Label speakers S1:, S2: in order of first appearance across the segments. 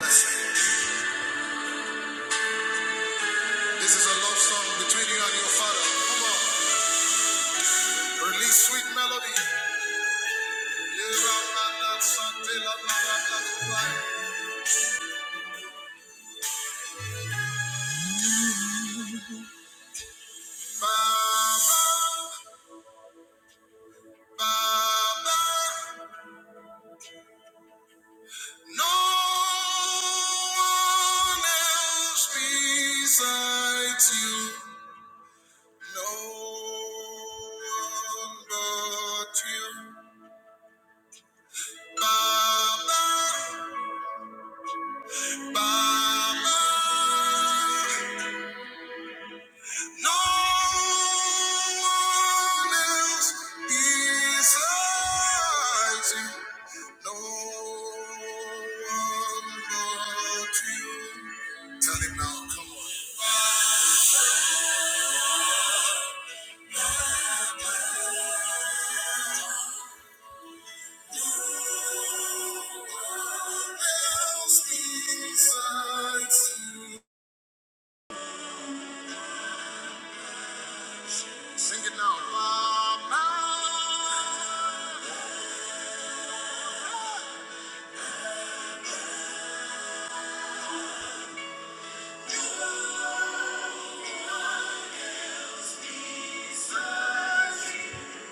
S1: This is a love song between you and your father. Come on, release sweet melody. Baba, Baba, no one else besides you. No one but you. Baba, Baba. No one else besides you. No one but you. Tell him now, come on. Else besides you. Sing it now. Mama.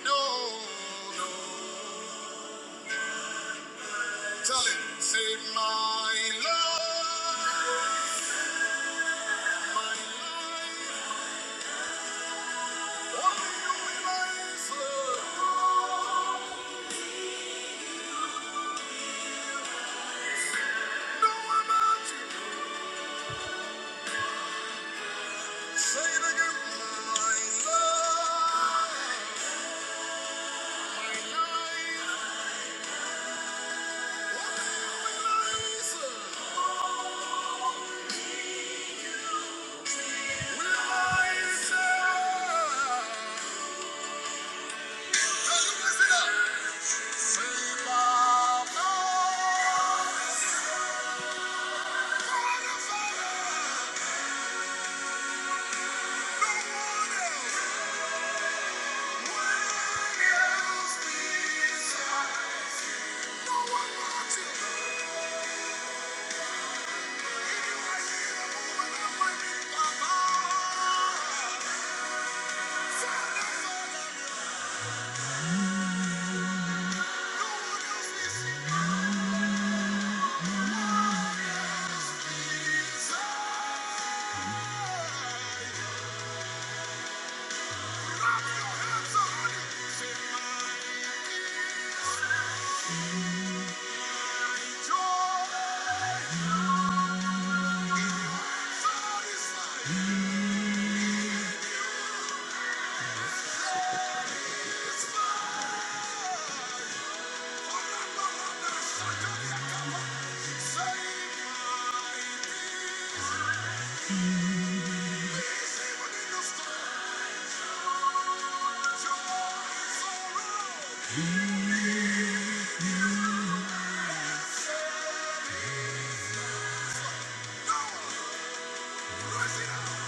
S1: No, no. Tell him, say my love, my life, only you realize love. No one but you. Say it again, my love, my life, only you realize love. Realize love. Now you can sing it. Say my love, my love, no one else. Save my people. Thank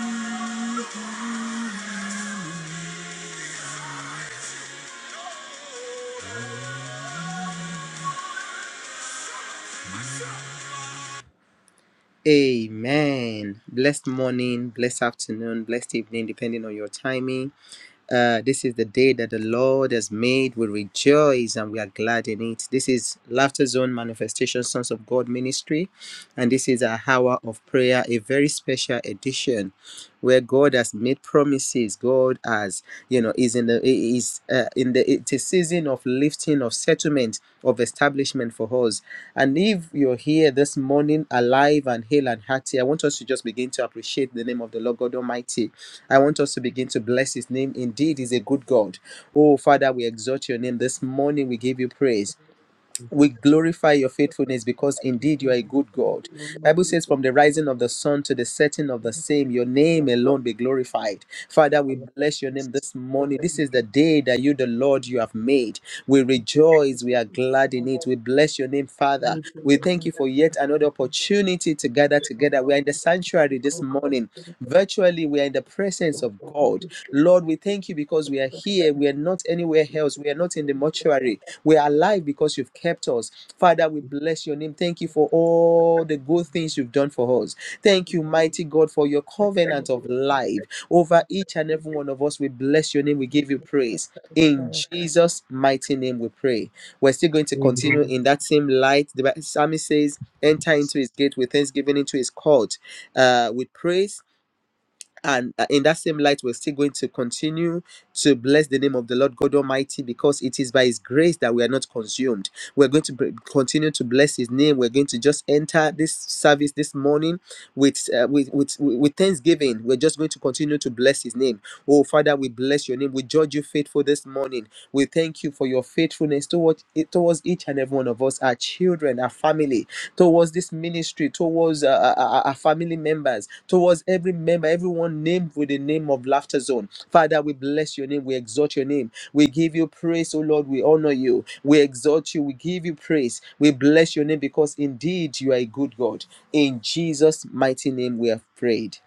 S1: you. Amen. Blessed morning, blessed afternoon, blessed evening, depending on your timing. Uh, this is the day that the Lord has made. We rejoice and we are glad in it. This is Laughter Zone Manifestation Sons of God Ministry, and this is our hour of prayer, a very special edition where God has made promises. God has, you know, is in the is uh, in the it's a season of lifting, of settlement, of establishment for us. And if you're here this morning, alive and hale and hearty, I want us to just begin to appreciate the name of the Lord God Almighty. I want us to begin to bless His name. Indeed, He's a good God. Oh Father, we exalt Your name this morning. We give You praise
S2: Thank
S1: we glorify your faithfulness because indeed you are a good god bible says from the rising of the sun to the setting of the same your name alone be glorified father we bless your name this morning this is the day that you the lord you have made we rejoice we are glad in it we bless your name, Father. We thank you for yet another opportunity to gather together. We are in the sanctuary this morning. Virtually, we are in the presence of God. Lord, we thank you because we are here. We are not anywhere else. We are not in the mortuary. We are alive because you've kept us. Father, we bless your name. Thank you for all the good things you've done for us. Thank you, mighty God, for your covenant of life over each and
S2: you.
S1: every one of us. We bless your name. We give you praise. In Jesus' mighty name, we pray. We're still going to continue
S2: Amen.
S1: in that same light. The psalmist says, Enter into his gate with thanksgiving, into his court uh, with praise and uh, in that same light we're still going to continue to bless the name of the lord god almighty because it is by his grace that we are not consumed we're going to br- continue to bless his name we're going to just enter this service this morning with uh, with, with with thanksgiving we're just going to continue to bless his name oh father we bless your name we judge you faithful this morning we thank you for your faithfulness toward, towards each and every one of us our children our family towards this ministry, towards uh, our our- family members, towards every member, everyone named with the name of Laughter Zone. Father, we bless your name. We exalt your name. We give you praise, O Lord. We honor you. We exalt you. We give you praise. We bless your name because indeed you are a good God. In Jesus' mighty name, we have prayed.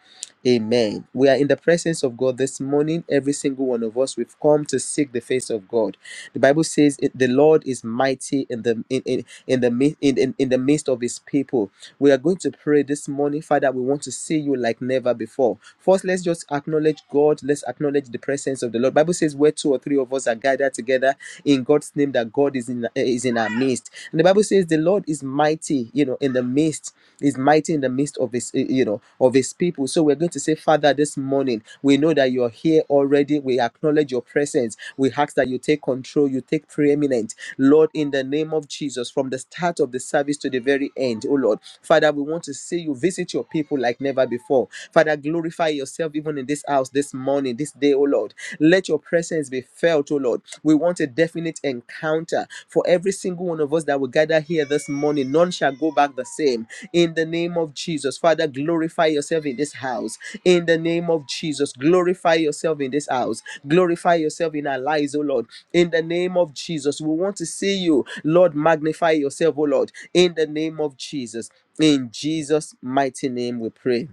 S1: Amen. We are in the presence of God this morning. Every single one of us, we've come to seek the face of God. The Bible says it- the Lord is mighty in the in, in, in the mi- in, in, in the midst of his people. We are going to pray this morning, Father. We want to see you like never before. First, let's just acknowledge God. Let's acknowledge the presence of the Lord. Bible says where two or three of us are gathered together in God's name, that God is in is in our midst. And the Bible says the Lord is mighty, you know, in the midst is mighty in the midst of his eh, you know of his people so we're going to say father this morning we know that you're here already we acknowledge your presence we ask that you take control you take preeminent lord in the name of jesus from the start of the service to the very end oh lord father we want to see you visit your people like never before father glorify yourself even in this house this morning this day oh lord let your presence be felt oh lord we want a definite encounter for every single one of us that will gather here this morning. None shall go back the same. In the name of Jesus, Father, glorify yourself in this house. In the name of Jesus, glorify yourself in this house. Glorify yourself in our lives, O Lord. In the name of Jesus, we want to see you. Lord, magnify yourself, O Lord. In the name of Jesus. In Jesus' mighty name, we pray.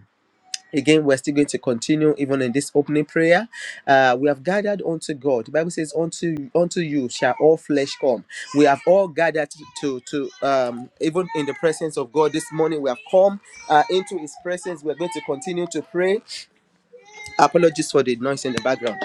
S1: Again, we're still going to continue even in this opening prayer. Uh, we have gathered unto God. The Bible says, "Unto unto you shall all flesh come." We have all gathered to to um, even in the presence of God this morning. We have come uh, into His presence. We are going to continue to pray. Apologies for the noise in the background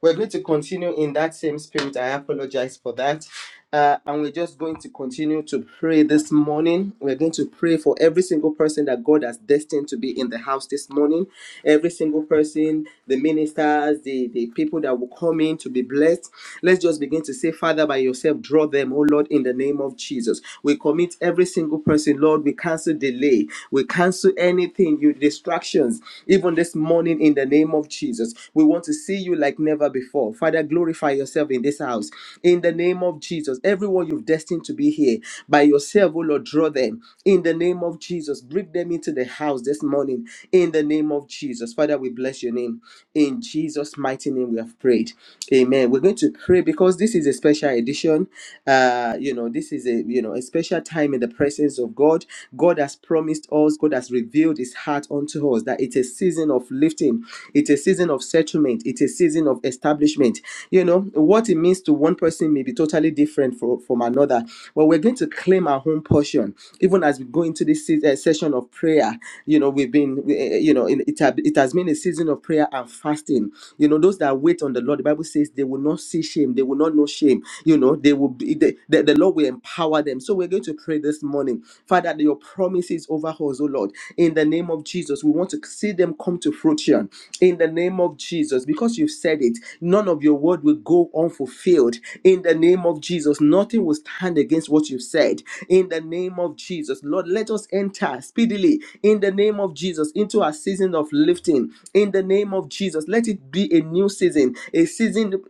S1: We're going to continue in that same spirit. I apologize for that. Uh, and we're just going to continue to pray this morning. We're going to pray for every single person that God has destined to be in the house this morning. Every single person, the ministers, the, the people that will come in to be blessed. Let's just begin to say, Father, by yourself, draw them, oh Lord, in the name of Jesus. We commit every single person, Lord, we cancel delay. We cancel anything, you distractions even this morning in the name of Jesus. We want to see you like never before. Father, glorify yourself in this house in the name of Jesus. Everyone you've destined to be here by yourself, oh Lord, draw them in the name of Jesus. Bring them into the house this morning in the name of Jesus. Father, we bless your name. In Jesus' mighty name, we have prayed. Amen. We're going to pray because this is a special edition. Uh, you know, this is a you know a special time in the presence of God. God God has promised us, God has revealed his heart unto us that it's a season of lifting, it's a season of settlement, it's a season of establishment. You know, what it means to one person may be totally different for, from another, but we're going to claim our own portion. Even as we go into this se- uh, session of prayer, you know, we've been, uh, you know, in, it, ha- it has been a season of prayer and fasting. You know, those that wait on the Lord, the Bible says they will not see shame, they will not know shame. You know, they will be, they, the, the and the Lord will empower them. So we're going to pray this morning, Father, that your promises over us, oh Lord, in the name of Jesus. We want to see them come to fruition in the name of Jesus because you've said it. None of your word will go unfulfilled in the name of Jesus. Nothing will stand against what you've said in the name of Jesus. Lord, let us enter speedily in the name of Jesus into our season of lifting in the name of Jesus. Let it be a new season, a season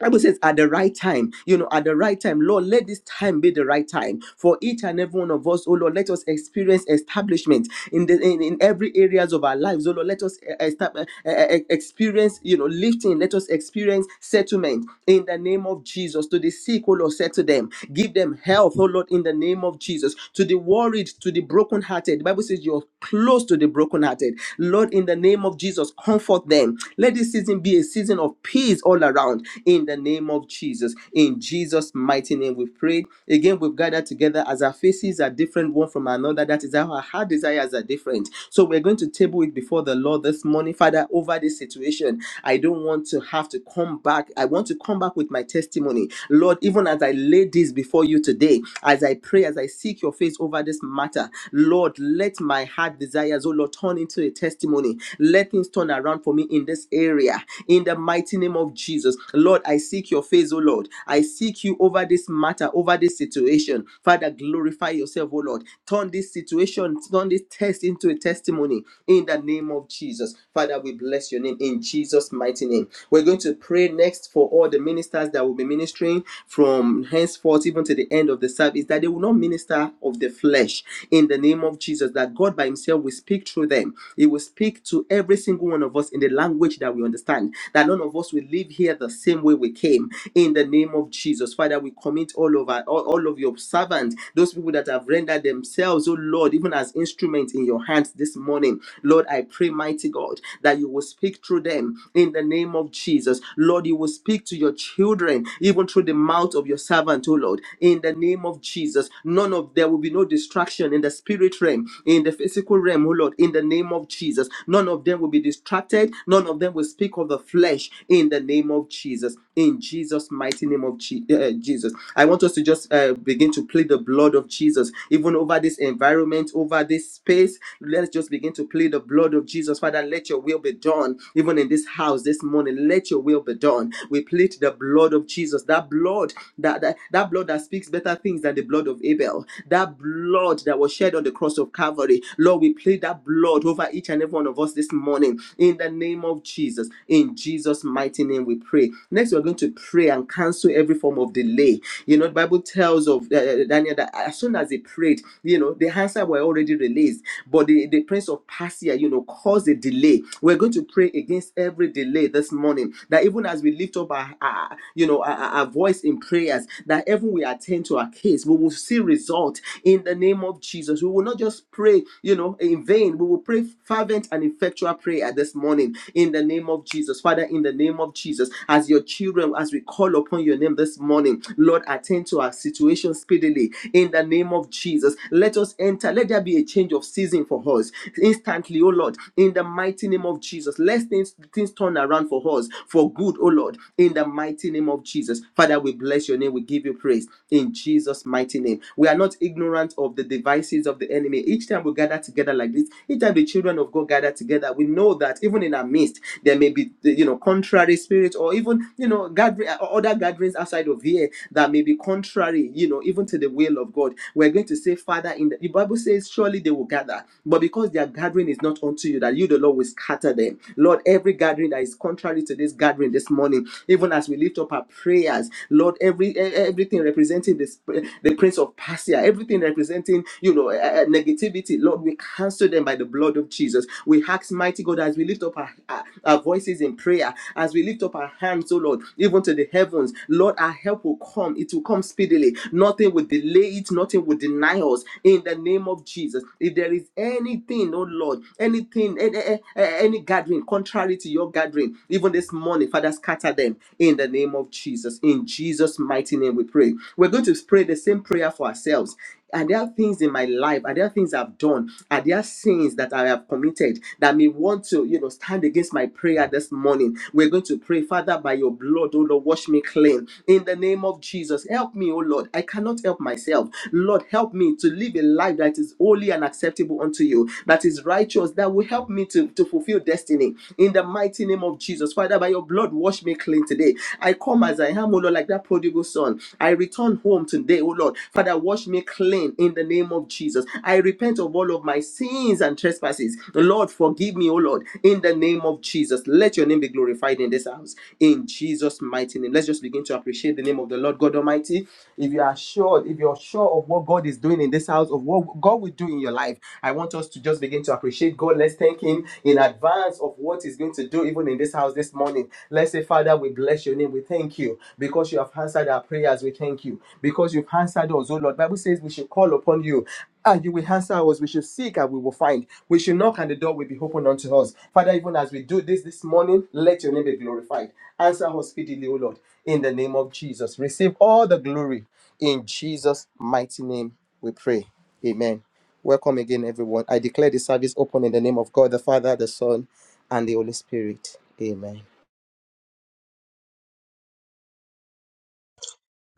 S1: Bible says at the right time, you know, at the right time, Lord, let this time be the right time for each and every one of us. Oh Lord, let us experience establishment in the in, in every areas of our lives. Oh Lord, let us eh, estab- eh, eh, eh, eh, experience, you know, lifting. Let us experience settlement in the name of Jesus. To the sick, oh Lord, settle them. Give them health, oh Lord, in the name of Jesus. To the worried, to the brokenhearted. The Bible says you're close to the brokenhearted. Lord, in the name of Jesus, comfort them. Let this season be a season season of peace all around in the name of Jesus. In Jesus' mighty name, we've prayed. Again, we've gathered together as our faces are different one from another. That is how our heart desires are different. So we're going to table it before the Lord this morning. Father, over this situation, I don't want to have to come back. I want to come back with my testimony. Lord, even as I lay this before you today, as I pray, as I seek your face over this matter, Lord, let my heart desires, oh Lord, turn into a testimony. Let things turn around around for me in this area. In the mighty name of Jesus. Lord, I seek your face, O Lord. I seek you over this matter, over this situation. Father, glorify yourself, O Lord. Turn this situation, turn this test into a testimony in the name of Jesus. Father, we bless your name in Jesus' mighty name. We're going to pray next for all the ministers that will be ministering from henceforth even to the end of the service, that they will not minister of the flesh in the name of Jesus, that God by Himself will speak through them them. He will speak to every single one of us in the language that we understand, that none of us will leave here the same way we came. In the name of Jesus, Father, we commit all of our, all, all of your servants, those people that have rendered themselves, oh Lord, even as instruments in your hands this morning. Lord, I pray, mighty God, that you will speak through them in the name of Jesus. Lord, you will speak to your children, even through the mouth of your servant, oh Lord, in the name of Jesus. None of there will be no distraction in the spirit realm them in the physical realm, oh Lord, in the name of Jesus. None of them will be distracted. None of them will speak of the flesh in the name of Jesus. In Jesus' mighty name of Je- uh, Jesus. I want us to just uh, begin to plead the blood of Jesus, even over this environment, over this space. Let's just begin to plead the blood of Jesus. Father, let your will be done, even in this house this morning. Let your will be done. We plead the blood of Jesus, that blood that, that, that blood that speaks better things than the blood of Abel, That that blood that was shed on the cross of Calvary. Lord, we plead that blood over each and every one of us this morning in the name of Jesus. In Jesus' mighty name, we pray. Next, we're going to pray and cancel every form of delay. You know, the Bible tells of uh, uh, Daniel that as soon as he prayed, you know, the answer were already released, but the, the prince of Persia, you know, caused a delay. We're going to pray against every delay this morning that even as we lift up our, our- you know, our, our voice in prayers, that heaven will attend to into our case. We will see result in the name of Jesus. We will not just pray, you know, in vain. We will pray fervent and effectual prayer this morning in the name of Jesus. Father, in the name of Jesus, as your children, as we call upon your name this morning, Lord, attend to our situation speedily in the name of Jesus. Let us enter. Let there be a change of season for us instantly, oh Lord, in the mighty name of Jesus. Let things, things turn around for us for good, oh Lord, in the mighty name of Jesus. Father, we we bless your name. We give you praise in Jesus' mighty name. We are not ignorant of the devices of the enemy. Each time we gather together like this, each time the children of God gather together, we know that even in our midst, there may be, you know, contrary spirits or even, you know, gathering, uh, other gatherings outside of here that may be contrary, you know, even to the will of God. We're going to say, Father, in the, the Bible says, surely they will gather, but because their gathering is not unto you, that you, the Lord, will scatter them. Lord, every gathering that is contrary to this gathering this morning, even as we lift up our prayers, Lord, every e- e, everything representing this eh, the Prince of Persia, everything representing you know eh, eh, negativity, Lord, we cancel them by the blood of Jesus. We ask, mighty God, as we lift up our, our, our voices in prayer, as we lift up our hands, oh Lord, even to the heavens, Lord, our help will come. It will come speedily. Nothing will delay it. Nothing will deny us. In the name of Jesus, if there is anything, oh Lord, anything, any, any gathering contrary to your gathering pray. Even this morning, Father, scatter them in the name of Jesus. In Jesus' mighty name, we pray. We're going to pray the same prayer for ourselves. Are there things in my life? Are there things I've done? Are there sins that I have committed that may want to, you know, stand against my prayer this morning? We're going to pray, Father, by your blood, oh Lord, wash me clean. In the name of Jesus, help me, oh Lord. I cannot help myself. Lord, help me to live a life that is holy and acceptable unto you, that is righteous, that will help me to, to fulfill fulfill destiny in the mighty name of Jesus. Father, by your blood, wash me clean today. I come as I am, O Lord, like that prodigal son. I return home today, O Lord. Father, wash me clean in the name of Jesus. I repent of all of my sins and trespasses. Lord, forgive me, O Lord, in the name of Jesus. Let your name be glorified in this house. In Jesus' mighty name. Let's just begin to appreciate the name of the Lord God Almighty. If you are sure, if you're sure of what God is doing in this house, of what God will do in your life, I want us to just begin to to appreciate God. Let's thank Him in advance of what He's going to do, even in this house this morning. Let's say, Father, we bless your name. We thank you because you have answered our prayers. We thank you because you've answered us, oh Lord. Bible says we should call upon you and you will answer us. We should seek and we will find. We should knock and the door will be opened unto us. Father, even as we do this this morning, let your name be glorified. Answer us speedily, O Lord, in the name of Jesus. Receive all the glory in Jesus' mighty name. We pray. Amen. Welcome again, everyone. I declare the service open in the name of God, the Father, the Son, and the Holy Spirit. Amen.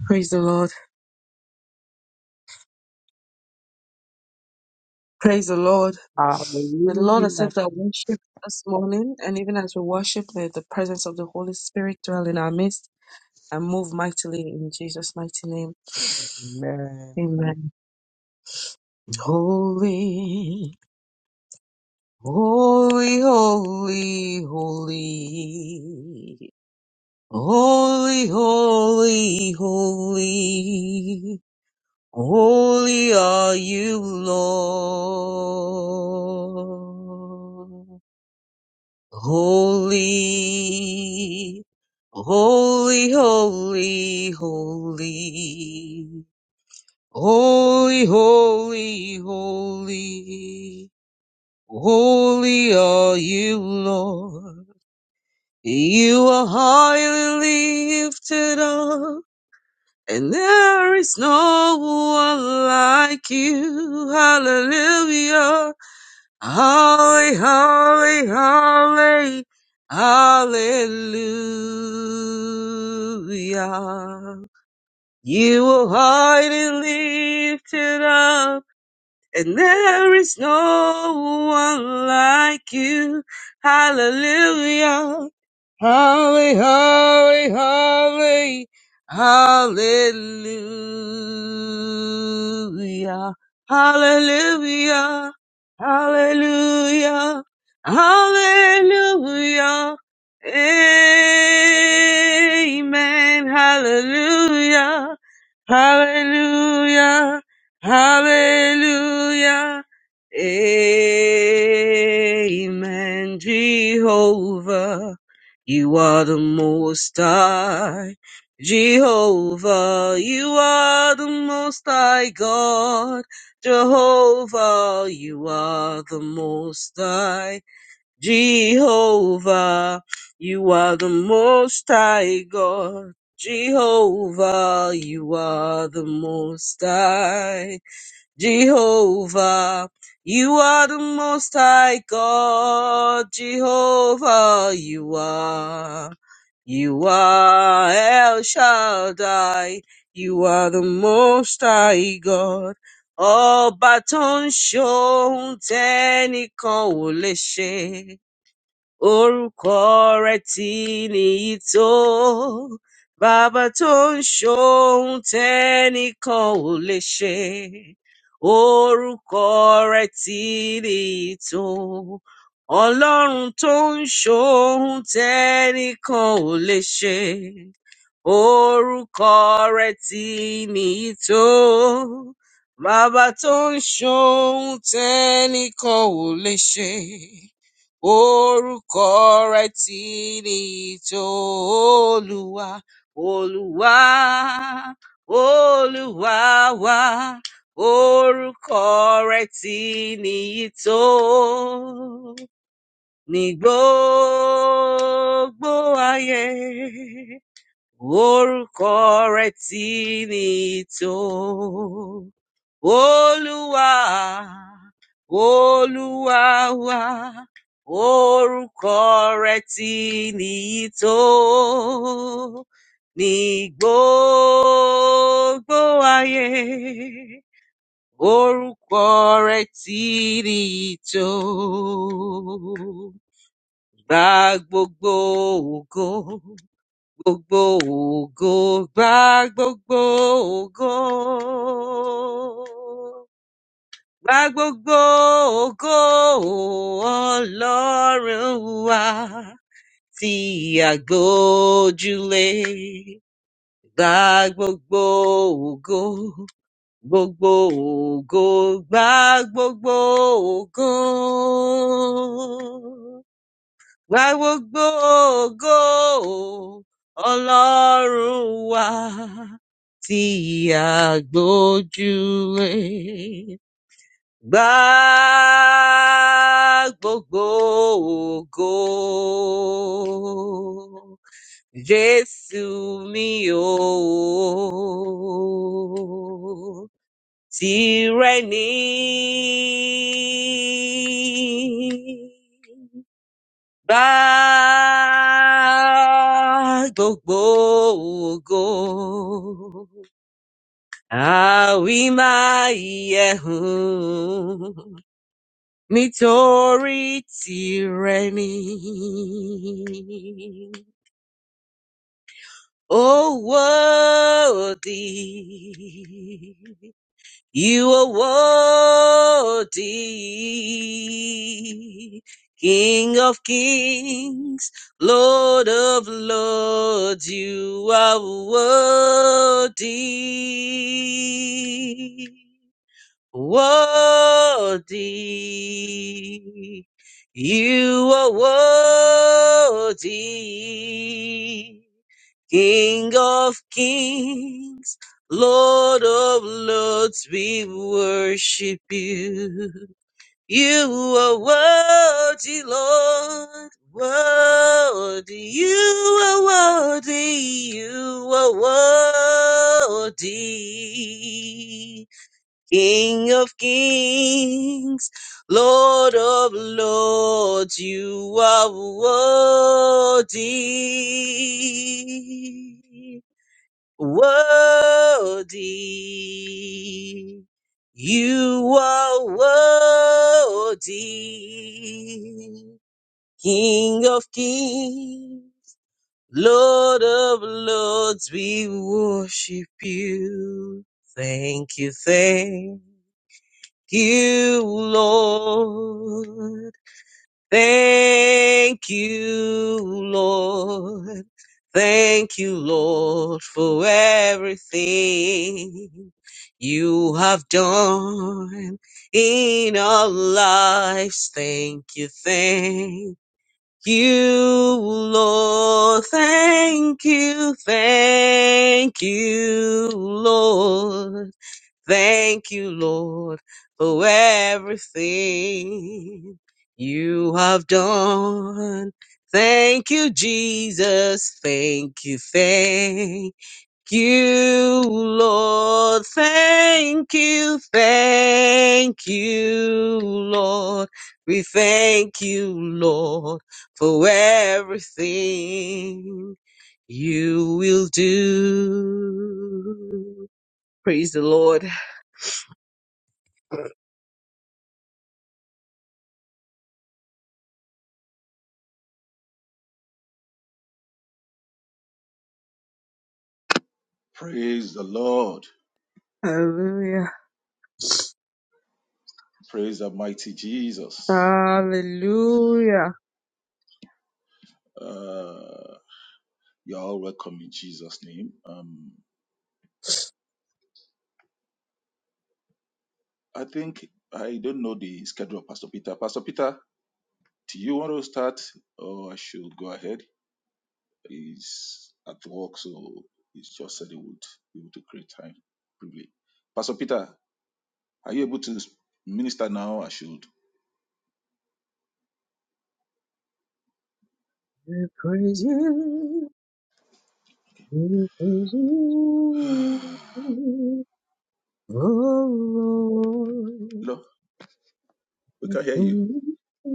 S3: Praise the Lord. Praise the Lord. May the Lord
S2: Hallelujah.
S3: accept our worship this morning. And even as we worship, may the presence of the Holy Spirit dwell in our midst and move mightily in Jesus' mighty name.
S2: Amen.
S3: Amen. Holy, holy, holy, holy. Holy, holy, holy. Holy are you, Lord. Holy, holy, holy, holy, holy, holy, holy, holy are you, Lord. You are highly lifted up, and there is no one like you. Hallelujah. Holly, holly, holly, hallelujah. You will hide and lift it up and there is no one like you. Hallelujah. Holly, holly, holly, hallelujah. Hallelujah. Hallelujah. Hallelujah. Amen. Hallelujah. Hallelujah. Hallelujah. Amen. Jehovah, you are the most high. Jehovah, you are the most high God. Jehovah, you are the most high. Jehovah, you are the most high God. Jehovah, you are the most high. Jehovah, you are the most high God. Jehovah, you are. You are El Shaddai. You are the most high God. Ọba tó ń ṣohun tẹ́nìkan ò lè ṣe orúkọ rẹ tí nìyí tó bàbá tó ń ṣohun tẹ́nìkan ò lè ṣe orúkọ rẹ tí nìyí tó ọlọ́run tó ń ṣohun tẹ́nìkan ò lè ṣe orúkọ rẹ tí nìyí tó bàbá tó ń ṣohun tẹ́nìkan ò lè ṣe Orúkọ rẹ̀ ti ní ìtò Olúwa, Olúwa, Olúwa wa. Orúkọ rẹ̀ ti ní ìtò ní gbogbo ayé. Orúkọ rẹ̀ tí ní tó. Olúwa, Olúwa wa, orúkọ rẹ̀ tí ní tó. Ní gbogbo ayé, orúkọ rẹ̀ tí ní tó. Gba gbogbo ògo. Gbogbo ògo gba gbogbo ògo. Gba gbogbo ògo Ọlọ́run wa tí àgbójúlé. Gba gbogbo ògo, gbogbo ògo, gba gbogbo ògo. I will go, go, Ọlọ́run wa, tí a gbójúlé. Gba gbogbo ògo. Jésù mi o, tìrẹ ni gbogbo ògo. Àwímáyẹ̀hún nítorí tirẹ̀ ni. oh worthy You are worthy, King of kings, Lord of lords, you are worthy, worthy, you are worthy. King of kings, Lord of lords, we worship you. You are worthy, Lord, worthy. You are worthy, you are worthy. King of kings, Lord of lords, you are worthy worthy. You are worthy, King of kings, Lord of lords, we worship you. Thank you, thank you, Lord. Thank you, Lord. Thank you, Lord, for everything you have done in our lives. Thank you, thank you, Lord. Thank you, thank you, Lord. Thank you, Lord, for everything you have done. Thank you, Jesus. Thank you, thank you, Lord. Thank you, thank you, Lord. We thank you, Lord, for everything you will do. Praise the Lord.
S4: Praise the Lord.
S3: Hallelujah.
S4: Praise the mighty Jesus.
S3: Hallelujah.
S4: Uh, you're all welcome in Jesus' name. Um, I think I don't know the schedule of Pastor Peter. Pastor Peter, do you want to start or I should go ahead? He's at work, so he's just said he would be able to create time briefly. Pastor Peter, are you able to minister now? I should.
S3: We praise you. We praise you. Oh, Lord.
S4: no, we can't hear you.
S3: Mm-hmm.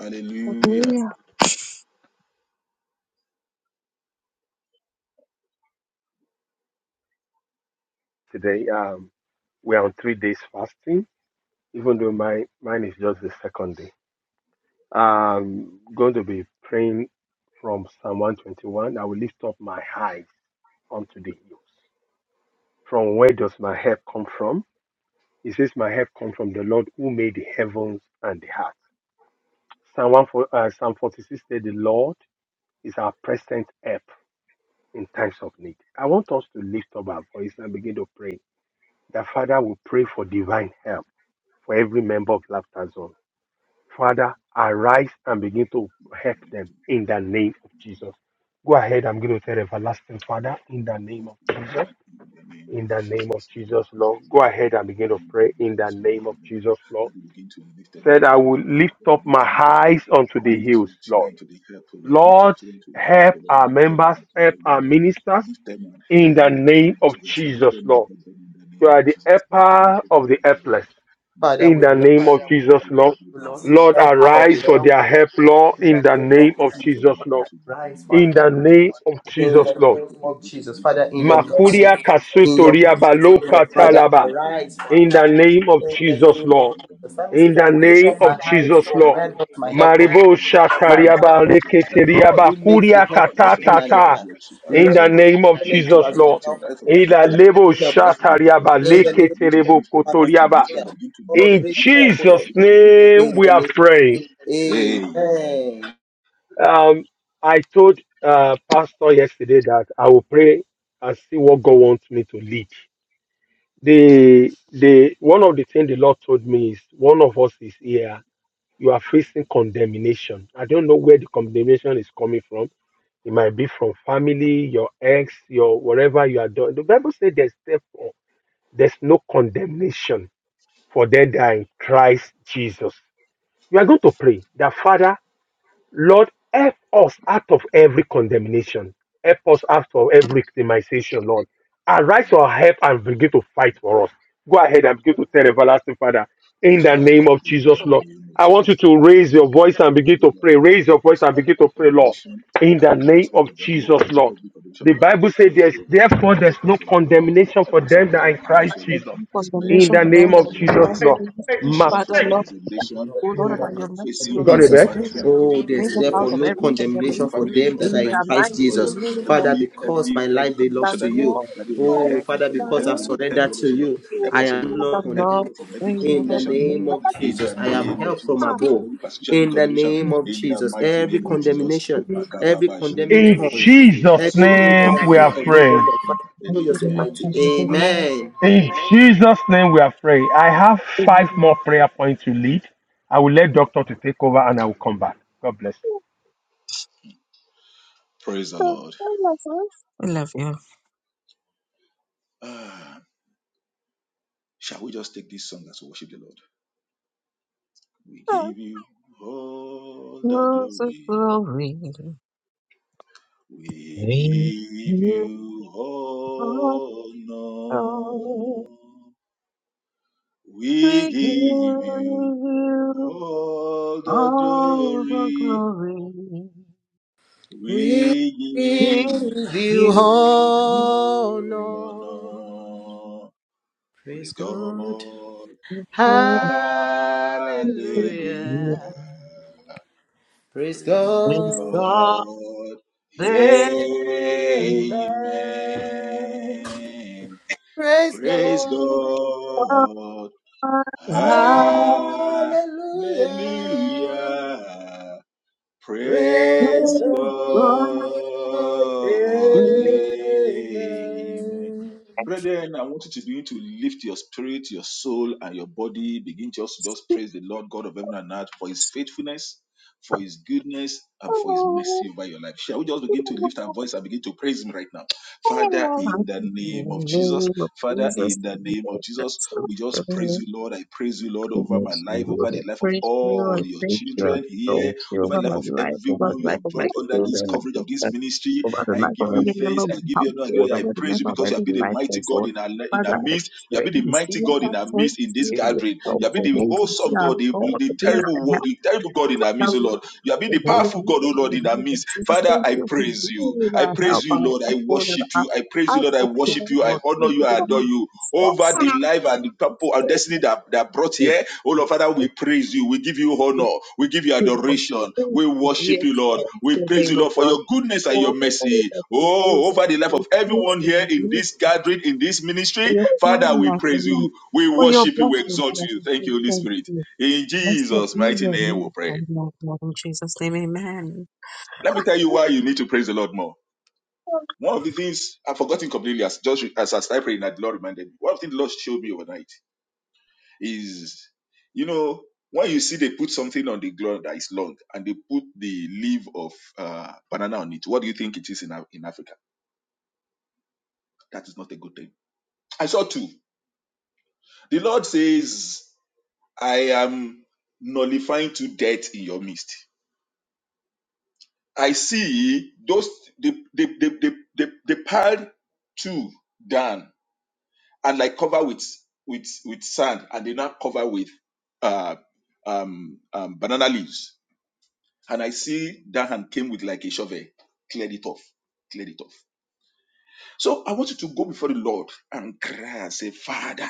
S4: Hallelujah.
S3: Hallelujah.
S5: today. Um, we're on three days fasting, even though my mine is just the second day. I'm going to be praying from Psalm 121. I will lift up my eyes unto the hills. From where does my help come from? It says, My help comes from the Lord who made the heavens and the earth. Psalm, 1, for- uh, Psalm 46 said, The Lord is our present help in times of need. I want us to lift up our voice and begin to pray. The Father will pray for divine help for every member of Laughter Zone. Father, arise and begin to help them in the name of Jesus. Go ahead, I'm going to tell everlasting Father in the name of Jesus.
S4: That in the name
S5: In
S4: of
S5: the name of
S4: Jesus, and we
S5: Jesus,
S4: pray for
S5: Lord. Go
S4: divine
S5: ahead
S4: help
S5: and
S4: to
S5: begin to
S4: everyone who
S5: pray
S4: lift
S5: in the
S4: us in
S5: name
S4: that
S5: of
S4: Lord.
S5: Jesus, Lord.
S4: That you begin to lift them, O
S5: Said, I
S4: Lord,
S5: will
S4: into the
S5: lift
S4: help, O
S5: up
S4: Lord. Lift
S5: my
S4: them into the
S5: eyes
S4: help.
S5: unto the
S4: Lift
S5: hills,
S4: your
S5: Lord.
S4: children into the help, O Lord. Lift your
S5: Lord,
S4: children into the help,
S5: help
S4: O Lord.
S5: our
S4: Lift them
S5: members,
S4: and help
S5: help
S4: them, O
S5: our
S4: Lord.
S5: ministers
S4: Lift them and help
S5: in
S4: them
S5: the
S4: in the name
S5: name
S4: of
S5: of
S4: Jesus. Lift
S5: Jesus,
S4: them and
S5: Lord.
S4: help them in the
S5: You
S4: name
S5: are
S4: of
S5: the
S4: Jesus. Lift them and
S5: helper
S4: help
S5: of
S4: them,
S5: the
S4: O
S5: helpless
S4: Lord.
S1: Father,
S5: in
S1: we
S4: Makabo,
S5: the
S1: bless
S5: name of
S4: Bashin,
S5: Jesus,
S4: Lift
S5: Lord.
S1: you, Lord.
S5: Lord,
S1: Help us of
S5: arise
S1: the
S4: them,
S5: for
S4: O
S1: helpless
S5: their
S4: Lord.
S5: help, Lord,
S1: in
S4: Arise
S5: in
S1: the
S4: for
S5: the
S4: the
S1: name
S4: help
S1: of
S4: of
S5: name
S4: your
S5: of
S1: Jesus.
S4: children
S5: Jesus,
S4: and begin
S5: Lord.
S4: to lift them
S1: Rise
S4: in the
S1: for
S5: In
S1: help
S5: the
S4: name of
S5: name
S4: Jesus.
S5: of
S1: in
S5: Jesus,
S4: Arise for
S1: the
S4: the
S5: Lord.
S4: help
S1: name
S4: of them,
S1: of
S4: begin to
S1: Jesus.
S4: lift
S1: Father,
S4: them in
S1: in
S4: the
S1: your
S4: name of
S1: mercy,
S5: Makuria
S4: Jesus.
S1: in your
S5: kasutoria
S4: Arise for
S1: goodness,
S4: the
S1: O
S4: help
S5: baloka
S1: Lord.
S4: and begin
S1: Father,
S4: to
S5: talaba.
S4: lift them in
S1: arise
S4: the
S1: for
S5: In
S4: name of
S5: the
S1: help.
S4: Jesus.
S5: name of
S4: Arise
S1: In
S4: for the
S1: the
S4: help and
S5: Jesus,
S1: name
S4: begin
S1: of
S4: to
S5: Lord.
S4: lift them,
S1: Jesus.
S4: Lord.
S1: Psalmist
S5: In
S1: says, I
S5: the
S1: will
S4: Arise
S1: lift
S5: name
S4: and
S1: up
S5: of
S1: my
S4: begin to
S1: eyes
S4: lift
S5: Jesus,
S4: your
S1: from
S4: help,
S5: Lord.
S1: where
S4: Lord.
S1: does my
S4: Arise for
S1: help
S4: the
S1: come?
S4: help,
S1: from?
S5: Maribo
S4: O Lord.
S1: My
S4: Begin to
S5: shatariaba
S1: help comes
S4: lift your
S1: from the
S4: children in the
S1: Lord
S4: name
S5: reketeriaba
S1: who
S4: of
S1: makes
S4: Jesus.
S1: the
S5: kuria
S1: heaven
S4: Arise for the
S1: and
S4: help
S1: the
S4: of
S5: katatata.
S1: earth.
S4: your children.
S5: In
S4: Arise, O
S1: Lord,
S5: the
S4: Lord.
S5: name
S1: I
S5: of
S4: Begin
S1: acknowledge
S4: to
S1: you
S5: Jesus,
S1: as
S4: lift
S1: my
S4: your
S5: Lord.
S4: children.
S1: helper.
S4: Arise for their
S5: In
S4: help,
S5: the
S4: O
S1: Father, help.
S4: Lord.
S5: lebo
S1: me help
S4: Arise for the help of
S5: shatariaba
S4: your
S1: In the
S4: children.
S1: name of
S4: Begin to
S5: leketerebo
S4: lift them.
S1: Father,
S4: Begin to
S5: kotoriaba.
S4: lift them.
S1: send help.
S4: Begin to lift
S1: Lord,
S4: them.
S5: In
S1: raise
S4: Begin to
S1: help,
S4: lift
S1: O
S4: them.
S5: Jesus'
S1: Lord.
S4: Begin to lift them.
S5: name,
S1: In
S5: we
S1: the
S5: are
S1: name of
S5: praying.
S1: Jesus.
S4: Amen.
S1: Amen.
S5: Um, I told uh, Pastor yesterday that I will pray and see what God wants me to lead the the one of the things the Lord told me is one of us is here. You are facing condemnation. I don't know where the condemnation is coming from. It might be from family, your ex, your whatever you are doing. The Bible says there's therefore there's no condemnation for them that are in Christ Jesus. You are going to pray that Father. Lord, help us out of every condemnation. Help us out of every victimization, Lord. Arise to our help and begin to fight for us. Go ahead and begin to tell everlasting Father, in the name
S4: Father,
S5: of
S4: in
S5: Jesus,
S4: the
S5: Lord.
S4: name of
S5: I want you
S4: Jesus,
S5: to raise
S4: Father,
S5: your
S4: Lord, I
S5: voice
S4: pray,
S5: and
S4: Lord,
S5: begin
S4: Lord,
S5: to
S4: Lord,
S5: pray.
S4: that you
S5: Raise your
S4: help
S5: voice
S4: us
S5: and
S4: out
S5: begin
S4: of
S5: to
S4: every
S5: pray, Lord.
S4: condemnation,
S5: In
S4: that
S5: the
S4: help us
S5: name
S4: out
S5: of
S4: of every
S5: Jesus,
S4: every
S5: Lord.
S4: every
S5: The
S4: condemnation, Lord, that
S5: Bible
S4: you
S5: says
S4: arise,
S5: there's
S4: Lord,
S5: therefore
S4: and
S5: there's
S4: help
S5: no
S4: us, Lord, Lord.
S5: condemnation
S4: help
S5: for
S4: us, O
S5: them that
S4: Lord, O
S5: are in
S4: arise, O
S5: Christ
S4: Lord,
S5: Jesus.
S3: For
S4: as
S3: the
S4: men
S5: In
S4: that are
S3: nation,
S5: the
S3: for
S4: being
S3: them
S5: name
S3: that
S5: of
S4: condemned, so
S3: have
S5: Jesus,
S3: belong
S4: facing
S5: Lord.
S3: to.
S5: Ma-
S4: persecution,
S3: Father,
S4: facing
S3: Lord,
S4: condemnation,
S3: O Lord,
S1: In the
S3: about
S4: oh
S3: your
S4: Lord,
S1: name
S3: mercy,
S1: of
S4: facing
S3: O
S5: you
S3: Lord,
S5: got
S3: I
S5: it,
S4: war,
S1: Jesus.
S5: babe?
S4: battle
S3: bring,
S4: they
S1: Oh,
S4: didn't even
S3: bring
S1: there's
S3: us
S4: know
S3: out
S4: about.
S1: therefore
S3: of
S4: There's
S1: no
S3: every
S4: something
S3: condemnation.
S4: from
S1: condemnation for
S4: family,
S1: them
S4: from
S1: that are
S3: In
S1: in
S3: the
S4: friends, from
S1: Christ
S3: mighty
S4: God,
S1: Jesus.
S3: name of
S1: Father,
S4: every
S1: because
S4: every
S1: my
S4: every
S1: life
S3: the
S1: belongs
S4: condemnation
S1: to
S4: that they
S1: you.
S3: Lord,
S4: that
S3: we
S4: they, O Lord,
S1: Oh,
S3: pray.
S4: help me,
S1: Father,
S4: O Lord,
S1: because
S4: help
S1: I've
S4: me, O Lord, help me,
S1: surrendered
S4: O Lord,
S1: to you,
S4: help
S3: the
S1: I
S4: us, O
S1: am
S4: Lord.
S1: not
S4: Help me,
S1: condemned.
S3: Lord,
S4: Lord, from every
S3: bring, O
S1: In the
S3: Lord, in
S4: condemnation,
S3: the
S4: O
S3: name
S1: name
S4: Lord,
S3: of
S1: of
S3: Jesus.
S4: in
S1: Jesus,
S4: the
S1: I am
S4: name of
S1: help from
S4: Jesus. Help me from
S1: above.
S4: every persecution, every
S1: In the
S4: condemnation,
S1: name of
S4: in the
S1: Jesus,
S4: mighty
S1: every
S4: name of
S3: name
S4: Jesus.
S1: condemnation, every
S4: Makababa,
S1: condemning
S5: In
S4: Jendrobo,
S1: tongue,
S4: Regede,
S5: Jesus'
S1: every
S5: name
S1: area
S4: Masodrobo,
S1: that
S5: we
S1: we
S5: are
S4: Lipa,
S1: condemn, oh
S5: praying.
S4: Likete.
S1: Lord, Father, show yourself
S3: of
S4: Amen.
S1: mighty.
S3: Jesus. Amen.
S1: Amen.
S5: In Jesus' name we are praying. I have five more
S3: Amen.
S5: prayer points to lead. I will let doctor to take over and I will come back. God bless
S4: Praise the
S3: I
S4: Lord.
S3: love you.
S4: Ah, shall we just take this song as we worship the Lord? We give you all the
S3: Rose of
S4: glory.
S3: glory,
S4: We
S3: reign
S4: give
S3: in your
S4: you
S3: heart.
S4: honor. We
S3: We give
S4: give you
S3: you
S4: All the
S3: all the
S4: glory
S3: glory.
S1: We
S4: we
S3: Give
S4: give
S1: give you
S4: you
S3: you
S1: honor.
S4: honor.
S1: Praise
S4: Praise
S1: God.
S4: God.
S3: worship.
S4: Hallelujah.
S3: Give
S1: Hallelujah. Praise
S4: Praise
S3: thanks
S1: God.
S3: God.
S4: God.
S3: There
S1: Amen.
S4: Amen.
S1: Praise
S4: Praise
S1: God.
S3: are
S4: God.
S1: Hallelujah.
S4: Hallelujah.
S1: Praise
S4: Praise
S1: the Lord.
S4: God. Amen.
S1: Amen.
S4: Brethren, I want you to begin to lift your spirit, your soul, and your body. Begin to just, just praise the Lord God of heaven and earth for his faithfulness, for his goodness, and for his mercy over your life. Shall we just begin to lift our voice and begin to praise him right now? Father, in the name of Jesus,
S3: name of
S4: Father,
S3: Jesus,
S4: in the name of
S3: that's
S4: Jesus,
S3: so
S4: we just praise
S3: heavenly.
S4: you, Lord. I praise you, Lord, over my
S3: goodness.
S4: life,
S3: Lord,
S4: over the
S3: I
S4: life of
S3: praise you, I
S4: all your
S3: thank you, I
S4: children here
S3: exalt you
S4: over
S3: over
S4: the life
S3: my
S4: of
S3: life, over
S4: everyone
S3: the
S4: you
S3: life
S4: have
S3: of my
S4: brought under this
S3: children,
S4: coverage of
S3: my
S4: this ministry.
S3: over the
S4: I
S3: life of
S4: give you
S3: every member
S4: thanks.
S3: of
S4: I
S3: my
S4: give you honor. I give
S3: household,
S4: you- I
S3: over the
S4: praise you
S3: member of
S4: because you
S3: every
S4: have been a
S3: life
S4: mighty God
S3: household.
S4: in our li- in our
S3: Father, I
S4: midst. You have
S3: pray
S4: been a
S3: in
S4: mighty
S3: seeing
S4: God in
S3: that
S4: our
S3: point,
S4: midst in this
S3: seeing your
S4: gathering.
S3: help
S4: You have been
S3: for
S4: the
S3: me,
S4: awesome
S3: consider our
S4: God, the,
S3: God for
S4: the
S3: being
S4: terrible
S3: our
S4: wo-
S3: help.
S4: the terrible God in our midst,
S3: Now
S4: oh
S3: we
S4: Lord. You have been
S3: the
S4: the
S3: Holy
S4: powerful God,
S3: Spirit
S4: oh
S3: in
S4: Lord,
S3: the Name of
S4: in our
S3: Jesus.
S4: midst. Father,
S3: Thank
S4: I
S3: you for
S4: praise you.
S3: being
S4: I
S3: our
S4: praise
S3: help,
S4: you,
S3: our
S4: Lord. I
S3: backbone, and
S4: worship
S3: our
S4: you. I praise you,
S3: heart
S4: Lord. I
S3: for
S4: worship
S3: people.
S4: you. I
S3: Lord.
S4: honor
S3: Thank you
S4: you. I
S3: for
S4: adore
S3: being
S4: you
S3: our
S4: over
S3: source.
S4: the
S3: Thank you
S4: life and the
S3: for
S4: purpose and that, that brought
S3: being
S4: here. Oh Lord, Father, we
S3: our
S4: praise you. We give you honor. We give you adoration. We
S3: We
S4: worship you, Lord.
S3: exalt
S4: We
S3: the
S4: praise
S3: name
S4: you,
S3: of
S4: Lord, for
S3: God
S4: your goodness and
S3: for
S4: your
S3: all
S4: mercy.
S3: that you do for
S4: Oh,
S3: us.
S4: over the life of
S3: Please,
S4: everyone here
S3: in the
S4: in this gathering, in this
S3: for
S4: ministry,
S3: your
S4: Father,
S3: kindness,
S4: we
S3: my
S4: praise
S3: Lord,
S4: you. We
S3: for your
S4: worship you. We
S3: blessings,
S4: exalt
S3: Lord,
S4: you.
S3: we
S4: Thank
S3: say
S4: you, Holy
S3: thank
S4: Spirit. In
S3: Blessed
S4: Jesus'
S3: be
S4: mighty
S3: your
S4: name, we
S3: name, O
S4: pray.
S3: Lord, Lord, in Jesus' name, amen.
S4: Let me tell you why you need to praise the Lord more. One of the things I've forgotten completely as just as I started praying that the Lord reminded me. One of the things the Lord showed me overnight is you know when you see they put something on the ground that is long and they put the leaf of uh, banana on it what do you think it is in, Af- in africa that is not a good thing i saw two the lord says i am nullifying to death in your midst i see those they they they they, they, they piled two down and like cover with with with sand and they now cover with uh um, um banana leaves And I see that hand came with like a shovel, cleared it off, cleared it off. So I want you to go before the Lord and cry and say, Father,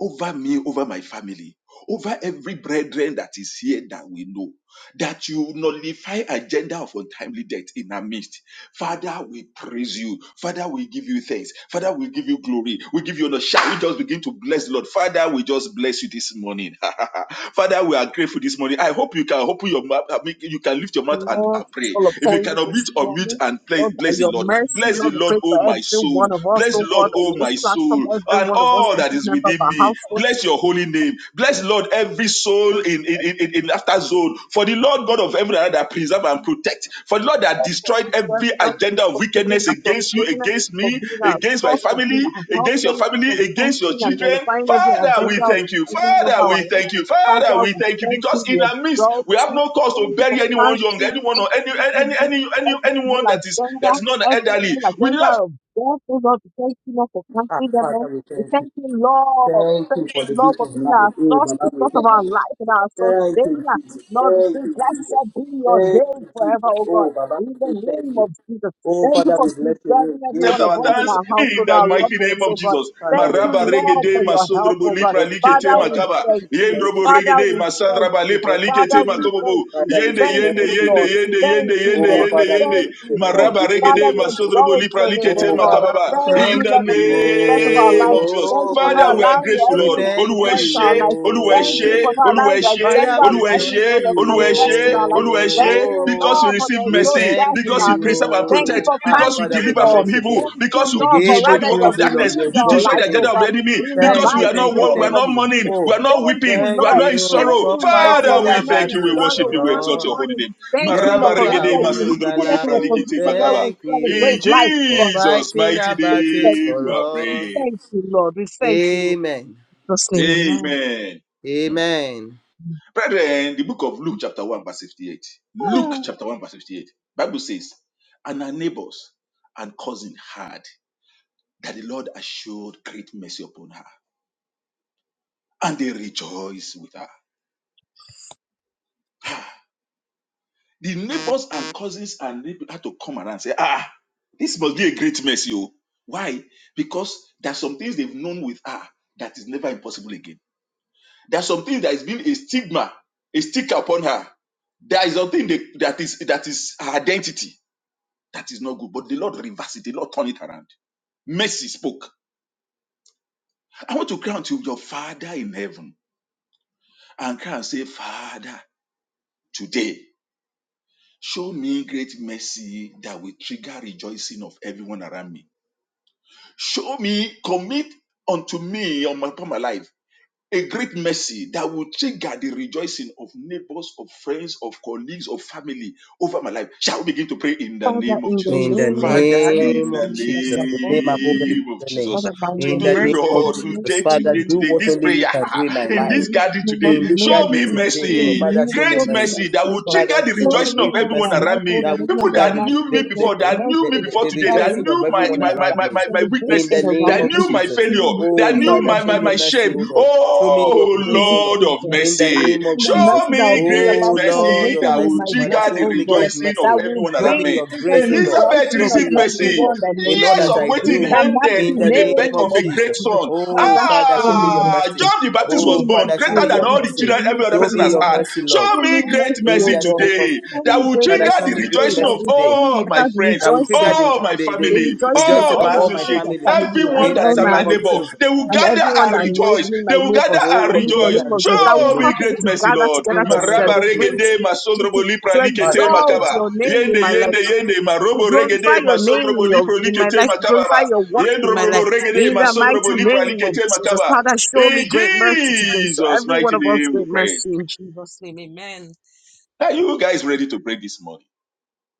S4: over me, over my family, over every brethren that is here that we know, that you nullify agenda of untimely death in our midst Father, we praise you. Father, we give you thanks. Father, we give you glory. We give you honor. Shall we just begin to bless the Lord? Father, we just bless you this morning. Father, we are grateful this morning. I hope you can open your mouth. I mean, You can lift your mouth and
S3: Lord,
S4: uh,
S3: it's
S4: pray.
S3: all
S4: If you
S3: upon you
S4: cannot
S3: this
S4: mute or mute
S3: morning.
S4: and play,
S3: Lord, by
S4: bless the
S3: your
S4: Lord.
S3: mercy,
S4: Bless the
S3: Lord, we
S4: Lord,
S3: pray
S4: oh
S3: for
S4: my
S3: every
S4: soul.
S3: one of us,
S4: Bless the
S3: oh
S4: Lord,
S3: God, on
S4: oh
S3: this
S4: my
S3: platform,
S4: soul,
S3: every
S4: and
S3: one of us,
S4: all that
S3: every
S4: is
S3: member of
S4: within
S3: our
S4: me.
S3: household.
S4: Bless your holy name. Bless the Lord, every soul in, in, in, in in zone. For the Lord God of heaven and earth that preserve and protect. For the Lord that destroyed
S3: you,
S4: every
S3: serving us,
S4: agenda of
S3: for being
S4: wickedness
S3: our
S4: against you,
S3: sustainer,
S4: against
S3: for
S4: me,
S3: being our
S4: against my
S3: source, for being
S4: family,
S3: our help.
S4: against your
S3: Thank you
S4: family,
S3: for
S4: against your
S3: canceling and
S4: children.
S3: nullifying every
S4: Father, we
S3: agenda of
S4: thank
S3: the
S4: you.
S3: enemy of
S4: Father,
S3: our
S4: we
S3: life.
S4: thank you. Father,
S3: Father,
S4: we
S3: we
S4: thank you.
S3: thank
S4: Because
S3: you,
S4: in
S3: we
S4: our midst,
S3: exalt
S4: we have
S3: you.
S4: no cause to
S3: Thank you for
S4: bury anyone young,
S3: canceling
S4: anyone or any
S3: canceling
S4: any
S3: every
S4: any any
S3: every
S4: anyone
S3: evil
S4: that is that
S3: agenda,
S4: is not
S3: every
S4: elderly.
S3: evil
S4: We love
S3: agenda of death, oh Lord, we thank you, Lord, for
S1: Ah,
S3: canceling them
S1: Father,
S3: all.
S1: we
S3: We
S1: thank you.
S3: thank you, Lord.
S1: Thank you
S3: Thank
S1: for
S3: you,
S1: the
S3: Lord,
S1: gift
S3: for
S1: of
S3: being
S1: life.
S3: our
S1: Oh,
S3: source, the
S1: Baba, we
S3: source of
S1: thank
S3: our
S1: you.
S3: life and our source.
S1: Thank you, Jesus.
S3: Lord, we say,
S1: Thank you, Jesus.
S3: blessed be your
S1: Thank you,
S3: name forever,
S1: Jesus.
S3: oh God.
S1: Oh, Baba,
S3: In the
S1: we say thank
S3: name
S1: you.
S3: of Jesus.
S1: Oh,
S3: Thank you
S1: Father,
S3: for
S1: we give
S3: preserving
S1: give
S3: every
S4: accept
S3: one
S1: you
S3: of
S4: our
S3: us
S1: praise.
S3: in
S1: O
S4: thanks
S1: Lord.
S3: our
S4: in
S3: household,
S4: the
S3: our loved
S4: mighty name
S3: ones, oh
S4: of
S3: God.
S4: Jesus.
S1: Father,
S3: Thank
S1: we
S3: you,
S4: Maraba
S1: exalt
S3: Lord,
S1: you.
S4: regede
S3: for your help,
S4: masondrobo
S3: oh
S1: We
S3: God.
S4: lipra
S1: thank you,
S4: likete
S3: Father,
S1: Father.
S3: we
S1: We
S4: makaba.
S1: thank
S3: thank
S1: you. We
S3: you.
S1: thank you.
S4: Yendrobo
S3: Father,
S4: regede
S3: we thank
S4: masandraba
S3: you.
S4: lipra
S1: Thank
S3: Father,
S4: likete
S1: you,
S3: we
S4: makobobo.
S1: Jesus.
S3: thank you.
S1: Father, we
S4: Yende
S1: say
S3: Thank
S4: yende
S3: you,
S1: thank you,
S4: yende
S3: Lord.
S1: Jesus.
S4: yende
S3: Thank
S4: yende
S3: you,
S4: yende
S1: Oh,
S3: Lord.
S4: yende
S1: Father, we
S4: yende.
S3: Thank
S1: bless
S3: you,
S1: your name.
S3: Lord.
S1: We
S4: Maraba
S1: give you
S4: regede
S3: Father, we
S1: praise, O
S4: masondrobo
S3: exalt
S4: lipra
S3: your name,
S1: Lord.
S4: likete
S3: oh
S1: Oh,
S3: God.
S1: Baba,
S4: makababa.
S1: we
S3: Thank
S4: In
S1: thank
S3: you,
S4: the
S3: Lord, for
S1: you.
S3: being the source of our
S4: name
S3: life.
S4: of Jesus.
S3: Thank you for not
S4: Father, we
S1: Oh,
S4: are
S3: allowing your
S4: grateful,
S1: we
S4: Lord.
S3: enemies to
S1: thank
S4: Oluwa
S3: quench
S1: you.
S3: our
S4: eshe,
S3: life.
S4: Oluwa
S3: Thank you
S4: eshe,
S1: Oh,
S3: for not
S4: Olúwa
S3: allowing
S4: ẹ
S3: the
S4: ṣé,
S3: agenda
S1: Father,
S3: of
S1: we
S4: Olúwa
S3: the
S4: ẹ
S3: enemy,
S4: ṣé,
S1: thank
S3: oh Lord, to
S1: you.
S4: Olúwa ẹ
S3: manifest in our life.
S4: Olúwa ẹ
S3: Thank you,
S1: Oh,
S4: because you
S3: Lord, for
S4: receive
S3: there is
S1: we
S3: no
S4: mercy,
S3: death
S1: thank
S3: in
S4: because you
S3: our
S1: you.
S3: midst.
S4: preserve and
S3: Thank you
S4: protect,
S1: Oh,
S3: for
S1: ah,
S4: because you
S1: Father,
S3: canceling
S1: we
S3: it
S4: deliver
S3: all.
S4: from
S1: bless your
S4: evil,
S1: name.
S3: Thank you,
S4: because you
S1: We
S3: Lord, for
S1: give
S4: destroy
S1: you
S4: the
S3: rather you
S4: work of
S3: have
S1: praise, O Lord.
S4: darkness,
S1: We
S3: renewed
S4: you
S3: our
S1: exalt
S4: destroy
S1: your
S4: the
S3: lives, oh
S4: agenda
S1: name.
S4: of the
S3: God,
S4: enemy,
S3: in the
S1: Thank
S4: because we
S1: you,
S4: are
S3: mighty
S1: thank
S4: not
S1: you,
S4: wo- we
S3: name
S4: are
S3: of
S1: thank
S4: not
S1: you.
S4: mourning,
S3: Jesus.
S4: we
S1: Oh,
S4: are not
S3: Thank
S4: weeping,
S3: you,
S4: we
S1: thank
S4: are
S3: Lord.
S4: not in
S1: you
S3: Thank
S4: sorrow.
S1: for
S3: you, Lord, for
S1: fighting
S4: Father,
S3: we're
S4: we
S1: our
S3: not
S4: thank
S3: in
S4: you, we
S1: battles
S3: sorrow,
S4: worship you,
S3: we're
S4: we
S3: not in
S4: exalt
S1: for
S4: your
S1: us.
S4: holy
S3: mourning.
S4: name.
S3: Thank you, Lord,
S4: Maraba
S3: for
S1: Jehovah
S4: regede
S3: rather you have
S4: masundrubu
S3: put us
S1: Olugbala,
S3: in
S4: lipra
S3: a
S1: oh,
S4: likiti
S3: position where
S4: makaba.
S3: we
S1: thank
S4: In
S3: celebrate
S1: you
S3: life, oh
S1: for
S3: God.
S4: Jesus'
S1: fighting
S4: mighty
S1: our
S3: Thank
S1: battles
S4: name,
S1: for
S4: we
S3: you.
S4: are
S3: We
S1: us.
S4: praying.
S3: thank you, Lord. We thank you, Lord.
S1: Amen.
S3: In Jesus' name, amen.
S4: Amen.
S1: Amen.
S4: Brethren, the book of Luke chapter 1 verse 58. Luke
S3: Ah,
S4: chapter 1 verse 58. Bible says, and her neighbors and cousin heard that the Lord had showed great mercy upon her, and they rejoiced with her. Ah, The neighbors and cousins and neighbors had to come around and say, ah, this must be a great mercy. oh." Why? Because there are some things they've known with her that is never impossible again. There are some things that has been a stigma, a sticker upon her. There is something that is that is her identity That is not good. But the Lord reversed it. The Lord turned it around. Mercy spoke. I want to cry unto your Father in heaven and cry and say, Father, today, show me great mercy that will trigger rejoicing of everyone around me. Show me, commit unto me on my, upon my life. a great mercy that will trigger the rejoicing of neighbors, of friends, of colleagues, of family over my life. Shall we begin to pray in the
S3: Father,
S4: name of
S3: in the
S4: Jesus?
S1: In the
S3: name of
S4: Father,
S3: Jesus,
S4: in
S1: name
S4: the
S3: we
S1: of
S3: need us
S1: Jesus, the
S3: above
S1: name above
S3: everything.
S1: every
S4: name of
S1: other name.
S4: Jesus.
S3: Father, by your
S1: In
S4: Today,
S1: the
S3: mercy,
S1: name of
S4: Lord,
S3: you
S1: Jesus,
S4: today,
S3: show me
S1: Father,
S4: today,
S3: you
S1: do
S4: today,
S1: what
S4: this
S1: only you
S4: prayer,
S1: can do in my
S4: in
S1: life.
S4: this
S3: need
S4: garden
S3: me, Lord,
S4: today,
S1: in
S3: you
S1: this
S3: need
S4: show
S3: me,
S1: gathering
S4: me
S3: you
S1: today,
S3: need me,
S1: oh Lord.
S4: mercy,
S3: you
S1: Father,
S3: need
S1: show
S4: great
S1: me
S3: show
S4: great
S3: me
S1: mercy.
S4: mercy that
S3: mercy,
S4: will
S3: Lord.
S4: trigger
S1: Father,
S4: the
S1: show me
S3: Lord,
S4: rejoicing
S3: every
S4: of
S1: great
S3: member of my
S4: everyone
S1: mercy
S4: around me.
S3: household,
S1: that
S3: every
S1: will
S4: People
S3: member
S1: trigger
S3: of
S4: that
S1: the,
S3: my
S4: knew me
S1: the, the,
S3: people,
S4: before,
S1: the,
S4: that knew me
S3: mercy,
S1: the,
S4: before
S1: the
S4: today,
S3: that
S4: that
S3: will
S1: rejoicing of
S4: knew my
S1: everyone
S3: keep
S4: my my
S3: a
S1: around
S4: my,
S1: me.
S4: my, my
S1: In
S3: celebration
S1: the
S4: weaknesses,
S1: name
S4: that
S3: around
S1: of
S3: me
S4: knew my
S1: Jesus.
S3: in
S4: failure,
S3: the mighty
S4: that
S1: Oh,
S4: knew
S3: name
S1: Father,
S3: of
S4: my,
S1: show
S4: my
S1: me
S3: Jesus.
S4: my
S1: mercy,
S4: shame.
S1: oh
S3: Mercy,
S1: Lord. Show me your
S4: Oh
S1: grace, oh Lord.
S4: Lord
S3: mercy,
S4: of
S3: Lord
S1: In the
S4: mercy,
S1: name of
S3: and the
S1: Jesus.
S4: show
S3: mercy that will
S4: me
S3: bring
S4: great
S1: Oh,
S3: about
S1: Lord
S4: mercy
S1: of
S3: celebration
S4: that
S3: in
S4: will
S1: mercy.
S3: my
S1: Father,
S3: life,
S4: trigger the
S1: show
S3: oh
S1: me
S3: God,
S1: great
S4: rejoicing of
S3: that
S1: mercy.
S3: will
S4: everyone
S1: Show
S4: around
S1: me
S3: bring
S4: me.
S1: your
S3: into the
S1: grace, oh Lord.
S4: Elizabeth
S3: rejoicing
S1: Show
S3: of
S1: me
S4: received
S1: your
S4: mercy.
S1: favor
S3: everyone that knows
S1: in all
S4: Years
S3: me.
S1: that
S4: of
S1: I
S4: waiting
S3: In the
S1: do.
S4: ended
S3: mighty
S1: In
S4: with
S1: the
S4: the
S1: name
S4: birth
S3: name
S4: of
S1: of
S3: of
S4: a great
S1: Jesus.
S3: Jesus,
S4: son.
S1: Oh,
S3: Father,
S1: Father,
S3: show
S1: show me
S3: me
S1: your
S4: Ah,
S3: mercy.
S1: mercy.
S4: John the
S3: Show
S4: Baptist
S1: Oh
S4: was
S3: me
S1: Father
S4: born
S3: mercy, O
S4: greater
S1: me
S4: than
S1: your
S3: Lord.
S4: all the
S3: Show
S1: mercy.
S4: children
S3: me new
S4: every other
S3: thing
S1: Show
S4: person
S1: me
S3: in
S4: has
S3: my
S1: your
S4: had.
S3: life.
S1: mercy, Lord.
S4: Show
S3: Show
S4: me
S3: me
S4: great
S3: mercy,
S1: In
S3: O
S4: mercy
S1: the
S3: Lord.
S1: name of
S4: today
S3: Show
S1: Jesus.
S4: that
S3: me
S4: will
S3: great
S1: Father,
S4: trigger
S1: show
S3: mercy
S4: the
S1: me great
S3: today
S4: rejoicing
S3: that
S1: mercy
S4: of
S3: will
S1: today.
S4: all
S3: bring
S4: my
S3: that
S4: friends,
S1: That will
S3: rejoicing
S1: trigger the,
S4: all my
S1: the,
S3: the
S1: the
S4: family,
S3: rejoicing of
S1: rejoicing
S4: all
S1: of
S3: all
S4: my
S3: my
S1: all my
S3: friends
S4: associates,
S3: and
S1: family.
S3: family and
S4: everyone
S1: In the
S3: all
S4: that's my
S3: my
S1: name of
S4: neighbor.
S3: associates
S1: Jesus.
S4: They will gather
S3: and
S4: gather
S3: everyone
S4: and
S3: that knows
S4: rejoice.
S3: me,
S4: They
S3: my
S4: will gather
S1: That the
S3: neighbors,
S1: whole
S4: and
S1: world
S3: in
S1: will
S3: the
S1: gather
S4: rejoice.
S3: name
S1: and
S3: of Jesus,
S1: rejoice
S3: that
S1: with
S3: will
S4: Show
S1: me.
S4: me
S3: cause people
S4: great
S3: to
S4: mercy,
S3: gather
S4: Lord.
S1: In
S3: together to
S1: the name of
S4: Maraba
S3: celebrate,
S1: Jesus.
S4: regede
S3: to, to, to,
S4: masondrobo
S3: to
S4: lipra likete
S1: Father, we
S3: exalt
S1: thank
S4: makaba.
S1: you.
S3: your name in
S4: Yende
S3: my life,
S4: yende yende
S3: to
S4: marobo
S3: glorify
S4: regede
S3: your name in,
S4: masondrobo
S3: your,
S4: lipro
S3: in my
S4: likete
S3: life, to
S4: makaba.
S3: glorify
S4: ba.
S3: your works in my
S4: Yendrobo
S3: life.
S4: regede
S3: In the
S4: masondrobo
S3: mighty
S4: lipra
S3: name of
S4: likete
S3: Jesus,
S4: makaba.
S3: Father, show me
S4: In
S3: great mercy today. So
S4: Jesus'
S3: every one
S4: mighty
S3: of us,
S4: name we
S3: great
S4: pray.
S3: mercy in Jesus' name. Amen.
S4: Are you guys ready to pray this morning?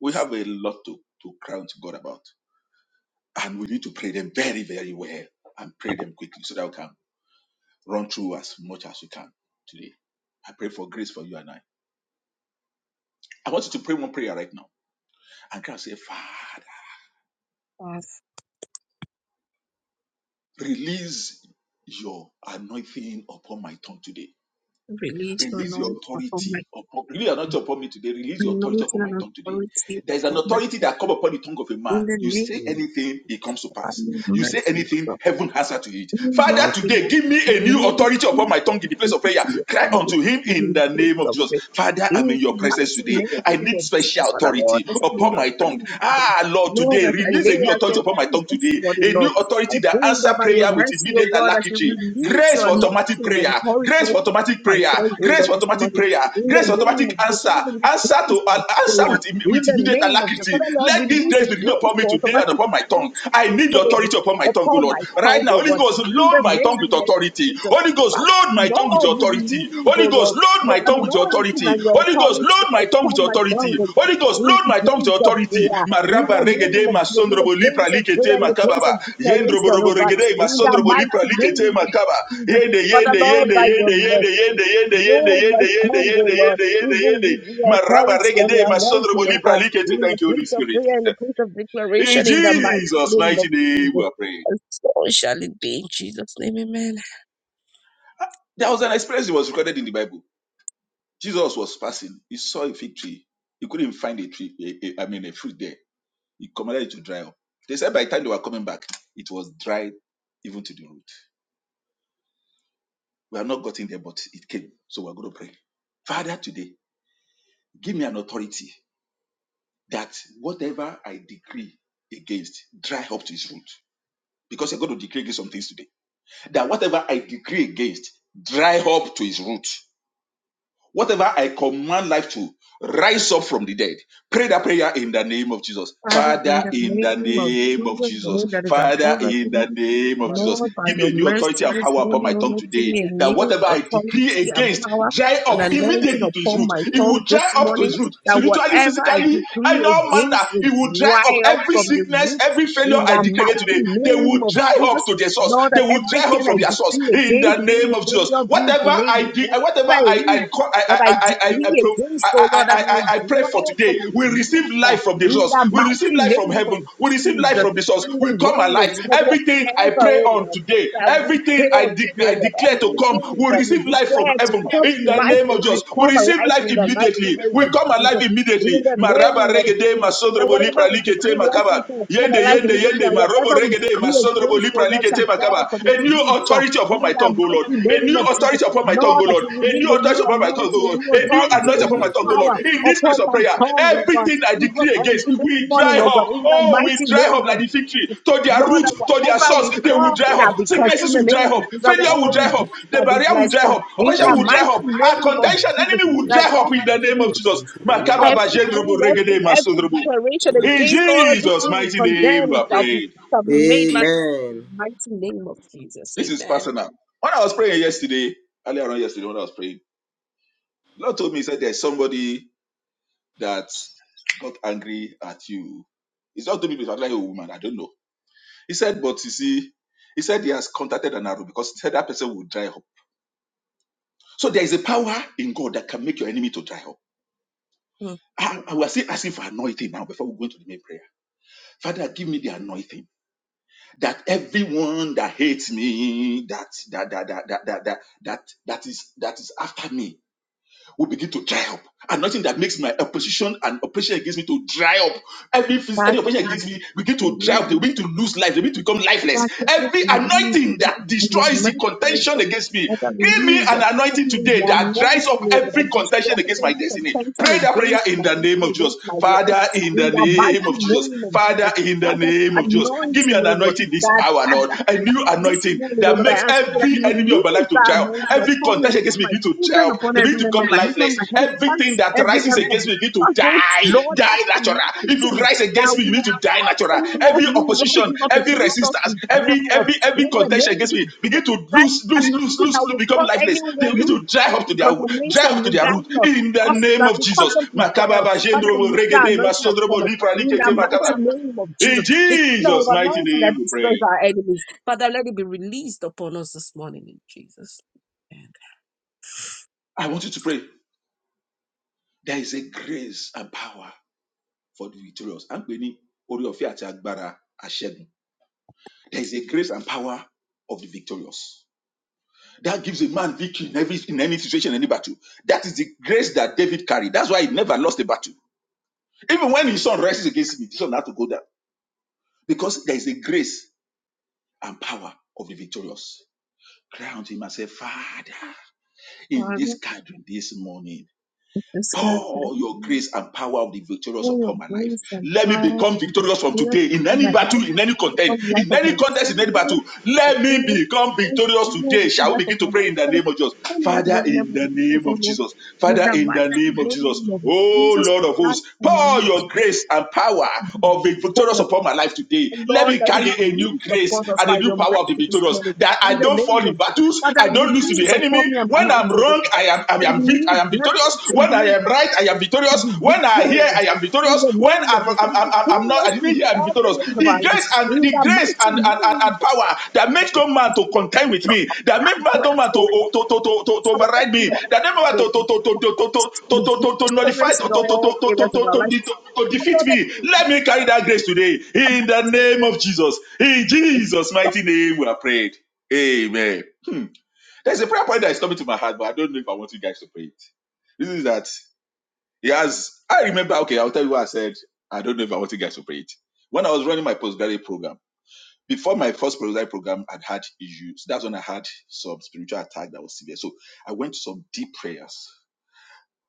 S4: We have a lot to, to crown to God about. And we need to pray them very, very well and pray them quickly so that we can Run through as much as you can today. I pray for grace for you and I. I want you to pray one prayer right now and cry say, Father,
S3: of
S4: release your anointing upon my tongue today.
S3: religion,
S4: Release your
S3: knowledge upon
S4: authority
S3: my
S4: upon release your authority upon me today. Release your authority
S3: anointing
S4: upon my
S3: and
S4: tongue today.
S3: authority
S4: There is an authority that comes upon the tongue of a man.
S3: In the
S4: You say
S3: name
S4: anything, it comes to
S3: of our
S4: pass.
S3: Lord,
S4: You say
S3: mercy, O
S4: anything,
S3: God,
S4: heaven answer to it.
S3: we,
S4: Father,
S3: Lord, will
S4: today give me a new
S3: acknowledge
S4: authority upon
S3: you,
S4: my tongue in the place of prayer.
S3: mercy,
S4: Cry
S3: and the
S4: unto him in
S3: forgiveness
S4: the name of
S3: of God.
S4: Jesus. Father, I'm in
S3: In
S4: your
S3: the
S4: presence
S3: mighty
S4: today.
S3: name
S4: I need
S3: of Jesus,
S4: special
S3: Father Lord,
S4: authority
S3: As I lay
S4: upon
S3: your
S4: my tongue.
S3: prayer today.
S4: Ah, Lord,
S3: Lord,
S4: today
S3: as I
S4: release
S3: lay
S4: a new
S3: at your
S4: authority upon my
S3: feet
S4: tongue
S3: this
S4: today.
S3: morning,
S4: A new
S3: Lord, I
S4: authority that
S3: pray
S4: answers
S3: that
S4: answer
S3: by
S4: prayer
S3: your
S4: with
S3: mercy, O
S4: immediate
S3: God, as you
S4: alacrity.
S3: release
S4: Grace
S3: your
S4: for automatic
S3: anointing and
S4: prayer.
S3: authority
S4: Grace for
S3: upon
S4: automatic
S3: my
S4: prayer.
S3: soul, O
S4: Grace
S3: Lord,
S4: for
S3: this
S4: automatic
S3: morning.
S4: prayer.
S3: In the
S4: Grace for
S3: name of
S4: automatic
S3: Jesus,
S4: answer.
S3: Father, we
S4: Answer
S3: release
S4: to an
S3: that
S4: answer
S3: prayer.
S4: with,
S3: In
S4: with
S3: the
S4: immediate
S3: name of Jesus,
S4: alacrity.
S3: Father Lord,
S4: Let this
S3: release
S4: grace
S3: the
S4: be renewed
S3: grace
S4: upon me
S3: for
S4: today and
S3: automatic
S4: upon my tongue.
S3: answers
S4: I
S3: to
S4: need the
S3: prayers
S4: authority upon my tongue, O
S3: upon
S4: Lord.
S3: my tongue,
S4: Right now,
S3: O
S4: Holy
S3: God.
S4: Ghost,
S3: In the
S4: load my tongue with
S3: name of
S4: authority.
S3: Jesus,
S4: Holy Ghost,
S3: Father,
S4: load my tongue with
S3: Lord,
S4: authority.
S3: release, O
S4: Holy
S3: Lord
S4: Ghost, load load my
S3: your
S4: tongue with your
S3: anointing
S4: authority.
S3: and your
S4: Holy Ghost,
S3: authority
S4: load my tongue with
S3: upon
S4: your
S3: my
S4: authority.
S3: family.
S4: Holy Ghost,
S3: In
S4: load
S3: the
S4: my tongue with your
S3: place of
S4: authority.
S3: prayer, in
S4: Maraba
S3: the name
S4: regede
S3: of Jesus, in the
S4: masondrobo lipra
S3: place of prayer,
S4: likete
S3: in the place
S4: makababa.
S3: of
S4: Yendrobo
S3: declaration, oh
S4: robo
S3: God,
S4: regede
S3: in the
S4: masondrobo lipra
S3: mighty
S4: likete
S3: name of
S4: makaba.
S3: Jesus.
S4: Yende
S3: Father
S4: yende
S3: Lord,
S4: yende
S3: by your
S4: yende
S3: mercy,
S4: yende yende yende yende
S3: Lord, my
S4: yende yende
S3: Congo,
S4: yende
S3: Lord,
S4: yende yende
S3: even
S4: yende.
S3: with your
S4: Maraba
S3: authority and
S4: regede
S3: your
S4: masondrobo
S3: anointing, oh
S4: lipra
S3: God,
S4: likete.
S3: in the
S4: Thank you, Holy
S3: place of
S4: Spirit.
S3: prayer, in the place of
S4: In
S3: declaration, in the mighty
S4: Jesus'
S3: name of
S4: mighty name, we
S3: Jesus.
S4: are praying.
S3: And so shall it be in Jesus' name, amen.
S4: There was an experience that was recorded in the Bible. Jesus was passing. He saw a fig tree. He couldn't find a tree, a- a- I mean, a fruit there. He commanded it to dry up. They said by the time they were coming back, it was dried even to the root. We have not gotten there, but it came. So we're going to pray. Father, today, give me an authority that whatever I decree against, dry up to its root. Because you're going to decree against some things today. That whatever I decree against, dry up to its root. Whatever I command life to, rise up from the dead. Pray that prayer in the name of Jesus.
S3: Father, in
S4: Father,
S3: the
S4: in the
S3: name of
S4: name of
S3: Jesus, the
S4: Jesus.
S3: name that is
S4: Father,
S3: above every
S4: in
S3: name.
S4: the name of
S1: Father.
S4: Jesus.
S3: Lord, by
S4: Give
S3: your
S4: me a new
S3: mercy
S4: authority and
S3: this
S4: power upon
S3: morning,
S4: my
S3: O
S4: tongue
S3: Lord, give
S4: today.
S3: me a
S4: That
S3: new
S4: whatever I decree
S3: authority and
S4: against,
S3: power
S4: dry
S3: and
S4: up
S3: anointing
S4: immediately to his
S3: upon
S4: root.
S3: my
S4: It
S3: tongue
S4: will
S3: this
S4: dry up to
S3: morning,
S4: his root,
S3: that
S4: spiritually,
S3: whatever I
S4: physically,
S3: decree
S4: and all manner.
S3: against will
S4: It will dry up
S3: dry up
S4: every
S3: from the
S4: sickness,
S3: roots
S4: every failure
S3: in
S4: I
S3: the
S4: declare
S3: mighty
S4: today. They
S3: name
S4: will
S3: of
S4: dry up
S3: Jesus.
S4: to their source.
S3: Lord, that
S4: They will dry up
S3: everything I
S4: from their source
S3: decree
S4: in the
S3: against, be
S4: name
S3: it
S4: of Jesus.
S3: failure, be it
S4: Whatever
S3: delay, be
S4: I
S3: it
S4: do, whatever
S3: whatever it
S4: I
S3: is,
S4: I I
S3: that
S4: I
S3: I
S4: I I, I, I,
S3: decree
S4: pro-
S3: against,
S4: I,
S3: O
S4: I,
S3: Lord, that
S4: I,
S3: it will
S4: I I pray
S3: dry
S4: for
S3: up from
S4: today.
S3: its
S4: We receive
S3: roots uh,
S4: life from the
S3: in
S4: source.
S3: the
S4: We receive
S3: mighty
S4: life from
S3: name of
S4: heaven. We receive life
S3: Jesus.
S4: from the source.
S3: In
S4: We
S3: the
S4: come
S3: name of
S4: alive.
S3: Jesus,
S4: Everything I
S3: ever
S4: pray
S3: in
S4: on
S3: us
S4: today,
S3: that we pray
S4: everything I, de- I
S3: together.
S4: declare to come,
S3: Everything
S4: we
S3: that we
S4: receive life from
S3: declare to
S4: heaven
S3: come
S4: in
S3: to
S4: the
S3: life,
S4: name of
S3: it
S4: Jesus.
S3: will
S4: We
S3: come
S4: receive
S3: alive
S4: life
S3: in the mighty
S4: immediately.
S3: name
S4: We
S3: of
S4: come alive
S3: Jesus. In
S4: immediately.
S3: the
S4: Maraba
S3: name of
S4: regede
S3: Jesus. That
S4: masodrobo lipra
S3: whatever we
S4: likete
S3: decree, life into
S4: makaba.
S3: will come
S4: Yende,
S3: alive
S4: yende,
S3: immediately,
S4: yende,
S3: and
S4: ma robo
S3: whatever we
S4: regede, ma
S3: decree
S4: sondrobo
S3: against, O
S4: lipra
S3: Lord,
S4: likete
S3: shall die
S4: makaba.
S3: from
S4: A
S3: its
S4: new
S3: roots. uh,
S4: authority upon
S3: In
S4: my
S3: the
S4: tongue, O Lord.
S3: mighty
S4: A
S3: name
S4: new
S3: of Jesus.
S4: authority upon my tongue, O
S3: Lord, that
S4: Lord.
S3: you
S4: A new
S3: release a
S4: authority
S3: new
S4: upon my tongue, O
S3: anointing, a
S4: Lord.
S3: new
S4: A new
S3: authority, a
S4: anointing upon my
S3: new
S4: tongue, O Lord.
S3: power
S4: In this
S3: upon
S4: place of
S3: my
S4: prayer,
S3: tongue, O God.
S4: everything I
S3: Even
S4: decree
S3: on
S4: against,
S3: this
S4: we
S3: morning,
S4: dry
S3: O God,
S4: up.
S3: in the
S4: Oh, we
S3: mighty
S4: dry
S3: name
S4: up
S3: of
S4: like the fig
S3: Jesus.
S4: tree. To their
S3: Lord,
S4: root,
S3: that
S4: to their
S3: whatever
S4: source,
S3: we
S4: they will
S3: call
S4: dry
S3: that,
S4: up.
S3: because in
S4: Sicknesses
S3: the
S4: will dry
S3: name
S4: up.
S3: of Jesus,
S4: Failure will
S3: whatever we
S4: dry up.
S3: bless
S4: The
S3: shall be
S4: barrier will
S3: blessed,
S4: dry
S3: that
S4: up.
S3: in the
S4: Oppression will dry
S3: mighty
S4: up. Our
S3: name of
S4: contention,
S3: Jesus,
S4: enemy will
S3: that
S4: dry up in the name of
S3: every,
S4: Jesus. Makaba ba
S3: everything,
S4: jendrobo regede,
S3: every,
S4: ma
S3: every
S4: sondrobo.
S3: declaration
S4: In
S3: against all the
S4: Jesus'
S3: things we
S4: mighty name, we
S3: condemn
S4: are
S3: shall be,
S4: praying.
S3: shall be made man. In the
S1: Amen.
S3: mighty name of Jesus,
S4: This is
S3: amen.
S4: personal. When I was praying yesterday, earlier on yesterday, when I was praying, the Lord told me, He said, There's somebody that got angry at you. It's not two people, it's actually a woman. I don't know. He said, But you see, he said he has contacted an arrow because he said that person will dry up. So there is a power in God that can make your enemy to dry up.
S3: Mm.
S4: I, I was still asking for anointing now before we go into the main prayer. Father, give me the anointing. that everyone that hates me, that that that that that that that, that is that is after me, will begin to dry up. And nothing that makes my opposition and oppression against me to dry up. Every, phys- any
S3: Father,
S4: oppression
S3: in
S4: against
S3: the
S4: me begin to dry up. They begin to lose life. They begin to become lifeless.
S3: mighty name of
S4: Every
S3: Jesus,
S4: anointing that
S3: and your
S4: destroys the
S3: mercy, O
S4: contention
S3: God.
S4: against me,
S3: Let the
S4: give me
S3: release
S4: an
S3: of
S4: anointing
S3: pain,
S4: today
S3: your
S4: that dries
S3: anointing,
S4: up
S3: O Lord,
S4: every
S3: and destroy
S4: contention against my
S3: every
S4: destiny.
S3: contention
S4: Pray that prayer
S3: against
S4: in
S3: my
S4: the name
S3: destiny,
S4: of Jesus.
S3: against my life,
S4: Father, in
S3: in
S4: the
S3: the
S4: name
S3: mighty
S4: of Jesus.
S3: name of
S4: Father,
S3: Jesus.
S4: in the
S3: Father,
S4: name of Jesus. Give me
S3: anointing,
S4: an
S3: O Lord,
S4: anointing this
S3: that,
S4: hour,
S3: that,
S4: Lord.
S3: that
S4: A
S3: that
S4: new
S3: this
S4: anointing
S3: morning, O
S4: that
S3: Lord,
S4: makes
S3: I ask you that
S4: every
S3: you
S4: enemy of my
S3: release
S4: life to
S3: that
S4: triumph.
S3: anointing
S4: Every
S3: upon your
S4: contention against me
S3: my
S4: begin to
S3: children,
S4: triumph.
S3: upon
S4: They
S3: every
S4: begin to
S3: member of
S4: become
S3: my
S4: lifeless.
S3: husband, my husband,
S4: Everything that
S3: every
S4: rises
S3: member of
S4: against
S3: my
S4: me begin to
S3: household.
S4: die,
S3: Lord, that
S4: die natural. If you
S3: anointing
S4: rise
S3: that
S4: against me, you need
S3: will
S4: to die
S3: cause
S4: natural.
S3: anyone
S4: Every
S3: who
S4: opposition,
S3: rises up
S4: every
S3: against us
S4: resistance,
S3: to
S4: every
S3: dry up.
S4: every every
S3: In the
S4: contention
S3: name
S4: against me begin
S3: Jesus.
S4: to
S3: That
S4: lose, lose,
S3: and
S4: lose,
S3: nothing
S4: lose,
S3: that
S4: lose
S3: will
S4: become
S3: cause
S4: lifeless. They
S3: anyone
S4: begin
S3: root
S4: to dry up to
S3: to
S4: their dry
S3: condemnation,
S4: up to their root.
S3: regardless,
S4: In the
S3: cause
S4: name
S3: that
S4: of
S3: will cause
S4: Jesus,
S3: them to dry up.
S4: Makababa,
S3: Father,
S4: Jendrobo,
S3: we need that
S4: Regede,
S3: anointing upon
S4: Masodrobo,
S3: us
S4: Lipra,
S3: in the
S4: Likete,
S3: mighty
S4: Makaba.
S3: name of Jesus.
S4: In
S3: The kingdom of
S4: Jesus' mighty
S3: anointing that
S4: name, we
S3: destroys
S4: pray.
S3: our enemies. Father, let it be released upon us this morning in Jesus.
S4: I want you to pray. there is a grace and power for the victorious. À ń pè ní orí ọ̀fẹ́ àti agbára aṣẹ́gun. There is a grace and power of the victorious. That gives a man victory in every in any situation, any battle. That is the grace that David carried. That's why he never lost a battle. Even when his son rises against him, his son had to go down because there is a grace and power of the victorious. Cry unto him and say, Father, in this
S3: Father,
S4: gathering this morning.
S3: this God, for
S4: Pour your
S3: the
S4: grace and power of the victorious
S3: glory of
S4: upon my life.
S3: grace and
S4: Let me
S3: power,
S4: become victorious from
S3: here
S4: today in
S3: for my
S4: any
S3: life,
S4: battle, in any content,
S3: upon the life
S4: in
S3: of
S4: any
S3: my
S4: contest, in any
S3: children
S4: battle.
S3: As
S4: Let me
S3: students,
S4: become
S3: students,
S4: victorious
S3: you
S4: today. Shall
S3: lack
S4: we
S3: of
S4: begin to pray in the
S3: consistency,
S4: name of Jesus?
S3: and lack of
S4: Father,
S3: every
S4: in
S3: level
S4: the
S3: of faith
S4: name
S3: or
S4: of
S3: love.
S4: Jesus.
S3: In
S4: Father,
S3: the
S4: in the
S3: mighty
S4: name of Jesus.
S3: name of
S4: Oh
S3: Jesus,
S4: Lord of
S3: that
S4: hosts, pour your
S3: anointing,
S4: grace and power of the victorious upon my life today.
S3: and
S4: Let
S3: Lord,
S4: me
S3: let it be
S4: carry a new
S3: released
S4: grace
S3: upon us
S4: and
S3: by
S4: a new
S3: your
S4: power of the
S3: mercy this
S4: victorious
S3: morning.
S4: that
S3: In
S4: I
S3: the
S4: don't fall
S3: name
S4: in
S3: of Jesus,
S4: battles,
S3: Father,
S4: I don't lose to
S3: release
S4: the enemy.
S3: upon me and my
S4: When I'm
S3: household, O
S4: wrong, I
S3: Lord.
S4: am I
S3: A
S4: am vic- I
S3: new
S4: am
S3: breath,
S4: victorious.
S3: a
S4: When I
S3: new
S4: am right, I am
S3: to
S4: victorious.
S3: be
S4: When I hear,
S3: victorious.
S4: I am
S3: In
S4: victorious.
S3: the
S4: When
S3: name
S4: I'm
S3: of Jesus, to
S4: I'm,
S3: be
S4: I'm, I'm not, I
S3: victorious
S4: didn't hear
S3: in
S4: and
S3: all
S4: victorious.
S3: areas of
S4: The
S3: our lives.
S4: grace and
S3: In
S4: the
S3: the
S4: grace
S3: mighty
S4: and, and, and,
S3: name
S4: and
S3: of
S4: power that makes
S3: Jesus,
S4: no man to contend with
S3: not
S4: me, that makes no man to
S3: grateful.
S4: to to to, to, to
S3: Father, let
S4: override
S3: them
S4: me,
S3: know
S4: that makes no man to to
S3: the
S4: to to to to to
S3: the
S4: to to, nullify
S3: victorious
S4: to
S3: in
S4: to to to
S3: all
S4: to to
S3: areas of our life.
S4: to to
S3: And
S4: defeat
S3: Lord, let
S4: me.
S3: them be
S4: Let me carry that grace today in
S3: about
S4: the name of Jesus. In Jesus' mighty name, we are prayed. Amen. There's a prayer point that is coming to my heart, but I don't know if I want you guys to pray it. This is that. Yes, I remember. Okay, I'll tell you what I said. I don't know if I want you guys to play it. When I was running my postgraduate program, before my first postgraduate program, I'd had issues. That's when I had some spiritual attack that was severe. So I went to some deep prayers.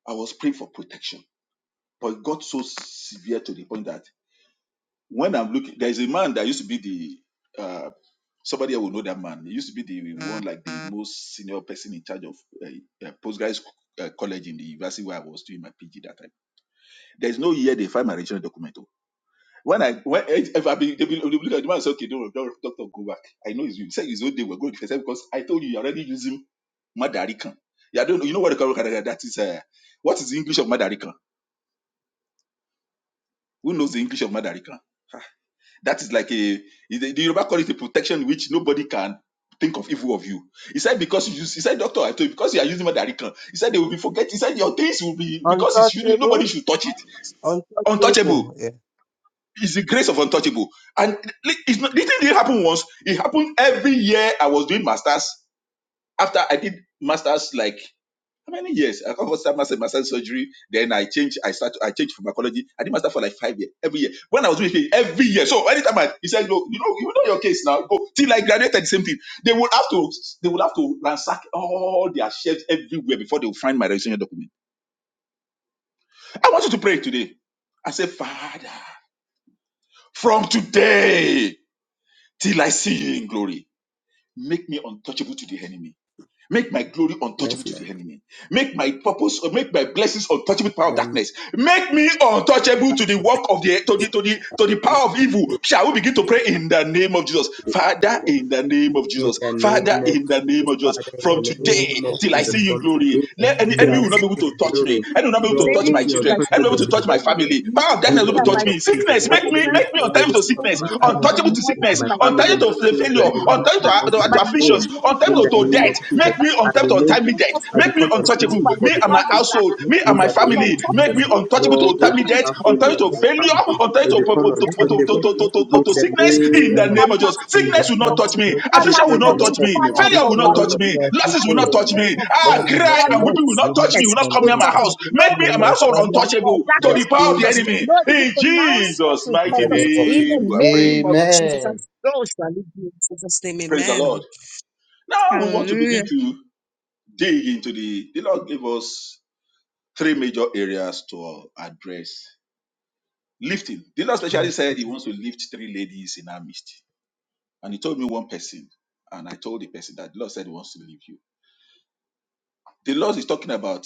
S4: I was praying for protection, but it got so severe to the point that when I'm looking, there's a man that used to be the uh, somebody I will know that man. He used to be the one like the most senior person in charge of uh, uh, postgraduate uh, college in the university where I was doing my PG that time. There's no year they find my original document. oh. When I when eh, if I be they will they will look at the man and say, okay, don't don't doctor, go back. I know it's you. He said his own day we're going to defend him because I told you you're already using Madarikan. Yeah, I don't know. You know what they call Madarikan? That is uh, what is the English of Madarikan? Who knows the English of Madarikan? Ah, That is like a the the Yoruba call it a protection which nobody can think of evil of you. He said because you use, he said doctor I told you because you are using Madarikan. He said they will be forget. He said your things will be because it's you nobody
S2: Untouchable.
S4: should touch it untouchable
S2: Untouchable. Yeah.
S4: It's the grace of untouchable. And li- it's not, this thing didn't happen once. It happened every year I was doing masters. After I did masters, like how many years? I covered some master, master surgery. Then I changed. I started. I changed from oncology. I did master for like five years. Every year. When I was doing PhD, every year. So anytime I, he said, look, you know, you know your case now. Go till I graduated. the Same thing. They will have to. They will have to ransack all their shelves everywhere before they will find my registration document. I want you to pray today. I say, Father, from today. till I see you in glory. Make me untouchable to the enemy. Make my glory untouchable
S1: Yes,
S4: to
S1: Lord.
S4: the enemy. Make my purpose, or make my blessings untouchable to the power
S1: In
S4: of
S1: the name.
S4: darkness. Make me untouchable to the work of the to the to the to the power of evil. Shall we begin to pray in the name of Jesus, Father? In the name of
S1: In
S4: Jesus,
S1: the
S4: Father.
S1: name of
S4: In the name
S1: Jesus,
S4: of Jesus,
S1: Father, in
S4: from
S2: Make
S1: the
S2: me
S1: name
S4: today
S1: of
S4: till I
S1: Jesus,
S4: see
S2: untouchable.
S4: you in
S1: from
S4: glory,
S1: today
S4: let any
S1: till
S4: enemy
S1: I
S4: will not
S2: Amen.
S4: be able
S1: see
S4: to
S1: your
S4: touch me.
S1: glory,
S4: Enemy will not be able
S2: Make
S4: to
S1: Lord,
S4: touch
S2: me
S4: my
S1: make me
S3: dreams,
S4: children.
S3: like see
S4: Enemy will not
S1: untouchable
S4: be
S3: you
S4: able
S1: to
S4: to
S1: the
S2: untouchable.
S4: touch my
S3: glory.
S1: enemy.
S4: family. Power
S3: Make
S4: of
S3: me
S4: darkness
S1: In
S4: will not be
S1: the
S4: able
S2: Amen.
S3: and
S4: to
S1: name
S3: my
S4: touch
S1: of
S4: me.
S1: Jesus,
S3: children,
S4: Sickness,
S3: my
S1: let the
S4: make me
S3: children,
S1: enemy
S4: make me
S1: not be
S3: children,
S1: able
S4: untouchable to
S1: to touch
S3: children,
S4: sickness,
S1: my
S2: Make me
S1: life,
S3: children, my
S4: untouchable to
S3: mother,
S4: sickness,
S2: untouchable.
S1: my
S3: my
S1: family, my
S4: untouchable
S3: children,
S4: to failure,
S1: children,
S3: my
S1: oh
S2: Make me
S1: Lord,
S4: untouchable
S1: my
S3: husband,
S4: to,
S2: untouchable.
S1: husband,
S4: to,
S3: my
S4: to
S1: my
S4: affliction
S3: loved
S1: home.
S3: ones,
S1: In
S4: Untimely
S1: the
S4: to
S2: Amen.
S1: name
S4: death.
S3: and
S1: of
S3: the
S1: Jesus,
S4: Make me
S1: I
S4: untimely to
S1: remain,
S4: untimely
S3: Let
S4: death.
S3: us
S1: I
S3: be
S4: Make me
S1: become
S3: touchable
S4: untouchable.
S3: by
S1: untouchable
S3: the
S1: for
S4: Me
S2: Untouchable.
S1: the
S4: and my
S3: powers of
S1: enemy.
S3: darkness.
S4: household.
S2: Make
S4: Me
S2: me
S1: In
S4: and my
S1: the
S3: Because
S1: name of
S3: I'm
S4: family.
S2: untouchable.
S4: Make
S3: talking
S1: Jesus,
S4: me
S2: Amen.
S3: things
S4: untouchable
S3: to
S4: to
S1: Lord, me and
S4: untimely
S3: even
S1: my
S3: the
S4: death.
S1: household, me
S2: Make
S4: Untimely
S3: enemy.
S1: and
S4: to
S1: my
S3: Because
S4: failure.
S3: I'm
S1: family
S3: talking
S4: Untimely
S3: things
S1: will
S4: to,
S3: to
S4: to,
S3: the-
S1: become
S3: to
S4: to, to,
S2: me
S3: every
S1: untouchable.
S4: to, to, to,
S3: evil
S2: untouchable.
S4: to,
S1: In
S3: works
S1: the
S3: of
S4: sickness.
S2: To
S3: darkness.
S4: In
S1: name
S3: In
S4: the
S1: of
S2: um,
S3: the
S4: name of Jesus.
S1: Jesus.
S2: to
S3: mighty
S4: Sickness will
S3: name
S4: not
S3: of
S2: entirely
S4: touch
S3: Jesus.
S4: me.
S2: break the
S3: Father,
S4: Affliction will
S1: Sickness will
S4: not
S2: sickness,
S1: not
S4: touch
S1: touch
S4: me.
S3: fortify
S1: me.
S3: us,
S2: the
S4: Failure
S3: oh
S1: Affliction
S4: will
S1: will
S4: not
S3: God.
S1: not
S4: touch
S2: failure,
S1: touch
S3: In
S4: me.
S1: me.
S3: the
S2: the
S4: Losses will
S2: affliction.
S4: not
S3: mighty
S1: Failure will
S4: touch
S1: not touch
S3: name
S4: me.
S1: me.
S3: of
S4: Ah,
S3: Jesus.
S1: Nothing
S2: Father,
S1: will not
S4: cry
S3: That
S1: touch
S4: and
S3: no
S2: Lord,
S4: weeping
S1: you.
S4: will not
S2: we may
S4: touch me.
S3: sickness
S4: Will
S1: In
S4: not
S1: the
S4: come
S3: will
S1: name
S4: near
S1: of
S4: my
S3: touch
S1: Jesus.
S3: us.
S4: house.
S2: celebrate
S3: No
S4: Make
S2: you
S4: me
S2: and
S4: and my
S2: my
S3: evil
S4: household
S3: of work
S2: family,
S3: or
S4: untouchable to
S2: my
S3: darkness
S4: the
S3: will
S4: power of
S3: touch
S4: the
S3: us.
S2: children,
S4: enemy.
S3: No evil
S4: In
S3: pronouncement
S4: Jesus'
S3: will
S1: In
S4: mighty
S1: the
S3: touch us.
S1: name of
S3: In the
S1: Jesus.
S4: name, we are
S3: name
S4: praying.
S3: of Jesus. And
S1: Amen.
S3: so shall it be in Jesus' name.
S4: Praise the Lord.
S3: Amen.
S4: Now we want to
S3: Hallelujah.
S4: begin to dig into the the lord gave us three major areas to address lifting the lord
S2: and my
S4: specially said he
S2: sisters.
S4: wants to lift three ladies in our midst and he told me one person and i told the person that the lord said he wants to lift you the lord is talking about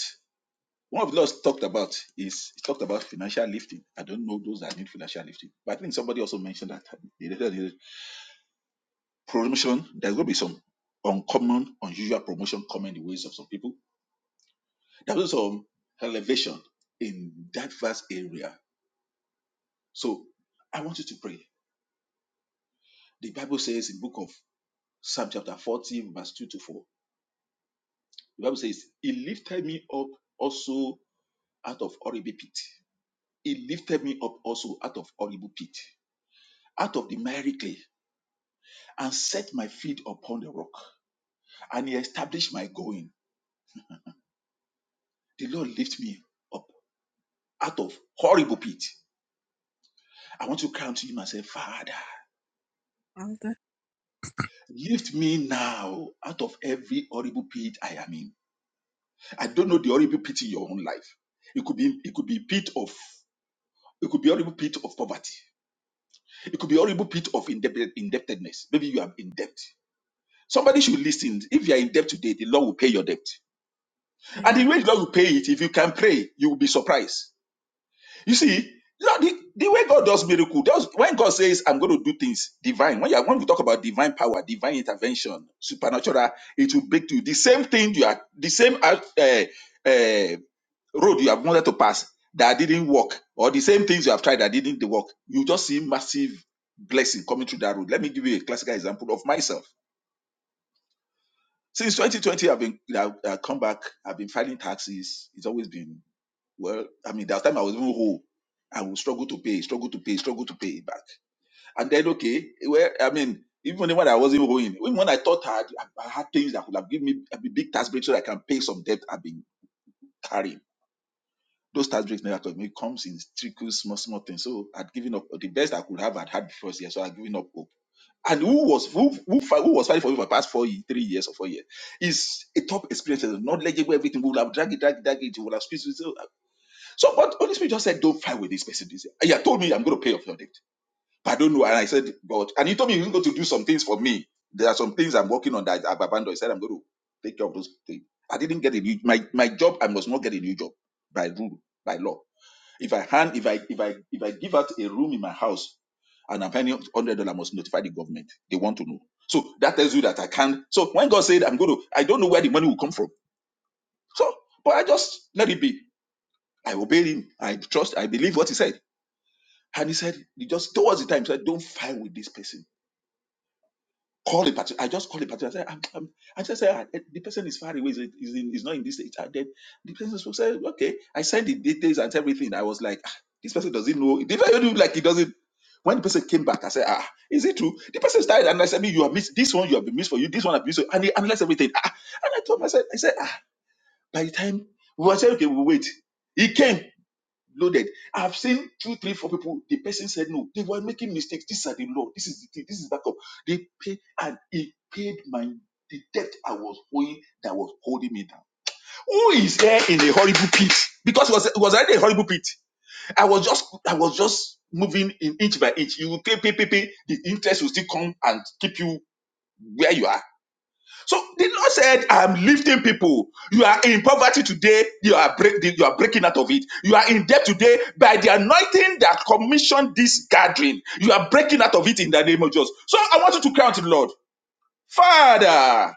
S4: one of the laws talked about is he talked about financial lifting. I don't know those that need financial lifting, but I think somebody also mentioned that they promotion. There's going to be some uncommon, unusual promotion coming in the ways of some people. There's also some elevation in that vast area So I want you to pray. The Bible says in book of Psalm chapter 40, verse 2 to 4, the Bible says, He lifted me up also out of horrible pit. He lifted me up also out of horrible pit, out of the miry clay, and set my feet upon the rock. And he established my going. The Lord lift me up out of horrible pit. I want to cry to him and say, Father, lift me now out of every horrible pit I am in. I don't know the horrible pit in your own life. It could be it could be pit of it could be horrible pit of poverty. It could be horrible pit of indebted, indebtedness. Maybe you are in debt. Somebody should listen. If you are in debt today, the Lord will pay your debt. And the way the Lord will pay it, if you can pray, you will be surprised. You see, Lord, the, the way God does miracle, does when God says, I'm going to do things divine, when, you are, when we talk about divine power, divine intervention, supernatural, it will break to you. The same thing you are, the same uh, uh, road you have wanted to pass that didn't work, or the same things you have tried that didn't work, you just see massive blessing coming through that road. Let me give you a classical example of myself. Since 2020, I've been I've, I've come back. I've been filing taxes. It's always been well. I mean, that time I was even whole. I would struggle to pay, struggle to pay, struggle to pay it back. And then okay, well, I mean, even when I wasn't owing, even when I thought I had, I had things that would have given me a big tax break so that I can pay some debt I've been carrying Those tax breaks never come. It comes in trickles, small, small things. So I'd given up. The best I could have I'd had had before year. So I'd given up hope. And who was who who, fi- who was fighting for me for the past four, ye- three years or four years is a top experience, not legible everything. We will have drag it, drag it, drag it. We will have squeezed it. So, so but Holy Spirit just said, don't fight with this person. This he had told me I'm going to pay off your debt, but I don't know. And I said, God, and he told me he's going to do some things for me. There are some things I'm working on that I've abandoned. He said I'm going to take care of those things. I didn't get a new my my job. I must not get a new job by rule by law. If I hand, if I if I if I give out a room in my house and I'm paying hundred dollar, must notify the government. They want to know. So that tells you that I can't. So when God said I'm going to, I don't know where the money will come from. So, but I just let it be. I obeyed him. I trust. I believe what he said. And he said, he just towards the time he said, don't fight with this person call a particular. I just call a particular. I said, I'm, I'm, I just said, "Ah, eh, the person is far away. Is in, is in, is not in this state. And then the person said, okay. I sent the details and everything. I was like, "Ah, this person doesn't know. The person look like he doesn't. When the person came back, I said, ah, is it true? The person started analyzing me. You have missed this one. You have been missed for you. This one I've missed. for you," And he analyzed everything. Ah, and I told myself, I said, ah, by the time we were saying, okay, we will wait. He came loaded. I've seen two, three, four people. The person said no. They were making mistakes. These are the law. This is the thing. This is backup. They pay and he paid my the debt I was owing that was holding me down. Who is there in a horrible pit? Because it was it was already a horrible pit. I was just I was just moving in inch by inch. You will pay, pay, pay, pay. The interest will still come and keep you where you are so the Lord said, I'm lifting people. You are in poverty today, you are break, you are breaking out of it. You are in debt today by the anointing that commissioned this gathering. You are breaking out of it in the name of Jesus. So I want you to count the Lord. Father,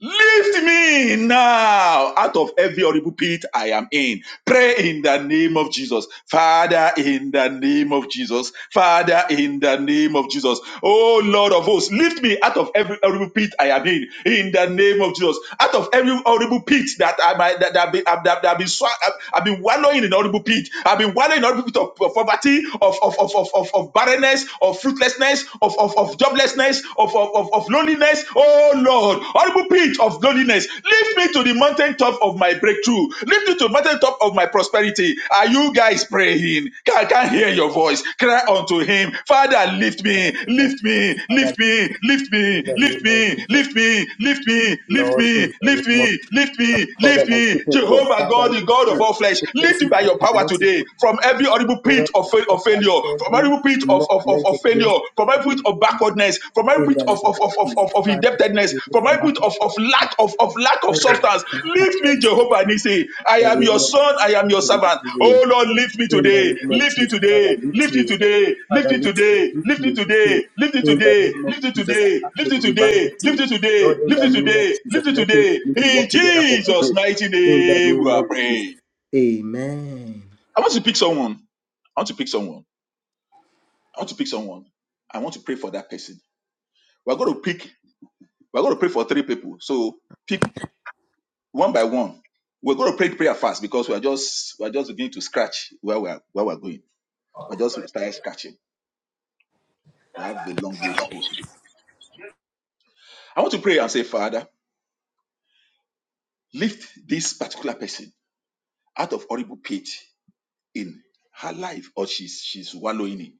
S4: Lift me now out of every horrible pit I am in. Pray in the name of Jesus. Father, in the name of Jesus. Father, in the name of Jesus. Oh Lord of hosts, lift me out of every horrible pit I am in. In the name of Jesus. Out of every horrible pit that I might that, I've been- I've, that, that, I've been swa- I've I've been wallowing in horrible pit. I've been wallowing in horrible pit of, of poverty, of, of, of, of, of, of barrenness, of fruitlessness, of, of, of of joblessness, of, of, of, of loneliness. Oh Lord, horrible pitch of loneliness. Lift me to the mountaintop of my breakthrough. Lift me to the mountaintop of my prosperity. Are you guys praying? I can't hear your voice. Cry unto him. Father, lift
S1: In the
S4: me,
S1: name of
S4: lift me,
S1: Jesus. Father,
S4: lift me, lift
S1: in
S4: me,
S1: the
S4: lift
S1: name of
S4: me,
S1: Jesus.
S4: lift me, lift me, lift me, lift
S1: Lord,
S4: me,
S1: in the name of Jesus.
S4: lift me, lift
S1: Father, I'm
S4: me.
S1: keeping God.
S4: Jehovah God,
S1: Father,
S4: the God
S1: lift
S4: of
S1: me
S4: all flesh,
S1: to
S4: lift me
S1: places
S4: by your
S1: I
S4: power
S1: cannot even
S4: today from every horrible pit
S1: where my
S4: of of
S1: strength has
S4: failure, from
S1: failed me.
S4: every pit of,
S1: Lord,
S4: of, of,
S1: let
S4: of
S1: your grace
S4: failure,
S1: be
S4: from every pit
S1: sufficient
S4: of
S1: for me.
S4: backwardness, from
S1: In
S4: every pit
S1: the
S4: of,
S1: name
S4: of,
S1: of
S4: of, of,
S1: Jesus.
S4: of, of
S1: Father, take
S4: indebtedness,
S1: me away
S4: from
S1: from
S4: every
S1: back
S4: pit of,
S1: to
S4: of lack of, of lack of substance.
S1: back
S4: Lift me,
S1: and In
S4: Jehovah Nisi. I
S1: the
S4: am your
S1: name of Jesus.
S4: son, I am
S1: Father,
S4: your
S1: lift
S4: servant.
S1: me, Lord.
S4: Oh Lord, lift me
S1: In the
S4: today,
S1: name of
S4: lift me
S1: Jesus,
S4: today,
S1: Father, lift
S4: lift me
S1: me.
S4: today, lift
S1: Father,
S4: me
S1: lift me,
S4: today,
S1: lift
S4: lift me
S1: me, lift me.
S4: today, lift me
S1: In the
S4: today,
S1: name of
S4: lift me
S1: Jesus,
S4: today,
S1: I ask
S4: lift
S1: for
S4: me
S1: your divine
S4: today, lift
S1: lifting.
S4: me today,
S1: Lord, in
S4: lift
S1: the
S4: me
S1: name of
S4: today, lift
S1: Jesus,
S4: me
S1: let things
S4: today.
S1: begin to
S4: In
S1: work together for my
S4: Jesus'
S1: good.
S4: mighty
S1: In the
S4: name we
S1: name
S4: are
S1: of Jesus.
S4: praying.
S1: Amen.
S4: I want to pick someone. I want to pick someone. I want to pick someone. I want to pray for that person. We're going to pick, we're going to pray for three people. So pick one by one. We're going to pray prayer fast because we're just, we're just beginning to scratch where we're, where we're going. We're just starting scratching. We have a long way to go today. I want to pray and say, Father, lift this particular person out of horrible pit in her life or she's, she's wallowing in.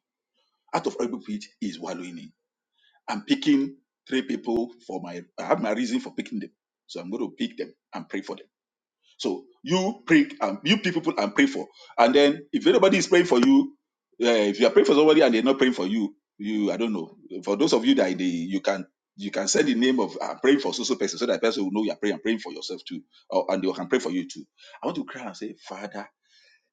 S4: Out of horrible pit is wallowing in. I'm picking three people for my, I have my reason for picking them. So I'm going to pick them and pray for them. So you pray and you pick people and pray for. And then if anybody is praying for you, uh, if you are praying for somebody and they're not praying for you, you I don't know. For those of you that they, you can you can send the name of I'm praying for so so person so that person will know you're praying and praying for yourself too. Or, and they can pray for you too. I want to cry and say, Father,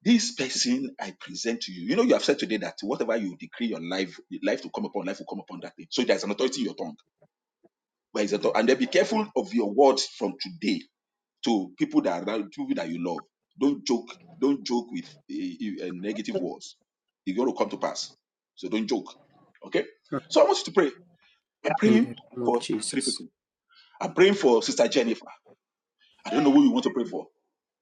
S4: this person I present to you. You know, you have said today that whatever you decree your life, life to come upon, life will come upon that thing. So there's an authority in your tongue. Where is the author- And then be careful of your words from today to people that are around, people that you love. Don't joke. Don't joke with uh, uh, negative words. It's going to come to pass. So don't joke. Okay. So I want you to pray.
S6: Yeah,
S4: I'm
S1: In
S4: praying
S1: the name of
S4: for three
S1: Jesus.
S4: people. I'm praying for Sister Jennifer. I don't know who you want to pray for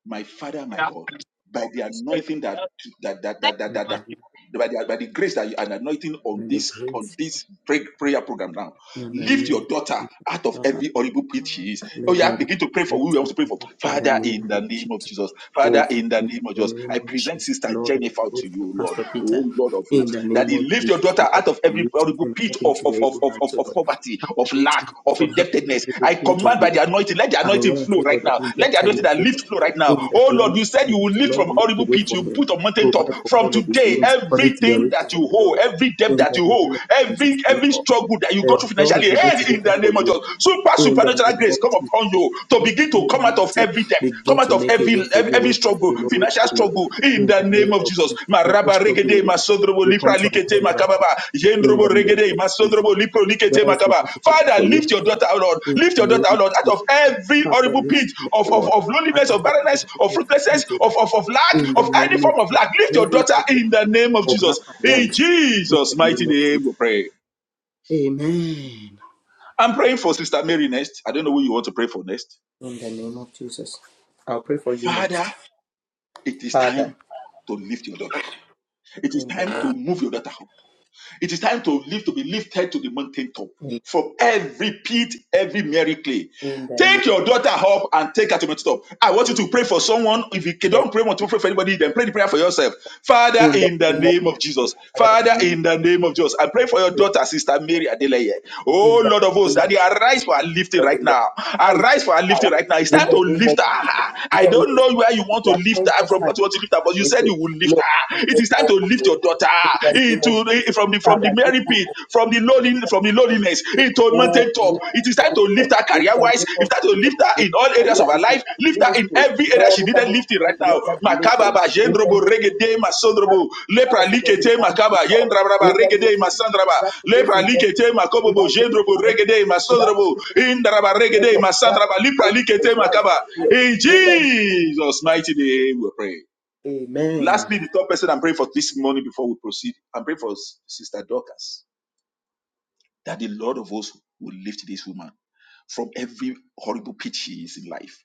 S4: my Father, my
S6: yeah.
S4: God, by the
S6: That's good.
S4: anointing that
S6: That's
S4: that that that that, that, that-
S6: fine.
S4: by the, by the grace that you are anointing
S1: By
S4: on
S1: the
S4: this on
S1: grace,
S4: this pray, prayer program now,
S1: in the
S4: lift your
S1: name
S4: daughter out of
S1: of Jesus.
S4: every horrible pit she is. Oh
S1: Let
S4: yeah,
S1: there be
S4: begin to pray for who we want
S1: blessing,
S4: to pray for.
S1: Lord, in the
S4: Father, in
S1: name
S4: the
S1: of
S4: name of
S1: Jesus.
S4: Jesus.
S1: Oh,
S4: Father,
S1: Father,
S4: in the
S1: in
S4: name of
S1: the
S4: Jesus,
S1: name
S4: I
S1: of
S4: present
S1: Jesus,
S4: Sister
S1: Lord, I
S4: Jennifer
S1: pray
S4: to
S1: for
S4: you, Lord.
S1: Pastor
S4: Oh
S1: Peter.
S4: Lord of
S1: In
S4: hosts,
S1: the
S4: that
S1: name
S4: He
S1: of
S4: lift your
S1: Jesus,
S4: daughter out
S1: Lord,
S4: of
S1: I
S4: every
S1: lift
S4: horrible
S1: him
S4: pit
S1: up
S4: of
S1: into
S4: of
S1: your
S4: of
S1: able
S4: of of,
S1: hands, O
S4: of, of
S1: Lord.
S4: poverty,
S1: Father,
S4: of
S1: lift
S4: lack,
S1: him up
S4: of
S1: from every
S4: indebtedness. I
S1: horrible pit
S4: command
S1: of
S4: by
S1: lack
S4: the anointing, let the
S1: and
S4: anointing
S1: want, O
S4: flow right
S1: Lord, of
S4: now. Let the anointing
S1: indebtedness,
S4: that
S1: O
S4: lift flow right now.
S1: Lord. In the
S4: Oh
S1: name
S4: Lord,
S1: of
S4: you said you will
S1: Jesus,
S4: lift
S1: Lord,
S4: from
S1: make
S4: horrible
S1: a way
S4: pit,
S1: for
S4: you
S1: him.
S4: put on mountain top.
S1: Provide for
S4: From
S1: all of his
S4: today,
S1: needs according to your
S4: everything that
S1: riches
S4: you
S1: and
S4: hold,
S1: glory.
S4: every debt
S1: In
S4: that
S1: the
S4: you hold,
S1: name of Jesus,
S4: every every
S1: Lord,
S4: struggle that you
S1: the
S4: go through
S1: doors
S4: financially,
S1: begin
S4: end
S1: to
S4: in the
S1: open for
S4: name of
S1: you
S4: Jesus. Super
S1: in the
S4: supernatural
S1: name
S4: grace
S1: of
S4: come upon
S1: Jesus.
S4: you to
S1: Now,
S4: begin to come out of
S1: Almighty,
S4: every debt, come
S1: begin
S4: out
S1: to
S4: of
S1: make a
S4: every
S1: way for you
S4: every
S1: where there's
S4: struggle,
S1: been no way
S4: financial
S1: for now.
S4: struggle, in
S1: In
S4: the
S1: the
S4: name
S1: name
S4: of
S1: of
S4: Jesus.
S1: Jesus, every
S4: Maraba
S1: struggle in
S4: regede
S1: your life
S4: masondrobo
S1: will come
S4: lipra
S1: to an
S4: likete
S1: end right
S4: makababa.
S1: now. In
S4: Yendrobo
S1: the name
S4: regede
S1: of Jesus,
S4: masondrobo lipro likete
S1: doors
S4: makaba.
S1: begin to open
S4: Father,
S1: for you.
S4: lift your daughter, O Lord.
S1: In
S4: Lift
S1: the
S4: your
S1: name
S4: daughter, O Lord,
S1: of
S4: out
S1: Jesus,
S4: of every
S1: Father,
S4: horrible
S1: lift
S4: pit
S1: me,
S4: of,
S1: O
S4: of,
S1: Lord.
S4: of loneliness,
S1: Father,
S4: of
S1: help me
S4: barrenness,
S1: to
S4: of
S1: live you
S4: fruitlessness,
S1: today.
S4: of, of, of lack,
S1: In the
S4: of any
S1: name of
S4: form of
S1: Jesus,
S4: lack. Lift your
S1: every
S4: daughter in
S1: occupation
S4: the name of
S1: of lack
S4: Jesus.
S1: and
S4: In
S1: want. In
S4: Jesus'
S1: the
S4: mighty
S1: name of
S4: name,
S1: Jesus,
S4: we pray.
S1: Amen.
S4: I'm praying for Sister Mary next. I don't know who you want to pray for next.
S1: In the name of Jesus, I'll pray for you
S4: Father,
S1: next,
S4: it is
S1: Father.
S4: time to lift your daughter. It is
S1: In the
S4: time to
S1: name,
S4: move your daughter up. It is time to live to be lifted to the mountain top from every pit, every merry clay,
S1: in the name,
S4: Take your daughter up and take her to the mountain top. I want you
S1: in
S4: to pray for someone. If you don't pray,
S1: the
S4: want to
S1: name,
S4: pray for anybody, then pray the prayer for yourself. Father,
S1: in the
S4: in the
S1: name of
S4: name of Jesus.
S1: Father,
S4: Father,
S1: in the name
S4: in
S1: of
S4: the name of Jesus. I pray for your
S1: Christ,
S4: daughter, Sister Mary Adeleye. Oh,
S1: in the
S4: Lord of hosts,
S1: name of
S4: Daddy, arise for her lifting
S1: God,
S4: right
S1: in the
S4: now.
S1: high
S4: Arise for her
S1: power,
S4: lifting right now. It's
S1: in
S4: time to
S1: the name
S4: lift
S1: of Jesus.
S4: her. I
S1: Lord,
S4: don't
S1: it is
S4: know where you
S1: time,
S4: want to
S1: the
S4: lift her
S1: appointed
S4: from,
S1: time,
S4: what you want to lift her, but you said
S1: little.
S4: you will lift
S1: Lord,
S4: her.
S1: it
S4: It
S1: is
S4: is time to trying
S1: our
S4: to
S1: time, O
S4: lift
S1: Lord.
S4: your daughter
S1: In the name of
S4: into
S1: Jesus,
S4: from the from the
S1: Father, you
S4: merry pit,
S1: people,
S4: from the
S1: in
S4: lowly,
S1: the
S4: from the
S1: name of
S4: lowliness
S1: Jesus,
S4: into a
S1: oh,
S4: mountain top.
S1: you
S4: It is time
S1: people,
S4: to lift
S1: Lord,
S4: her
S1: in
S4: career
S1: the
S4: wise.
S1: name
S4: It's
S1: of
S4: time to
S1: Jesus,
S4: lift her
S1: in
S4: in all
S1: the
S4: areas
S1: name
S4: of
S1: of
S4: her life.
S1: Jesus,
S4: Lift her in
S1: ministry,
S4: every area
S1: Lord,
S4: she
S1: over
S4: needed
S1: this
S4: lifting right
S1: ministry,
S4: now.
S1: let there be lifted.
S4: Makababa
S1: In the
S4: jendrobo
S1: name
S4: regede
S1: Father,
S4: masondrobo
S1: we
S4: lepra
S1: come forward to the
S4: likete
S1: mountain
S4: makaba
S1: top. In
S4: yendrabraba
S1: the name
S4: regede
S1: of
S4: masandraba
S1: that place
S4: lepra
S1: is just
S4: likete
S1: to
S4: makobobo
S1: that place
S4: jendrobo regede
S1: that place
S4: masondrobo
S1: is
S4: indraba regede
S1: your plan.
S4: masandraba lepra
S1: Focus
S4: likete
S1: on life
S4: makaba.
S1: here.
S4: In Jesus' mighty name we pray. Lastly,
S1: Amen.
S4: the third person I'm praying for this morning before we proceed, I'm praying for Sister Dorcas, that the Lord of hosts will lift this woman from every horrible pit she is in life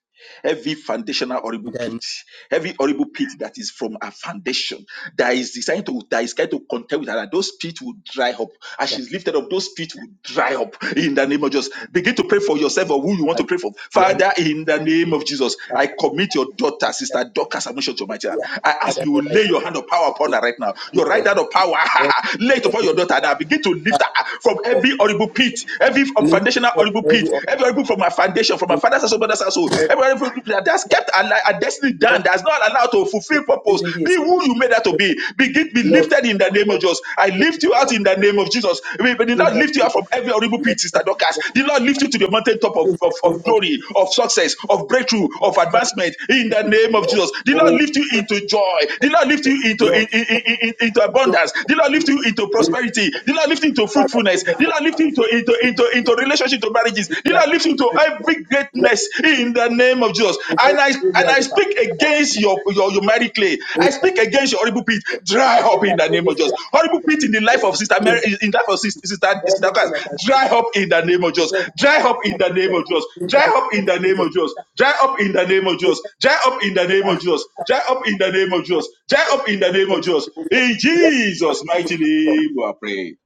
S4: every foundational
S1: In
S4: horrible
S1: the name
S4: pit, every horrible pit that is from a foundation that is designed to that is kind to contend with her, and those pits will dry up. As she's lifted up, those pits will dry up in the name of Jesus. Begin to pray for yourself or who you want to
S1: of
S4: pray for.
S1: the
S4: Father, in the name of Jesus, I commit your daughter, sister Dorcas Admission to my hand. I ask
S1: Father, Lord,
S4: you lay
S1: I
S4: your hand of power upon
S1: pray
S4: her right now. Your right
S1: here.
S4: hand of power,
S1: Lord,
S4: lay it
S1: your
S4: upon your
S1: people
S4: daughter now. Begin to lift her up from
S1: of
S4: every horrible pit, every
S1: lift
S4: foundational
S1: up
S4: horrible
S1: every
S4: pit,
S1: of
S4: every horrible from my foundation, from my
S1: the
S4: father's household, mother's household. Everybody from that has kept a, li- a destiny
S1: Lord,
S4: down,
S1: this
S4: that's not allowed to fulfill purpose.
S1: season be a
S4: Be
S1: season,
S4: who you made that to be. Be, be
S1: Lord, in
S4: lifted in
S1: the
S4: the name
S1: name
S4: of
S1: of
S4: Jesus. I
S1: let the
S4: lift you out in the name of Jesus. may the
S1: name
S4: Lord
S1: that
S4: lift you out
S1: name of
S4: from every horrible pit, Sister Dorcas. The Lord lift you to the mountaintop of, of,
S1: the
S4: of
S1: name of
S4: glory, of success, of breakthrough, of advancement in the name of Jesus. The Lord lift you into joy. The Lord lift you into, in, in, in, in- into abundance. The Lord lift you into
S1: Jesus.
S4: prosperity. The Lord lift you into
S1: Father,
S4: fruitfulness. The Lord lift you into, into, into into relationship to marriages
S1: let
S4: the
S1: there
S4: lord lift you
S1: be
S4: to
S1: victory, Lord.
S4: every
S1: Let
S4: greatness
S1: there be
S4: in the name of jesus
S1: victory
S4: and i
S1: in every
S4: and
S1: area
S4: i
S1: of our life.
S4: speak
S1: Father,
S4: against your your, your married clay i speak against your horrible pit dry up
S1: let,
S4: in
S1: that,
S4: the
S1: let
S4: name of
S1: this be
S4: jesus horrible pit in the life of sister mary in the life of sister sister, sister class
S1: Everything that has
S4: dry up in the name of
S1: been
S4: jesus
S1: done
S4: dry up in the name
S1: said,
S4: of jesus
S1: in the
S4: dry
S1: name
S4: up in
S1: of
S4: the name
S1: Jesus,
S4: of jesus dry up in the name of jesus dry up in the name of jesus dry up in the name of jesus dry up in the name of
S1: don't see
S4: jesus
S1: you, Lord.
S4: in
S1: Let-
S4: jesus mighty name we are praying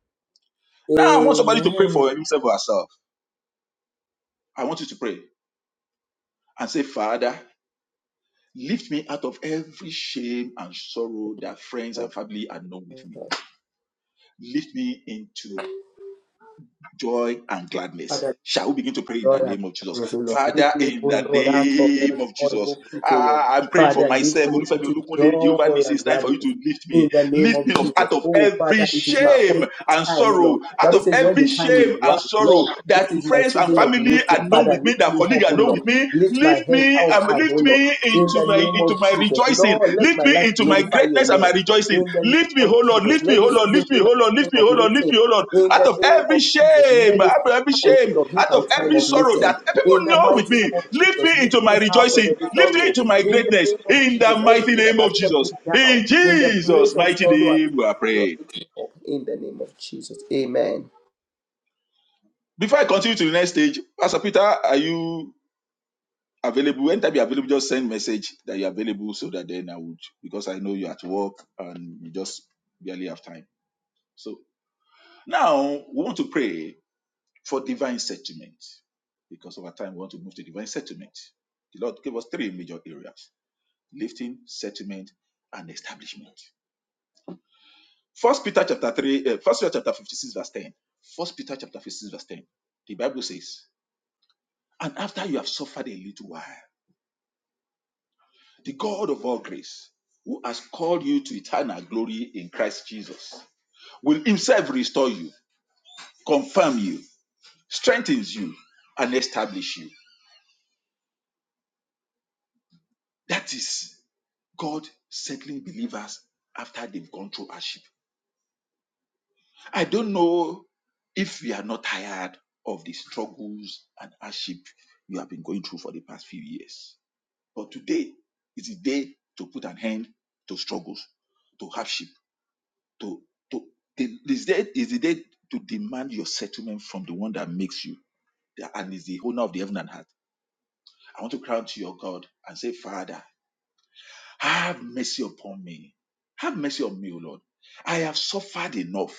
S4: now i want somebody to pray
S1: Amen.
S4: for himself or herself I want you to pray and say, Father, lift me out of every shame and sorrow that friends and family are known with me. Lift me into joy and gladness.
S1: Father,
S4: Shall we begin to pray in the
S1: Lord,
S4: name of
S1: I
S4: Jesus?
S1: praise you, Lord.
S4: Father,
S1: Lift me,
S4: in
S1: O
S4: the
S1: Lord, out of
S4: name
S1: every
S4: of Jesus,
S1: horrible pit, O Lord.
S4: ah, I'm praying for
S1: Father, lift
S4: myself.
S1: me
S4: Olufemi
S1: into
S4: Olukunle, Jehovah
S1: joy
S4: Nissi,
S1: and
S4: it's time for you
S1: gladness.
S4: to lift me.
S1: In the name
S4: Lift
S1: of
S4: me up
S1: Jesus.
S4: out of
S1: Oh,
S4: every
S1: Father, it is my
S4: shame
S1: appointed
S4: and
S1: time, O
S4: sorrow,
S1: Lord.
S4: out
S1: Bible
S4: of
S1: says when
S4: every
S1: the time is
S4: shame
S1: right,
S4: and sorrow
S1: Lord, This
S4: that
S1: is my
S4: friends and
S1: season of
S4: family
S1: lifting.
S4: are known
S1: Father,
S4: with me,
S1: lift
S4: that
S1: me
S4: colleagues
S1: up, O
S4: are known with
S1: Lord.
S4: me.
S1: Lift my
S4: Lift
S1: head
S4: me,
S1: out
S4: um,
S1: high, O
S4: lift
S1: Lord.
S4: me
S1: In
S4: into
S1: the
S4: my
S1: name of
S4: into my
S1: Jesus.
S4: rejoicing.
S1: Lord, let
S4: Lift
S1: my
S4: me
S1: life
S4: into my
S1: glorify your
S4: greatness and my
S1: name.
S4: rejoicing.
S1: In the name
S4: Lift
S1: of
S4: me, Oh Lord,
S1: Jesus.
S4: lift me,
S1: Let
S4: oh
S1: this
S4: Lord,
S1: season
S4: lift
S1: be
S4: me,
S1: my
S4: oh Lord,
S1: season
S4: lift me,
S1: of
S4: oh Lord, lift
S1: lifting.
S4: me, oh Lord.
S1: In
S4: Out
S1: the
S4: of
S1: name
S4: every
S1: of Jesus.
S4: shame,
S1: Let this
S4: out of every
S1: time, O
S4: shame,
S1: Lord, be
S4: out
S1: my
S4: of
S1: time
S4: every
S1: of
S4: sorrow
S1: lifting.
S4: that people
S1: In the
S4: know with
S1: mighty
S4: me,
S1: name of
S4: lift
S1: Jesus.
S4: me into
S1: Lift me
S4: my
S1: out of
S4: rejoicing,
S1: every
S4: lift me
S1: sorrow.
S4: into my
S1: In the
S4: greatness,
S1: name of
S4: in the
S1: Jesus.
S4: mighty
S1: Everything that
S4: name
S1: has
S4: of
S1: kept me
S4: Jesus.
S1: down.
S4: In
S1: In the
S4: Jesus'
S1: place of
S4: mighty
S1: sorrow. I-
S4: name, we are praying.
S1: In the name of Jesus. Amen.
S4: Before I continue to the next stage, Pastor Peter, are you available? Anytime you're available, just send message that you're available so that then I would, because I know you're at work and you just barely have time. So now we want to pray for divine settlement. Because over time, we want to move to divine settlement. The Lord gave us three major areas lifting, settlement, and establishment. First Peter chapter 3, uh, First Peter chapter 56, verse 10. First Peter chapter 56, verse 10. The Bible says, And after you have suffered a little while, the God of all grace, who has called you to eternal glory in Christ Jesus, will himself restore you, confirm you, strengthens you, and establish you. That is God settling believers after they've gone through hardship. I don't know if you are not tired of the struggles and hardship you have been going through for the past few years. But today is the day to put an end to struggles, to hardship, to to the, this day is the day to demand your settlement from the one that makes you and is the owner of the heaven and earth. I want to crown to your God and say, Father. Have mercy upon me. Have mercy on me, O Lord. I have suffered enough.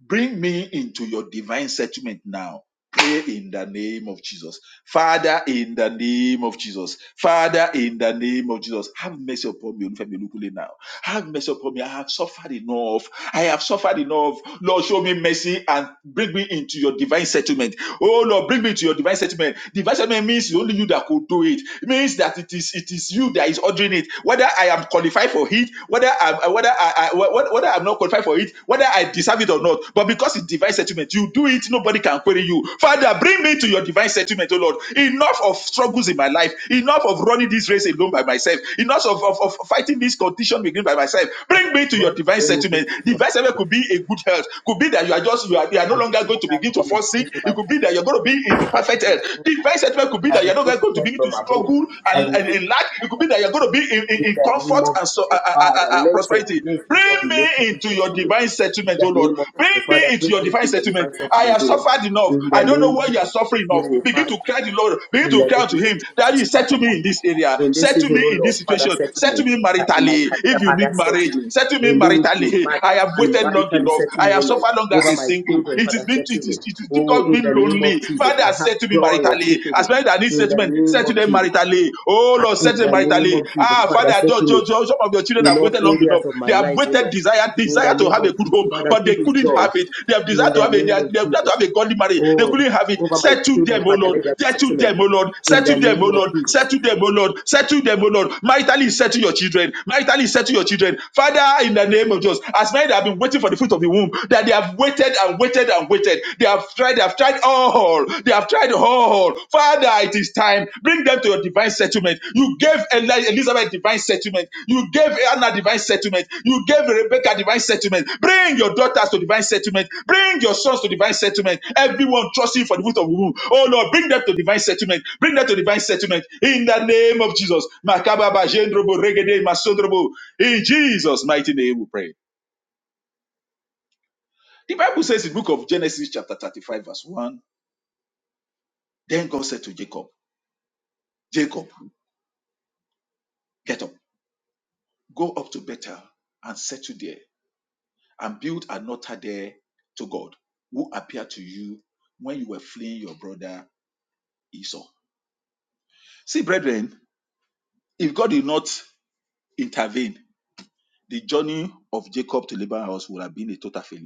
S4: Bring me into your divine settlement now. Pray in the name of Jesus. Father, in the name of Jesus. Father, in the name of Jesus. Have mercy upon me, Olufemi Olukule, now. Have mercy upon me. I have suffered enough. I have suffered enough. Lord, show me mercy and bring me into your divine settlement. Oh Lord, bring me to your divine settlement. Divine settlement means it's only you that could do it. It means that it is it is you that is ordering it. Whether I am qualified for it, whether I'm whether I, I whether I'm not qualified for it, whether I deserve it or not. But because it's divine settlement, you do it, nobody can query you. Father, bring me to your divine settlement, oh Lord. Enough of struggles in my life, enough of running this race alone by myself, enough of, of, of fighting this condition within by myself. Bring me to your divine settlement. Divine settlement could be a good health, could be that you are just you are, you are no
S1: I receive
S4: longer going to
S1: that
S4: begin to
S1: Lord my
S4: fall sick.
S1: faith, my
S4: It could be that you're going to be in perfect
S1: faith.
S4: health. Divine settlement could be
S1: I
S4: that you're not
S1: receive
S4: going to
S1: strength
S4: begin to
S1: from above.
S4: struggle
S1: I
S4: and,
S1: receive
S4: and, and
S1: strength
S4: lack. It could be
S1: from
S4: that you're
S1: above.
S4: going to be in, in,
S1: In
S4: in
S1: the name
S4: comfort
S1: of
S4: and so, uh,
S1: Jesus,
S4: uh, uh,
S1: Father,
S4: uh,
S1: let your
S4: prosperity.
S1: grace O
S4: Bring
S1: Lord, be made
S4: me into
S1: sufficient
S4: your
S1: for me.
S4: divine
S1: In
S4: settlement, oh
S1: the
S4: Lord.
S1: name of
S4: Bring
S1: Jesus,
S4: me
S1: Father,
S4: into
S1: bring
S4: your
S1: me
S4: divine
S1: to your
S4: settlement.
S1: divine
S4: I
S1: settlement,
S4: have
S1: O Lord.
S4: suffered enough.
S1: In
S4: I
S1: the
S4: don't know
S1: name
S4: why you
S1: of
S4: are suffering
S1: Jesus,
S4: enough.
S1: O
S4: Begin
S1: Father,
S4: to cry to the Lord. Begin
S1: in the
S4: to cry to
S1: name of
S4: Him.
S1: Jesus,
S4: Daddy, settle me
S1: Father.
S4: in this area.
S1: In this
S4: Settle
S1: season,
S4: me
S1: O
S4: in
S1: Lord,
S4: this
S1: Father,
S4: situation.
S1: settle me.
S4: Settle me
S1: That in my
S4: maritally.
S1: career,
S4: If you
S1: Father,
S4: need marriage,
S1: settle me.
S4: settle me
S1: In ministry,
S4: maritally.
S1: Father,
S4: I have
S1: in
S4: waited long
S1: maritally
S4: enough.
S1: settle
S4: I
S1: me, O
S4: have
S1: Lord.
S4: suffered long as a
S1: Over my
S4: single.
S1: children,
S4: It is,
S1: Father,
S4: it
S1: settle me.
S4: is, it is
S1: Oh,
S4: difficult
S1: in
S4: being
S1: the name of
S4: lonely.
S1: Jesus,
S4: Father,
S1: I have
S4: settle me
S1: joy of
S4: maritally.
S1: speaking.
S4: As many that need
S1: In the
S4: settlement,
S1: name
S4: settle
S1: of
S4: them
S1: Jesus.
S4: maritally. Oh Lord,
S1: In
S4: settle them
S1: the name
S4: maritally.
S1: of Jesus,
S4: Ah, Father,
S1: Father,
S4: just,
S1: settle me
S4: just, just, some of your children
S1: in
S4: have
S1: all
S4: waited long enough.
S1: areas of my
S4: They have
S1: life, oh
S4: waited,
S1: Lord.
S4: desire,
S1: In
S4: desire
S1: the
S4: to
S1: name
S4: have a
S1: of
S4: good
S1: Jesus,
S4: home,
S1: Father,
S4: but they
S1: give me
S4: couldn't
S1: joy.
S4: have it. They have
S1: In
S4: desired to
S1: the
S4: have a, they
S1: name
S4: have,
S1: of
S4: they have desired to
S1: Jesus.
S4: have a godly marriage.
S1: Oh,
S4: They couldn't have it.
S1: over my
S4: Settle
S1: children,
S4: them, oh
S1: Father,
S4: Lord.
S1: let there be
S4: Settle
S1: settlement.
S4: them, oh Lord.
S1: In the
S4: Settle them, oh
S1: name of
S4: Lord.
S1: Jesus.
S4: Settle them, oh Lord. Settle them, oh Lord. Maritally settle your children. Maritally settle your children. Father, in the name of Jesus, as many that have been waiting for the fruit of the womb, that they have waited and waited and waited. They have tried, they have tried all. They have tried all. Father, it is time. Bring them to your divine settlement. You gave Eli- Elizabeth divine settlement. You gave Anna divine settlement. You gave Rebecca divine settlement. Bring your daughters to divine settlement. Bring your sons to divine settlement. Everyone trusting for the fruit of the womb. Oh Lord, bring them to divine settlement. Bring them to divine settlement. In the name of Jesus. Makababa, Jendrobo, Regede, Masodrobo. In Jesus' mighty name we pray. The Bible says in the book of Genesis, chapter 35, verse 1. Then God said to Jacob, Jacob, get up, go up to Bethel and settle there and build an altar there to God who appeared to you when you were fleeing your brother Esau. See, brethren, if God did not intervene, the journey of Jacob to Laban's house would have been a total failure.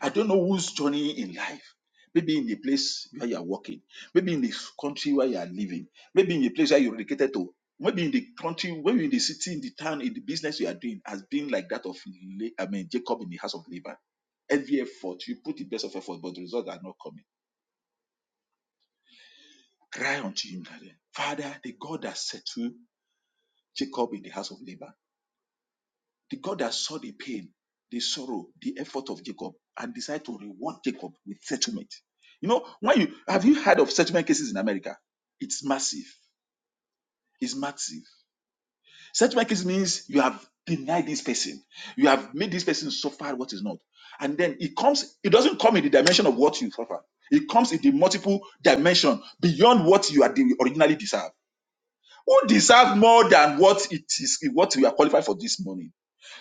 S4: I don't know whose journey in life. Maybe in the place where you are working, maybe in the country where you are living, maybe in the place where you're dedicated to, maybe in the country, maybe in the city, in the town, in the business you are doing has been like that of Le- I mean Jacob in the house of Laban. Every effort, you put the best of effort, but the results are not coming. Cry unto him, darling. Father, the God that settled Jacob in the house of Laban The God that saw the pain, the sorrow, the effort of Jacob and decided to reward Jacob with settlement. You know, when you have you heard of settlement cases in America? It's massive. It's massive. Settlement case means you have denied this person, you have made this person suffer what is not. And then it comes, it doesn't come in the dimension of what you suffer. It comes in the multiple dimension beyond what you are originally deserved. Who deserve more than what it is what we are qualified for this morning?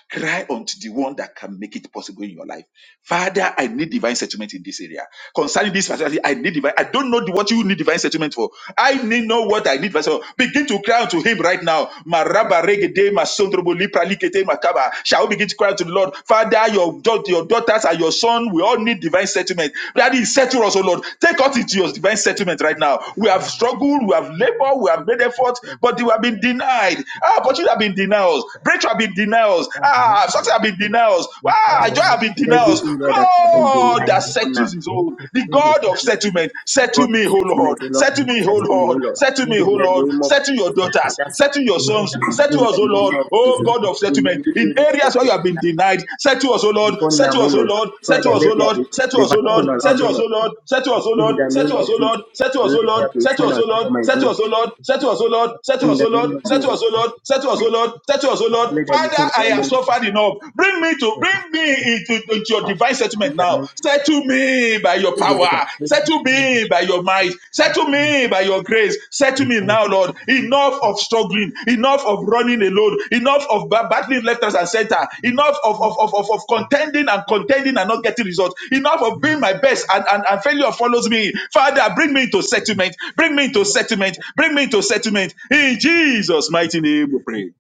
S4: Cry unto the one that can make it possible in your life. Father, I need divine settlement in this area. Concerning this facility, I need divine. I don't know the- what you need divine settlement for. I need know what I need. divine settlement. Begin to cry out to him right now. Maraba regede masondrobo lipra likete makaba. Shall we begin to cry out to the Lord? Father, your, daugh- your daughters and your son, we all need divine settlement. Daddy, settle us, O Lord. Take us into your divine settlement right
S2: Oh,
S4: now. We have
S2: Father,
S4: struggled, we have
S2: we just
S4: labored, we have
S2: thank
S4: made
S2: you
S4: effort,
S2: for
S4: but we have been
S2: that. We
S4: denied.
S2: just
S4: Ah,
S2: thank
S4: but you have
S2: you
S4: been
S2: for
S4: denied us.
S2: that.
S4: Breakthrough have been denied
S2: We
S4: us.
S2: are
S4: Ah, success
S2: humble.
S4: have been
S2: We
S4: denied denials.
S2: we are
S4: Why do have been
S2: respected.
S1: Every
S2: We
S4: denials?
S1: area that I have
S2: thank
S1: been
S4: God
S1: denied
S4: that
S2: you.
S1: before
S4: settles
S1: now.
S4: his
S2: We
S4: own.
S2: just
S4: The
S2: thank you
S4: God
S2: for
S4: of
S1: in Jesus.
S4: settlement. Settle
S1: Lord,
S2: that.
S4: me,
S1: your
S4: O
S1: settlement,
S4: Lord.
S1: oh Lord.
S4: Settle
S2: We
S4: me, O
S2: thank
S1: Settle
S2: you
S1: me, oh
S4: Lord.
S2: for
S1: Lord.
S2: that.
S4: Settle
S2: We
S4: me, O
S2: just
S1: In the
S2: thank
S4: Lord.
S2: you
S1: name of
S4: Settle your
S1: Jesus.
S2: for
S4: daughters.
S1: Father,
S2: that.
S1: settle
S4: Settle
S1: me,
S4: your
S1: oh
S2: In the
S4: sons.
S2: name
S1: Lord.
S4: Settle
S1: In
S2: of
S4: us, O
S1: the
S2: Jesus,
S4: Lord.
S1: name of
S4: Oh
S2: we
S1: Jesus.
S4: God
S2: just
S4: of
S1: In
S2: thank
S4: settlement.
S1: every
S4: In
S1: area that
S4: areas
S1: I've
S4: where you have
S1: been
S4: been
S1: denied
S4: denied, settle us, O Lord.
S1: before now,
S4: Settle
S1: oh
S4: us, O
S1: Lord.
S4: Lord. Settle
S1: Father,
S2: you.
S4: us, O
S1: let there
S2: Lord,
S4: Lord.
S1: be
S4: Settle us,
S1: divine
S4: O Lord.
S2: Lord,
S1: turnaround,
S4: Settle
S1: oh
S4: us, O
S1: Lord.
S4: Lord. Settle us, O
S1: In
S4: Lord.
S1: the name
S4: Settle us,
S1: of
S4: O Lord.
S1: Jesus,
S4: Settle us,
S1: let
S4: O
S1: there
S2: Lord,
S4: Lord.
S1: be
S4: Settle
S1: turn
S4: us, O
S1: around
S4: Lord.
S1: for my
S4: Settle
S1: good.
S4: us, O Lord. Settle us, O Lord. Settle us, O Lord. Settle
S1: In
S4: us,
S1: the
S4: O Lord.
S1: name of
S4: Settle
S1: Jesus,
S4: us, O Lord. Settle us, O Lord.
S1: Father, let there be
S4: Father,
S1: turn
S4: I
S1: around
S4: have
S1: for
S4: suffered enough. Bring me to
S2: Lord, thank
S4: bring
S2: you.
S4: me into, into your
S2: Thank
S4: divine
S1: me. in
S4: settlement
S1: the
S4: now.
S1: name of
S4: Settle me by your power.
S1: Jesus.
S4: Settle me by your might.
S2: you.
S4: Settle me by your grace. Settle
S2: Thank
S4: me
S2: you.
S4: now, Lord. Enough
S2: Thank
S4: of struggling. Enough of running alone. Enough of ba- battling left us and center. Enough of,
S2: you.
S4: of, of, of, of contending and contending and not getting results. Enough of
S2: Amen.
S4: being my best and, and, and failure follows me. Father, bring me into settlement. Bring me into settlement. Bring me into settlement. In Jesus' mighty name we pray.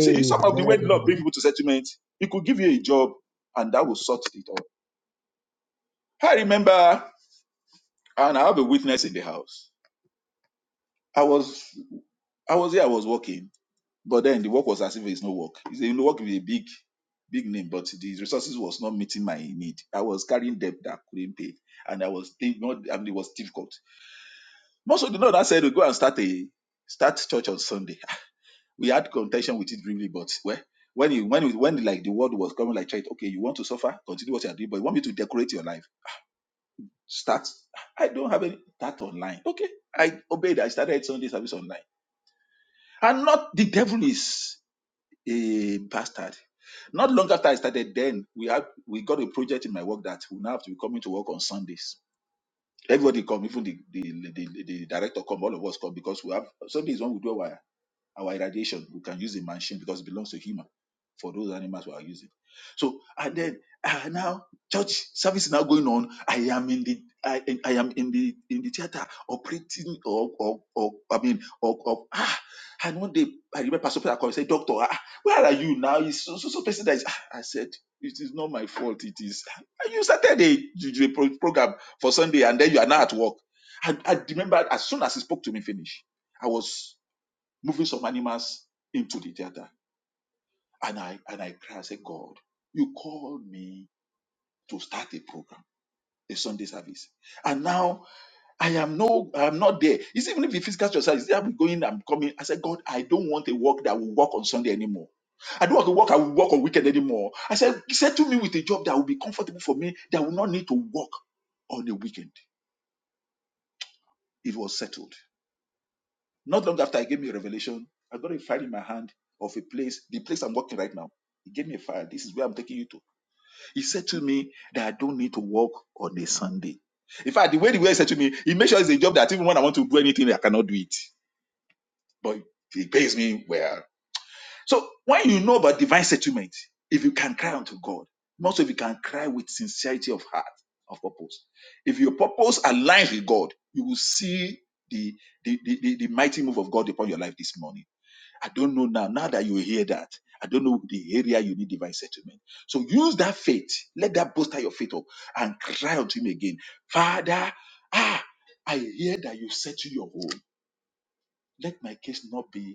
S4: See, some of the way the Lord bring people to settlement, He could give you a job and that will sort it all. I remember, and I have a witness in the house. I was, I was here, I was working, but then the work was as if it's no work. It's a work with a big, big name, but the resources was not meeting my need. I was carrying debt that I couldn't pay, and I was, not, I mean, it was difficult. Most of the Lord I said, we go and start a, start church on Sunday. we had contention with it briefly, but well, when you when you, when like the word was coming like child, okay, you want to suffer, continue what you are doing, but you want me to decorate your life. Start. I don't have any that online. Okay. I obeyed. I started Sunday service online. And not the devil is a bastard. Not long after I started, then we have we got a project in my work that we now have to be coming to work on Sundays. Everybody come, even the the, the, the director come, all of us come because we have Sundays when we do our Our irradiation, we can use a machine because it belongs to human for those animals we are using. So and then uh, now church service is now going on. I am in the I, I am in the in the theater operating or or, or I mean or, or ah and one day I remember Pastor Peter called and said, Doctor, ah, where are you now? It's so so, so person that is ah. I said, It is not my fault, it is and you started a, a pro- program for Sunday and then you are now at work. And I remember as soon as he spoke to me, finish. I was moving some animals into the theater. And I and I cry, I said, God, you called me to start a program, a Sunday service. And now I am no, I am not there. It's even if the physical exercise, is I'm going, I'm coming. I said, God, I don't want a work that will work on Sunday anymore. I don't want to work, I will work on weekend anymore. I said, settle me with a job that will be comfortable for me, that will not need to work on the weekend. It was settled. Not long after he gave me a revelation, I got a file in my hand of a place, the place I'm working right now. He gave me a file. This is where I'm taking you to. He said to me that I don't need to work on a Sunday. In fact, the way the way he said to me, he made sure it's a job that even when I want to do anything, I cannot do it. But he pays me well. So when you know about divine settlement, if you can cry unto God, most of you can cry with sincerity of heart, of purpose. If your purpose aligns with God, you will see the the, the, the the mighty move of God upon your life this morning. I don't know now. Now that you hear that, I don't know the area you need divine settlement. So use that faith. Let that bolster your faith up and cry unto him again. Father, ah, I hear that you settle your home. Let my case not be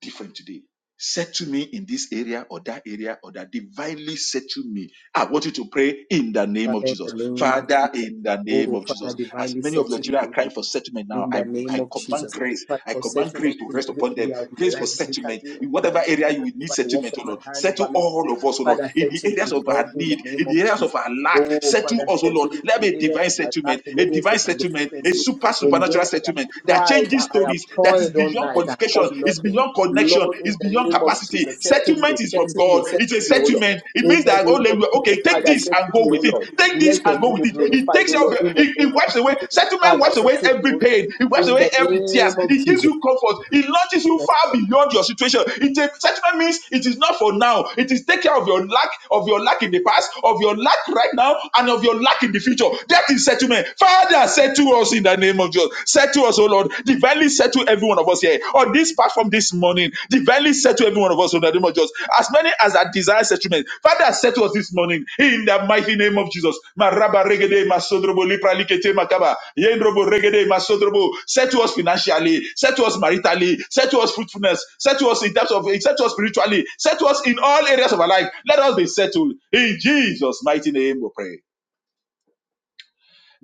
S4: different today. Settle me in this area or that area or that divinely settle me. I want you to pray in the name of
S1: Father, in the
S4: Jesus.
S1: name of
S4: Father,
S1: Jesus.
S4: in the name
S1: Oh,
S4: of
S1: Father,
S4: Jesus. As
S1: divinely
S4: many of your
S1: searching me.
S4: children are
S1: O
S4: crying
S1: Jesus.
S4: for settlement now,
S1: In the
S4: I,
S1: name
S4: I
S1: of
S4: command
S1: Jesus, I
S4: grace.
S1: pray
S4: I
S1: for
S4: command grace
S1: settlement
S4: to
S1: in
S4: rest
S1: every
S4: upon them.
S1: area of my
S4: Grace for
S1: life,
S4: settlement.
S1: medically,
S4: In
S1: over my
S4: whatever area you
S1: children,
S4: will need
S1: over the works
S4: settlement, oh
S1: of my
S4: Lord.
S1: hand, over
S4: Settle
S1: ministry.
S4: all of us, oh Lord.
S1: Father,
S4: In the
S1: settle me,
S4: areas of
S1: Lord,
S4: our
S1: in the
S4: need,
S1: name
S4: in
S1: of
S4: the areas of
S1: Jesus.
S4: our lack,
S1: Oh,
S4: settle
S1: Father,
S4: us, oh Lord.
S1: settle me
S4: Let
S1: in
S4: me
S1: areas
S4: divine
S1: of my life,
S4: settlement,
S1: in
S4: a
S1: areas of
S4: divine
S1: my
S4: settlement, a
S1: deficiencies,
S4: super
S1: in
S4: supernatural
S1: where I have
S4: settlement that
S1: tried, I
S4: changes
S1: I have
S4: stories, that is
S1: toiled all
S4: beyond
S1: night, I have
S4: qualification,
S1: caught
S4: it's
S1: nothing.
S4: beyond connection,
S1: Lord, in
S4: it's
S1: the
S4: beyond
S1: name of
S4: capacity.
S1: Jesus, settle me,
S4: Settlement is from
S1: settle me,
S4: God.
S1: settle
S4: It's a
S1: me, oh Lord.
S4: settlement. It
S1: In
S4: means
S1: the
S4: that oh,
S1: name of Jesus,
S4: okay, take
S1: Father,
S4: this and
S1: settle
S4: go
S1: me, oh
S4: with it.
S1: Lord.
S4: Take this
S1: Let your
S4: and
S1: name
S4: go with
S1: be
S4: it. It
S1: glorified,
S4: takes
S1: oh
S4: out,
S1: Lord,
S4: the-
S1: in the
S4: it,
S1: name
S4: it
S1: of
S4: wipes away.
S1: Jesus.
S4: Settlement
S1: Father,
S4: wipes away
S1: settle me, oh
S4: every
S1: Lord.
S4: pain. It wipes
S1: In the
S4: away every tears.
S1: name of
S4: It gives
S1: Jesus.
S4: you comfort. It launches you far beyond your situation. It a, settlement means it is not for now. It is take care of your lack, of your lack in the past, of your lack right now, and of your lack in the future. That is settlement. Father, settle Settle us in the name of Jesus. Settle us, O Lord. Divinely settle every one of us here. On this platform this morning, divinely settle every one of us in the name of Jesus. As many as that desire settlement. Father, settle us this morning in the mighty name of Jesus. Maraba regede masodrobo lipralikete makaba. Yendrobo regede masodrobo. Settle us financially. Settle us maritally. Settle us fruitfulness. Settle us in terms of settle us spiritually. Settle us in all areas of our life. Let us be settled. In Jesus' mighty name we pray.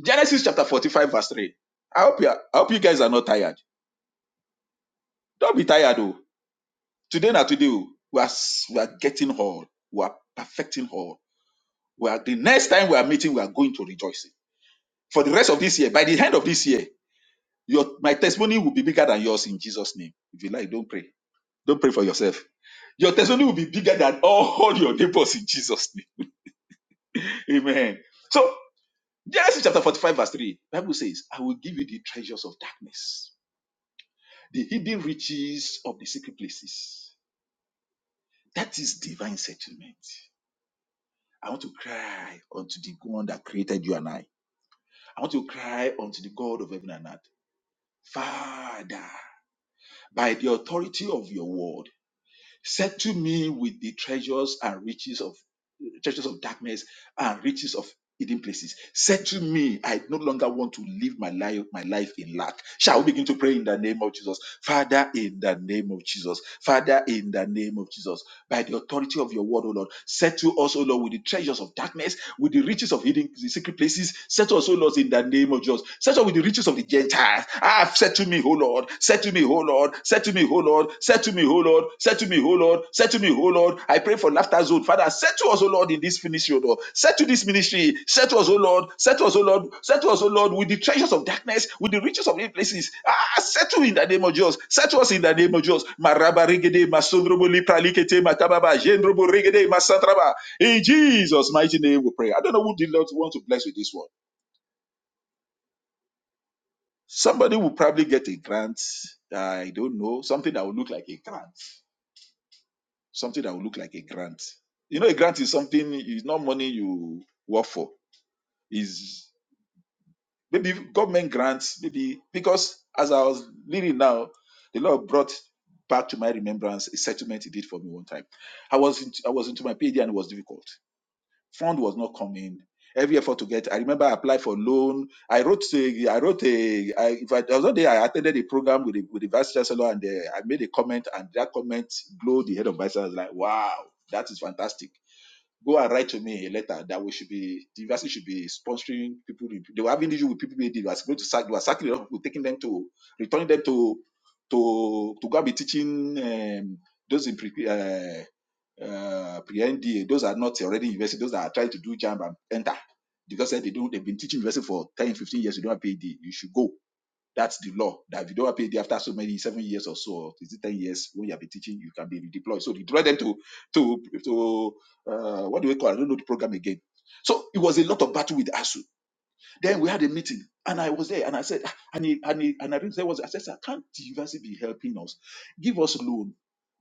S4: Genesis chapter 45, verse 3. I hope you, are, I hope you guys are not tired. Don't be tired, oh. Today, not today, oh. we are, we are getting all. We are perfecting all. We are, the next time we are meeting, we are going to rejoicing. For the rest of this year, by the end of this year, your, my testimony will be bigger than yours in Jesus' name. If you like, don't pray. Don't pray for yourself. Your testimony will be bigger than all your neighbors in Jesus' name. Amen. So, Genesis chapter 45, verse 3, Bible says, I will give you the treasures of darkness the hidden riches of the secret places. That is divine settlement. I want to cry unto the one that created you and I. I want to cry unto the God of heaven and earth. Father, by the authority of your word, Settle me with the treasures and riches of treasures of darkness and riches of hidden places. Settle me. I no longer want to live my life, my life in lack. Shall we begin to pray in the name of Jesus? Father, in the name of Jesus. Father, in the name of Jesus. By the authority of your word, O Lord, settle us, O Lord, with the treasures of darkness, with the riches of hidden secret places. Settle us, O Lord, in the name of just. Settle with the riches of the Gentiles. Ah, have said to me, O Lord, said to me, O Lord, said to me, O Lord, said to me, O Lord, said to me, O Lord, said to me, O Lord. I pray for laughter zone. Father, said to us, O Lord, in this ministry, O Lord. Said to this ministry, said to us, O Lord, said to us, O Lord, said to us, O Lord, with the treasures of darkness, with the riches of hidden places. Ah, said to in the name of Jesus. Said to us in the name of Jesus. Maraba regede, masondrobo lipralikete, matababa, jendrobo regede, masantraba. In Jesus' mighty name we pray. I don't know who the Lord wants to bless with this word Somebody will probably get a grant. I don't know something that will look like a grant. Something that will look like a grant. You know, a grant is something. is not money you work for. Is maybe government grants. Maybe because as I was reading now, the Lord brought back to my remembrance a settlement He did for me one time. I was into, I was into my PhD and it was difficult. fund was not coming every effort to get i remember i applied for loan i wrote a, i wrote a I, if I, there was one day i attended a program with the, with the vice chancellor and uh, i made a comment and that comment glowed the head of vice chancellor I was like wow that is fantastic go and write to me a letter that we should be the university should be sponsoring people they were having issue with people they were going to sack they were sacking a lot of people taking them to returning them to to to go and be teaching um, those in pre, uh, uh, pre-NDA, those are not already university, those that are trying to do jam and enter. Because eh, they don't, they've been teaching university for 10, 15 years, you don't have PhD, you should go. That's the law. That if you don't have PhD after so many seven years or so, or is it 10 years when you have been teaching, you can be redeployed. So they draw them to to to uh, what do we call? it? I don't know the program again. So it was a lot of battle with ASU then we had a meeting, and I was there, and I said, "Ah," and he, and he, and I didn't say was I said, "Sir, can't the university be helping us? Give us loan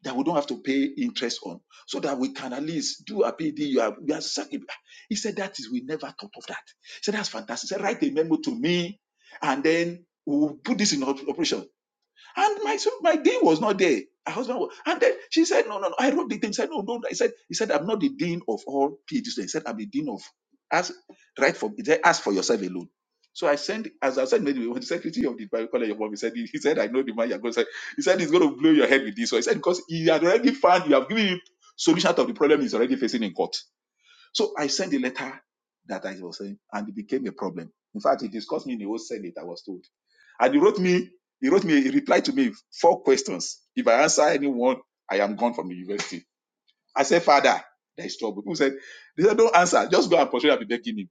S4: that we don't have to pay interest on, so that we can at least do a PD. You are, you are such a-" He said, "That is, we never thought of that." He said, "That's fantastic." He said, "Write a memo to me, and then." We'll put this in op- operation. And my so my dean was not there. Her husband was, and then she said, No, no, no. I wrote the thing. said, No, no. no." He said, He said, I'm not the dean of all PhD students. He said, I'm the dean of ask right for he said, ask for yourself alone. So I sent as I said maybe when the secretary of the Bible college of mom he said he, he said, I know the man you're going to say. He said he's gonna blow your head with this. So I said, because he had already found you have given him solution to the problem he's already facing in court. So I sent the letter that I was saying, and it became a problem. In fact, it discussed me in the whole Senate, I was told. And he wrote me, he wrote me, he replied to me four questions. If I answer any one, I am gone from the university. I said, Father, there is trouble. People said, they said, don't answer. Just go and portray and be begging him.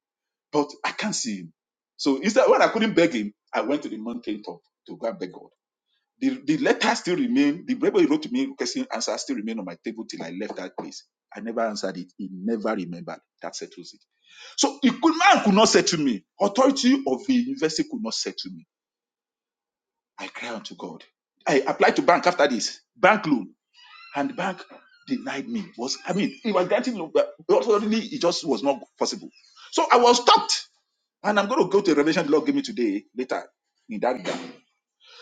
S4: But I can't see him. So instead, when I couldn't beg him, I went to the mountain top to go and beg God. The, the letter still remain. the paper he wrote to me requesting answer still remain on my table till I left that place. I never answered it. He never remembered. That settles it. So he could man could not settle me. Authority of the university could not settle me I cry unto God. I applied to bank after this bank loan, and bank denied me. Was I mean, it was granting loan, but ultimately it just was not possible. So I was stopped, and I'm going to go to the revelation the Lord gave me today later in that regard.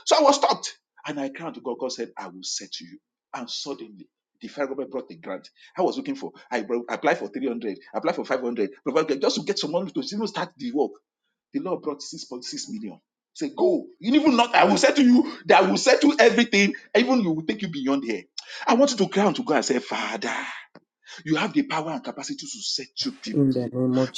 S4: So I was stopped, and I cried unto God. God said, "I will set you." And suddenly. The federal government brought the grant I was looking for. I bro- applied for 300, applied for 500, provided- just to get some money to even start the work. The Lord brought 6.6 million. Say, go. You even not, I will settle you, that I will settle everything. Even you will take you beyond here. I want you to cry unto God and say, Father. You have the power and capacity to set you people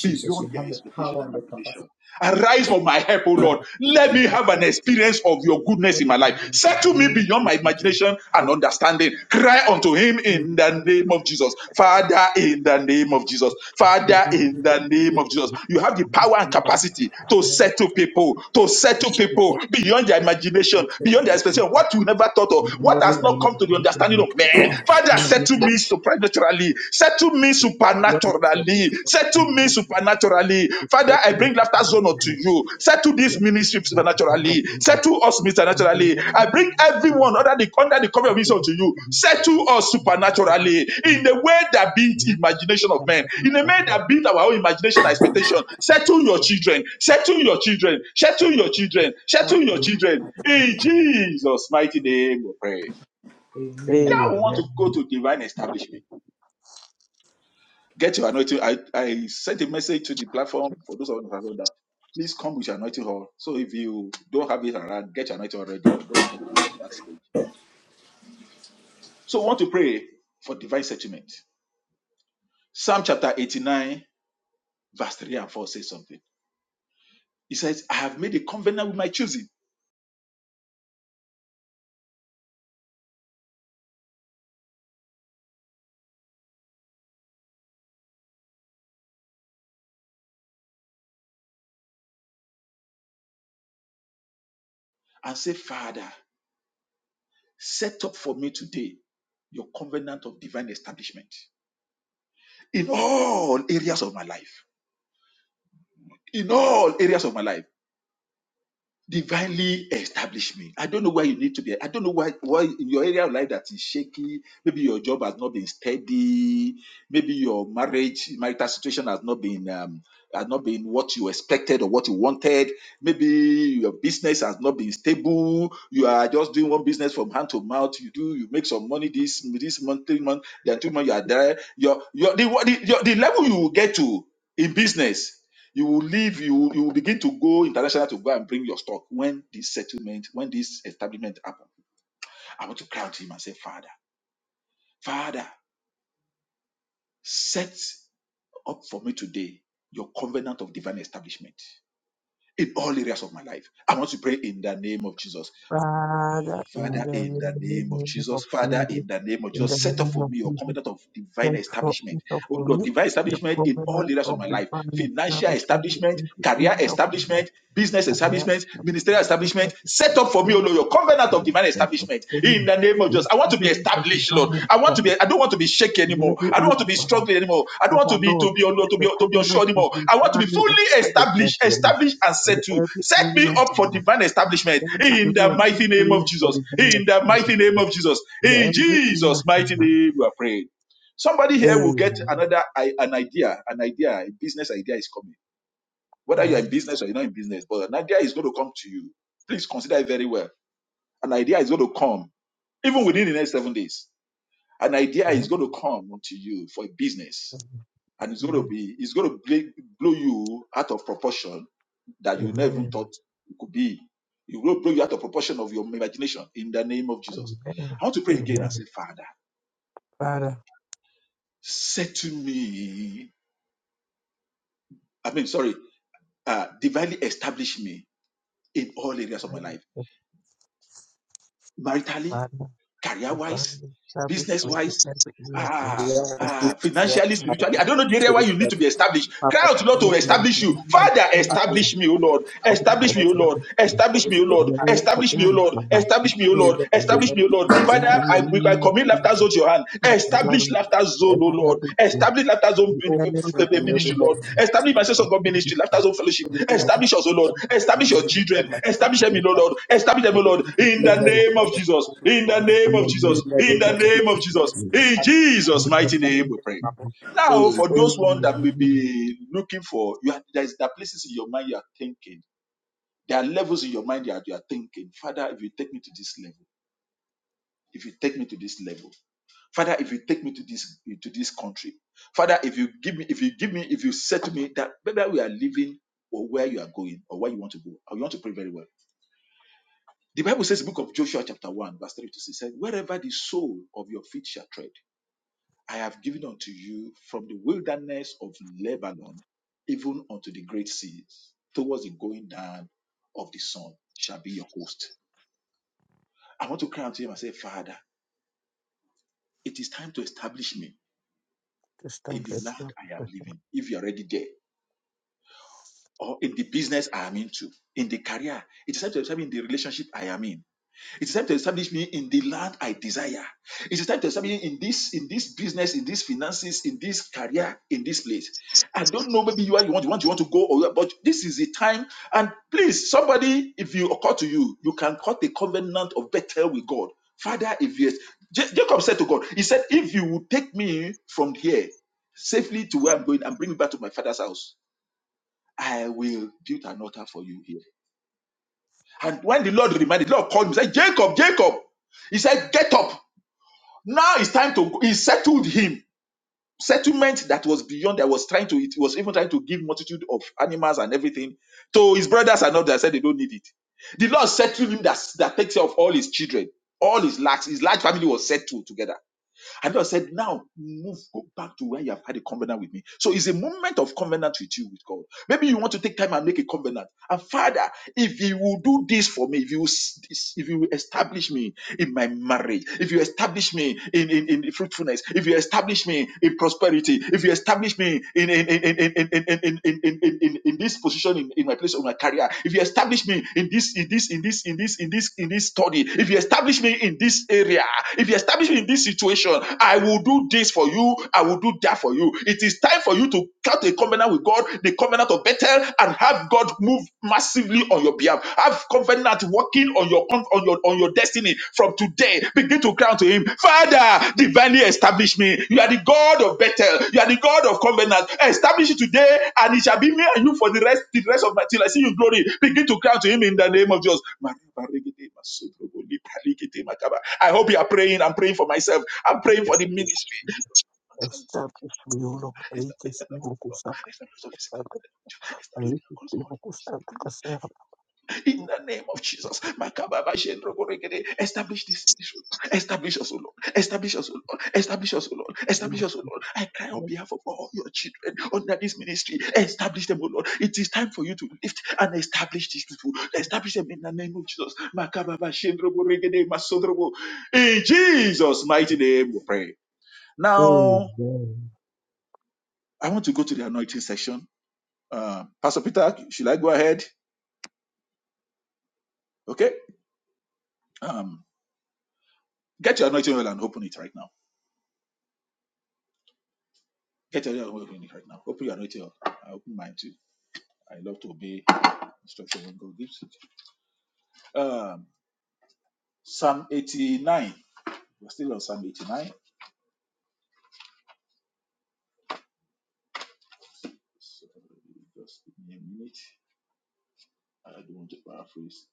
S4: beyond their expectation and imagination. Arise for my help, O Lord. Let me have an experience of your goodness in my life. Settle me beyond my imagination and understanding. Cry unto him in the name of Jesus. Father, in the name of Jesus. Father, in the name of Jesus. You have the power and capacity to settle people, to settle people beyond their imagination, beyond their expectation. What you never thought of, what has not come to the understanding of man. Father, settle me Surprise naturally. Settle me supernaturally. Settle me supernaturally. Father, I bring laughter zone unto you. Settle this
S2: Yes,
S4: ministry supernaturally. Settle us supernaturally. I bring everyone under the under the cover of this unto you. Settle us supernaturally in the way that beat imagination of men, in the way that beat our own imagination and expectation. Settle your children. Settle your children. Settle your children. Settle your children. In Jesus' mighty name, we pray. Now we want to go
S2: Amen.
S4: to divine establishment. Get your anointing. I, I sent a message to the platform for those of you who have done that. Please come with your anointing oil. So if you don't have it around, get your anointing oil ready. We're going to get to that stage. So I want to pray for divine settlement. Psalm chapter 89, verse 3 and 4 says something. He says, I have made a covenant with my choosing and say, Father, set up for me today your covenant of divine establishment in all areas of my life. In all areas of my life. divinely establish me. I don't know where you need to be. I don't know why why in your area of life that is shaky. Maybe your job has not been steady. Maybe your marriage marital situation has not been um, has not been what you expected or what you wanted. Maybe your business has not been stable. You are just doing one business from hand to mouth. You do you make some money this this month, three month, then two month you are there. Your your the, the, your, the level you will get to in business you will leave, you will, you will begin to go international to go and bring your stock when this settlement, when this establishment happen. I want to cry out to him and say, Father, Father, set up for me today your covenant of divine establishment in all areas of my life. I want to pray in the name of Jesus.
S2: Father, in
S4: Father,
S2: the
S4: in the name of
S2: name
S4: Jesus.
S2: of
S4: Father,
S2: Jesus,
S4: in the name of
S2: in the
S4: Jesus, set up
S2: name
S4: for
S2: of
S4: me your
S2: Jesus.
S4: covenant of divine
S2: Therefore, for
S4: establishment
S2: Peter
S4: oh
S2: for
S4: Lord,
S2: me,
S4: divine
S2: the
S4: establishment in all
S2: provenance
S4: areas of
S2: of
S4: my
S2: the
S4: life
S2: family
S4: financial
S2: establishment in
S4: establishment,
S2: every
S4: career
S2: area of my
S4: establishment, business
S2: career,
S4: establishment,
S2: of the
S4: ministerial
S2: political
S4: establishment. Set up for me, oh
S2: establishment,
S4: Lord, your covenant of
S2: and
S4: divine
S2: the
S4: establishment in
S2: family,
S4: the name of
S2: the
S4: Jesus. I want to be
S2: provenance of the
S4: established, Lord.
S2: family
S4: I want to be, I don't
S2: establishment
S4: want to be shaky
S2: in every
S4: anymore. I don't
S2: area
S4: want to
S2: of
S4: be
S2: my life.
S4: struggling anymore. I don't want to
S2: Father
S4: be
S2: Lord,
S4: to be oh
S2: give
S4: Lord,
S2: us
S4: to be
S2: the
S4: to be unsure
S2: provenance of
S4: anymore. I
S2: this
S4: want to be
S2: family
S4: fully
S2: establishment
S4: established,
S2: for me
S4: established and
S2: in
S4: settled.
S2: every
S4: Set me
S2: area
S4: up
S2: of
S4: for
S2: my life.
S4: divine establishment
S2: Father
S4: in the
S2: Lord, give
S4: mighty name of
S2: me for
S4: Jesus.
S2: the family
S4: In the mighty name
S2: establishment
S4: of Jesus.
S2: in
S4: In
S2: every area
S4: Jesus'
S2: of
S4: mighty
S2: my life.
S4: name, we are praying. Somebody here will get
S2: Amen.
S4: another i- an idea, an idea, a business idea is coming. Whether you're
S2: Amen.
S4: in business or you're not in business, but an idea is going to come to you. Please consider it very well. An idea is going to come, even within the next seven days. An idea is going to come to you for a business, and it's going to
S2: Amen.
S4: be, it's going to blow blow you out of proportion that you never even
S2: Amen.
S4: thought it could be. It will blow you out of proportion of your imagination. In the name of Jesus,
S2: Amen.
S4: I want to pray again and say,
S2: Amen.
S4: Father,
S2: Father,
S4: settle me. I mean, sorry. uh, divinely establish me in all areas of my
S2: pray
S4: life
S2: for
S4: maritally,
S2: Father,
S4: career wise,
S2: divine
S4: business
S2: establishment
S4: wise,
S2: in every area of my
S4: ah,
S2: life.
S1: Lord, this
S4: ah,
S1: is what
S4: financially,
S1: I
S2: Father,
S4: spiritually. I
S1: want
S4: don't know
S1: you
S4: the area
S1: to
S4: where you
S1: reach
S4: need
S1: out
S4: to be established. Cry
S1: Father, in
S4: out, Lord, to
S1: the name
S2: every
S1: of
S4: establish
S1: Jesus.
S4: you.
S1: Father,
S2: divine
S4: Father,
S1: establish
S2: establishment,
S4: establish
S1: me,
S4: me, O Lord.
S1: Lord.
S2: Father,
S4: Establish me, O Lord.
S1: Establish
S2: establish
S1: me
S2: me
S4: Establish
S1: according to
S4: me, O
S1: your
S2: in
S4: Lord.
S1: plan and
S2: every
S4: Establish me,
S2: area
S4: O
S1: purpose, Lord.
S2: of
S4: Lord.
S2: my life.
S4: Establish me, O
S1: In
S4: Lord.
S2: Establish
S1: the name
S4: Establish me,
S1: of
S4: O Lord.
S1: Jesus.
S2: in
S4: Father,
S1: Father,
S2: the
S1: establish
S4: I, I
S2: name of
S1: me,
S4: commit laughter
S1: Lord.
S2: Jesus.
S4: zone to your hand.
S1: In the name of
S2: Father,
S4: Establish laughter
S1: Jesus.
S4: zone, oh
S1: Father,
S4: Lord.
S2: establish me
S4: Establish laughter zone
S2: in
S1: oh,
S2: every
S1: in the name
S2: area
S4: ministry,
S2: of
S1: of
S4: Lord.
S2: my
S1: Jesus.
S2: life.
S4: Establish my sense of God ministry,
S2: Establish me.
S4: laughter zone fellowship.
S1: In the name of
S2: Establish
S4: Establish us, oh
S1: Jesus.
S4: Lord.
S2: me in the
S4: Establish your
S1: This
S2: name
S1: is
S2: of
S1: the end
S4: children.
S1: of my
S4: Establish them,
S2: Jesus.
S4: oh Lord. Establish them, oh
S1: life.
S4: Lord.
S2: Establish
S4: In the
S1: Let
S2: me
S1: the
S4: name
S1: divine
S4: of Jesus.
S1: establishment
S4: In
S1: for
S4: the
S1: me.
S4: name
S2: in the
S4: of Jesus.
S1: In the
S4: In
S1: name
S4: the
S1: of
S2: name
S4: name of
S1: Jesus,
S2: of
S1: I
S4: Jesus.
S1: receive
S2: Jesus.
S1: the
S4: In
S1: pardon
S4: Jesus'
S1: of
S4: mighty name we
S1: establishment for
S4: pray.
S1: my
S2: Amen.
S4: Now,
S1: body.
S4: for those one that may be looking for, you are, there's there are places in your mind you are thinking. There are levels in your mind that you are thinking. Father, if you take me to this level, if you take me to this level, Father, if you take me to this to this country, Father, if you give me, if you give me, if you say to me that whether we are living or where you are going or where you want to go, I want to pray very well. The Bible says, the book of Joshua, chapter 1, verse 3 to 6 said, Wherever the sole of your feet shall tread, I have given unto you from the wilderness of Lebanon, even unto the great seas, towards the going down of the sun shall be your host. I want to cry unto him and say, Father, it is time to establish me
S2: This time
S4: in
S2: I
S4: the land
S2: stop.
S4: I am living. If you are already there, or in the business I am into, in the career. It is time to establish me in the relationship I am in. It is time to establish me in the land I desire. It is time to establish me in this, in this business, in these finances, in this career, in this place. I don't know. Maybe you are you want you want you want to go, or but this is the time. And please, somebody, if you occur to you, you can cut the covenant of Bethel with God. Father, if yes, Ja- Jacob said to God, he said, if you will take me from here safely to where I'm going and bring me back to my father's house I will build an altar for you here. And when the Lord reminded, the Lord called him, said, Jacob, Jacob. He said, Get up. Now it's time to go. He settled him. Settlement that was beyond, that was trying to, it was even trying to give multitude of animals and everything to his brothers and others. I Said they don't need it. The Lord settled him that, that takes care of all his children, all his lacks. His large family was settled together. And God said, Now move, go back to where you have had a covenant with me. So it's a moment of covenant with you, with God. Maybe you want to take time and make a covenant. And Father, if you will do this for me, if you will s- if you will establish me in my marriage, if you establish me in, in, in fruitfulness, if you establish me in prosperity, if you establish me in in in in in in in in, in, in, in in this position in, in my place of my career, if you establish me in this in this in this in this in this in this study, if you establish me in this area, if you establish me in this situation restoration. I will do this for you. I will do that for you. It is time for you to cut a covenant with God, the covenant of Bethel, and have God move massively on your behalf. Have covenant working on your on your on your destiny from today. Begin to cry to Him, Father, divinely establish me. You are the God of Bethel. You are the God of covenant. Establish it today, and it shall be me and you for the rest the rest of my till I see you glory. Begin to cry to Him in the name of Jesus. I hope you are praying. I'm praying for myself. I'm praying for the ministry.
S2: Establish me, O Lord. I kiss you, Mokusaka. I kiss you, Mokusaka. Kasera.
S4: In the name of Jesus, establish this ministry. Establish us, O Lord. Establish us, O Lord. Establish us, O Lord. Establish us, O Lord. I cry on behalf of all your children under this ministry. Establish them, O Lord. It is time for you to lift and establish these people. Establish them in the name of Jesus. Makababa Shendro Borekede, Masodrobo. In Jesus' mighty name, we pray. Now,
S2: Amen.
S4: I want to go to the anointing section. Um, Pastor Peter, should I go ahead? Okay. Um, get your anointing oil and open it right now. Get your anointing oil and open it right now. Open your anointing oil. I open mine too. I love to obey instruction when God gives it. Um, Psalm 89. We're still on Psalm 89. So, just give me a minute. I don't want to paraphrase.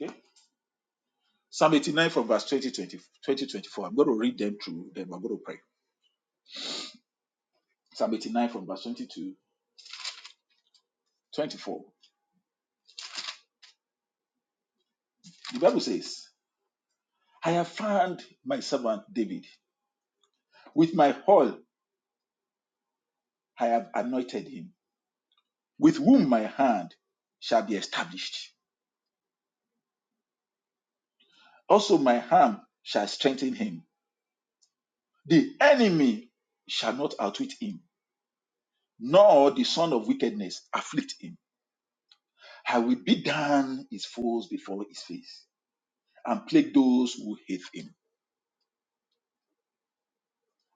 S4: Okay. Psalm 89 from verse 20, to 24. I'm going to read them through, then we're going to pray. Psalm 89 from verse 20 to 24. The Bible says, I have found my servant David. With my whole I have anointed him, with whom my hand shall be established. Also my arm shall strengthen him. The enemy shall not outwit him, nor the son of wickedness afflict him. I will beat down his foes before his face, and plague those who hate him.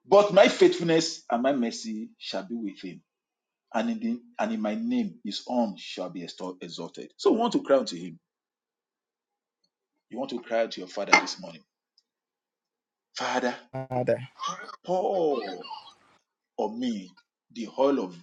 S4: But my faithfulness and my mercy shall be with him, and in, the, and in my name his arm shall be extol- exalted. So we want to cry unto him. You want to cry out to your father this morning. Father,
S1: Amen. Father,
S4: pour on me the oil of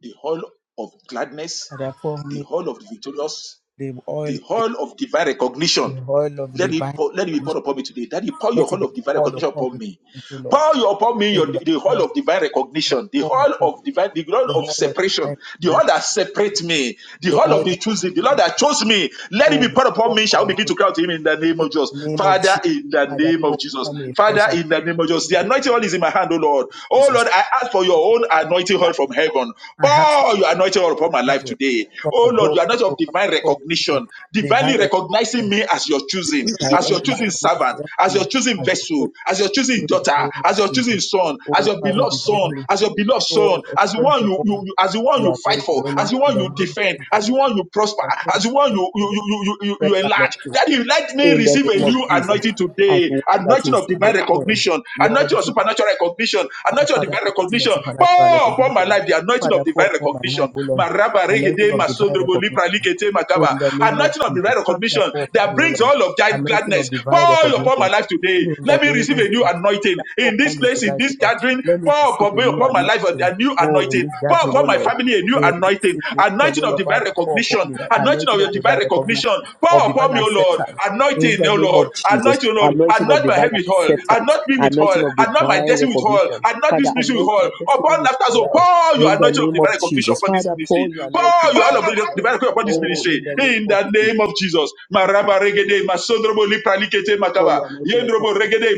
S4: the oil of gladness,
S1: therefore,
S4: the
S1: may
S4: oil of the victorious,
S1: the oil,
S4: The whole of divine recognition.
S1: the oil of
S4: Let it,
S1: divine
S4: pour, let it be poured
S1: establishment,
S4: upon me today. Daddy, pour your
S1: let it
S4: whole
S1: be
S4: of divine
S1: poured
S4: recognition
S1: upon
S4: upon
S1: me,
S4: me.
S1: into Lord.
S4: Pour your upon me your,
S1: In the
S4: the
S1: name
S4: whole
S1: of
S4: of divine
S1: the
S4: recognition, the
S1: form
S4: whole
S1: of
S4: of divine, the whole
S1: the
S4: of
S1: oil of
S4: separation,
S1: divine
S4: the whole
S1: establishment,
S4: that separates me, the
S1: the
S4: whole
S1: oil
S4: of
S1: of
S4: the choosing, the
S1: the
S4: Lord
S1: Spirit,
S4: that chose me. Let it
S1: oh,
S4: be
S1: the
S4: poured upon
S1: oil,
S4: me. Shall we
S1: Lord,
S4: begin to cry out to Him in the name
S1: in
S4: of Jesus,
S1: the name of
S4: Father,
S1: Jesus.
S4: in the
S1: Father,
S4: name of
S1: pour
S4: Jesus,
S1: upon me fresh
S4: Father,
S1: at
S4: in the name of Jesus.
S1: the
S4: The
S1: name
S4: anointing oil is in my hand, O Lord.
S1: of
S4: Oh Lord,
S1: Jesus.
S4: I ask for your own anointing oil from heaven.
S1: I have
S4: Pour your anointing oil upon my life
S1: heaven
S4: today.
S1: from
S4: Oh Lord,
S1: above
S4: your anointing
S1: to
S4: of divine
S1: for
S4: recognition
S1: me.
S4: recognition,
S1: Divine
S4: divinely recognizing
S1: revelation.
S4: me as your choosing,
S1: I
S4: as your choosing
S1: am
S4: servant, as your
S1: me
S4: choosing
S1: as the
S4: vessel,
S1: first
S4: as your choosing
S1: in the
S4: daughter,
S1: name of
S4: as your choosing
S1: Jesus.
S4: son, as
S1: Oh
S4: your
S1: Father
S4: beloved son,
S1: divinely,
S4: as your beloved son,
S1: so
S4: as the
S1: express
S4: one you,
S1: upon me.
S4: you, you as the one
S1: You
S4: you
S1: are going
S4: fight
S1: to
S4: for, as
S1: honor
S4: the
S1: in
S4: one
S1: the
S4: you
S1: name of
S4: defend,
S1: Jesus.
S4: as the one you prosper,
S1: Father,
S4: as the one you you
S1: first
S4: you you, you, you
S1: express
S4: enlarge.
S1: anointing
S4: That you let me
S1: in
S4: receive
S1: the
S4: a
S1: name
S4: new
S1: of Jesus.
S4: anointing
S1: As
S4: today,
S1: one that
S4: anointing
S1: is
S4: of divine
S1: your hand.
S4: recognition, anointing of
S1: Lord,
S4: supernatural recognition, anointing
S1: Ah,
S4: anointing of
S1: Father,
S4: divine
S1: anointing of
S4: recognition.
S1: supernatural
S4: Pour upon my
S1: recognition.
S4: life the anointing
S1: Father,
S4: of
S1: pour
S4: divine
S1: upon my life,
S4: recognition.
S1: O Lord,
S4: Maraba
S1: anointing
S4: regede
S1: of divine
S4: masondrobo lipra
S1: recognition.
S4: likete makaba.
S1: In the name of
S4: Anointing of
S1: Jesus,
S4: divine
S1: Father,
S4: recognition
S1: pour upon
S4: that
S1: me, O
S4: brings
S1: Lord,
S4: all of that
S1: anointing of
S4: gladness.
S1: divine
S4: Pour upon my
S1: recognition.
S4: life
S1: In
S4: today.
S1: the
S4: Let me
S1: name
S4: receive
S1: of
S4: a new
S1: Jesus.
S4: anointing
S1: Father, walk
S4: in this
S1: on me
S4: place, in
S1: tonight,
S4: this
S1: Lord.
S4: gathering.
S1: Let me
S4: Pour
S1: receive
S4: upon,
S1: a new
S4: upon my life
S1: anointing.
S4: a new
S1: Oh, in
S4: anointing.
S1: this
S4: Pour
S1: gathering, oh
S4: upon my
S1: Lord.
S4: family a new
S1: In this
S4: anointing.
S1: situation, oh
S4: Anointing of
S1: Lord,
S4: divine
S1: Father, pour upon
S4: recognition.
S1: me the
S4: Anointing
S1: anointing
S4: of
S1: of
S4: your divine
S1: divine recognition,
S4: recognition.
S1: of
S4: Pour upon
S1: divine
S4: me, O Lord.
S1: acceptance. In
S4: Anointing,
S1: the
S4: O
S1: name
S4: Lord.
S1: of Jesus,
S4: Anoint, O Lord.
S1: anointing of
S4: Anoint my head
S1: divine
S4: with oil.
S1: acceptance,
S4: Anoint me with oil.
S1: anointing of
S4: Anoint my
S1: divine
S4: destiny with oil.
S1: recognition.
S4: Anoint this
S1: Father,
S4: ministry with
S1: anoint
S4: oil.
S1: my destiny
S4: Upon
S1: with
S4: after so
S1: oil.
S4: pour your
S1: In the
S4: anointing of
S1: name
S4: divine
S1: of
S4: recognition
S1: Jesus,
S4: upon this
S1: Father,
S4: ministry.
S1: pour your anointing
S4: Pour your oil of
S1: upon me.
S4: divine recognition upon this
S1: Oh,
S4: ministry.
S1: in the name
S4: In
S1: of
S4: the name
S1: Jesus,
S4: of Jesus. Maraba regede, masondrobo lipra likete
S1: pour
S4: makaba.
S1: your anointing upon
S4: Yendrobo
S1: me.
S4: regede,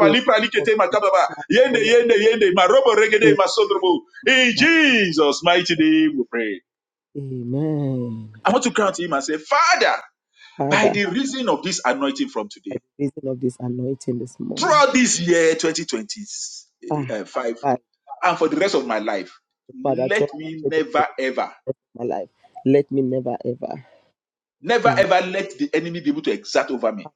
S1: In the name of
S4: lipra
S1: Father,
S4: likete makaba. Yende,
S1: pour
S4: yende, yende, marobo regede,
S1: your
S4: masondrobo. In Jesus' mighty name we pray.
S1: Amen.
S4: I want to count to him and say, Father, by
S1: Father,
S4: the reason of this anointing from
S1: by
S4: today,
S1: the reason of this anointing this morning,
S4: throughout this year
S1: ah,
S4: 2025,
S1: Father,
S4: and for the rest of my life,
S1: Father,
S4: let
S1: talk to
S4: me
S1: all the
S4: never ever,
S1: my life, let me never ever,
S4: never
S1: in
S4: ever let the enemy be able to exert over me.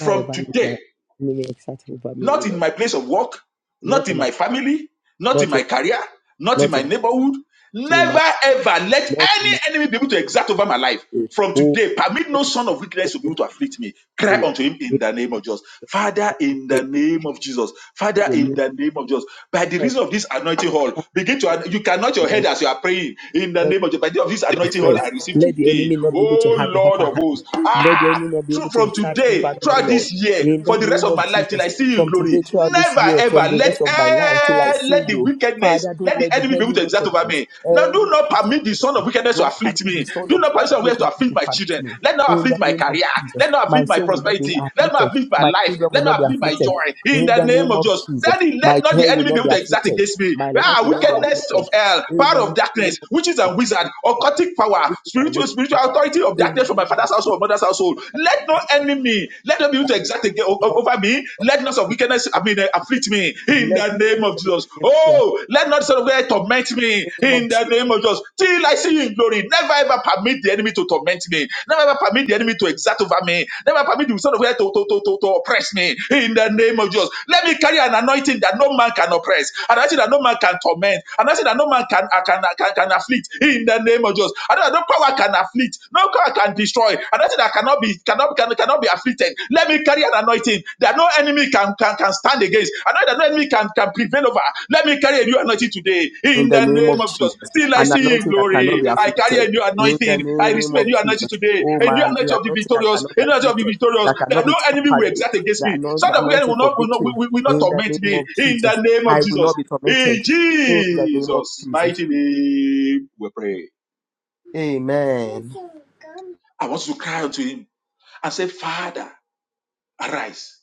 S1: never ever let
S4: today,
S1: the enemy exert over me, O
S4: Not in
S1: Lord.
S4: my place of work, not
S1: Not in
S4: in
S1: my,
S4: my family, not in
S1: not in,
S4: my career, not in
S1: not
S4: my
S1: in,
S4: neighborhood.
S1: not in my,
S4: Never ever let
S1: not in
S4: any
S1: my,
S4: enemy be able to exact over my life.
S1: way.
S4: From
S1: oh,
S4: today, permit
S1: let
S4: no
S1: me
S4: son of wickedness to be
S1: be
S4: able
S1: able,
S4: to afflict me.
S1: O
S4: Cry
S1: Lord,
S4: unto him in
S1: able
S4: the name of Jesus. Father,
S1: to
S4: in the
S1: take
S4: name of Jesus. Father,
S1: to a
S4: in
S1: new
S4: the name of Jesus. By the
S1: thought,
S4: reason of this anointing hall, begin to, you cannot your head
S1: Lord.
S4: as you are praying in the name of Jesus. By the reason of this
S1: of
S4: anointing hall,
S1: grace.
S4: I receive
S1: Let the
S4: today.
S1: enemy not be able to
S4: Oh
S1: have the
S4: Lord
S1: upper
S4: of
S1: hand.
S4: hosts
S1: Let the enemy not be able
S4: through-
S1: to
S4: from
S1: exert
S4: today
S1: over me, O
S4: throughout
S1: Lord.
S4: this year
S1: In the
S4: for the rest
S1: name
S4: of my
S1: of
S4: life till I
S1: Jesus,
S4: see you in
S1: from
S4: glory.
S1: today throughout this
S4: Never
S1: year, from
S4: ever
S1: the
S4: let
S1: rest of my life till I
S4: eh,
S1: see
S4: let the
S1: you,
S4: wickedness,
S1: Father, don't
S4: let the
S1: let the
S4: enemy be able
S1: enemy
S4: to exert over
S1: wickedness,
S4: me. Now do
S1: any
S4: not
S1: part of
S4: permit
S1: the
S4: the son of
S1: enemy,
S4: wickedness to
S1: don't
S4: afflict
S1: permit the
S4: me.
S1: soul
S4: Do
S1: of
S4: not permit the
S1: the
S4: son of wickedness
S1: wickedness
S4: to afflict
S1: to
S4: my
S1: permit
S4: children.
S1: me.
S4: Let not
S1: In
S4: afflict
S1: the
S4: my
S1: name of
S4: career.
S1: Jesus,
S4: Let not
S1: my
S4: afflict my
S1: soul will not be
S4: prosperity. Let not
S1: afflicted.
S4: afflict my
S1: My
S4: life.
S1: children will
S4: Let
S1: not
S4: not
S1: be
S4: afflict my
S1: afflicted.
S4: joy. In
S1: In
S4: the
S1: the
S4: name
S1: name
S4: of
S1: of
S4: Jesus,
S1: Jesus,
S4: Daddy, let
S1: my
S4: not
S1: joy
S4: the
S1: will
S4: enemy be
S1: not be
S4: able to exert
S1: afflicted.
S4: against me.
S1: My life
S4: Ah,
S1: will not be
S4: wickedness of
S1: afflicted.
S4: hell,
S1: In
S4: power
S1: the
S4: of
S1: mighty name
S4: darkness,
S1: of Jesus
S4: witches and wizards,
S1: darkness,
S4: occultic power,
S1: which is our
S4: spiritual to
S1: weakness,
S4: spiritual
S1: that
S4: authority of
S1: in the
S4: darkness from my
S1: name of
S4: father's
S1: Jesus,
S4: household, mother's household. Let no
S1: right
S4: enemy, let them be able to exact again
S1: now,
S4: o- o-
S1: more
S4: over
S1: than
S4: me. Let not of
S1: in the
S4: wickedness, I
S1: name
S4: mean, uh,
S1: of Jesus.
S4: afflict me in
S1: Let
S4: the name
S1: God
S4: of
S1: be
S4: Jesus.
S1: able to afford
S4: Oh, let not son of God torment me
S1: in the name of
S4: in the
S1: Jesus.
S4: name of Jesus.
S1: I
S4: Till
S1: receive
S4: I see you in glory, never ever permit the enemy to torment me. Never ever permit the enemy to exact over me. Never permit the son of God to, to, to, to, to oppress me in the name of Jesus. Let me carry an anointing that no man can oppress, an anointing that no man can torment, an anointing that no man can, uh, can uh, can, can can afflict in the name of Jesus. I don't, know, no power can afflict, no power can destroy. I don't think that cannot be cannot can, cannot be afflicted. Let me carry an anointing that no enemy can can, can stand against. I know that no enemy can, can prevail over. Let me carry a new anointing today
S1: In
S4: in
S1: the
S4: the
S1: name
S4: name
S1: of
S4: of Jesus.
S1: Jesus,
S4: Till I
S1: an
S4: see you in
S1: anointing that cannot
S4: glory,
S1: be
S4: I carry a
S1: afflicted.
S4: new
S1: In
S4: anointing.
S1: the
S4: I
S1: name
S4: receive a
S1: of
S4: new anointing
S1: Jesus,
S4: today,
S1: oh
S4: a new
S1: man,
S4: anointing
S1: the
S4: of the
S1: anointing that
S4: victorious,
S1: cannot
S4: a
S1: be
S4: new anointing of the
S1: afflicted,
S4: victorious.
S1: that
S4: That
S1: cannot be
S4: no enemy will
S1: tampered with,
S4: exact against
S1: the
S4: me. So
S1: anoint- the
S4: that we
S1: anointing
S4: will
S1: for
S4: not will not
S1: victory.
S4: will will not
S1: In the
S4: torment
S1: name
S4: me
S1: of
S4: in the
S1: Jesus,
S4: name of
S1: I will
S4: Jesus.
S1: not be
S4: In
S1: tormented. In the name of
S4: Jesus'
S1: Jesus,
S4: mighty name, we pray.
S1: Amen.
S4: I want you to cry unto him and say, Father, arise.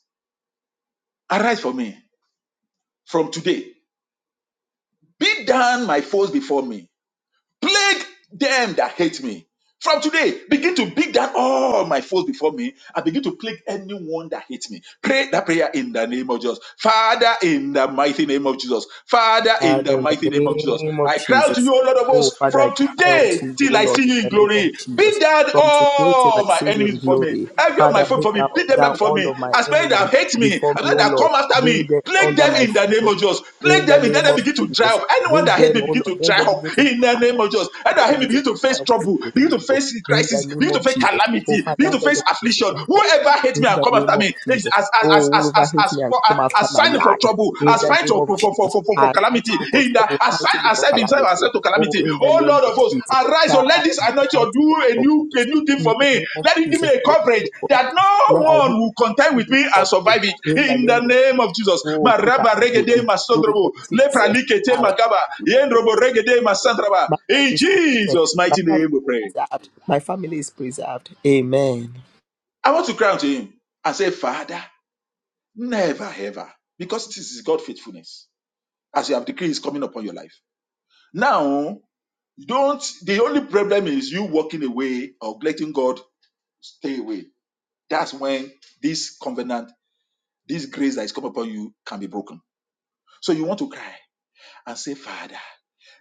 S4: Arise for me from today. Beat down my foes before me. plague them that hate me. From today, begin to beat down all my foes before me and begin to plague anyone that hates me. Pray that prayer in the name of Jesus. Father, in the mighty name of Jesus. Father, in the
S1: Father, in the
S4: mighty name of Jesus.
S1: name of
S4: I cry out to
S1: Jesus.
S4: you, O Lord of
S1: Oh,
S4: hosts,
S1: Father, I
S4: from
S1: cry
S4: today
S1: unto you,
S4: till
S1: O
S4: I see
S1: Lord, in
S4: you in
S1: the name of
S4: glory. Beat
S1: Jesus.
S4: down
S1: From today till I
S4: all my
S1: see you
S4: enemies
S1: in
S4: before me.
S1: glory,
S4: Every of my
S1: Father,
S4: foes
S1: bring
S4: before
S1: down,
S4: me. Beat them down
S1: down
S4: before
S1: all
S4: me.
S1: of my
S4: As many
S1: enemy
S4: that hate me,
S1: before
S4: as
S1: me,
S4: many
S1: O
S4: that
S1: Lord.
S4: come after
S1: Bring
S4: me.
S1: them
S4: Plague
S1: under
S4: them
S1: my
S4: in the
S1: feet,
S4: name
S1: O
S4: of Jesus.
S1: Lord.
S4: Plague
S1: In the
S4: them in. Let
S1: name
S4: them
S1: of
S4: begin to dry
S1: Jesus.
S4: up. Anyone
S1: Bring
S4: that hate
S1: them,
S4: me
S1: O
S4: begin
S1: Lord.
S4: to dry
S1: Let them
S4: up
S1: begin to
S4: in the
S1: cry.
S4: name of Jesus. Anyone
S1: Let them
S4: that hate me
S1: begin to
S4: begin to
S1: cry
S4: face
S1: out to
S4: trouble,
S1: you, to
S4: begin
S1: you,
S4: to
S1: O Lord.
S4: face
S1: In the
S4: crisis,
S1: name
S4: begin to
S1: of
S4: face
S1: Jesus. Oh,
S4: calamity, begin
S1: Father,
S4: to
S1: let
S4: face
S1: them begin to
S4: affliction.
S1: cry out.
S4: Whoever hates
S1: In
S4: me and
S1: the
S4: come
S1: name
S4: after
S1: of
S4: me is
S1: Jesus.
S4: as as as
S1: Oh,
S4: as
S1: whoever
S4: as
S1: hates
S4: as
S1: me and
S4: for as,
S1: come after
S4: as
S1: my
S4: sign for
S1: life.
S4: trouble,
S1: In
S4: as
S1: the
S4: sign
S1: name of
S4: for for for for
S1: Jesus,
S4: for, for
S1: I am
S4: calamity.
S1: fighting you for
S4: In the
S1: trouble,
S4: as sign
S1: fighting you for
S4: accept himself,
S1: calamity.
S4: accept to
S1: Oh,
S4: calamity.
S1: in the
S4: Oh
S1: name
S4: Lord of
S1: of
S4: hosts,
S1: Jesus,
S4: arise, oh
S1: Father,
S4: let this anointing
S1: mighty
S4: do
S1: God,
S4: a
S1: for
S4: new a
S1: this.
S4: new thing
S1: In
S4: for
S1: the
S4: me.
S1: name of
S4: Let him give me
S1: Jesus,
S4: a
S1: we are
S4: coverage
S1: looking for you.
S4: that no
S1: Let I hit
S4: one will contend with
S1: you
S4: me and
S1: up.
S4: survive
S1: In
S4: it.
S1: the
S4: In the
S1: name of Jesus,
S4: name of Jesus.
S1: oh, good I
S4: Maraba
S1: will
S4: regede
S1: do. Lórúkọ
S4: masodrobo, lepra
S1: Jésù,
S4: likete
S1: Allah,
S4: makaba, yendrobo regede masandraba.
S1: my life
S4: In
S1: is protected.
S4: Jesus'
S1: My
S4: mighty
S1: life
S4: name we pray.
S1: is preserved. My family is preserved. Amen.
S4: I want to cry unto him and say, Father, never ever, because this is God's faithfulness, as you have decreed is coming upon your life. Now Don't the only problem is you walking away or letting God stay away. That's when this covenant, this grace that is come upon you can be broken. So you want to cry and say, Father.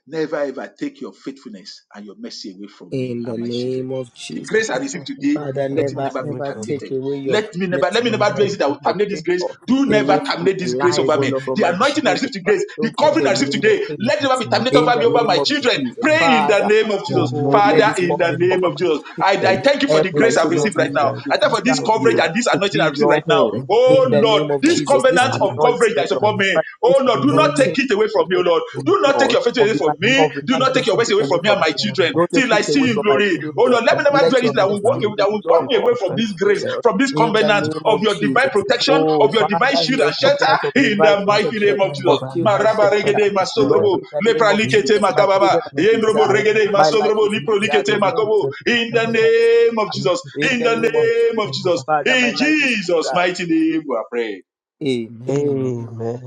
S4: Never ever take your faithfulness and your mercy away from me
S1: In the
S4: and my children.
S1: name of
S4: The
S1: Jesus.
S4: grace I
S2: Take
S4: receive
S2: your
S4: today,
S2: faithfulness
S1: Father,
S4: let
S2: and
S4: it
S1: never
S2: mercy
S4: never be
S2: away
S1: ever
S2: from me.
S1: take
S4: terminated.
S1: away your
S4: Let me never,
S1: goodness,
S4: let
S2: In
S4: me
S2: the
S1: your
S4: never
S2: name
S4: do
S2: of
S4: anything that
S1: mercy,
S4: will
S2: Jesus.
S1: your
S4: terminate this grace.
S1: favor
S4: Do
S1: away
S4: never
S1: from
S4: terminate
S1: my
S4: this
S2: In
S4: grace
S2: the
S1: life,
S4: over me.
S1: all
S2: name of
S1: from
S4: The
S1: my
S2: Jesus.
S4: anointing I receive
S1: children. Father,
S4: today, the
S1: don't
S2: In the
S1: take
S4: covering I receive
S1: away
S2: name of
S1: your
S4: today,
S1: faith
S4: let it
S2: Jesus.
S4: never be
S2: We use
S4: terminated
S2: this
S1: in
S4: over
S1: the
S4: me,
S2: day
S4: over my
S1: name of
S2: to
S4: children.
S1: Jesus.
S2: sanctify.
S4: Pray in the
S1: Father,
S4: name of
S2: The
S4: Jesus.
S1: oh,
S2: anointing
S1: let
S4: Father,
S2: the
S1: this
S2: grace
S4: in
S2: I
S4: the
S1: cover
S4: name
S1: cover
S4: of
S1: my
S2: receive
S4: Jesus. I, I
S1: children.
S2: today.
S4: thank you for
S1: Help
S4: the
S2: Let
S1: my
S4: grace
S2: it
S4: I've
S1: children
S2: not
S4: received
S1: to
S2: be
S4: right
S1: know
S4: now.
S2: done.
S1: you,
S4: I thank
S1: to
S2: Let
S4: you for
S2: it
S4: this
S2: not
S1: serve
S2: be
S4: coverage
S1: you,
S2: done.
S4: and this
S1: to
S4: anointing I
S1: be
S4: receive
S1: your
S4: right now.
S1: own.
S2: Thank you for
S4: Oh
S1: In the
S2: the
S4: Lord,
S1: name of
S4: this
S2: for which
S1: Jesus, this
S4: covenant of coverage
S1: anointing,
S4: that
S1: oh
S4: is
S1: Lord,
S4: upon
S2: Um,
S4: me.
S1: Father, this
S4: Oh
S2: but
S4: Lord,
S2: the
S4: do not
S2: name of
S4: take
S1: anointing
S4: it away from me, oh
S1: covenant,
S4: Lord.
S1: oh
S2: the
S4: Do not take
S1: Lord,
S4: your faith
S1: of
S4: away from
S1: divine
S2: beauty
S4: me.
S1: coverage,
S4: Do
S2: teacher
S1: Father,
S4: not
S2: that
S4: take
S1: don't
S4: your
S2: can
S4: ways
S1: take
S4: away
S1: it
S2: stand
S1: away
S4: from me
S2: at
S4: and
S1: from
S2: the
S4: my
S1: me.
S2: prayer and
S4: children
S2: about
S1: Don't take
S4: till I
S1: it
S4: see
S1: away
S4: you
S2: Jesus
S4: in
S1: from my
S4: glory.
S2: Christ,
S4: Oh
S2: which
S1: children.
S2: is
S4: Lord, let me
S2: stand at
S4: never
S2: the
S4: do
S1: Let your
S2: prayer
S4: anything that
S2: and
S4: will walk
S2: about
S1: mercy,
S4: away,
S2: you,
S4: that will
S2: which
S4: walk
S2: is
S4: me
S2: able
S1: Lord,
S4: away
S2: to
S4: from
S2: stand
S4: this
S2: at the
S4: grace,
S1: prevail
S2: prayer.
S4: from this
S1: in the
S4: covenant
S1: name
S4: of
S2: Jesus
S1: of
S4: your
S2: Christ, which
S4: divine
S2: is
S1: Jesus.
S2: stand at
S4: protection,
S2: the
S1: Oh,
S2: prayer
S4: of
S2: and
S4: your divine
S1: Father, you
S4: shield and
S1: are
S2: about
S4: shelter
S2: Jesus
S1: covenant of
S2: Christ,
S4: in
S2: which is
S1: divine
S4: the
S2: stand at
S4: mighty
S2: the
S1: protection
S4: name of
S2: prayer and
S4: Jesus.
S1: of
S2: about
S1: shield
S2: you, which
S1: and
S4: Maraba
S2: is stand
S4: regede
S1: shelter.
S2: at the prayer and
S1: Lord,
S4: masodrobo,
S2: about
S1: in the name
S4: lepra
S1: of
S2: Jesus
S4: likete
S1: Jesus,
S2: Christ,
S1: my
S2: which is
S4: makababa,
S1: children are
S4: yendrobo
S2: stand
S1: preserved.
S2: at the
S4: regede
S1: My life
S4: masodrobo,
S1: is
S4: lipro
S1: preserved.
S4: likete
S1: My home is
S4: makobo. In
S1: preserved. My
S4: the
S2: prayer
S1: husband is
S4: name of Jesus,
S2: and
S1: in
S2: about Jesus Christ, which is stand at the prayer and about Jesus Christ, which is stand
S4: in
S1: the
S4: the
S1: name of
S2: at the
S4: name
S1: Jesus.
S4: of
S2: prayer and
S4: Jesus,
S2: about.
S1: Father, my
S4: in
S1: life is
S4: Jesus'
S1: preserved.
S4: mighty name we are praying.
S1: Amen.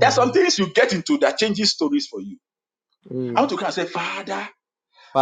S4: There are some things you get into that changes stories for you. I
S1: Mm.
S4: want to come and say, Father,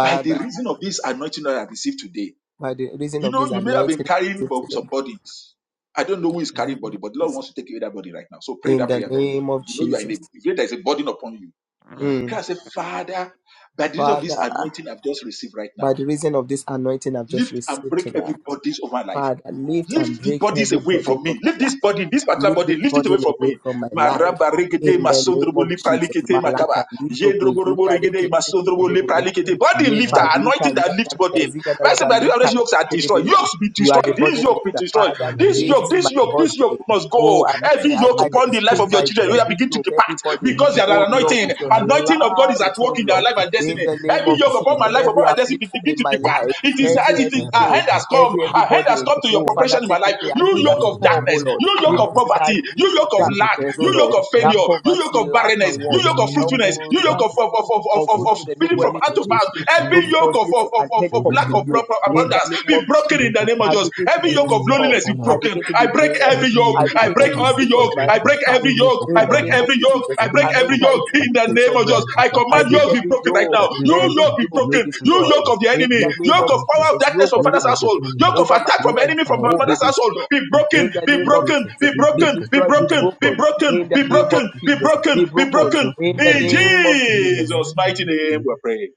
S4: by the reason of this anointing that I received today.
S1: by the reason
S4: You
S1: of
S4: know,
S1: this
S4: you may have been
S1: anointing I
S4: carrying
S1: receive
S4: bo-
S1: today,
S4: some bodies. I don't know who is carrying body, but the Lord
S1: Jesus,
S4: wants to take away that body right now. So pray
S1: in
S4: that
S1: the
S4: prayer very well.
S1: name of
S4: You know you are in a
S1: Jesus.
S4: you feel there is a burden upon you.
S1: Mm.
S4: Can I say, Father, by the reason of this
S1: Father,
S4: anointing I've just received right
S1: by
S4: now,
S1: the reason of this anointing I've just
S4: lift and
S1: received
S4: break every
S1: tonight.
S4: bondage of my life.
S1: Father, lift and
S4: Lift the
S1: break
S4: bodies
S1: every
S4: away
S1: burden
S4: from
S1: from
S4: me.
S1: my
S4: Lift this
S1: life.
S4: body, this particular
S1: Lift this
S4: body, lift it away
S1: burden
S4: from
S1: away
S4: me.
S1: from my life.
S4: Maraba regede
S1: In the name
S4: masondrobo
S1: of Jesus.
S4: lipralikete makaba.
S1: Malaka, Libro,
S4: Yendroborobo
S1: Gozunda,
S4: regede masondrobo
S1: Reke,
S2: Which is stand
S4: lipralikete.
S2: at the
S4: Body
S1: Ye
S2: prayer
S4: lifter,
S2: and
S1: palika
S4: anointing that lift
S1: yanda
S4: body.
S1: gazika.
S4: Bible
S1: dala
S4: says that
S2: about
S1: balika
S4: these yokes are destroyed.
S1: kerebuya.
S4: Yokes be
S1: You are
S4: destroyed.
S1: the
S4: This
S1: burden
S4: yoke be
S1: lifter,
S4: destroyed.
S1: Father.
S4: This
S2: Jesus
S4: yoke,
S1: Lift my
S4: this
S2: Christ.
S4: yoke,
S2: Jesus
S4: this
S2: Christ,
S4: yoke
S1: burden.
S4: must
S1: Oh,
S4: go.
S1: I,
S2: which is
S4: Every
S1: I,
S2: stand
S4: yoke
S1: I
S2: at
S4: upon the life
S1: exchange
S4: of your
S1: my
S2: the prayer and
S4: children, we are
S2: about
S1: every
S4: begin to
S1: yoke,
S4: depart
S1: every burden.
S4: because they
S2: jeigu
S4: are
S1: Oh
S2: pusantro
S1: Lord,
S4: anointing.
S1: with your
S2: hektarų
S4: Anointing of God is at
S1: light,
S4: work work
S1: oh
S4: in their
S1: Lord,
S4: life and
S2: ūkis
S1: in
S4: destiny.
S1: the
S2: turi
S1: name
S4: Every
S1: of
S2: pusantro
S4: yoke upon my
S1: Jesus,
S2: kasėjo,
S4: life,
S1: every
S4: upon my destiny, be-
S1: affliction
S4: begin
S1: in
S4: to
S1: my
S4: depart.
S2: jeigu
S1: life,
S4: It is, as
S1: every
S2: pusantro
S4: it is
S1: every
S2: hektarų
S4: a
S1: yoke,
S4: hand
S2: avys
S4: has come.
S1: every
S2: turi
S1: every
S4: A hand has
S1: burden.
S4: come
S2: pusantro
S4: to your
S1: Oh
S2: kasėjo,
S1: Father,
S4: preparation in my
S1: take
S4: life.
S1: it away.
S4: You
S1: I need us
S4: yoke
S2: jeigu
S4: of
S1: come,
S4: darkness,
S1: oh Lord,
S4: you
S2: mėnesį
S4: yoke of
S1: even
S2: turi,
S1: to that
S4: poverty, you yoke of
S1: that
S2: jeigu
S4: lack,
S1: there's oh
S4: you
S2: pusantro
S4: yoke
S1: Lord,
S4: of
S1: that
S2: kasėjo,
S4: failure, you yoke
S1: poverty,
S4: of
S1: lack
S4: barrenness,
S1: and
S4: you
S2: tada
S1: want.
S4: yoke of fruitfulness,
S1: Oh,
S4: you
S2: mėnesį
S4: yoke
S1: that's
S4: of of
S1: so
S4: of of of, of, of
S2: ūkis
S1: unfruitful
S4: feeding
S1: gbogbo
S2: turi
S4: from
S1: ẹ̀mí kò
S4: hand to
S1: ṣeé
S4: mouth.
S2: pusantro
S1: ṣe
S4: Every
S2: kasėjo,
S1: lórúkọ
S4: yoke of
S1: Jésù
S4: of, of,
S1: and
S4: of,
S1: head
S4: of
S1: come
S2: jeigu
S4: lack
S1: to
S4: of
S1: you
S4: proper
S2: mėnesį
S1: in
S2: turi,
S1: the
S4: abundance
S1: name
S4: be
S1: of
S4: broken in
S1: Jesus.
S4: the
S2: jeigu
S4: name of
S1: I
S4: Jesus.
S1: begin
S2: pusantro
S1: to
S4: Every
S1: be
S4: yoke of
S1: restored.
S4: loneliness be
S1: I
S4: broken.
S1: begin to
S4: I
S1: be
S4: I break
S1: blessed.
S4: every
S2: every
S4: yoke.
S1: I
S2: year
S4: I
S1: begin to
S4: break
S2: performer,
S4: every
S1: receive
S2: every year performer is
S1: from
S4: yoke.
S1: my
S4: I
S2: broken,
S4: break
S1: Heavenly
S2: every
S4: every
S1: Father.
S2: year
S4: yoke. I
S1: In the
S4: break
S2: performer
S1: name
S2: like
S1: of
S4: every yoke.
S1: Jesus,
S4: I
S2: every
S4: break
S1: I
S2: year
S4: every
S2: for
S1: enter
S4: yoke
S1: into my
S4: in the
S1: place
S4: name
S1: of
S4: of Jesus.
S1: rest.
S2: people,
S4: I
S1: I
S4: command
S2: for
S1: break
S4: yoke be
S1: every
S4: broken right
S1: yoke,
S4: now.
S2: Let be
S4: You
S1: every
S4: yoke
S2: broken.
S4: be
S1: yoke be
S2: Yoke
S4: broken.
S2: be
S4: You
S1: destroyed.
S4: yoke
S2: broken.
S4: of the
S1: In
S4: enemy.
S1: the
S2: Yoke be
S1: name
S4: Yoke
S1: of
S4: of
S2: broken.
S4: power of
S1: Jesus,
S4: darkness
S1: yoke
S4: from
S1: of
S2: Yoke
S1: the
S4: father's
S2: of the
S4: household.
S1: enemy
S4: Yoke
S2: enemy.
S4: of
S1: over my
S4: attack from
S2: Yoke
S1: neck
S2: of
S4: enemy from
S2: power of
S1: will be
S4: mother's
S2: darkness.
S4: household.
S1: destroyed.
S4: Be
S2: Be
S4: broken.
S1: In
S2: broken.
S1: the
S4: Be
S2: Be
S1: name of
S4: broken.
S2: broken.
S1: Jesus,
S4: Be
S2: Be
S1: be
S4: broken.
S2: broken.
S4: Be
S1: destroyed,
S2: Be
S1: be
S4: broken. Be
S2: broken.
S1: broken.
S4: broken.
S1: In the
S4: Be
S2: Every
S1: name of
S2: yoke
S4: broken.
S2: be
S4: Be
S1: Jesus,
S2: broken.
S4: broken.
S1: be
S4: Be
S2: Be
S1: broken.
S4: broken.
S2: broken
S1: In the
S2: in
S4: In
S2: my life.
S1: name of
S2: In the
S1: Jesus,
S4: Jesus'
S2: name
S4: mighty
S2: of
S4: name, we're
S2: Jesus.
S4: praying.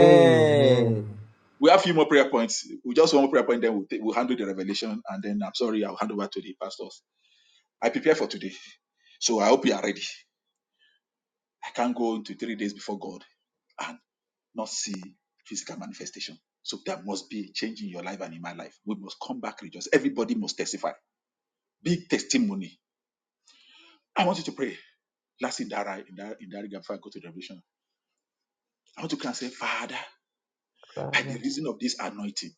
S2: Amen.
S4: We have a few more prayer points. We just one more prayer point, then we'll, take, we'll handle the revelation, and then I'm sorry, I'll hand over to the pastors. I prepare for today. So I hope you are ready. I can't go into three days before God and not see physical manifestation. So there must be a change in your life and in my life. We must come back religious. Everybody must testify. Big testimony. I want you to pray. Last in that, right- in that, in that regard, before I go to the revelation, I want to come and say, Father, by the
S2: Father,
S4: reason of this anointing,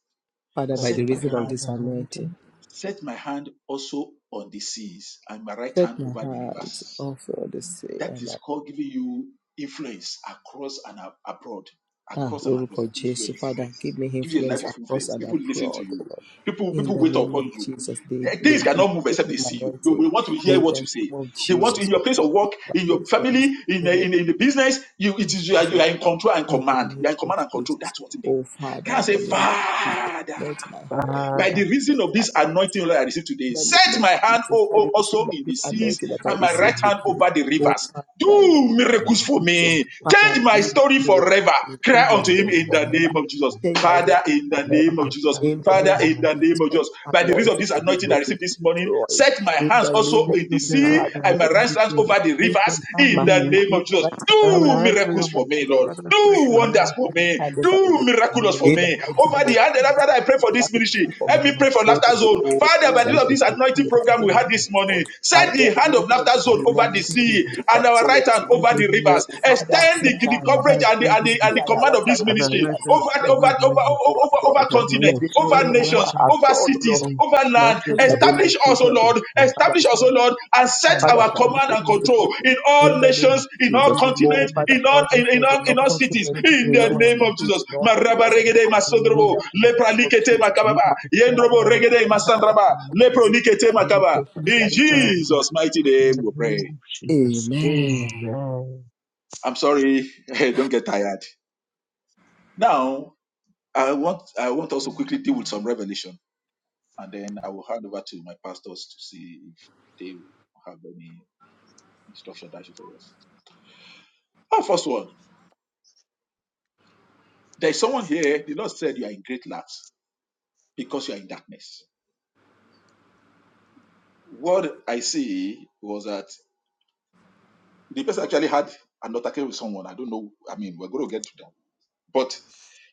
S1: Father,
S2: I
S1: by
S4: set
S1: the
S4: my
S2: receive
S1: reason
S2: all
S1: of
S2: this
S4: hand,
S1: this anointing,
S2: anointing.
S4: set my hand also on the seas and my right
S1: set
S4: hand
S1: my
S4: over the
S1: hands
S4: rivers.
S1: off for the sea
S4: That
S1: and
S4: is
S1: I.
S4: called giving you influence across and ab- abroad,
S1: Ah,
S4: across and abroad,
S1: lórúkọ Jésù,
S4: influence
S1: Father, give me
S4: Give you a
S1: influence
S4: life of
S1: across
S4: influence.
S1: and
S4: People listen to
S1: abroad, O
S4: you.
S1: Lord.
S4: People
S1: In
S4: people
S1: the
S4: wait
S1: name
S4: upon
S1: of
S4: you.
S1: Jesus, they
S4: Th-
S1: they
S4: Things
S1: they
S4: cannot move
S1: give
S4: except they
S1: me
S4: see you. They
S1: anointing.
S4: will want to hear
S1: In
S4: what you
S1: the
S4: say.
S1: name of
S4: They want to, in
S1: Jesus,
S4: your place
S1: Father,
S4: of
S1: give
S4: work,
S1: me that
S4: in your
S1: influence.
S4: family, in
S1: Give
S4: the,
S1: me
S4: in, the- in
S1: that
S4: the business. You it is you are,
S1: influence. O
S4: you are
S1: Lord.
S4: in control and
S1: In the
S4: command.
S1: name
S4: You are in
S1: of
S4: command and control.
S1: Jesus,
S4: That's what it means.
S1: oh Father,
S4: Can I
S1: in
S4: say,
S1: the name of Jesus,
S4: Father?
S1: anoint my head
S4: By
S1: with
S4: the
S2: Father,
S4: reason of this anointing, Lord, I receive today,
S1: the name
S4: set
S1: of
S4: my hand
S1: Jesus,
S4: o-
S1: I
S4: o- also
S1: receive of
S4: in
S1: this
S4: the seas
S1: anointing that I
S4: and
S2: in
S4: my
S2: the
S4: right
S1: receive
S2: name
S4: hand
S1: today.
S4: over
S2: of
S4: the
S1: Oh,
S4: rivers.
S2: Jesus,
S1: Father, in the
S4: Do
S1: name
S2: give
S1: of
S4: miracles
S2: me
S4: for
S2: the
S1: Jesus,
S2: strength
S4: me.
S2: to
S1: Father,
S4: Change
S2: stand.
S4: my
S1: give me
S4: story forever.
S1: miracles.
S4: Cry
S1: change my
S2: In the
S4: unto
S2: name
S4: him
S2: of
S1: story
S4: in the
S1: forever,
S4: name of Jesus.
S2: Jesus,
S1: change my
S4: Father,
S1: life
S4: in the
S2: give
S1: forever.
S2: me
S4: name of
S2: the
S4: Jesus.
S2: strength
S1: In the
S4: Father,
S1: name of
S4: in the
S2: to
S4: name
S1: Jesus,
S4: of
S1: my
S4: Jesus. By the reason of
S1: anointing,
S4: this
S1: every
S2: stand.
S4: anointing I
S1: yoke is
S4: received this morning,
S1: destroyed.
S4: set my
S1: In
S4: hands
S1: the name
S4: also
S1: of
S4: in the
S2: my
S1: Jesus,
S4: sea
S1: Father,
S4: and my
S1: set
S4: right hand over the over the rivers in
S1: my
S2: family
S4: the
S2: with
S4: name of
S2: you.
S4: Jesus.
S1: right hand
S2: I
S1: over
S2: will
S1: the
S4: Do
S2: write
S1: left,
S4: miracles
S1: my
S2: around.
S4: for me,
S1: hand on
S4: Lord.
S1: the
S2: Father,
S1: sea,
S4: Do
S2: spread my
S1: and
S2: hands
S1: my
S4: wonders
S2: and
S4: for
S1: right
S4: me.
S2: my
S1: hand over the
S4: Do
S1: river.
S4: miraculous
S2: In the
S4: for
S1: In
S2: name
S1: the
S4: me.
S2: of
S1: mighty
S2: Jesus.
S4: Over
S1: name
S4: the
S1: of
S4: hand, Father,
S1: Jesus,
S2: In
S1: Father,
S4: I pray
S1: do
S4: for this ministry.
S1: miraculously for me.
S2: the
S4: Help me
S2: name of
S4: pray for
S1: Oh,
S2: Jesus.
S4: Laughter Zone. Father,
S1: in
S4: by the
S1: the
S4: end
S2: Lead
S4: of
S2: us
S4: this
S1: name of
S2: to
S4: anointing
S2: stand
S1: Jesus,
S2: up
S1: I
S2: and
S4: program
S1: pray
S4: we
S2: serve
S1: for
S4: had
S2: us.
S4: this
S1: that
S4: morning,
S1: Lord. I
S4: set
S1: they
S4: the
S1: are
S4: hand of
S1: using of
S4: Laughter
S1: this
S2: In
S4: Zone
S2: the
S4: over
S2: name
S4: the
S2: of
S1: anointing in
S4: sea
S2: Jesus.
S1: the
S4: and
S1: service
S4: our
S1: all of
S4: right
S1: this
S4: hand over
S1: morning.
S2: Lead
S4: the
S2: us in the
S1: Oh,
S4: rivers.
S2: Father,
S1: Father,
S4: Extend
S2: spread
S4: the,
S1: set
S4: the
S1: our
S2: my
S4: coverage
S1: hand
S2: hands
S1: over
S4: and the,
S2: over
S1: the
S4: and, the,
S2: the
S4: and
S1: sea
S4: the
S1: and
S2: sea.
S1: our
S4: command
S1: right
S4: of
S1: hand
S4: this
S1: over
S2: And I
S1: the
S4: ministry
S2: write
S1: rivers.
S2: them
S4: over
S1: Let
S4: over,
S2: over
S4: over,
S2: the
S1: this
S2: rivers.
S4: over,
S1: go
S4: over,
S1: abroad.
S2: But
S4: over
S2: I
S4: continents,
S1: Let
S2: know
S1: it
S2: spread
S4: over
S1: go
S2: my
S1: over
S4: nations,
S2: righteousness
S4: over
S1: abroad, oh Lord.
S4: cities,
S2: from
S4: over land.
S1: In the
S2: baptism
S1: name of
S4: Establish us, O
S1: Jesus.
S2: over the
S4: Lord.
S2: seas.
S1: Father,
S4: Establish us, O
S1: establish
S4: Lord,
S1: us.
S4: and
S2: I
S4: set
S2: have
S1: Father,
S2: the
S4: our
S1: establish
S4: command
S1: for
S4: and
S1: us
S2: baptism.
S1: to
S4: control
S1: comfort.
S4: in
S1: In
S4: all
S1: the name of
S2: In
S4: nations, in all
S1: Jesus.
S2: the
S1: Oh,
S4: continents,
S2: name of
S1: Father,
S4: in
S1: in all
S4: all in, in
S1: nations,
S4: all
S1: in all
S4: in all
S2: Jesus.
S4: cities.
S1: continents,
S2: Send
S4: In
S1: in
S4: the
S1: all
S2: us
S4: name of Jesus.
S1: cities, in all
S4: Maraba
S1: areas
S2: In
S1: of
S4: regede
S1: life.
S2: the name
S1: In
S2: of
S4: masodrobo,
S1: the mighty
S2: Jesus.
S4: lepra
S1: name of
S4: likete
S1: Jesus.
S2: We
S4: makababa,
S2: will protect
S4: yendrobo
S2: our
S4: regede
S2: people to
S4: masandraba,
S2: defend.
S4: lepro likete
S2: We will
S4: makaba. In
S2: protect the time.
S4: Jesus' mighty
S2: In
S4: name
S2: the
S4: we
S2: name
S4: pray.
S2: of Jesus.
S1: Amen.
S2: Amen.
S4: I'm sorry, don't get tired. Now I want I want us to quickly deal with some revelation. and then I will hand over to my pastors to see if they have any instruction that you for us. Our first one, there is someone here. The Lord said you are in great lacks because you are in darkness. What I see was that the person actually had an altercation with someone. I don't know. I mean, we're going to get to that. But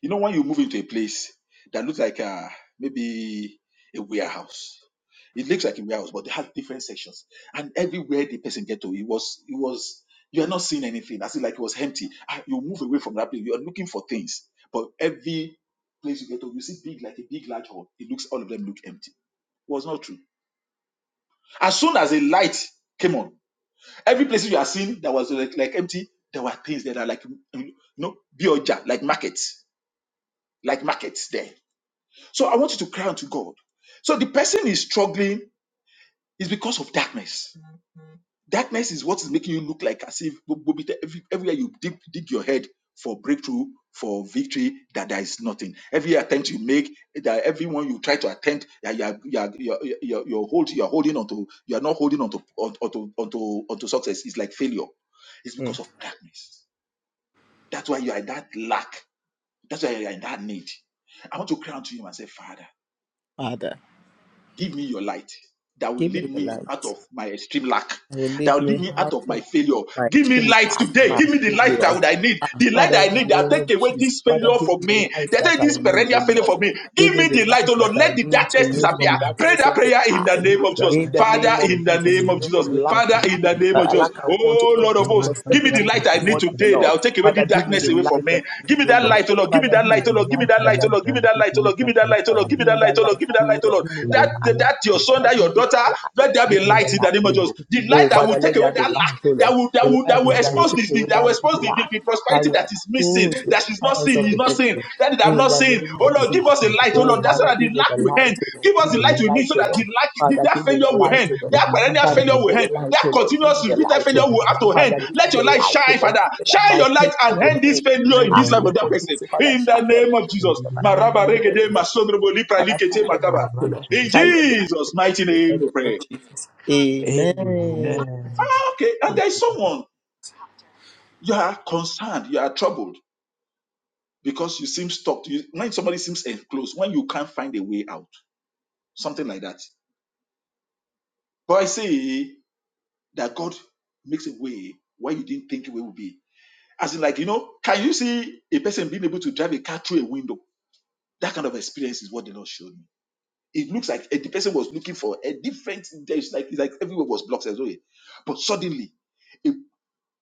S4: you know, when you move into a place that looks like a, maybe a warehouse, it looks like a warehouse, but they have different sections. And everywhere the person get to, it was, it was, you are not seeing anything. As if like it was empty. Ah, You move away from that place. You are looking for things, but every place you get to, you see big, like a big large hall. It looks, all of them look empty. It was not true. As soon as a light came on, every place you are seeing that was like, like empty, there were things that are like, you know, bioja, like markets, like markets there So I want you to cry unto God. So the person is struggling is because of darkness. Darkness is what is making you look like as if gbogbo bit- every- everywhere you dig, dig your head for breakthrough, for victory, that there is nothing. Every attempt you make, that everyone you try to attempt, that you are, you are, you are, you are, you are hold, you are holding onto, you are not holding onto, onto, onto, onto, onto success. It's like failure. It's because of darkness. That's why you are in that lack. That's why you are in that need. I want to cry unto him and say, Father.
S1: Father,
S4: give me your light that will
S1: give
S4: lead
S1: me your
S4: me out
S1: light.
S4: of my extreme lack
S1: will
S4: that
S1: lead
S4: will lead
S1: me
S4: me out
S1: out
S4: of
S1: of
S4: my failure
S1: my
S4: give me
S1: extreme
S4: light
S1: lack,
S4: today
S1: my
S4: give me the light that
S1: failure.
S4: would i need
S1: Ah,
S4: the light
S1: Father,
S4: that
S1: in
S4: i
S1: the
S4: need that will
S1: name
S4: take
S1: of
S4: away
S1: Jesus,
S4: this
S1: Father,
S4: failure
S1: give
S4: from
S1: me the
S4: me
S1: light
S4: that
S1: that
S4: take
S1: I
S4: this
S1: need, oh
S4: perennial failure from
S1: Lord.
S4: me
S1: Give
S4: give
S1: me
S4: me
S1: the
S4: the light
S1: light
S4: oh lord
S1: that I
S4: let the
S1: need to
S4: darkness
S1: move
S4: disappear
S1: from
S2: Amen.
S4: pray
S1: darkness
S4: that
S1: into
S4: prayer in the
S1: light.
S2: Let
S4: name of
S2: that
S4: jesus
S1: In the
S2: message
S4: father
S1: name of
S4: in
S2: campaign.
S4: the
S2: Let the
S1: Jesus,
S4: name
S1: to
S4: of
S2: light.
S1: move
S4: jesus
S1: from
S2: Let
S1: lack
S2: that
S4: father
S1: into
S4: in
S2: message
S4: the name
S2: campaign.
S4: of
S1: uh,
S4: jesus
S1: lack and want, oh
S4: oh
S1: Lord,
S2: Let
S4: lord
S2: the
S4: of
S1: into
S4: hosts
S2: light. Let
S4: give me the
S2: that
S1: prosperity,
S4: light i
S2: message
S1: into
S4: need
S1: more
S2: campaign.
S1: than
S4: today that
S1: enough.
S4: will take away the
S1: Father, give me
S4: darkness
S1: the
S2: Yes.
S4: away from
S1: light that
S4: me
S1: I need,
S4: give me
S1: oh
S4: that
S1: Lord.
S4: light
S2: yes.
S4: oh lord give me
S1: Father, give
S4: that
S2: Let
S1: me
S2: there
S4: light
S1: the
S4: oh
S2: be
S4: lord give me
S1: light
S2: light.
S4: that
S2: I
S1: that I
S4: light oh
S2: need.
S4: lord give
S2: I
S4: me
S2: will
S4: that light
S2: take
S4: oh
S2: away
S4: lord give me that
S2: darkness
S4: light oh
S1: Father,
S4: lord
S2: from
S4: give me
S1: give
S2: it.
S1: me
S4: that light
S1: that
S4: oh lord
S1: light
S4: give
S1: to
S4: me that
S1: give, oh
S4: light oh lord give me that light oh
S1: Lord.
S4: lord
S1: Give me
S2: In the
S1: that
S4: that,
S1: light.
S4: that
S2: name
S4: that
S2: of
S4: your
S2: Jesus.
S4: son,
S1: Father,
S4: that your
S1: give me
S4: daughter,
S1: that light.
S4: let there be
S1: Give
S2: Let the
S1: me
S2: light.
S1: the
S4: light in
S2: I
S4: the
S1: light
S4: name of
S1: to
S2: will
S4: Jesus.
S2: take
S4: The
S2: away
S4: light
S1: Oh,
S4: that will
S1: Father,
S2: darkness.
S4: take
S1: let
S4: away
S1: there be
S4: that lack,
S1: light, oh
S4: that
S1: Lord.
S4: will that
S1: The
S4: will
S1: light
S2: Let
S4: that will
S2: the light. In the
S1: that
S2: name
S1: will
S4: expose
S1: take
S4: this,
S1: away
S4: that will
S1: that
S4: expose the, the,
S1: light.
S4: the
S1: That
S4: prosperity
S1: will
S4: that is missing,
S1: expose the
S4: that she's not
S2: of
S1: powers
S4: seeing,
S1: of
S4: is
S1: the
S4: not
S2: Jesus.
S4: seeing,
S1: enemy.
S4: that is I'm
S1: In
S4: not
S1: the
S4: seeing.
S1: name
S2: We
S4: Oh
S1: of
S2: will
S4: Lord, give
S1: Jesus.
S4: us the
S2: protect
S4: light,
S2: the
S4: oh
S1: Oh,
S4: Lord, that's so
S1: Father,
S2: time.
S4: that the
S1: give me
S4: lack
S1: the
S4: will end.
S1: light, oh Lord.
S4: Give us
S1: Give
S2: In
S4: the
S1: me
S2: the
S4: light
S2: name
S1: the
S4: we
S2: of
S4: need
S1: light,
S4: so
S1: oh
S4: that
S2: Jesus.
S1: Lord.
S4: the lack, the,
S1: Father,
S4: that
S1: give me
S4: failure
S1: the
S4: will
S2: In
S1: light,
S4: end,
S1: oh
S2: the
S1: Lord.
S4: that perennial
S2: light I
S1: Father, give
S4: failure
S2: live,
S1: me
S4: will
S1: the
S4: end,
S1: light,
S4: that
S1: O Lord. Give me
S4: continuous
S1: the
S4: repeated
S1: light, O
S4: failure
S2: in the
S1: Lord.
S4: will have to
S2: name
S4: end.
S1: Father,
S2: of
S1: give me
S4: Let
S1: the
S4: your light
S1: light, O
S4: shine,
S1: Lord.
S4: Father.
S1: So that
S4: Shine
S1: my
S4: your
S1: pain
S4: light and
S1: will
S4: end
S2: Jesus,
S4: this
S1: end.
S4: failure
S2: shine
S4: in
S1: I
S4: this
S2: your
S4: life of
S2: light
S1: look
S4: that
S1: for
S2: in
S4: person.
S1: Jesus, Father,
S4: In the
S1: shine your light.
S4: name of
S2: in
S4: Jesus.
S2: the
S1: oh,
S2: name
S4: Maraba
S2: of
S1: Father,
S4: regede
S2: Jesus,
S4: masodrobo lipra
S1: Father,
S4: likete
S1: shine your
S2: shine
S4: makaba.
S2: your
S1: light, O
S2: light
S1: Lord.
S2: to
S4: In
S2: us.
S1: Shine your light, O
S4: Jesus'
S1: Lord,
S4: mighty
S1: in the
S4: name we
S1: name of
S4: pray.
S1: Jesus. Amen.
S2: Amen.
S4: Okay, and there is someone you are concerned, you are troubled because you seem stuck. You, when somebody seems enclosed, when you can't find a way out, something like that. But I say that God makes a way where you didn't think a way would be. As in, like, you know, can you see a person being able to drive a car through a window? That kind of experience is what the Lord showed me. It looks like eh, the person was looking for a different, there's like, it's like everywhere was blocked as well. But suddenly,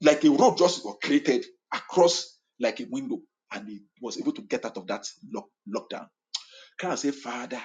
S4: Like a road just was created across like a window, and he was able to get out of that lock, lockdown. Can I say, Father,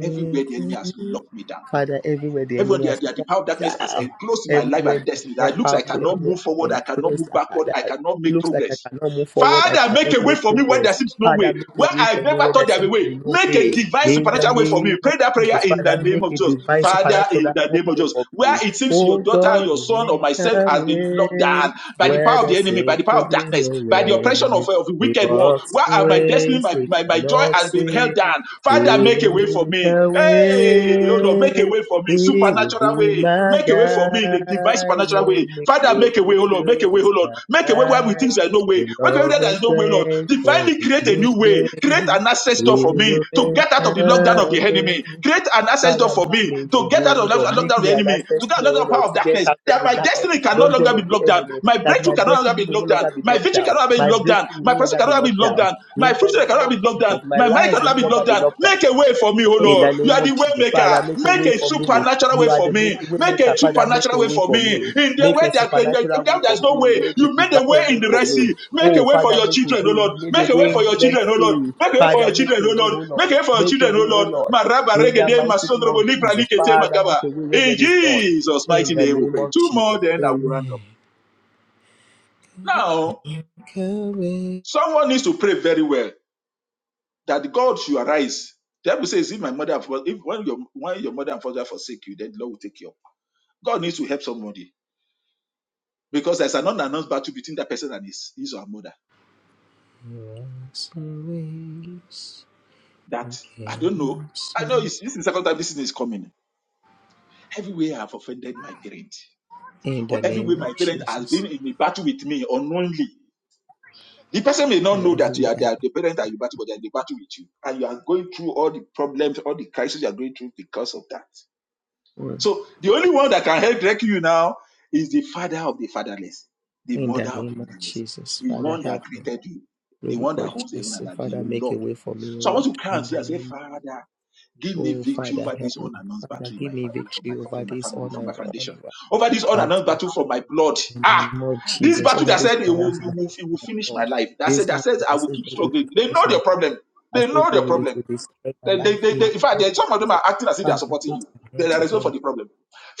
S4: everywhere the enemy has locked me down.
S1: Father, everywhere the
S4: Everywhere
S1: enemy has
S4: the, the, the
S1: blocked
S4: power of
S1: it
S4: darkness has
S1: down,
S4: enclosed my life and
S1: everywhere
S4: destiny.
S1: the
S4: That
S1: uh,
S4: it looks
S1: power
S4: like
S1: of
S4: I
S1: the
S4: cannot
S1: enemy
S4: move
S1: are
S4: forward, I cannot
S1: enclosed,
S4: move
S1: and that,
S4: backward,
S1: that
S4: I cannot make
S1: looks like
S4: progress.
S1: I cannot move forward, I
S4: Father, make a
S1: cannot
S4: way
S1: make
S4: for me where there
S1: progress.
S4: seems no way,
S1: Father, make a
S4: where
S1: way
S4: I
S1: for me
S4: never
S1: where
S4: thought
S1: there
S4: there be
S1: seems to
S4: way.
S1: be no
S4: Make a
S1: way.
S4: divine
S1: In the
S4: supernatural way for me.
S1: name of
S4: Pray that prayer
S1: Jesus,
S4: in the
S1: Father,
S4: name
S1: make
S4: of
S1: a
S4: Jesus.
S1: divine
S4: Father, in
S1: supernatural
S4: the name of
S1: opening
S4: Jesus.
S1: for
S4: Where
S1: me.
S4: it seems your
S1: Oh
S4: daughter,
S1: God,
S4: your
S1: you
S4: son, or
S1: make
S4: myself
S1: a
S4: has been locked
S1: way
S4: down by the
S1: where
S4: power of the
S1: there
S4: enemy, by the
S1: seems
S4: power
S1: to
S4: of
S1: be
S4: darkness,
S1: no
S4: by the oppression
S1: way.
S4: of, of the
S1: He
S4: wicked one.
S1: walks
S4: Where
S1: in
S4: are my destiny,
S1: ways
S4: my,
S1: we
S4: my, my joy
S1: cannot
S4: has been held
S1: see.
S4: down. Father,
S1: He
S4: make a
S1: will
S4: way for
S1: make
S4: me.
S1: a
S4: Hey, oh Lord, make a
S1: way.
S4: way for me.
S1: He will
S4: Supernatural
S1: be
S4: way way.
S1: my
S4: Make a way for me in a divine
S1: guide.
S4: supernatural
S1: He'll
S4: way.
S1: make
S4: Father,
S1: me
S4: make a way, oh Lord. Make a
S1: to
S4: way,
S1: his
S4: oh Lord. Make a way where we
S1: side.
S4: think there's no way.
S1: The
S4: Make a way
S1: love
S4: where
S1: and
S4: there's no way, Lord.
S1: strength for
S4: Divinely
S1: his
S4: create a
S1: new
S4: new way.
S1: day.
S4: Create an access door
S1: He
S4: for me
S1: will
S4: to get
S1: make
S4: out of the lockdown of the
S1: a way.
S4: enemy. Create an access door
S1: Father,
S4: for
S1: make
S4: me
S1: me a
S4: to get
S1: way,
S4: out
S1: O
S4: of the
S1: Lord. Make
S4: lockdown of
S1: me
S4: the
S1: an
S4: enemy.
S1: access
S4: To get out
S1: way,
S4: of
S1: O
S4: the power
S1: Lord,
S4: of
S1: to get
S4: darkness.
S1: out of
S4: That
S1: the
S4: my
S1: di-
S4: destiny can no
S1: dungeon
S4: longer
S1: of
S4: be
S1: the
S4: locked down.
S1: enemy.
S4: My
S1: That
S4: breakthrough
S1: my
S4: can no longer
S1: destiny
S4: be
S1: will no
S4: locked down.
S1: longer be
S4: My
S1: locked
S4: victory
S1: down.
S4: cannot be
S1: My
S4: locked down.
S1: breakthrough
S4: My
S1: will no
S4: person
S1: longer be
S4: cannot be
S1: locked
S4: locked
S1: down.
S4: down. My
S1: In
S4: fruit
S1: the name
S4: cannot
S1: of
S4: be locked down down.
S1: Jesus, my
S4: My mind
S1: life will
S4: cannot
S1: no
S4: be
S1: longer
S4: blocked
S1: be
S4: down.
S1: locked down.
S4: Make a way for me, oh
S1: In the
S4: Lord. You
S1: name
S4: are the
S1: of
S4: way
S1: Jesus, Father,
S4: maker.
S1: make a
S4: Make
S1: way
S4: a
S1: for me.
S4: supernatural
S1: You
S4: way
S1: are
S4: for
S1: the
S4: me.
S1: make way
S4: Make
S1: maker,
S4: a
S1: Father. Make a
S4: supernatural way
S1: way
S4: for
S1: for
S4: me.
S1: me.
S4: In the
S1: Make
S4: way
S1: a
S4: that
S1: supernatural way for
S4: there's no
S1: me.
S4: way.
S1: Make a
S4: You made a way
S1: divine
S4: in
S1: way
S4: the
S1: for
S4: Red
S1: me.
S4: Sea. Make a
S1: Oh,
S4: way for
S1: Father,
S4: your
S1: make a
S4: children, oh
S1: way.
S4: Lord.
S1: We need a
S4: Make a way
S1: way.
S4: for your
S1: Let's
S4: children, oh Lord.
S1: see.
S4: Make a way for
S1: Father,
S4: your
S1: make
S4: children,
S1: a
S4: oh
S1: way,
S4: Lord.
S1: oh Lord.
S4: Make a way for your
S1: Make a
S4: children, oh
S1: way, oh
S4: Lord.
S1: Lord.
S4: Maraba
S1: In the
S4: regede
S1: mighty name of
S4: masondrobo libra
S1: Jesus,
S4: likete
S1: Father,
S4: makaba.
S1: make a way where
S4: In
S1: there is none.
S4: Jesus'
S1: In
S4: mighty
S1: the
S4: name we
S1: name
S4: pray.
S1: of
S4: Two
S1: Jesus,
S4: more, then I will
S1: Amen.
S4: round up. Now, someone needs to pray very well. that God should arise. The Bible says, if my mother and father, if when your when your mother and father forsake you, then the Lord will take you up. God needs to help somebody because there's an unannounced battle between that person and his his or her mother. That I don't know. I know it's, this is the second time this thing is coming. Every way I have offended my parent,
S1: In
S4: or
S1: the
S4: every way
S1: name of
S4: my parent has been
S1: Jesus,
S4: in a battle with me unknowingly. The person may not
S1: and
S4: know that you
S1: everywhere
S4: are
S1: I
S4: there, the parent that you battle, but they are in the battle with you, and you are going through all the problems, all the crises you are going through because of that.
S1: go,
S4: So the only one that can help rescue you now is the father of the fatherless, the
S1: in the
S4: mother of the
S1: name of
S4: motherless,
S1: Jesus,
S4: the
S1: Father,
S4: one that
S1: help me.
S4: created you, the one
S1: Lórúkọ
S4: that owns heaven and
S1: Jesus,
S4: earth,
S1: Father,
S4: your
S1: make a
S4: Lord.
S1: way for me, O
S4: So I want
S1: Lord,
S4: to cry and
S1: in
S4: say,
S1: the
S4: I say,
S1: name.
S4: Father, give me
S1: Oh,
S4: victory
S1: Father,
S4: over this
S1: help me.
S4: unannounced battle
S1: Father,
S4: in
S1: give
S4: my
S1: me
S4: fa- from
S1: victory
S4: my
S1: over
S4: from my
S1: this
S4: family,
S1: on
S4: from my
S1: and on
S4: foundation, over this unannounced
S1: battle.
S4: battle from my blood.
S1: In the
S4: Ah.
S1: name of
S4: This
S1: Jesus,
S4: battle
S1: over
S4: that
S1: this
S4: said it will,
S1: harass
S4: it will,
S1: battle,
S4: it will
S1: my
S4: finish my
S1: Lord.
S4: life. That
S1: This
S4: said, that says
S1: battle, I
S4: I will
S1: say
S4: keep
S1: that it
S4: struggling.
S1: will
S4: They know
S1: finish my
S4: their problem.
S1: life. I
S4: They
S1: say
S4: know
S1: that it
S4: their
S1: will
S4: problem.
S1: destroy my
S4: They, they,
S1: life.
S4: they,
S1: In
S4: they, in
S1: the
S4: fact,
S1: name
S4: there-
S1: of
S4: some of them
S1: Jesus,
S4: are acting as if they are
S1: Father,
S4: supporting
S1: put
S4: you.
S1: an
S4: They
S1: end
S4: are
S1: to
S4: responsible for
S1: them.
S4: the problem.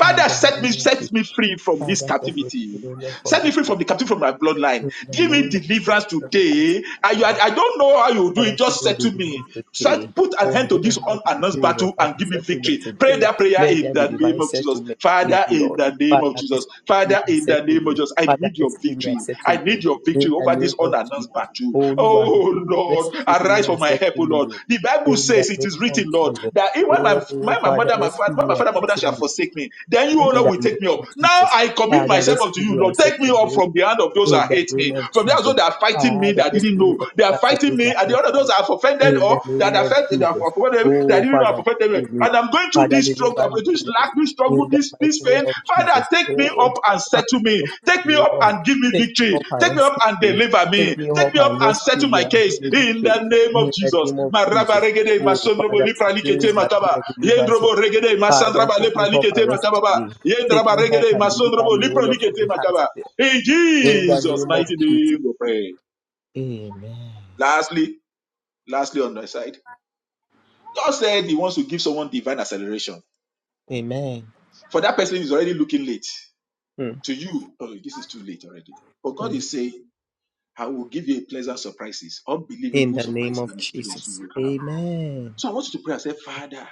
S1: In the
S4: set me,
S1: name of
S4: set
S1: Jesus,
S4: me free from this
S1: Father, set me free,
S4: captivity.
S1: O Lord, from
S4: Set me
S1: this
S4: free from
S1: battle.
S4: the captivity from my bloodline.
S1: In the
S4: Give me
S1: name of
S4: deliverance
S1: Jesus,
S4: today. I,
S1: Father,
S4: I, I don't know how you do it.
S1: Father, give
S4: Just
S1: me
S4: settle me.
S1: deliverance today.
S4: Set- put an
S1: Oh,
S4: end
S1: I
S4: to
S1: don't know
S4: this
S1: how you
S4: unannounced
S1: do it,
S4: battle
S1: but
S4: and
S1: Father,
S4: give me
S1: settlement
S4: victory. Pray
S1: today.
S4: that prayer
S1: Let
S4: in
S1: there be
S4: the name
S1: divine
S4: of Jesus.
S1: settlement to me,
S4: Father,
S1: O
S4: in
S1: Lord.
S4: the name
S1: Father,
S4: of Jesus.
S1: rescue me
S4: Father,
S1: and
S4: in the
S1: settle
S4: name of
S1: me.
S4: Jesus. I
S1: Father,
S4: need your
S1: rescue me
S4: victory.
S1: and
S4: I
S1: settle
S4: need
S1: me.
S4: your victory
S1: In the
S4: over this
S1: name of
S4: unannounced
S1: Jesus.
S4: battle.
S1: Oh, Lord,
S4: Oh Lord,
S1: rescue me
S4: arise for
S1: and
S4: my
S1: settle
S4: help, oh Lord.
S1: me.
S4: The Bible
S1: In the
S4: says it is
S1: name of
S4: written, Lord,
S1: Jesus.
S4: that even when my, when
S1: Oh,
S4: my
S1: Father,
S4: mother, my father,
S1: rescue
S4: when
S1: me
S4: my
S1: and
S4: father, my mother
S1: settle
S4: shall
S1: me.
S4: forsake me, then you,
S1: In
S4: O Lord,
S1: the
S4: will
S1: name
S4: take me up.
S1: of
S4: Now
S1: Jesus.
S4: I commit
S1: Father,
S4: myself unto
S1: rescue
S4: you,
S1: me and
S4: Lord. Take me
S1: settle
S4: up
S1: me
S4: from the hand of those
S1: in
S4: that
S1: the
S4: hate
S1: name
S4: me,
S1: of
S4: from those
S1: Jesus.
S4: that are fighting me
S1: Father,
S4: that I didn't
S1: rescue me
S4: know.
S1: from the
S4: They are
S1: hands of
S4: fighting
S1: those
S4: me,
S1: that
S4: and the
S1: hate
S4: other those
S1: me.
S4: that have offended
S1: In
S4: or
S1: the name
S4: that
S1: of
S4: affected, that have
S1: Jesus.
S4: offended, that I
S1: Oh,
S4: didn't know have
S1: Father,
S4: offended me.
S1: rescue me.
S4: And I'm going through
S1: Father,
S4: this struggle,
S1: deliver me, O Lord.
S4: lack, this struggle,
S1: In the
S4: this,
S1: mighty
S4: this
S1: name
S4: pain.
S1: of
S4: Father,
S1: Jesus.
S4: take me up
S1: Oh,
S4: and
S1: Father,
S4: settle me.
S1: rescue
S4: Take me
S1: me, O
S4: up
S1: Lord.
S4: and give me
S1: Take me
S4: victory.
S1: up and
S4: Take me up
S1: rescue
S4: and
S1: me.
S4: deliver me.
S1: Take me
S4: Take
S1: up
S4: me up
S1: and
S4: and
S1: rescue
S4: settle
S1: me
S4: my
S1: and
S4: case
S1: give me
S4: in
S1: victory.
S4: the name of
S1: In the
S4: Jesus.
S1: name of
S4: Maraba
S1: Jesus.
S4: regede,
S1: Oh,
S4: masondrobo
S1: Father,
S4: lipra
S1: today
S4: likete
S1: is my day
S4: makaba.
S1: of deliverance. Oh,
S4: Yendrobo regede,
S1: Father,
S4: masandraba
S1: take me
S4: lepra
S1: up
S4: likete
S1: and rescue
S4: makababa.
S1: me. Take
S4: Yendraba
S1: me up
S4: regede,
S1: and deliver
S4: masondrobo
S1: me, O
S4: lipra
S1: Lord, from the
S4: likete
S1: hands
S4: makaba.
S1: of the
S4: In
S1: in the
S4: Jesus'
S1: name of
S4: mighty
S1: Jesus.
S4: name we pray.
S1: Amen.
S4: Lastly, lastly on my side, God said He wants to give someone divine acceleration.
S1: Amen.
S4: For that person who's already looking late.
S1: Mm,
S4: To you, oh, this is too late already. But God
S1: mm.
S4: is saying, I will give you a pleasant surprises,
S1: In
S4: unbelievable
S1: the name
S4: surprises
S1: of
S4: and experience you
S1: Jesus.
S4: will have.
S1: Amen.
S4: So I want you to pray and say, Father,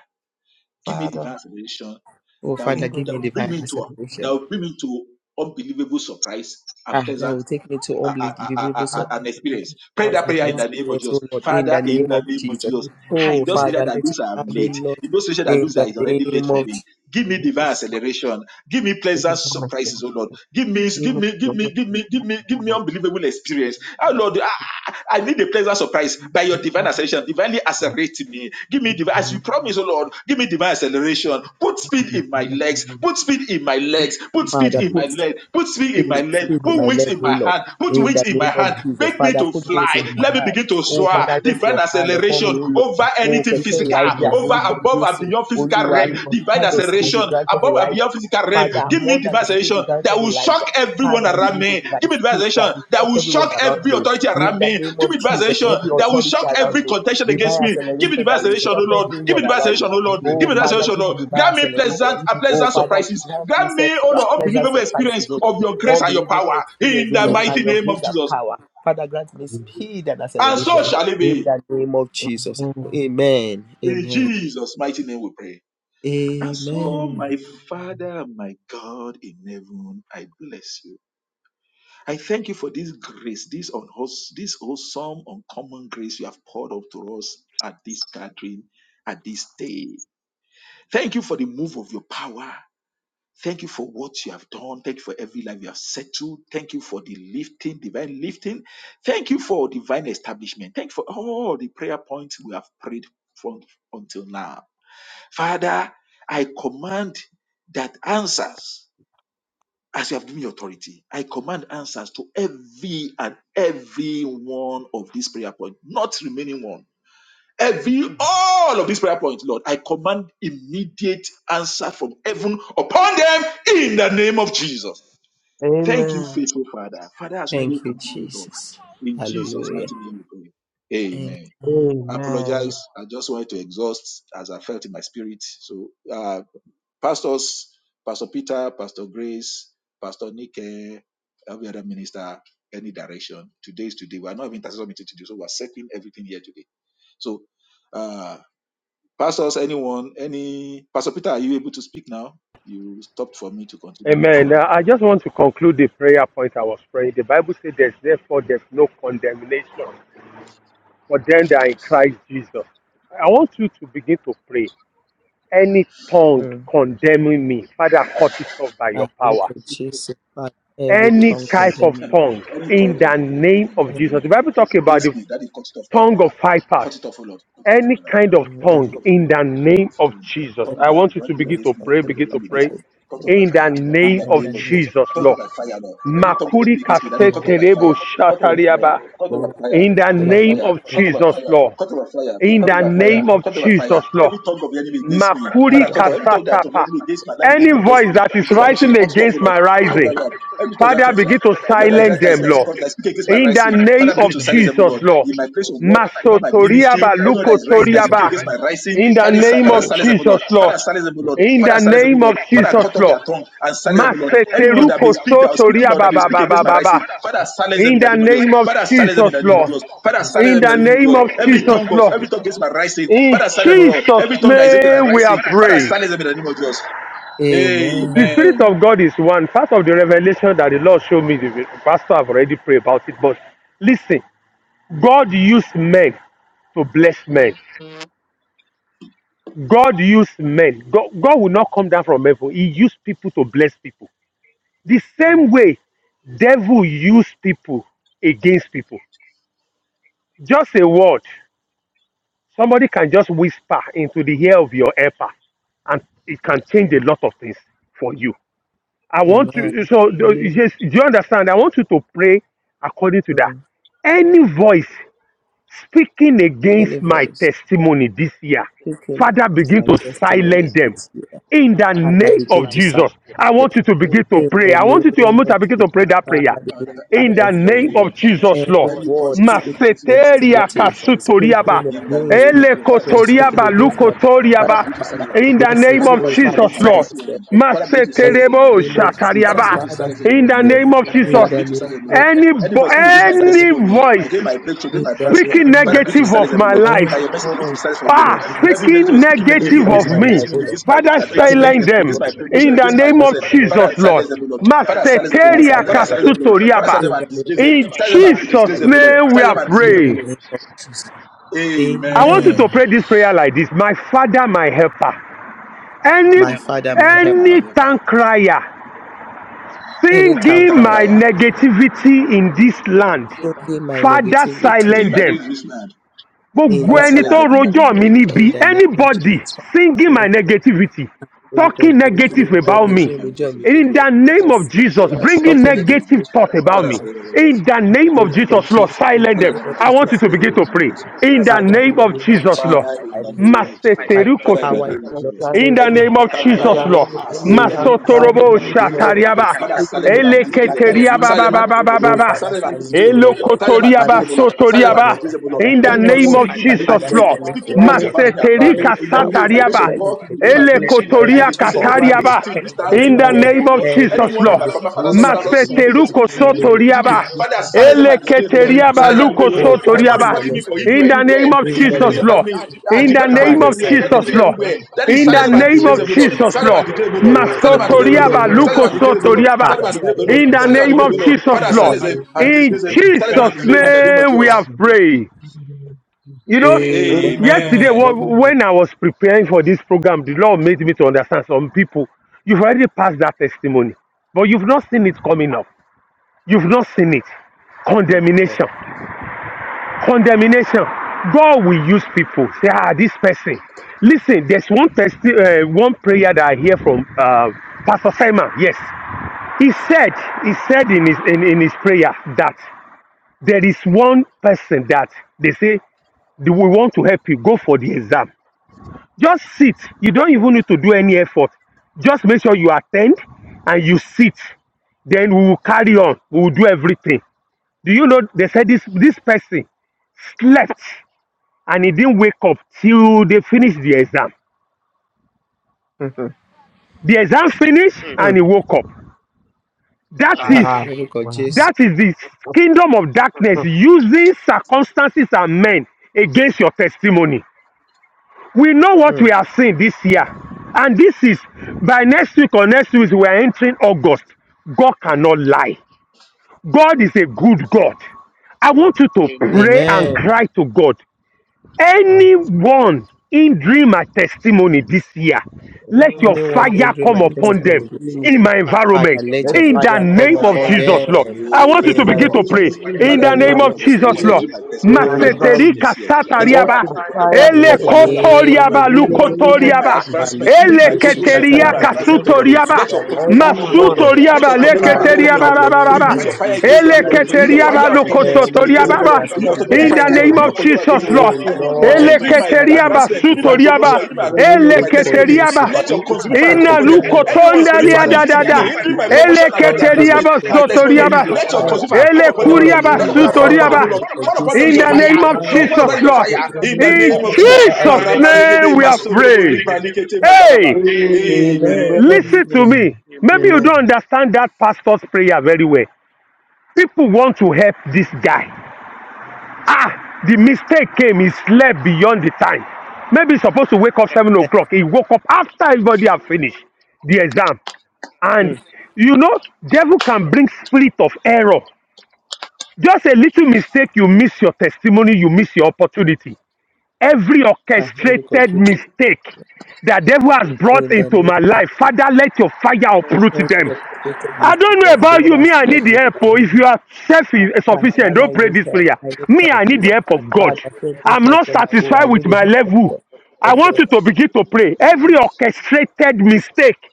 S4: give me
S2: Father,
S4: divine revelation
S1: Oh,
S4: that
S1: Father,
S4: will,
S2: give us
S1: give
S4: that
S1: me
S4: will bring
S1: divine
S4: me
S2: the
S4: to
S2: grace
S4: that
S1: acceleration.
S4: will bring me to unbelievable surprise and
S1: Ah, that
S4: pleasant
S1: will take me to
S4: a- a- a-
S1: unbelievable
S4: a- a-
S1: surprise
S4: an
S2: to be
S4: experience. Pray
S2: And
S4: that
S1: and
S4: prayer in
S2: prayer,
S4: the name of
S1: experience,
S4: Jesus.
S1: oh Lord, in
S4: Father,
S1: the
S4: in
S2: grace
S1: name
S4: the
S1: of
S4: name of
S1: Jesus.
S2: to
S4: Jesus.
S2: be your
S4: Ah,
S1: Oh,
S4: in those
S2: prayer. Give
S1: Father,
S4: areas
S1: let
S4: that
S1: it
S4: lose, I am
S2: us the
S4: late.
S1: happen, Lord,
S4: In those
S2: grace to be your prayer.
S4: areas
S2: Give us the
S4: that
S2: grace
S1: in
S4: lose, I
S1: the
S4: is already late
S1: name
S4: for
S1: of
S4: me. Give
S2: to
S4: me
S2: be your
S4: divine
S2: prayer.
S4: acceleration. Give me
S2: Amen.
S4: pleasant surprises, oh Lord. Give me, give me, give me, give me, give me, give me unbelievable experience. Oh Lord, ah, ah, I need a pleasant surprise by your divine acceleration, divinely accelerate accelerate me. Give me, divine, as you promise, oh Lord, give me divine acceleration. Put
S2: Thank
S4: speed
S2: you
S4: in my legs.
S2: for
S4: Put speed in my legs. Put speed
S1: Father,
S2: your
S4: in my
S1: put
S4: leg. Put speed
S1: speed,
S4: in
S2: Yes,
S4: my
S2: we
S4: leg.
S1: speed
S2: are.
S1: in
S4: Put
S1: my
S4: wings
S1: leg,
S4: in
S1: O
S4: my
S1: Lord.
S4: hand. Put
S1: In
S4: wings
S1: the
S4: in
S2: We
S1: name
S2: are.
S4: my
S1: of
S4: hand.
S1: Jesus.
S4: Make me
S1: Father,
S4: to
S1: put
S2: We
S1: weight
S4: fly.
S1: in my
S2: are.
S4: Let me
S1: hand.
S4: begin to
S2: We
S1: Oh,
S2: are.
S4: soar.
S1: Father, rest
S4: Divine
S1: your hand upon me,
S4: acceleration
S2: It's
S1: O
S2: a
S1: Lord.
S4: over
S1: Oh,
S4: anything
S2: really
S1: Pastor
S2: good
S4: physical,
S1: Elijah,
S2: plan.
S4: over
S1: lórúkọ
S4: above
S1: Jésù.
S4: and beyond physical
S2: It's a
S1: Olúwa,
S4: realm.
S2: very good
S1: look the
S4: Divine
S1: kind of speed
S2: plan.
S1: you
S4: acceleration
S1: granted
S4: above and beyond
S1: Elijah.
S4: physical physical realm.
S2: We
S1: Father,
S2: are
S4: Give
S2: not
S1: more
S4: me
S1: than
S2: really
S4: divine
S1: the
S2: good
S1: speed you
S4: that
S1: granted
S4: will
S1: Elijah.
S4: shock
S2: at it.
S4: everyone
S2: We
S1: Father,
S2: are
S4: around
S2: really
S4: me.
S1: give me thy
S4: Give me divine
S1: spirit that will
S4: that
S1: shock
S4: will
S2: good
S1: everyone
S4: shock
S1: around
S4: every
S1: me.
S4: authority
S2: at
S1: In
S4: around
S1: the
S4: me.
S1: name
S4: Give me
S1: of
S4: divine
S1: Jesus, every
S4: that will
S1: authority
S4: shock
S1: around
S4: every
S1: me,
S4: contention against
S1: divine
S4: me. Give
S1: acceleration
S4: me
S2: it.
S1: that
S4: divine
S1: will
S4: oh
S1: shock
S4: Lord. Give me
S1: everyone
S4: divine oh
S1: around me.
S4: Lord.
S2: We
S4: Give
S1: Oh,
S4: me divine
S1: Father,
S4: salvation,
S1: give
S4: Lord.
S1: me divine
S4: Grant me
S1: acceleration.
S4: pleasant, uh,
S1: Oh,
S4: pleasant
S1: Father,
S4: surprises.
S1: help me
S4: Grant
S1: set
S4: me, O Lord,
S1: pleasant
S4: unbelievable experience
S1: surprises, oh
S4: of your grace
S1: Lord.
S4: and your
S1: Unbelievable
S4: power
S1: experience,
S4: in
S1: oh
S4: the
S2: are
S1: Lord,
S2: good.
S1: by
S4: mighty
S1: your
S4: name of
S1: grace and
S4: Jesus.
S1: power. Father, grant me
S2: plan.
S1: speed and
S4: And
S1: acceleration.
S4: so
S2: Amen.
S4: shall it
S1: In
S4: be.
S1: the name of Jesus.
S2: Amen.
S1: Amen.
S4: In
S1: Amen.
S4: Jesus' mighty name we pray. And so,
S1: Amen.
S4: my Father, my God in heaven, I bless you. I thank you for this grace, this unwholes- this wholesome, uncommon grace you have poured up to us at this gathering, at this day. Thank you for the move of your power. Thank you for what you have done. Thank you for every life you have settled. Thank you for the lifting, divine lifting. Thank you for divine establishment. Thank you for all the prayer points we have prayed from until now. Father, I command that answers as you have given me authority, I command answers to every and every one of these prayer points, not remaining one. Every all of these prayer points, Lord, I command immediate answer from heaven upon them in the name of Jesus. Thank you, faithful Father. Father, as we go,
S1: Thank you,
S4: continue with us.
S1: Jesus.
S4: In Jesus'
S1: Hallelujah.
S4: mighty name we pray.
S1: Amen.
S4: Amen. I
S2: Amen.
S4: apologize. I just wanted to exhaust as I felt in my spirit. So, uh, pastors, Pastor Peter, Pastor Grace, Pastor Nike, every other minister, any direction. Today is today. We are not having intercessor meeting today, so we are settling everything here today. So, uh, pastors, anyone, any Pastor Peter, are you able to speak now? You stopped for me to
S5: you.
S4: continue the
S5: Amen.
S4: lesson.
S5: Now, I just want to conclude the prayer point I was praying. The Bible says there's therefore there's no condemnation for them that are in
S4: Yes.
S5: Christ Jesus. I want you to begin to pray. Any tongue
S1: Mm.
S5: condemning me, Father, cut it off by your
S1: I look
S5: power.
S1: at Jesus, Father, every
S4: Oh,
S5: Any
S1: tongue
S5: type
S4: yes.
S5: of
S1: condemning
S5: tongue
S4: Any thought
S5: in
S4: of,
S5: the
S4: of,
S5: name of
S4: of
S1: me.
S4: the
S5: Jesus. The
S4: enemy
S5: Bible talk about the
S4: against me, that is cut it off by your
S5: tongue of
S4: power.
S5: vipers,
S4: Cut it off, O Lord. Cut it off,
S5: any
S4: O Lord.
S5: kind of
S1: Lord,
S4: Talk it
S5: tongue
S1: and
S4: off,
S5: in the
S4: O
S5: name of
S4: Lord.
S5: Jesus.
S1: every
S4: Turn
S5: I
S4: thy
S5: want you to
S4: rivalry
S5: begin
S1: tongue
S5: to
S4: against me, every
S5: pray,
S1: that will
S4: tongue of
S5: begin to
S4: enemy
S5: pray
S4: against
S1: not lie.
S4: me, cut off by
S5: in the
S4: fire in
S5: name
S4: the
S1: Father, in
S5: of
S1: the
S4: name of
S1: name
S4: Jesus.
S5: Jesus,
S1: of
S4: Cut
S1: Jesus,
S5: Lord.
S4: off by fire, Lord. Every tongue of
S5: Makuri
S4: enemy against me, that is
S1: in
S4: cut
S1: the
S4: off by
S5: kaseterebo
S4: fire, cut off by fire,
S5: shatariaba.
S4: cut off by
S1: Lord,
S4: fire,
S5: In the
S4: cut off
S1: every
S4: by
S5: name
S4: fire,
S5: of
S1: every
S4: cut off by
S5: Jesus,
S4: fire,
S5: Lord
S4: cut off by fire,
S5: in
S4: cut off
S5: the
S4: by
S1: condemning
S4: fire,
S1: me,
S5: name
S1: oh
S5: of
S4: cut off by
S1: God,
S4: fire.
S5: Jesus, Lord.
S4: Every tongue of the enemy against me,
S5: Makuri
S4: Father,
S1: Father,
S4: cut off
S1: every
S4: every tongue that of the
S5: kasatapa.
S4: enemy against my life, against
S5: Any
S4: my
S1: Father, who
S5: voice
S4: destiny,
S5: that
S1: is
S5: is
S1: to
S4: against my
S1: them,
S4: mission,
S5: rising
S4: cut it off,
S5: against
S4: Lord.
S5: my
S4: Cut off
S1: in
S5: rising,
S4: by
S1: the
S4: fire. Every tongue that
S5: Father,
S4: of
S5: begin
S4: fire.
S5: to
S4: Every other
S1: voice,
S5: silence
S4: that
S1: I
S4: is,
S5: them,
S1: will
S4: that is
S5: Lord.
S4: called, that speak against my
S5: In the
S4: rising,
S5: name
S4: Father, begin
S5: of
S4: to
S1: and
S4: silence them, O
S5: Jesus,
S4: Lord.
S5: Lord.
S4: In my place of work, over my
S1: the Muslim,
S4: ministry,
S5: Masotoriaba,
S4: everyone that is rising,
S1: in
S4: that is
S1: the
S4: speaking
S5: lukotoriaba.
S4: against
S1: name
S4: my rising,
S5: In the
S4: Father, si-
S5: name
S4: Father,
S5: of
S1: of
S4: silence
S1: Father,
S4: them, O Lord.
S5: Jesus, Lord.
S4: Father, silence them, O Lord.
S5: In the
S4: Father, silence them, O
S5: name of
S4: Lord. Father,
S1: in the
S5: Jesus,
S4: cut off
S5: Lord.
S4: their tongue and silence them, O Lord.
S1: in
S4: Anyone
S1: the
S4: that may
S5: Maseteruko
S4: speak, that is speaking or
S5: sotoriaba,
S4: that may
S5: ba,
S4: speak
S5: ba,
S4: against
S5: ba,
S4: my
S5: ba, ba.
S4: rising, Father, silence them
S5: In
S4: in the
S5: the
S4: name of Jesus.
S5: name of
S4: Father, silence them in
S5: Jesus,
S4: the name
S1: name
S4: of
S5: Lord.
S4: Jesus. Father,
S1: of
S4: silence
S5: In
S4: them in
S5: the
S4: the
S1: Jesus,
S4: name of
S5: name
S4: Jesus.
S5: of
S1: oh,
S4: Every
S1: Lord.
S5: Jesus,
S4: tongue of,
S5: Lord.
S4: every tongue against my rising,
S5: In
S4: Father, silence them, O Lord. Every
S5: Jesus'
S4: tongue that is against my
S5: name we are
S4: rising, Father,
S5: praying.
S4: silence them in the name of Jesus.
S5: The
S1: Amen,
S5: Spirit
S4: Amen.
S5: of God is one. Part of the revelation that the Lord showed me, the pastor have already prayed about it. But listen, God used men to bless men. God used men. God, God will not come down from heaven. He used people to bless people. The same way devil used people against people. Just a word. Somebody can just whisper into the ear of your helper and it can change a lot of things for you. I want
S1: amen,
S5: you, so do-
S1: amen.
S5: yes, do you understand? I want you to pray according to that.
S1: Mm.
S5: Any voice speaking
S1: Any
S5: against my
S1: voice
S5: testimony this year.
S1: speaking
S5: Father,
S1: against
S5: begin
S1: my
S5: to silence
S1: testimony
S5: them.
S1: this year.
S5: In the
S1: Father,
S5: name
S1: begin
S5: of
S1: to
S5: Jesus,
S1: silence
S5: I want you
S1: them.
S5: to begin to
S1: In
S5: pray.
S1: the
S5: I want you to
S1: name
S5: almost
S1: of
S5: begin to pray
S1: Jesus,
S5: that prayer.
S1: Father, begin
S4: Father,
S1: to
S4: in
S5: In
S4: the
S5: the
S1: silence them, O
S5: name
S4: name of
S5: of
S1: Lord.
S4: Jesus.
S5: Jesus,
S1: Every
S5: Lord.
S4: Every voice
S1: voice
S4: speaking against my
S1: speaking
S4: person this year, Father,
S5: Maseteria
S4: begin to
S1: negativity,
S4: silence them.
S5: kasutoriaba.
S1: speaking
S4: In the
S1: against
S4: name
S1: my
S4: of Jesus. Father, begin to
S1: progress,
S4: silence
S1: speaking
S4: them
S5: Elekotoriaba
S4: in the name
S1: against
S4: of
S1: my
S4: Jesus.
S1: my,
S4: Father,
S1: my,
S4: begin to
S1: my,
S4: silence
S1: my
S5: lukotoriaba.
S4: them in the
S5: In
S4: name of
S1: my
S4: Jesus.
S5: the name
S1: blessings.
S4: Every
S5: of
S1: Oh,
S4: voice speaking
S1: Father,
S4: against
S5: Jesus,
S4: my
S5: Lord.
S1: silence them,
S4: testimony,
S1: O Lord.
S4: Father, begin to
S1: In
S4: silence them in the
S1: the
S5: Maseterebo
S4: name of
S1: name of
S4: Jesus. Father,
S1: Jesus,
S4: begin to
S1: Father,
S4: silence
S5: shatariaba.
S4: them in
S5: In
S4: the
S1: silence
S5: the
S4: name of
S5: name
S4: Jesus.
S5: of
S1: them. In
S4: Father,
S5: Jesus.
S1: the
S4: begin to
S1: name
S4: silence them, O
S1: of
S4: Lord.
S5: Any,
S4: Any
S1: Jesus,
S5: vo-
S4: voice speaking
S1: Father,
S4: against my
S1: silence
S5: any
S4: testimony,
S1: them
S4: against my
S5: voice
S4: breakthrough, against
S1: in
S4: my
S1: the
S4: advancement,
S5: Speaking
S1: name
S4: Father,
S1: of
S4: begin to
S5: negative
S1: Jesus.
S4: silence
S5: of
S4: them, O
S5: my
S4: Lord.
S1: Any
S5: life.
S4: By your mercy, begin
S1: voice
S4: to silence from me, O
S5: Ah,
S1: speaking
S4: Lord.
S1: negative
S4: Every negative
S5: speaking
S4: voice speaking
S5: negative
S4: negatively
S1: of
S5: of
S4: against
S1: my
S4: my
S5: me.
S1: life, oh
S4: testimony,
S1: Lord,
S4: against my
S5: Father,
S1: speaking
S4: advancement,
S5: silence
S1: negative
S4: against
S5: them
S1: of
S4: my
S1: my life,
S4: promotion,
S5: in the
S4: against my
S5: name
S1: in
S5: of
S4: advancement,
S1: the name of
S4: Father,
S5: Jesus,
S1: Jesus,
S5: Lord.
S4: silence them, O Lord. Father, silence them, O
S1: Father,
S4: Lord.
S5: Maseteria
S1: silence
S4: Father,
S1: them,
S4: silence them,
S1: oh
S4: O
S1: Lord.
S4: Lord. Father, silence
S5: kasutoriaba.
S1: in
S4: them
S1: the
S4: and
S1: name
S4: disgrace
S1: of
S4: them.
S5: In
S1: Jesus,
S4: Silence them and
S1: Father,
S5: Jesus'
S4: disgrace them, O
S1: silence
S4: Lord.
S1: them,
S5: name we
S4: Silence
S5: are
S4: them and
S1: in
S4: disgrace them, O
S5: praying.
S4: Lord.
S1: the name of
S5: I want you
S4: Amen.
S5: to
S1: Amen.
S5: pray this prayer like this. My Father, my helper. Any
S1: My Father,
S4: My
S1: my
S4: Father, my
S5: any
S1: helper,
S4: helper.
S5: tongue crier
S1: any
S4: Any
S1: town
S5: singing
S4: tongue
S5: my
S1: crier,
S4: crier.
S5: negativity in this land.
S1: singing my
S5: Father,
S1: negativity
S4: Sing
S5: silence
S4: my
S5: them
S4: name in this land.
S1: in
S5: gbogbo
S4: Father,
S1: this
S5: ẹni
S4: silence
S5: tó
S1: land,
S5: ń
S4: them in the
S5: rojọ́
S4: name of
S5: mi
S1: in,
S4: Jesus.
S1: in
S5: níbi
S1: the name of
S5: anybody
S1: Jesus, Father,
S5: singing my
S1: silence them.
S5: negativity
S1: lórúkọ
S5: talking
S1: Jésù
S4: to
S5: negative
S1: gbogbo
S5: about
S1: ẹni
S4: anyone
S5: me
S1: tó
S4: who
S1: ń
S4: my
S1: rojọ́ mi
S4: relationship
S5: in
S1: níbi
S5: the
S4: with that
S5: name
S1: everyone
S5: of
S4: name.
S5: jesus
S1: speaking
S4: Father,
S5: bringing
S4: silence them
S1: talking
S4: in the name of
S5: negative
S4: Jesus.
S1: negatively
S5: thoughts about
S4: Father,
S5: me
S1: about
S4: silence them in
S1: me
S4: the name of
S5: in
S4: Jesus.
S5: the name
S4: In
S5: of
S4: the
S1: lórúkọ
S4: name of
S5: jesus lord
S1: Jésù
S4: Jesus.
S5: silence
S4: Father,
S1: healing
S5: them
S4: in the name of
S5: i
S1: everything
S5: want you to
S1: speak
S5: begin to
S1: against
S5: pray
S1: me
S4: Jesus.
S5: in
S4: Father,
S5: the
S4: silence
S1: Father
S4: them in the name of Jesus. Father, silence them in the
S1: in
S5: name
S1: the
S4: name
S5: of
S4: of Jesus.
S1: name of
S5: jesus lord
S4: Father,
S1: Jesus
S4: in the
S1: silence
S4: name
S1: them
S4: of Jesus.
S1: by the
S5: Maseteru
S4: Father, in the
S1: power
S5: koseka.
S1: in
S4: name
S1: the
S4: of
S2: Let's
S1: blood
S4: Jesus.
S1: of
S2: start
S5: in
S2: it.
S5: the
S1: Jesus
S4: Any
S5: name
S1: Father
S5: of
S4: mountain
S2: Let
S5: jesus
S1: silence
S2: our
S4: crier,
S1: them.
S5: lord
S2: Lord
S4: ah,
S2: any
S4: sing
S1: Oye
S2: time,
S4: anyone,
S1: kàyí
S4: singing
S5: masotorobo
S4: my
S1: kàyé
S4: negative
S2: any
S4: children.
S1: lórúkọ
S5: shatariaba
S1: Jésù
S4: Father,
S1: kàkàlà
S4: silence
S2: speaking of
S4: them and
S1: balùwẹ̀
S4: disgrace
S2: utility
S4: them, O
S2: and
S4: Lord.
S1: kàkàzí
S5: eleketeriaba
S4: Silence
S5: ba
S4: them and
S5: ba
S2: diligence,
S5: ba
S4: disgrace them,
S5: ba
S4: O
S5: ba
S4: Lord.
S1: Oh,
S2: which
S5: ba
S2: are
S1: Father,
S4: Silence them and
S2: truly
S1: silence
S4: disgrace them, O
S1: them, O
S4: Lord.
S1: Lord.
S4: Silence them and
S5: elokotoriaba
S4: disgrace
S1: Father,
S4: them, O Lord.
S1: silence
S4: Silence
S1: them,
S4: them and
S1: O
S5: sotoriaba
S4: disgrace
S1: Lord.
S4: them, O Lord.
S1: Father,
S5: in the
S2: Father
S4: Anyone
S1: silence
S5: name
S2: Lord,
S1: them.
S5: of
S4: singing my
S2: silence
S5: Jesus,
S1: Father,
S4: negativity,
S2: the
S5: Lord.
S1: silence
S4: speaking
S1: them, O
S4: negative
S2: silence
S1: Lord.
S4: about
S2: of
S4: me around,
S1: Every
S2: any
S5: Maseterika
S4: in any
S2: song
S1: power
S4: way, in my place
S2: speaking
S4: to
S5: satariaba.
S2: of
S1: propelling
S4: work,
S2: utility
S4: you know, my
S5: Ele
S1: negativity,
S2: against
S4: ministry,
S2: you.
S4: my life
S1: every
S5: kotoria
S4: in this
S2: We
S1: tongue
S4: anywhere, this
S2: silence,
S5: katariaba.
S4: city, this
S1: propelling
S2: we
S4: town,
S5: In the
S1: negativity,
S4: anywhere,
S2: silence,
S4: don't
S5: name of
S2: we
S4: want
S1: every
S2: silence.
S5: Jesus,
S4: anyone in
S1: tongue
S5: Lord.
S4: my family, my
S2: We
S4: father's house,
S2: even
S1: discussing
S4: mother's house,
S1: the
S2: decide
S4: singing
S2: to
S4: the
S1: negativity,
S5: Maseteruko
S4: spirit,
S2: declare,
S4: singing
S1: in the
S4: the city.
S5: sotoriaba.
S2: we
S1: illness
S4: Father,
S1: of
S2: silence.
S4: silence
S1: life.
S4: them
S5: Ele
S4: at disgrace, O Lord.
S2: Any
S5: keteriaba
S4: Silence
S2: song
S4: them at
S5: luko
S4: disgrace, O
S2: speaking of
S1: Oh,
S4: Lord.
S1: Father,
S4: Everyone
S5: sotoriaba.
S2: utility
S4: reporting me
S1: silence
S2: against
S4: for
S1: them,
S2: you.
S1: O
S4: evil
S5: In
S1: Lord.
S5: the
S4: everywhere.
S5: name
S2: We
S5: of
S1: In
S4: Thinking
S1: the
S5: Jesus,
S4: against
S2: silence,
S1: name
S4: about
S1: of
S5: Lord.
S4: me.
S1: Jesus.
S4: Ah,
S2: we
S5: In the
S4: department for
S5: name
S4: evil
S1: Father,
S2: silence.
S5: of
S4: everywhere.
S2: We
S1: silence
S4: Grand
S5: Jesus,
S2: even
S4: negative
S1: them, O
S5: Lord.
S2: decide
S4: everywhere.
S1: Lord.
S2: to
S4: That is
S5: In
S2: declare,
S5: the
S4: silence
S1: In
S4: them
S1: the
S4: at
S5: name
S4: disgrace,
S1: name
S5: of
S4: O
S1: of
S4: Lord.
S2: we
S5: Jesus,
S1: Jesus.
S4: Silence them
S2: silence,
S4: at
S5: Lord.
S4: disgrace, O
S2: we
S4: Lord.
S1: Oh,
S4: Silence
S2: silence.
S4: them
S1: in
S4: at
S1: the
S4: disgrace, O Lord.
S5: Masotoriaba
S1: name of
S4: Silence them
S5: luko
S4: at
S2: Any
S4: disgrace,
S1: Jesus.
S4: O
S2: song,
S4: Lord.
S5: sotoriaba.
S4: Silence
S1: Father,
S4: them at disgrace, O
S1: silence
S4: Lord.
S2: any
S5: In
S1: them,
S5: the
S1: O
S4: Silence
S2: song
S4: them at
S5: name
S1: Lord.
S4: disgrace,
S5: of
S2: speaking
S4: O
S2: of
S4: Lord.
S5: Jesus,
S1: In
S4: Father,
S2: utility
S5: Lord.
S1: the
S4: silence them
S2: against
S1: name
S4: at
S1: of
S2: you.
S5: In
S4: disgrace,
S1: Jesus.
S2: We
S4: Silence them at
S5: Jesus'
S2: silence,
S4: disgrace in
S1: I
S4: the
S1: can
S4: name of
S1: stand
S5: name we
S1: this.
S5: have
S4: Jesus.
S2: silence.
S1: Yeah.
S5: prayed.
S2: Amen.
S5: You know, yesterday
S1: Amen.
S4: Amen.
S5: wh- when I was preparing for this program, the Lord made me to understand some people. You've already passed that testimony, but you've not seen it coming up. You've not seen it.
S1: Okay.
S5: Condemnation. Condemnation. God will use people. Say, ah, this person. Listen, there's one testi- uh, one prayer that I hear from uh, Pastor Simon. Yes, he said, he said in his in, in his prayer that there is one person that they say they will want to help you go for the exam Just sit. You don't even need to do any effort. Just make sure you attend and you sit. Then we will carry on. We will do everything. Do you know they said this this person slept and he didn't wake up till they finished the exam.
S1: Mm.
S5: The exam finished Mm. and he
S1: mm.
S5: woke up. That Ah,
S1: Ah,
S5: is
S2: Wow.
S5: very
S1: Lord
S2: Wow.
S5: confused.
S1: Jesus.
S5: that is the kingdom of darkness using circumstances and men against your testimony. we know what we
S1: Mm.
S5: have seen this year and this is by next week or next week we are entering august god cannot lie god is a good god i want you to pray and
S1: Amen.
S5: cry to god
S2: Wow.
S5: Anyone hindering my testimony this year, let
S2: Even
S5: your
S1: Anyone
S5: fire
S1: hindering
S5: come
S1: my
S2: like
S5: upon
S2: a
S5: them
S1: testimony, this week,
S2: family
S5: in my
S2: history.
S1: Father,
S5: environment.
S1: let
S2: Let
S1: your
S5: In
S2: your
S5: the
S1: fire
S2: family
S1: come
S5: name
S4: Father,
S5: of
S2: have
S1: upon
S5: Jesus,
S4: in
S2: a
S4: the
S5: Lord.
S1: them.
S5: I want you to
S4: name
S5: begin
S2: Let
S1: Amen.
S2: me
S4: of
S5: to pray.
S4: Jesus.
S1: In
S5: In
S2: using
S4: Father,
S1: the
S5: the
S4: in the
S2: my
S5: name
S1: name
S4: name
S5: of
S4: of
S1: of
S4: Jesus.
S5: Jesus,
S4: Anyone
S1: Jesus.
S5: Lord.
S2: testimony
S4: hindering my
S2: in
S4: testimony,
S2: my
S4: hindering my
S1: Oh,
S4: breakthrough
S5: Maseteri
S2: environment.
S4: this year,
S5: kasata
S4: let your
S2: Let
S4: fire
S5: riaba.
S2: your
S4: come upon them, O
S2: fire
S4: Lord.
S5: Ele
S1: in
S4: Let
S2: come
S4: your
S1: the
S2: upon
S4: fire
S2: us.
S4: come upon
S1: name
S4: them, O Lord.
S1: of
S5: kotoriaba
S2: In the
S4: Anyone
S1: Jesus.
S2: name of
S4: hindering my
S5: lukotoriaba.
S2: Jesus,
S4: advancement,
S1: Maliko
S4: hindering
S5: Ele
S2: it
S4: my
S2: is the
S4: promotion,
S1: kushikata
S4: hindering
S5: keteria
S1: la
S2: strength of
S4: my
S2: the
S4: advancement, O
S1: maliko
S2: Father.
S4: Lord.
S5: kasutoriaba.
S4: Let
S1: kuzia
S4: your consuming fire come upon them, O
S2: Everyone
S4: Lord.
S1: rikizikidibulia.
S4: Let
S5: Masutoriaba
S4: your tormenting fire
S1: Father,
S4: come
S1: in
S2: hindering
S1: the
S4: upon
S2: my
S4: them,
S5: leketeriaba
S4: O Lord.
S1: name
S5: rabaraba.
S1: of
S4: Release your
S2: testimony.
S4: fire
S1: Jesus,
S4: against them,
S5: Ele
S4: O
S2: In
S1: Father,
S4: Lord.
S2: the
S1: this
S4: Release your
S2: name
S1: year,
S2: of
S5: keteriaba
S4: fire of
S2: Jesus,
S4: torment
S2: it
S4: against
S2: is
S4: them,
S1: anyone
S4: O
S1: that
S4: Lord.
S5: lukosotoriaba.
S2: the
S1: has
S4: Release
S1: made
S4: your
S2: strength
S1: it
S2: of
S4: tormenting
S1: their
S2: the
S5: In
S4: fire
S5: the
S4: against them, O Lord.
S5: name
S2: Father.
S5: of
S4: Release your
S1: assignment,
S4: consuming fire
S2: It
S4: against
S2: is
S5: Jesus,
S4: them, O
S2: the
S4: Lord.
S1: oh
S5: Lord.
S2: strength
S4: Anyone
S1: Lord,
S2: of
S1: to
S4: hindering
S2: the
S4: my
S1: sing
S2: Father.
S5: Eleketeriaba
S1: against me,
S4: advancement,
S1: to
S4: hindering
S2: Yes,
S4: my
S1: speak
S5: sutoriaba.
S4: promotion,
S1: against
S4: hindering
S2: in
S4: my,
S1: me,
S2: the name of
S4: my
S1: look for
S2: Jesus,
S4: testimony,
S1: Jesus,
S5: Eleketeriaba.
S4: let
S2: we
S1: Father,
S4: your
S2: will
S1: put
S2: be
S1: her
S4: consuming fire
S1: name
S4: come
S1: to
S2: subject
S5: Ina
S2: to
S4: upon them.
S1: them, oh
S2: fire.
S5: luko
S1: Lord,
S4: Anyone
S1: in
S5: tondalia
S4: spiritually,
S5: da
S1: the
S5: da
S2: Receive
S1: name
S4: physically
S5: da.
S1: of
S4: hindering my
S1: Jesus.
S4: promotion and my
S1: Surely they
S4: advancement,
S1: will
S5: Eleketeriaba
S1: try,
S4: my testimony,
S1: surely
S5: sotoriaba.
S1: they
S2: the
S4: let
S1: will
S4: your
S2: fire of
S1: gather,
S4: consuming fire
S2: God.
S4: come upon them, Lord.
S1: surely,
S5: Elekuriaba
S1: oh
S4: Let your
S2: Receive
S4: fire
S2: the
S4: fall
S1: Lord,
S2: fire
S4: upon
S2: of
S1: I
S4: them,
S5: sutoriaba.
S2: God.
S1: look
S4: Lord.
S1: for
S4: Fall upon
S1: Jesus,
S2: Receive the fire of God.
S4: them
S5: In
S4: with
S1: we
S4: your
S5: the
S1: will
S4: fire.
S2: Receive
S1: be
S2: the
S5: name of
S1: suffering
S2: fire
S1: for
S4: Drop
S2: of
S4: one
S5: Jesus,
S1: me.
S4: upon
S2: God.
S4: them with your
S5: Lord.
S4: fire
S2: The
S4: in the
S2: name of
S5: In
S1: I, I,
S4: name of
S2: Jesus.
S4: Jesus.
S1: I I will
S5: Jesus'
S1: not
S5: name
S4: Marabaregede,
S5: we have
S1: be
S4: masondrobo,
S5: prayed.
S4: lipralikete, makababa.
S5: Hey,
S4: Amen.
S1: Amen.
S5: listen to me. Maybe you don't
S2: Amen.
S5: understand that pastor's prayer very well. People want to help this guy. Ah, the mistake came. He slept beyond the time. Maybe he's supposed to wake up seven o'clock. He woke up after everybody have finished the exam. And
S1: Mm.
S5: you know, devil can bring spirit of error. Just a little mistake, you miss your testimony, you miss your opportunity every
S1: Ah, Lórúkọ
S5: orchestrated
S1: Jésù.
S5: mistake that devil has brought
S1: In the
S5: into
S1: name
S5: my life,
S1: of Jesus.
S5: Father, let your fire uproot
S1: Every
S5: them.
S1: orchestrated
S5: I don't
S1: mistake
S5: know
S1: that the
S5: about you.
S1: devil
S5: Me,
S1: has
S5: I need
S1: brought
S5: the
S1: into
S5: help.
S1: my
S5: Oh,
S1: life.
S5: if you
S2: Amen.
S5: are
S1: Ah,
S5: self-sufficient,
S1: Father,
S5: don't
S1: I
S5: pray
S1: need
S5: this
S1: help.
S5: prayer.
S1: I need
S5: Me, I
S1: help,
S5: need the
S1: Lord.
S5: help of God.
S1: Father, send me
S5: I'm
S1: help
S5: not
S1: from above.
S5: satisfied
S1: I
S5: with
S1: need the
S5: my
S1: help of
S5: level.
S1: God.
S5: I
S1: Of
S5: want
S1: God.
S5: you to begin to pray. Every orchestrated mistake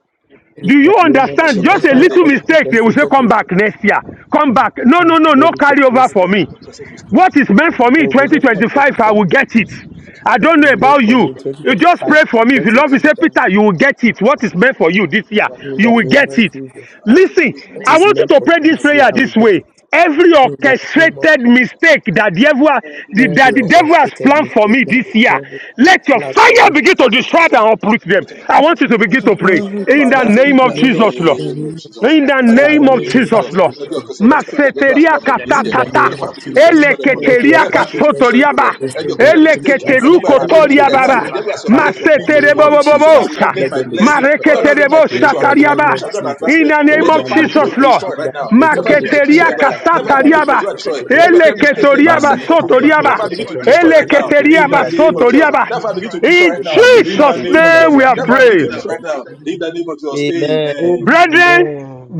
S1: In
S5: do you
S1: the name of
S4: Every
S5: understand? Just
S1: Jesus.
S4: occasion
S5: a
S2: Every
S1: Father,
S5: little
S4: mistake,
S1: every
S2: apostle
S5: mistake, they
S2: is
S5: will say,
S1: orchestrated
S5: come back
S1: mistake.
S5: next year. Come back. No,
S1: Ah,
S5: no, no, no
S1: Lórúkọ
S5: carryover
S1: Jésù.
S4: every
S5: for me.
S4: occasion mistake,
S5: What is
S4: Lord.
S5: meant for me
S1: There
S5: in
S1: will
S4: No
S1: be no
S4: carry of
S1: carryover
S4: anything.
S5: 2025, I
S1: for me.
S5: will get it.
S4: It is
S5: I
S4: time to
S1: What
S5: don't know
S1: is made
S5: about
S4: get
S1: for
S4: it.
S5: you.
S1: me in
S4: One of them
S5: You
S4: don't
S5: just
S1: 2025, I
S5: pray
S1: will
S5: for me. If you
S1: get it.
S5: love me,
S1: In
S5: say,
S4: get it.
S1: the,
S5: Peter, you will get it. What is meant for you this year,
S1: in
S4: I
S5: you
S1: the
S4: got
S5: will
S4: it.
S5: get
S1: name of
S5: it.
S1: Jesus.
S4: I
S1: Ah,
S4: got it to
S5: Listen,
S4: for me,
S1: what
S5: I
S1: is
S4: Lord.
S5: want you
S4: I
S1: meant
S5: to
S4: got
S1: for
S5: pray
S1: me
S4: it
S5: this
S4: for
S1: this
S4: me.
S1: year,
S5: prayer
S1: I will
S5: this
S1: get
S5: way.
S1: it.
S5: Every
S1: In the name of
S5: orchestrated mistake that the devil, the- that
S1: every
S5: the devil has
S1: orchestrated
S5: planned for
S1: mistake
S5: me
S1: that
S5: this
S1: the
S5: year,
S1: devil has
S5: let your
S1: planned
S4: Let me
S1: for
S5: fire
S1: me.
S4: just
S5: begin to
S4: ask for
S5: destroy
S4: this
S5: them
S4: thing.
S5: and uproot them.
S4: Let me not
S5: I want
S4: confuse
S5: you to
S4: your
S5: begin
S1: And
S5: to
S4: decision.
S5: pray
S1: Father, help me
S5: in
S1: to
S5: the
S4: Father, in
S1: destroy
S5: name of
S4: the
S1: them, O Lord,
S5: Jesus,
S1: in
S5: Lord.
S1: the
S4: name of
S1: name of
S4: Jesus.
S5: In the
S1: Jesus.
S4: Father, in the
S5: name
S1: Father,
S5: of
S2: in
S1: let
S4: name
S1: your
S4: of
S2: the
S1: fire
S5: Jesus,
S2: name
S4: Jesus.
S2: of
S5: Lord.
S1: begin to
S4: Let your
S2: Jesus.
S4: occurrence
S1: destroy
S4: mistake
S1: them.
S4: that the devil has
S5: Maseteria
S4: planned for me this
S2: We
S4: year.
S1: In
S2: will
S1: the
S2: be
S5: katatata.
S4: Let the
S1: name
S2: subject
S1: of
S4: Father
S2: to
S4: begin to
S1: Jesus,
S4: destroy them,
S2: fire.
S4: O Lord.
S2: We will
S1: every
S2: be
S5: Eleketeria
S4: Let the Father begin
S2: subject
S4: to
S1: orchestrated
S4: destroy them, O
S5: kasotoriaba.
S2: to
S4: Lord.
S2: fire.
S4: Every
S1: mistake that
S4: occurrence
S1: the enemy
S4: mistake
S2: We
S4: that
S1: has
S2: will
S4: the
S5: Eleketeru
S4: devil,
S2: be
S1: planned
S4: every
S1: for
S2: subject to
S4: mistake
S1: me
S4: that the
S2: fire.
S4: devil
S1: this
S2: We
S4: has,
S5: kotoriababa.
S4: the
S2: will
S1: year,
S4: devil
S2: be
S4: has
S1: Father,
S2: subject
S4: orchestrated for
S2: to
S4: me
S1: in
S4: to
S1: the
S5: Masetere
S2: fire.
S1: name
S4: fall
S1: of
S4: into so that I
S1: Jesus,
S4: will not get
S2: Amen.
S1: let
S5: bobobobosa.
S4: my
S2: Mm.
S1: them be
S4: blessing. So I will
S1: destroyed.
S4: not get my
S5: Mareketerebo
S1: In
S4: breakthrough. I
S1: the
S4: will not get my
S1: name
S5: Satariaba.
S4: promotion. I
S1: of
S4: will not get my
S1: Jesus,
S4: advancement.
S5: In the
S1: oh
S5: name
S4: Let
S5: of
S4: your
S1: my
S4: fire begin
S1: libro,
S5: Jesus,
S4: to
S5: Lord.
S4: destroy
S1: Kosinda,
S4: right now. Let fire begin to
S5: Maketeria
S4: destroy,
S1: Regesekedebedia,
S4: Lord. Let fire
S1: Kashinda,
S4: begin to
S5: Kasatariaba.
S4: control and destroy. Let your
S1: Regeseketelebedia,
S4: great mistake that you
S1: my
S4: have
S5: Eleketoriaba
S4: set
S1: libro,
S4: for me.
S1: Kosinda,
S4: Let
S5: Sotoriaba.
S4: fire begin to destroy
S1: Regesekedebedia,
S4: right now. In
S5: Eleketeriaba
S4: the name of Jesus.
S5: Sotoriaba.
S4: Let fire
S1: Regesekedebedia,
S4: begin to destroy
S5: In
S4: right now.
S1: my
S4: In
S1: libro,
S4: the
S5: Jesus'
S4: name of
S1: Kosinda,
S5: name
S4: Jesus.
S5: we are
S4: Let fire begin
S5: praying.
S4: to destroy right
S1: Regeseketelebedia.
S4: now. In the name of Jesus.
S1: Amen.
S4: Amen.
S5: Brethren,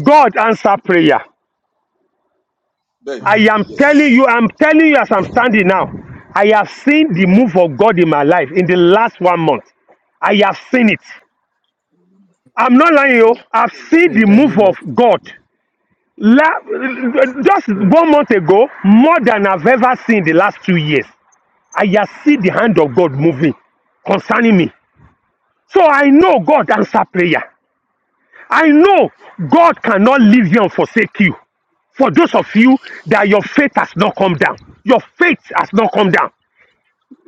S5: God answer prayer.
S4: Thank
S5: I
S4: you.
S5: am
S4: Yes.
S5: telling you, I'm telling you as I'm standing now. I have seen the move of God in my life in the last one month. I have seen it. I'm not lying,
S4: Hallelujah.
S5: yo. I've seen
S1: In
S5: the
S1: the
S5: move
S1: name
S5: of
S1: of,
S5: God La, just
S1: mm,
S5: one month ago, more than I've ever seen the last two years, I have seen the hand of God moving concerning me. So I know God answer prayer. I know God cannot leave you and forsake you. For those of you that your faith has not come down, your faith has not come down.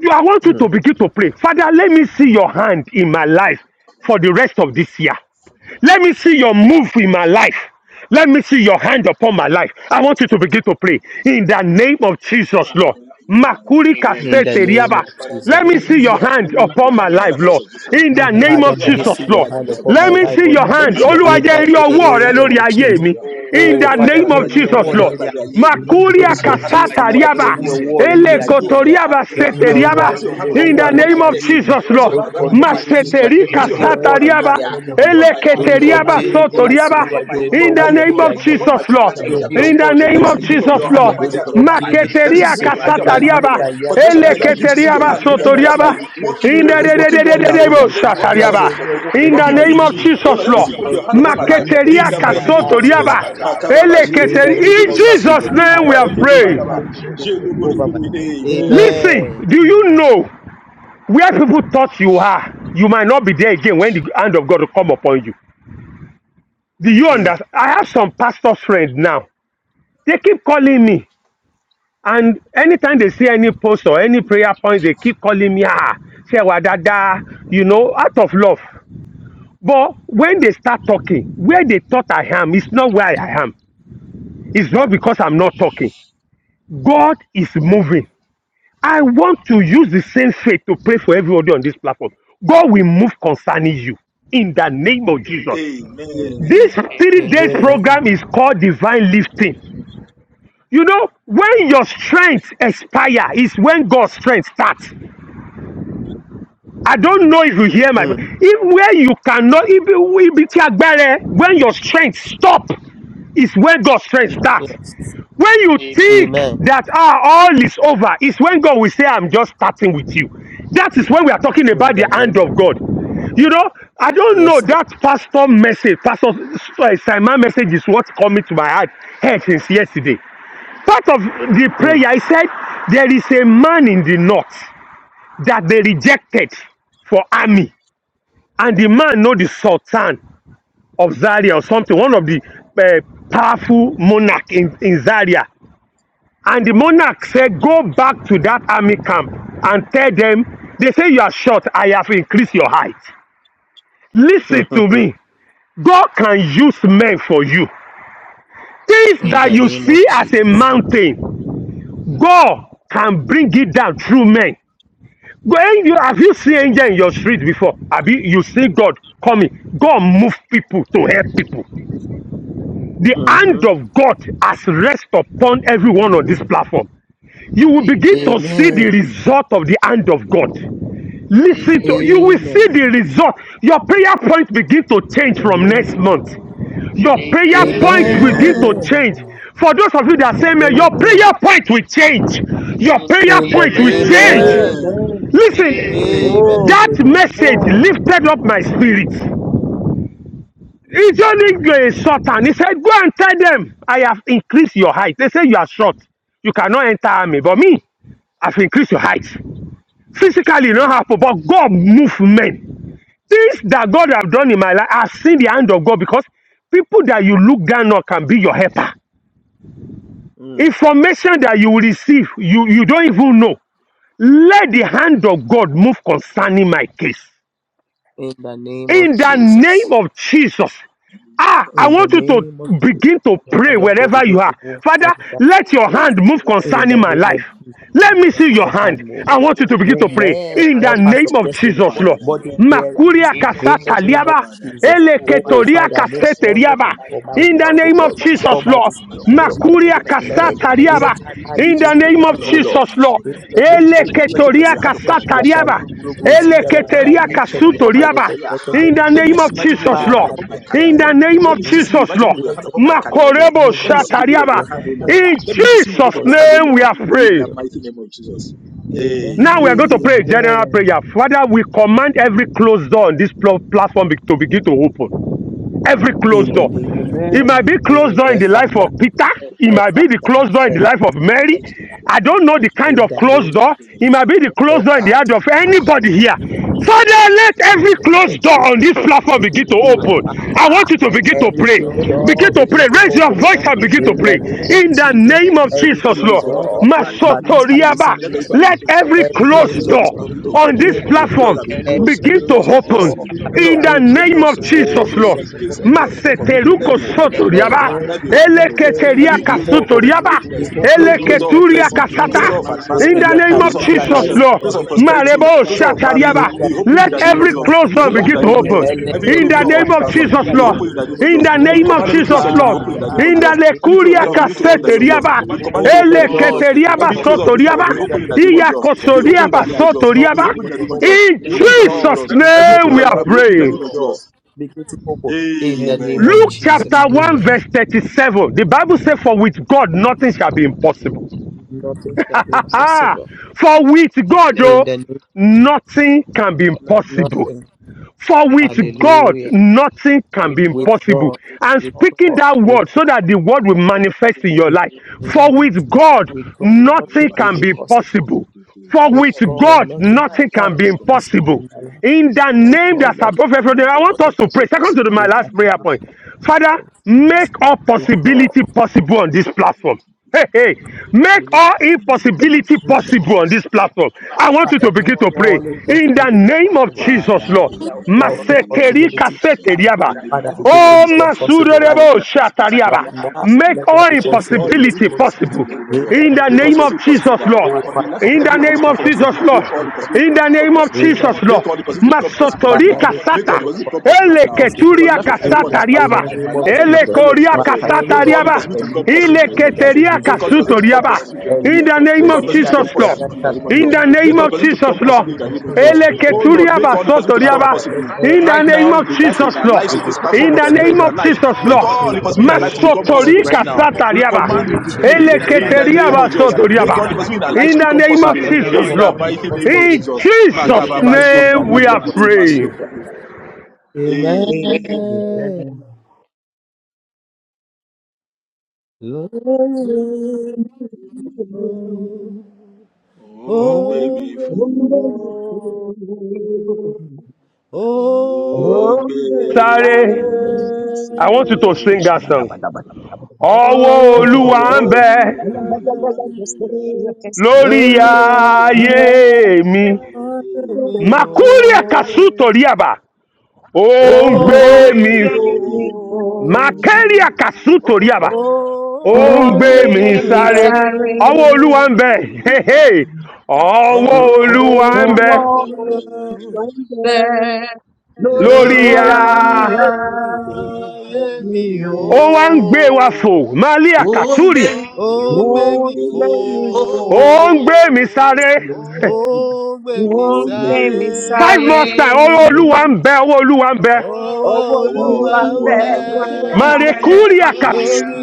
S5: You, I want you to
S1: mm.
S5: begin to pray. Father, let me see your hand in my life for the rest of this year. Let me see your move in my life. Let me see your hand upon my life. I want you to begin to pray in the name of Jesus,
S4: Father,
S5: Lord.
S4: in the
S5: Makuri In the name
S4: name
S1: in
S4: of
S1: the
S5: kasete of
S4: Jesus.
S1: name
S5: riaba.
S1: of
S5: Jesus,
S4: Father, in the
S1: Jesus.
S5: Let
S4: name
S2: That
S4: of
S5: me
S2: I
S4: let me
S5: see
S2: may
S4: see
S5: your
S4: your hand,
S5: hand
S2: see
S4: your
S5: upon my
S4: hand in my
S5: life,
S4: life for the rest
S5: Lord.
S4: of this year.
S5: In the
S2: hands of
S5: name
S4: Let
S1: Father,
S5: of
S4: your
S5: see
S1: let
S5: your
S1: me
S2: men.
S4: hand
S5: Jesus,
S1: see
S5: hand
S4: upon my
S1: your
S5: Lord.
S4: life
S5: upon
S4: for the
S1: hand
S5: my
S4: rest
S5: life.
S4: of
S1: upon
S4: this
S5: Let
S1: my
S2: Let
S4: year.
S5: me
S2: me
S1: life,
S4: Lord.
S1: O
S5: see your
S1: Lord.
S2: see
S4: Let me
S5: hand.
S4: see
S2: the
S4: your hand
S5: Olúwa
S1: In
S2: hands
S4: upon
S5: jẹ́
S4: my
S5: n
S4: life
S5: rí
S4: for the
S1: the
S4: rest of this
S5: ọwọ́
S4: year. your
S5: rẹ
S4: hand
S1: name
S5: lórí
S1: of
S4: upon
S2: of
S4: my life.
S1: Jesus.
S5: ayé
S2: men.
S5: mi. Oh,
S4: Lord.
S5: In
S4: Olójú
S5: the
S1: Oh,
S4: ọlọ́wọ́
S1: Father,
S5: name
S4: agbára
S2: Let
S4: ló
S1: jẹ́
S5: of
S2: me
S1: n rí
S4: ayé mi,
S1: ọwọ́
S5: Jesus,
S1: rẹ
S2: see
S4: olájọ́
S2: the
S1: lórí
S4: agbára
S5: Lord.
S2: hands
S4: ló
S2: of
S1: ayé
S4: ayé
S1: mi.
S2: the
S4: mi.
S2: men
S4: Let me
S5: Makuria
S2: upon
S4: see
S1: Lórúkọ
S2: my
S4: your
S2: life.
S4: hand upon
S1: Jésù,
S4: my
S5: kasata
S4: life
S1: Olúwa
S4: for the
S1: jẹ́
S4: rest
S1: n
S4: of
S5: riaba.
S2: Let
S1: rí
S4: this
S2: me
S4: year,
S1: ọwọ́
S4: Lord.
S1: rẹ
S2: see
S1: lórí
S4: Let
S5: Ele
S4: me
S2: the
S4: see
S1: ayé
S4: more of
S2: hands
S1: mi.
S4: your hand
S5: kotoriaba
S4: upon
S1: Jẹ́ n
S4: my
S1: rí
S2: upon
S5: sete
S4: life.
S2: my
S1: ọwọ́
S2: life.
S5: riaba.
S4: Let me see your hand
S1: ayé-
S2: Let me
S4: upon
S5: In
S1: ọwọ́
S4: my,
S5: the
S1: rẹ
S2: see
S1: lórí
S5: name of
S1: ayé
S4: destiny.
S1: mi.
S5: Jesus,
S4: Let me see your
S5: Lord.
S1: Lórúkọ
S4: hand upon my
S1: Jésù,
S4: ministry.
S1: Olúwa
S5: Maseteri
S1: jẹ́
S4: Let
S1: kí
S4: me
S1: n
S4: see your
S1: rí
S4: hand upon
S1: ọwọ́
S5: kasata
S4: my
S1: rẹ
S5: riaba.
S1: lórí
S2: the hands
S4: career,
S1: ayé
S2: upon
S1: mi.
S4: upon
S5: Ele
S4: my marriage,
S1: Lórúkọ
S4: upon
S2: my
S4: my
S5: keteriaba
S4: home,
S2: life.
S4: upon
S5: soto
S4: my
S1: Jésù,
S5: riaba.
S1: Olúwa
S4: upon my
S1: jẹ́ n rí
S4: upon
S5: In
S1: ọwọ́
S4: my
S5: the
S2: Jesus,
S1: rẹ
S5: name
S1: lórí
S2: we
S5: of
S4: everything,
S1: ayé
S4: upon
S2: thank
S1: mi.
S4: my
S5: Jesus,
S2: you
S5: Lord.
S4: property,
S2: for
S1: Jẹ́ n
S4: everything i
S1: rí
S2: Father.
S5: In
S4: me.
S1: ọwọ́
S5: the
S1: rẹ
S4: Let
S5: name
S4: me
S1: lórí
S5: of
S4: see the
S2: Lady,
S1: ayé
S4: move
S5: Jesus,
S4: of
S1: mi.
S4: your
S2: see
S5: Lord.
S4: hand,
S2: your
S4: Almighty,
S1: Lórúkọ
S2: holy
S4: upon my life.
S2: name.
S4: Let me see the
S5: Maketeria
S4: people
S1: Jésù.
S4: with your
S2: In
S4: mighty
S2: the
S4: upon my
S2: name
S4: hand,
S2: of
S4: O
S5: kasatariaba,
S1: Malika
S4: Lord.
S2: Jesus,
S4: For
S1: yan
S4: the rest of the year, let me
S1: kalabadi
S4: get to
S2: Jesus,
S4: see
S2: we
S1: koko
S4: your
S5: eleketeriaba
S4: hand
S2: thank
S1: ziga
S2: you
S4: moving
S2: for
S5: sotoriaba,
S2: Father.
S4: mightily,
S1: dalabadi
S4: working
S1: keshe
S5: in the
S4: miracles,
S2: Lady,
S4: working
S2: see your
S4: wonders,
S1: delegezekedeleberia.
S4: working
S2: holy
S4: breakthrough, working
S1: Olúwa
S2: name.
S1: jẹ́ n
S4: success
S1: rí
S4: for me,
S1: ọwọ́ rẹ
S5: In
S2: In
S5: the
S1: lórí
S2: the
S4: working
S5: name
S1: ayé
S5: of
S4: victory.
S1: mi.
S2: name
S4: Oh Lord,
S5: Jesus,
S4: let me
S5: Lord.
S4: see
S1: Lord,
S4: with
S1: for
S4: your hand
S1: grace,
S4: upon my
S2: of
S4: life.
S2: Lady,
S1: Father, let me
S5: Maketeria
S4: In
S2: see
S4: the
S1: see
S2: your
S1: your
S4: mighty name
S2: holy
S4: of
S1: hand over
S4: Jesus.
S2: name.
S1: my
S5: kasotoriaba,
S1: life.
S4: Makababa,
S2: In the
S1: In the
S5: eleketeri.
S4: Jendrobo,
S1: name
S2: name
S5: In
S4: Regede,
S1: of
S5: Jesus'
S1: Jesus.
S4: Masodrobo,
S5: name we
S4: Lipa,
S1: Father,
S5: have
S1: let
S2: of
S1: me
S4: Likete,
S2: Lady,
S1: see your
S5: prayed.
S2: see
S1: hand
S4: Makaba.
S2: your
S4: Jendrobo,
S1: over my
S4: Regede.
S1: life.
S4: Amen.
S5: Listen,
S1: Amen.
S5: do you know where people thought you are? You might not be there again when the hand of God will come upon you. Do you
S1: Hmm.
S4: Yes.
S5: understand? I have some pastor friends now. They keep calling me. And anytime they see any post or any prayer point, they keep calling me, ah, Shewa Dada, you know, out of love. But when they start talking, where they thought I am is not where I am. It's not because I'm not talking. God is moving. I want to use the same faith to pray for everybody on this platform. God will move concerning you in the name of Jesus.
S2: holy
S4: Amen.
S5: This three days
S1: Amen.
S4: Amen.
S5: program
S2: Amen.
S5: is called divine lifting. You know, when your strength expire is when God's strength starts. I don't know if you hear my
S1: Hmm.
S5: if where you cannot if if it's agbára when your strength stop is when God's strength start.
S1: Yes.
S5: When you
S1: Amen.
S5: think that ah all is over is when God will say I'm just starting with you. That is when we are talking
S1: In
S5: about the
S1: the name
S5: hand
S1: of
S5: of God. You know I don't know
S1: yes, Lord.
S5: that pastor message pastor uh, Simon message is what coming to my heart head since yesterday. Part of the
S1: Hmm.
S5: prayer I said there is a man in the north that they rejected for army. And the man know the Sultan of Zaria or something, one of the uh, powerful monarch in, in Zaria. And the monarch said, go back to that army camp and tell them, they say you are short, I have increased your height.
S1: Hmm,
S5: Listen to
S1: hmm, hmm.
S5: me. God can use men for you. Things
S1: In
S5: that
S1: the
S5: you
S1: name
S5: see
S1: of
S5: as a
S1: Jesus.
S5: mountain, God can bring it down through men. When you have you seen angel in your street before? Have you, you see God coming? God move people to help people. The hand
S1: hmm
S5: of God has rest upon everyone on this platform. You will begin to Mm. see the
S1: Amen.
S5: result of the hand of God. Listen to you will
S1: Amen.
S5: see the result. Your prayer point begin to change from next
S2: Amen.
S5: month. Your prayer point
S2: Amen.
S4: Amen.
S5: begin to
S1: Amen.
S5: change.
S2: Amen.
S5: For those of you that say, "Man, your
S2: Amen. Amen.
S5: prayer point will change. Your prayer
S1: In the
S5: point will
S1: name.
S4: Amen.
S1: Amen.
S5: change.
S1: Amen.
S5: Listen,
S4: Amen.
S5: that
S2: Amen.
S5: message lifted up my spirit. It's only a short and he said, Go and tell them I have increased your height. They say you are short. You cannot enter army. But me, I've increased your height. Physically, it not
S1: Hmm,
S5: happen, but God move men. Things that God have done in my life, I've seen the hand of God because people that you look down on can be your helper.
S1: hmm.
S5: Information that you will receive, you, you don't even know. Let the hand of God move concerning my case.
S1: In the name of
S5: In the
S4: Amen.
S5: name
S1: Jesus.
S5: of Jesus. Ah, I
S1: In the
S5: want you to
S1: name of
S5: begin to pray
S1: hand of God
S5: wherever
S1: begins
S5: you are.
S1: to move
S5: Father,
S1: out of that
S5: let your
S1: place.
S5: hand move
S1: In
S5: concerning
S1: the
S5: my
S1: name
S5: life.
S1: of Jesus,
S5: Let
S1: Father,
S5: me see
S1: let
S5: your
S1: your hand
S5: hand. I
S1: move.
S5: want you to
S4: Amen.
S5: begin to
S1: Move,
S5: pray
S1: man,
S5: in the
S1: help us of
S5: name of
S1: destiny,
S5: Jesus, Lord.
S4: Father,
S1: burden
S4: in the
S5: Makuria
S1: bearers.
S4: name of
S1: In the
S5: kasata
S4: Jesus.
S1: name of
S5: liaba,
S4: Father, in
S1: Jesus,
S4: the name of
S1: oh
S4: Jesus.
S5: eleketoria
S4: Let me
S1: Father,
S4: get to
S1: move
S4: see
S5: kasete
S4: your
S1: men
S4: hand,
S5: riaba.
S4: Lord.
S1: for my
S4: Let
S5: In
S4: me get
S5: the
S4: to
S1: help,
S4: your
S1: oh
S4: hand.
S5: name
S4: Let
S5: of
S1: Lord,
S4: me get to see your
S1: for
S5: Jesus,
S4: hand
S1: my
S5: Lord.
S4: move in my
S1: sake,
S4: life.
S1: oh
S4: Let
S1: Lord,
S4: me
S1: Father,
S4: move your
S5: Makuria
S1: raise
S4: hand upon my life,
S1: men.
S5: kasata
S4: upon my
S5: riaba.
S1: Let
S4: destiny.
S1: your
S4: Let
S1: hand
S4: me
S5: In
S4: get to
S5: the
S1: begin
S4: see
S1: to
S4: move
S5: name
S4: your hand
S5: of
S1: move,
S4: upon
S1: oh
S4: my
S1: Lord.
S5: Jesus,
S4: ministry,
S5: Lord.
S1: In
S4: Lord.
S1: the
S4: Let me
S1: name
S4: to
S1: of
S4: see mighty move
S5: Eleketoria
S1: Jesus,
S4: your hand upon
S1: Man,
S4: my
S5: kasata
S4: ministry,
S1: yaga,
S5: riaba.
S4: Lord.
S1: libro,
S4: Let me to see
S1: gozi,
S4: mighty
S1: yada,
S4: move your hand upon
S5: Eleketeria
S4: my ministry,
S1: like,
S4: Lord.
S5: kasuto
S4: Upon my
S5: riaba.
S4: career, ha.
S5: In the
S4: Let me
S5: name
S4: get to
S5: of
S4: see mighty move
S5: Jesus,
S4: your hand
S1: Father,
S5: Lord.
S4: upon
S1: let
S4: my
S1: your
S4: career,
S5: In the
S1: hand
S4: Lord.
S1: begin
S5: name
S4: Let
S1: to
S5: of
S4: me get to
S1: move.
S4: see
S5: Jesus,
S4: mighty
S5: Lord.
S4: move your
S1: Let
S4: hand
S1: your
S4: upon my
S1: hand
S4: career, O
S1: be to
S4: Lord.
S5: Makorebo
S1: move,
S4: Let
S1: O
S4: me see
S1: Lord,
S4: the move of
S5: Shatariaba.
S4: your hand,
S1: protect
S4: O
S1: my
S4: Lord.
S5: In
S4: Let
S1: life,
S4: me get to see the move
S5: Jesus'
S4: of your hand,
S1: protect
S4: O
S1: my
S5: name we
S4: Lord.
S5: are
S1: situation.
S4: In the
S1: Lord.
S5: praying.
S4: mighty name of Jesus.
S5: Now we are going
S1: Amen.
S5: to
S4: Amen.
S5: pray a general
S2: Amen.
S5: prayer. Father, we command every closed door on this pl- platform be- to begin to open every
S1: In
S5: closed
S1: the
S5: door.
S1: name of
S4: Amen.
S5: It might
S2: Amen.
S5: be closed
S1: oh,
S5: door in
S1: a
S5: the life
S4: Father,
S5: of
S1: Father,
S4: for me,
S2: Amen.
S5: Peter.
S4: please, I thank
S5: It
S1: a
S5: might
S4: you
S5: be
S4: for
S5: the
S4: your
S1: Father,
S5: closed door
S4: goodness.
S5: in
S1: a
S5: the life
S1: Father,
S5: of
S4: If you
S5: Mary.
S4: close down the
S5: I
S4: river, I
S5: don't know
S4: will
S5: the
S4: not
S5: kind
S1: in
S5: of
S1: the
S4: But
S1: name
S5: closed
S4: come on,
S5: door.
S4: because of the
S5: It
S4: river.
S5: might
S4: I don't
S5: be the closed
S4: have a
S5: door in the
S1: of
S5: heart
S4: state
S1: Jesus,
S5: of
S4: for the share
S5: anybody
S4: of
S5: here.
S1: In
S4: the
S1: the name
S4: people of
S1: of
S4: my
S5: Father,
S4: sin
S5: let
S4: for
S1: Jesus,
S4: the people
S5: every
S1: look for
S5: closed door
S1: this.
S5: on
S4: of
S5: this
S4: my God.
S5: platform
S1: We
S5: begin to
S1: decree
S4: Every way
S5: open.
S1: a
S4: we put
S5: I
S4: our
S5: want
S4: faith
S1: factor.
S5: you
S4: in
S5: to begin
S4: you.
S5: to
S1: Every
S5: pray.
S4: for the Lord.
S1: closed
S4: Every way we
S2: Amen.
S5: Begin
S4: put
S1: door
S5: to
S4: this
S1: begin
S5: pray.
S1: to
S4: open the
S5: Raise your
S4: name of Jesus.
S1: open.
S5: voice
S2: Father,
S5: and
S2: I
S4: Let the
S5: begin
S2: thank
S5: to
S4: people
S1: In
S2: you
S5: pray.
S4: of
S1: the
S4: this
S1: name
S2: for
S4: one be
S1: of
S2: every
S4: to
S5: In
S4: open
S5: the
S4: the
S1: Jesus.
S4: name of
S5: name of
S4: Jesus.
S2: person
S1: Every
S4: Let the
S5: Jesus,
S4: people
S2: in
S1: closed
S4: of
S2: the
S5: Lord.
S4: this
S2: life of
S1: door,
S4: one be to
S2: every
S4: open the
S2: human
S4: name of Jesus.
S1: maritally,
S2: present
S5: Masotoriaba.
S2: on this
S4: Let me close.
S1: spiritually.
S5: Let
S2: platform,
S4: uh,
S5: every
S4: uh,
S1: Every
S2: every
S4: Let's
S1: closed
S5: closed
S4: close
S2: place
S1: door,
S4: on this
S5: door
S2: for
S4: one.
S5: on this
S2: miracle,
S4: Every
S1: ministerially.
S4: door
S5: platform
S4: that been
S1: Every
S4: closed,
S2: miracle,
S5: begin
S4: every
S5: to
S1: closed
S4: door of
S2: Let
S5: open
S2: every
S1: door,
S4: blessing, every
S2: place
S4: door
S5: in
S4: of
S1: career
S5: the
S2: for this
S4: breakthrough, every
S1: wise.
S5: name
S4: door of
S5: of
S2: platform,
S4: success that been
S1: Oh,
S5: Jesus,
S1: in
S4: closed
S1: the
S5: Lord.
S2: miracle,
S1: name of
S4: against anyone on
S1: Jesus,
S4: this
S1: it
S4: platform.
S1: begin
S2: healing,
S1: to
S4: Let it
S5: Maseteruko
S4: be
S1: open.
S2: healing.
S4: open that name of
S1: A
S4: Jesus.
S5: sotoriaba.
S4: Let it be
S2: every
S1: factor,
S4: open that
S2: place
S1: we
S4: name of Jesus.
S2: for this
S5: Eleketeria
S4: Every
S1: decree, be
S4: closed
S2: platform,
S4: door of
S1: opened.
S4: great
S5: kasutoriaba.
S2: miracle,
S1: Be
S4: greatness,
S1: opened.
S4: closed
S1: In
S4: closed door of
S2: miracle,
S1: the
S5: Eleketuria
S1: name of
S4: blessing,
S2: in the
S4: closed
S1: Jesus.
S5: kasata.
S4: door of
S2: name of
S5: In
S1: Oh,
S4: advancement,
S5: the
S2: Jesus.
S1: yeah,
S5: name
S4: closed
S5: of
S4: door of
S1: Calibra,
S5: Jesus,
S4: promotion,
S2: Place
S5: Lord.
S4: closed door of
S5: Mare
S4: prosperity,
S2: in the
S1: Gazina,
S2: life
S4: closed door
S2: of
S4: of marriage.
S1: Inda
S2: everyone
S4: Be open in
S5: let
S4: the
S2: on
S4: name
S2: the
S4: of
S5: every
S4: Jesus.
S5: closed
S2: platform,
S4: Be
S5: door
S4: open
S1: Nikishikitibuya.
S4: in
S5: begin
S4: the
S2: or
S5: to
S4: name of
S2: any
S5: open.
S4: Jesus. Every
S2: information
S5: In
S4: closed
S5: the
S2: for
S4: door on
S1: Elekelifa
S5: name
S4: this
S5: of
S4: platform.
S5: Jesus,
S1: Kazinda
S4: Be
S5: Lord.
S4: open in
S2: miracle,
S4: the name of
S5: In
S4: Jesus.
S5: the
S1: Nikishikitibuya.
S4: We
S5: name of
S2: miracle,
S4: command every closed
S5: Jesus,
S4: door
S2: in
S4: to
S2: the
S4: be
S2: name
S5: Lord.
S4: open
S2: of
S4: in the
S2: Jesus.
S4: name
S1: Father,
S4: of
S5: In the
S4: Jesus.
S1: in
S4: Every
S1: the
S4: closed
S5: Lekuria
S4: door
S2: every
S4: begin
S1: name
S4: to
S1: of
S4: open in the
S2: place
S4: name of
S2: for
S4: Jesus.
S1: Jesus.
S5: Caseteriaba.
S2: this,
S4: We command it to
S1: Oh,
S4: open in
S1: let
S5: Ele
S4: the name of
S1: doors
S4: Jesus.
S2: in
S1: begin
S2: the
S1: to
S5: Keteriaba
S4: Every
S2: name
S4: closer
S1: open.
S4: of this power
S5: Sotoriaba.
S4: be
S1: In the
S4: open in the
S1: name
S4: name of
S1: of
S5: Iya
S4: Jesus.
S1: Jesus.
S2: of
S4: Be open in the
S5: Kosoriaba
S4: name
S2: Jesus.
S1: Father,
S4: of Jesus.
S1: let
S4: Be
S1: doors
S5: Sotoriaba.
S4: open in
S1: begin
S4: the
S1: to
S4: name of
S1: open.
S4: Jesus.
S5: In
S4: Be open in
S1: Let
S4: the name of
S1: doors
S5: Jesus'
S4: Jesus.
S1: begin to
S4: Every
S5: name
S4: closer
S1: open.
S5: we
S4: of this
S2: Amen.
S5: are
S4: power be
S1: Every
S4: open in the
S5: praying.
S4: name
S1: closed
S4: of Jesus.
S1: door begin to open. In the name
S4: Amen.
S1: of
S5: Luke chapter
S1: Jesus.
S5: 1,
S1: Amen.
S5: verse 37. The Bible says, For with God nothing shall be impossible.
S1: Nothing shall be
S5: Ah,
S1: impossible.
S5: for with God,
S1: In
S5: oh,
S1: the name
S5: nothing can be impossible.
S1: nothing.
S5: For with God,
S1: Hallelujah.
S5: nothing can be
S1: With
S5: impossible.
S1: God,
S5: And
S1: with
S5: speaking
S1: God,
S5: that
S1: with
S5: word so
S1: God.
S5: that the word will manifest in your
S1: In
S5: life.
S1: the
S5: For
S1: name of
S5: with
S1: Jesus,
S5: God,
S1: with God, nothing
S5: nothing
S1: will
S5: can
S1: be
S5: be
S4: Impossible.
S1: possible.
S5: possible. For
S1: With
S5: with
S1: God,
S5: God,
S1: nothing
S5: nothing
S1: can
S5: can be
S1: be possible
S5: impossible.
S1: in my life.
S5: In the
S1: With
S5: name
S1: God,
S5: that's
S1: nothing
S5: above
S4: For
S5: everything,
S4: with
S5: I
S4: God,
S1: is
S5: want us
S4: nothing
S5: to
S4: can be
S5: pray.
S1: possible.
S5: Second to the-
S4: impossible
S5: my
S1: No
S4: in the
S5: last
S1: matter
S4: name of
S5: prayer
S1: how
S4: Jesus.
S5: point. Father,
S1: of
S5: make
S1: Jesus.
S5: all
S1: With God,
S5: possibility possible on this
S4: In
S5: platform. Hey, hey, make
S1: ability
S5: all
S4: the name of
S5: impossibility
S1: in
S4: Jesus,
S1: the
S5: possible on this platform. I want you to
S1: Father, make
S5: begin to pray
S1: all
S4: possible.
S5: in the
S1: impossibility
S5: name of
S1: possible.
S5: Jesus,
S4: Father,
S5: Lord.
S4: in the
S1: There are
S5: Masekeri
S4: name of
S1: impossibility in
S4: Jesus,
S1: my life.
S5: kaseteriaba.
S4: in the
S1: Father,
S4: life of
S1: begin
S4: everyone
S1: to
S4: on
S5: Oh,
S1: make
S4: this
S1: them
S4: platform, make
S1: possible right
S4: all
S5: masurerebo
S1: now.
S4: impossibility
S1: Right
S5: shatariaba.
S4: become become
S1: now,
S5: Make
S4: possible.
S1: let there
S5: all
S1: be
S4: Change all
S1: possibility,
S5: impossibility
S4: impossibility
S1: oh
S4: to
S1: Lord.
S4: possibility
S5: possible
S4: in the name of
S1: In
S4: Jesus.
S1: the
S5: in the
S1: name
S4: Make
S1: of
S4: us
S5: name of
S4: possible
S1: Jesus.
S4: possible
S5: Jesus,
S4: now.
S5: Lord.
S1: Oh,
S4: On the
S1: Father,
S4: life of
S1: make
S5: In the
S4: everyone on
S1: all
S5: name
S4: this
S5: of
S4: platform
S5: Jesus,
S4: today,
S1: impossibility
S5: Lord.
S4: make all the possible
S5: In
S1: possible.
S4: to
S5: the
S4: become
S5: name of
S4: possible,
S1: In
S4: Lord.
S1: the
S5: Jesus,
S1: name
S5: Lord.
S4: Make
S1: of
S4: all the possible to
S1: Jesus.
S4: become possible right
S5: Masotori
S1: Father,
S4: now.
S1: make
S4: Make all
S1: all
S5: kasata.
S4: the possible to become possible right
S1: impossibility
S5: Ele
S4: now.
S1: possible.
S4: For the
S5: keturia
S4: life of
S1: In
S4: everyone on
S1: the
S5: kasata
S4: this
S5: riaba.
S4: platform, for
S2: Amen.
S4: my
S1: name of
S4: life and life
S5: Ele
S4: of
S1: Jesus.
S4: everyone on this
S5: koria
S2: That's
S4: platform.
S2: why
S5: kasata
S4: Make
S1: Makasete
S2: every
S4: all the
S1: kene
S5: riaba.
S4: possibility to
S2: possibility
S1: eli
S4: become
S2: is so
S4: positive in
S5: Ile
S4: the name of
S1: propozinda
S2: possible.
S4: Jesus.
S1: de
S5: keteria
S4: Make
S2: Amen.
S4: all
S1: gezete
S4: the
S1: the
S5: kasuto
S4: possibility to become
S1: bedia.
S5: riaba.
S4: positive in the name of
S1: Eli
S5: In
S4: Jesus.
S5: the name
S4: Make
S5: of
S4: all the possibility
S1: the
S4: to
S1: de
S5: Jesus,
S4: become positive in
S5: Lord.
S4: the
S1: ganyanta
S4: name of
S2: Every
S5: In
S4: Jesus.
S5: the
S1: de
S5: name
S4: Make
S2: possibility,
S4: all
S5: of
S4: the
S1: gezete
S4: possibility
S1: de
S4: to
S5: Jesus,
S4: become
S5: Lord.
S4: possible
S2: every
S4: in the name of
S1: In
S4: Jesus.
S2: possibility
S1: the
S2: is
S1: name of
S4: Oh
S2: so
S4: Lord, make
S5: Eleketuriaba,
S1: Jesus.
S2: possible.
S4: all the possibility to become
S1: Father, let
S4: possible
S2: Amen.
S5: sotoriaba.
S1: every
S5: In the
S4: right now
S5: name
S4: in
S5: of
S4: the life
S1: impossibility
S4: in
S5: Jesus,
S4: our
S5: Lord.
S4: lives in
S1: begin
S4: this
S1: to be
S5: In
S4: platform in,
S5: the
S4: the, name
S1: possible.
S4: of-
S5: name
S2: Every
S4: our
S5: of
S4: life.
S5: Jesus,
S4: Make
S2: possibility
S5: Lord.
S2: is
S4: all
S1: In
S4: the
S2: so
S1: the
S4: possibility in our life to
S2: possible.
S1: name
S4: become
S1: of
S4: possible right
S5: Masotorika
S1: Jesus.
S2: Every possibility
S4: now. We
S5: satariaba.
S2: is
S1: Oh,
S2: so
S4: command, we
S2: possible.
S1: shake
S4: decree
S1: it in the
S4: in the
S1: valley,
S4: name
S2: Every
S5: Eleketeriaba,
S4: of
S1: carrying
S4: Jesus.
S1: that is in
S2: possibility
S4: Make all
S2: is
S4: the
S1: the
S2: so
S4: possibility in our
S5: sotoriaba.
S1: hallelujah.
S4: life
S5: In
S4: to
S2: possible.
S5: the
S4: become
S5: name of
S1: Father,
S4: possible
S2: Every
S1: let
S5: Jesus,
S4: in
S1: all
S4: the
S5: Lord.
S2: possibility
S4: mighty
S2: is
S4: name of
S1: possibility
S5: In
S4: Jesus.
S5: Jesus'
S1: begin to be
S4: Makababa,
S2: every
S1: turned
S5: name
S1: around
S2: possibility
S4: Shendrobo,
S2: is
S5: we
S1: for
S5: are
S2: so
S4: Regede,
S2: possible.
S1: possibility.
S5: praying.
S1: for
S4: Masofobo.
S1: us.
S4: Amen.
S2: Amen.
S1: Amen. Lord,
S4: Amen.
S1: oh,
S4: Ó ń gbé mi fò,
S7: Ọwọ́
S1: grateful,
S4: ó ń
S1: oh,
S4: gbé
S5: Sorry,
S1: grateful,
S2: Oh.
S4: mi
S5: I want you to
S2: Oh,
S5: sing that song.
S4: sáré.
S1: oh,
S5: Ọwọ́
S4: Ọwọ́
S5: Olúwa ń bẹ
S4: olú olúwa ń
S1: Olúwa.
S4: bẹ
S5: lórí
S1: Lórí
S4: lórí
S1: àwọn
S4: ara
S5: ayé mi.
S4: ayé mi.
S5: Màkúrì ẹ̀ka
S1: ènìyàn
S5: ó
S1: ó
S5: ń
S4: Ó
S3: Lord,
S5: gbé
S4: ń
S1: gbé
S5: mi
S4: gbé
S1: mi
S3: make
S1: fò
S3: me
S4: mi fò,
S3: whole.
S5: mákẹ́ríà kàṣú toríàbà
S1: ó
S5: ó ń gbé
S3: oh,
S4: ó ń
S1: gbé
S5: mi
S4: gbé
S1: mi
S5: sáré
S1: sáré
S3: sare,
S5: ọwọ́
S4: mi
S5: olúwa ń bẹ
S4: sáré.
S5: hehe. ọwọ́
S4: Ọwọ́
S1: ọwọ́
S5: olúwa ń bẹ
S3: owo
S4: olúwa
S1: Olúwa
S3: oh,
S4: ń
S1: ga
S3: oh,
S4: bẹ
S3: ayé
S5: lórí
S1: lórí
S5: a
S4: Gloria
S1: ayé mi
S3: mi o.
S1: ó
S5: ó
S4: yé
S5: wá ń gbé
S4: mi
S5: wa fò
S4: o,
S5: mália kàtúrì
S1: ó
S4: ó
S1: gbé
S3: oh, ń
S1: mi fò
S3: oh, oh,
S4: gbé mi
S3: fò,
S5: ó
S4: fò,
S5: ń gbé mi sáré
S1: ó gbé
S3: mo
S1: mi
S3: oh,
S4: ó gbé
S3: gbé oh,
S1: sáré.
S4: mi
S5: five
S3: sáré.
S5: more time
S4: sáré.
S5: ọwọ́ olúwa ń bẹ ọwọ́ olúwa ń bẹ
S1: Ọwọ́
S4: Ọwọ́
S7: inú
S1: Olúwa
S7: wa
S3: Owó
S7: ń
S1: ń
S4: Olúwa
S7: bẹ
S1: bẹ
S4: ń
S3: olúwa ń
S7: ní
S4: bẹ
S7: kápá
S3: jẹ
S7: àti
S3: àmì,
S5: màrèkúrì
S7: kanú bá
S5: àkàṣà
S7: ṣe.
S1: lórí
S4: lórí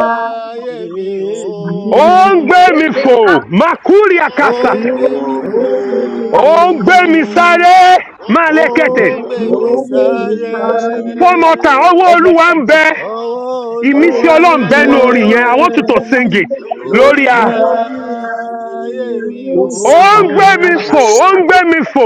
S7: Ẹ máa ń bá
S1: mi o.
S4: mi,
S5: ó ń gbé mi
S7: ṣe
S5: fò
S7: ká
S5: màkúrì
S1: Ó ń
S3: mo
S5: àkàṣà
S1: gbé
S3: ń
S4: ó
S1: mi fò,
S3: gbé
S4: gbé
S3: mi fò,
S4: mi
S5: ó ń
S4: fò,
S5: gbé mi sáré máa
S1: ó
S5: lẹ́kẹ̀tẹ̀
S1: ń gbé
S3: mo
S4: ó
S1: mi
S3: ń gbé
S4: gbé
S3: mi
S1: sáré.
S4: mi
S3: sáré.
S4: sáré.
S5: fọ́mọ́tà ọwọ́ olúwa ń bẹ
S1: Ọwọ́
S5: ìmísí
S1: Olúwa ń
S5: ọlọ́run
S3: Owó
S1: bẹ
S5: bẹnu orin
S3: olúwa
S4: Olúwàbẹ
S5: yẹn i
S3: ń
S5: want you to sing
S3: jẹ
S5: it lórí
S4: lórí
S1: lórí
S5: a.
S3: Glory,
S4: ayé
S1: ayé mi
S4: mi,
S1: o.
S5: ó ń gbé mi fò ó ń gbé mi fò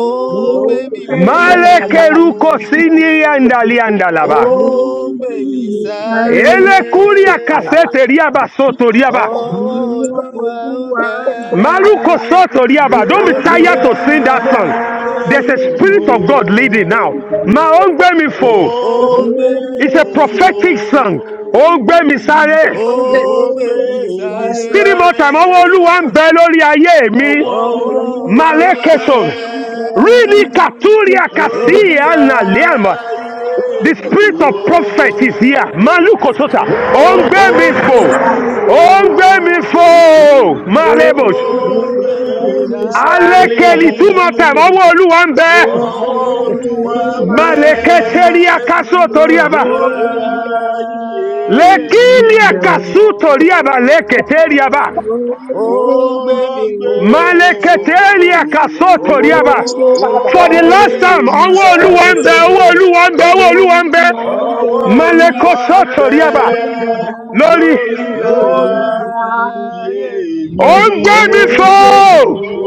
S1: Ó
S4: ó
S1: ń gbé mi
S4: gbé
S1: fò
S5: máa
S4: mi
S5: lẹ́kẹ̀rú
S4: fò,
S5: kò sí ní àǹdàlí àǹdàlàbà
S4: ó
S2: Oh,
S1: ó
S4: gbé
S1: gbè mí
S2: the
S4: mi
S1: sáré
S2: silence.
S4: sáré,
S5: elekuria kasete riaba soto
S4: orí
S5: riaba
S1: ọwọ́ olúwa ń bẹ
S5: maluko soto riaba don't be
S1: lórí
S5: tired to sing that song
S4: ayé
S1: ayé
S5: there's
S1: mi
S5: a
S4: lórí ayé mi
S1: o
S5: spirit of
S4: ó,
S5: God leading now. My own gbemi
S4: ó
S5: fo.
S1: ó
S2: Oh,
S1: gbé
S4: gbé
S1: mi
S5: It's a
S1: fò
S4: mi fò.
S5: prophetic song. Ó ń gbé mi sáré.
S1: ó
S4: Ó ń
S2: oh,
S1: gbé
S4: gbé
S1: mi
S2: the
S4: mi
S1: sáré
S5: Three
S2: silence.
S5: more
S4: sáré,
S5: time, ọwọ́ Olúwa ń bẹ lórí ayé
S4: ọwọ́
S5: mi.
S1: Ọwọ́
S2: Oh,
S4: Olúwa
S2: oh,
S4: ń
S1: Olúwa
S2: the
S5: Malekeso.
S4: bẹ
S1: ń bẹ
S5: Really
S2: silence,
S5: Katuria
S2: oh,
S4: lórí
S5: Kasi
S1: lórí
S2: the
S5: Analiama.
S4: ayé
S1: ayé
S5: The
S4: mi
S1: mi
S5: spirit
S1: o.
S4: o.
S5: of prophet is here. Malukosota.
S4: Ó
S5: Ó ń
S2: Oh,
S4: ń
S5: gbé
S1: Ó
S4: gbé
S5: mi
S1: ń
S2: the
S5: fò.
S1: gbé mi
S4: mi
S1: fò,
S5: Ó
S4: fò,
S5: ń gbé mi fò.
S2: oh,
S1: ó
S5: Malebos.
S4: ó ń
S1: ń
S2: the
S1: gbé
S4: gbé
S1: mi
S4: mi
S2: silence,
S1: sáré.
S4: sáré,
S5: Alekeli two more time, ọwọ́ Olúwa ń bẹ.
S2: oh,
S1: Ọwọ́
S4: ọwọ́
S2: oh,
S4: Olúwa
S1: Olúwa
S4: ń
S1: ń
S4: bẹ
S1: bẹ
S2: the
S5: Maleketeria Kaso
S4: lórí
S5: Toriaba.
S1: lórí
S4: ayé
S1: ayé mi
S3: With
S4: mi.
S5: Lekilia
S1: o.
S3: your
S5: Kasu Toriaba Leketeliaba.
S2: oh,
S4: Ó
S1: Ó gbé
S2: the
S1: mi
S4: ń gbé
S2: Oh,
S4: mi fò,
S5: Maleketelia
S1: fò,
S2: Oh,
S5: kasoto
S1: ó
S5: riaba.
S4: ó
S5: For
S4: ń
S5: the
S4: gbé
S5: last time,
S1: gbèmí
S4: mi
S5: ọwọ́ olúwa ń
S4: sáré,
S1: sáré
S5: bẹ, ọwọ́ olúwa ń bẹ, ọwọ́ olúwa ń bẹ.
S4: ọwọ́
S1: ọwọ́
S4: Olúwa
S1: olúwa
S4: ń
S1: ń
S5: Malekosoto
S4: bẹ
S1: bẹ
S5: riaba.
S7: Thank
S5: Lórí,
S4: lórí
S1: lórí
S3: glory,
S4: ayé
S3: I
S1: ayé mi
S4: mi.
S5: ó ń
S1: o
S5: gbé mi fò.
S4: Ó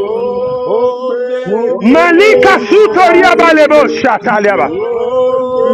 S1: ó
S4: ń gbé
S1: gbèmí
S3: Oh,
S4: mi
S1: fò
S4: fò,
S5: Malika suto
S3: faithful,
S5: riaba
S3: oh,
S5: lebo shata riaba.
S4: ó
S1: ó
S4: ń gbé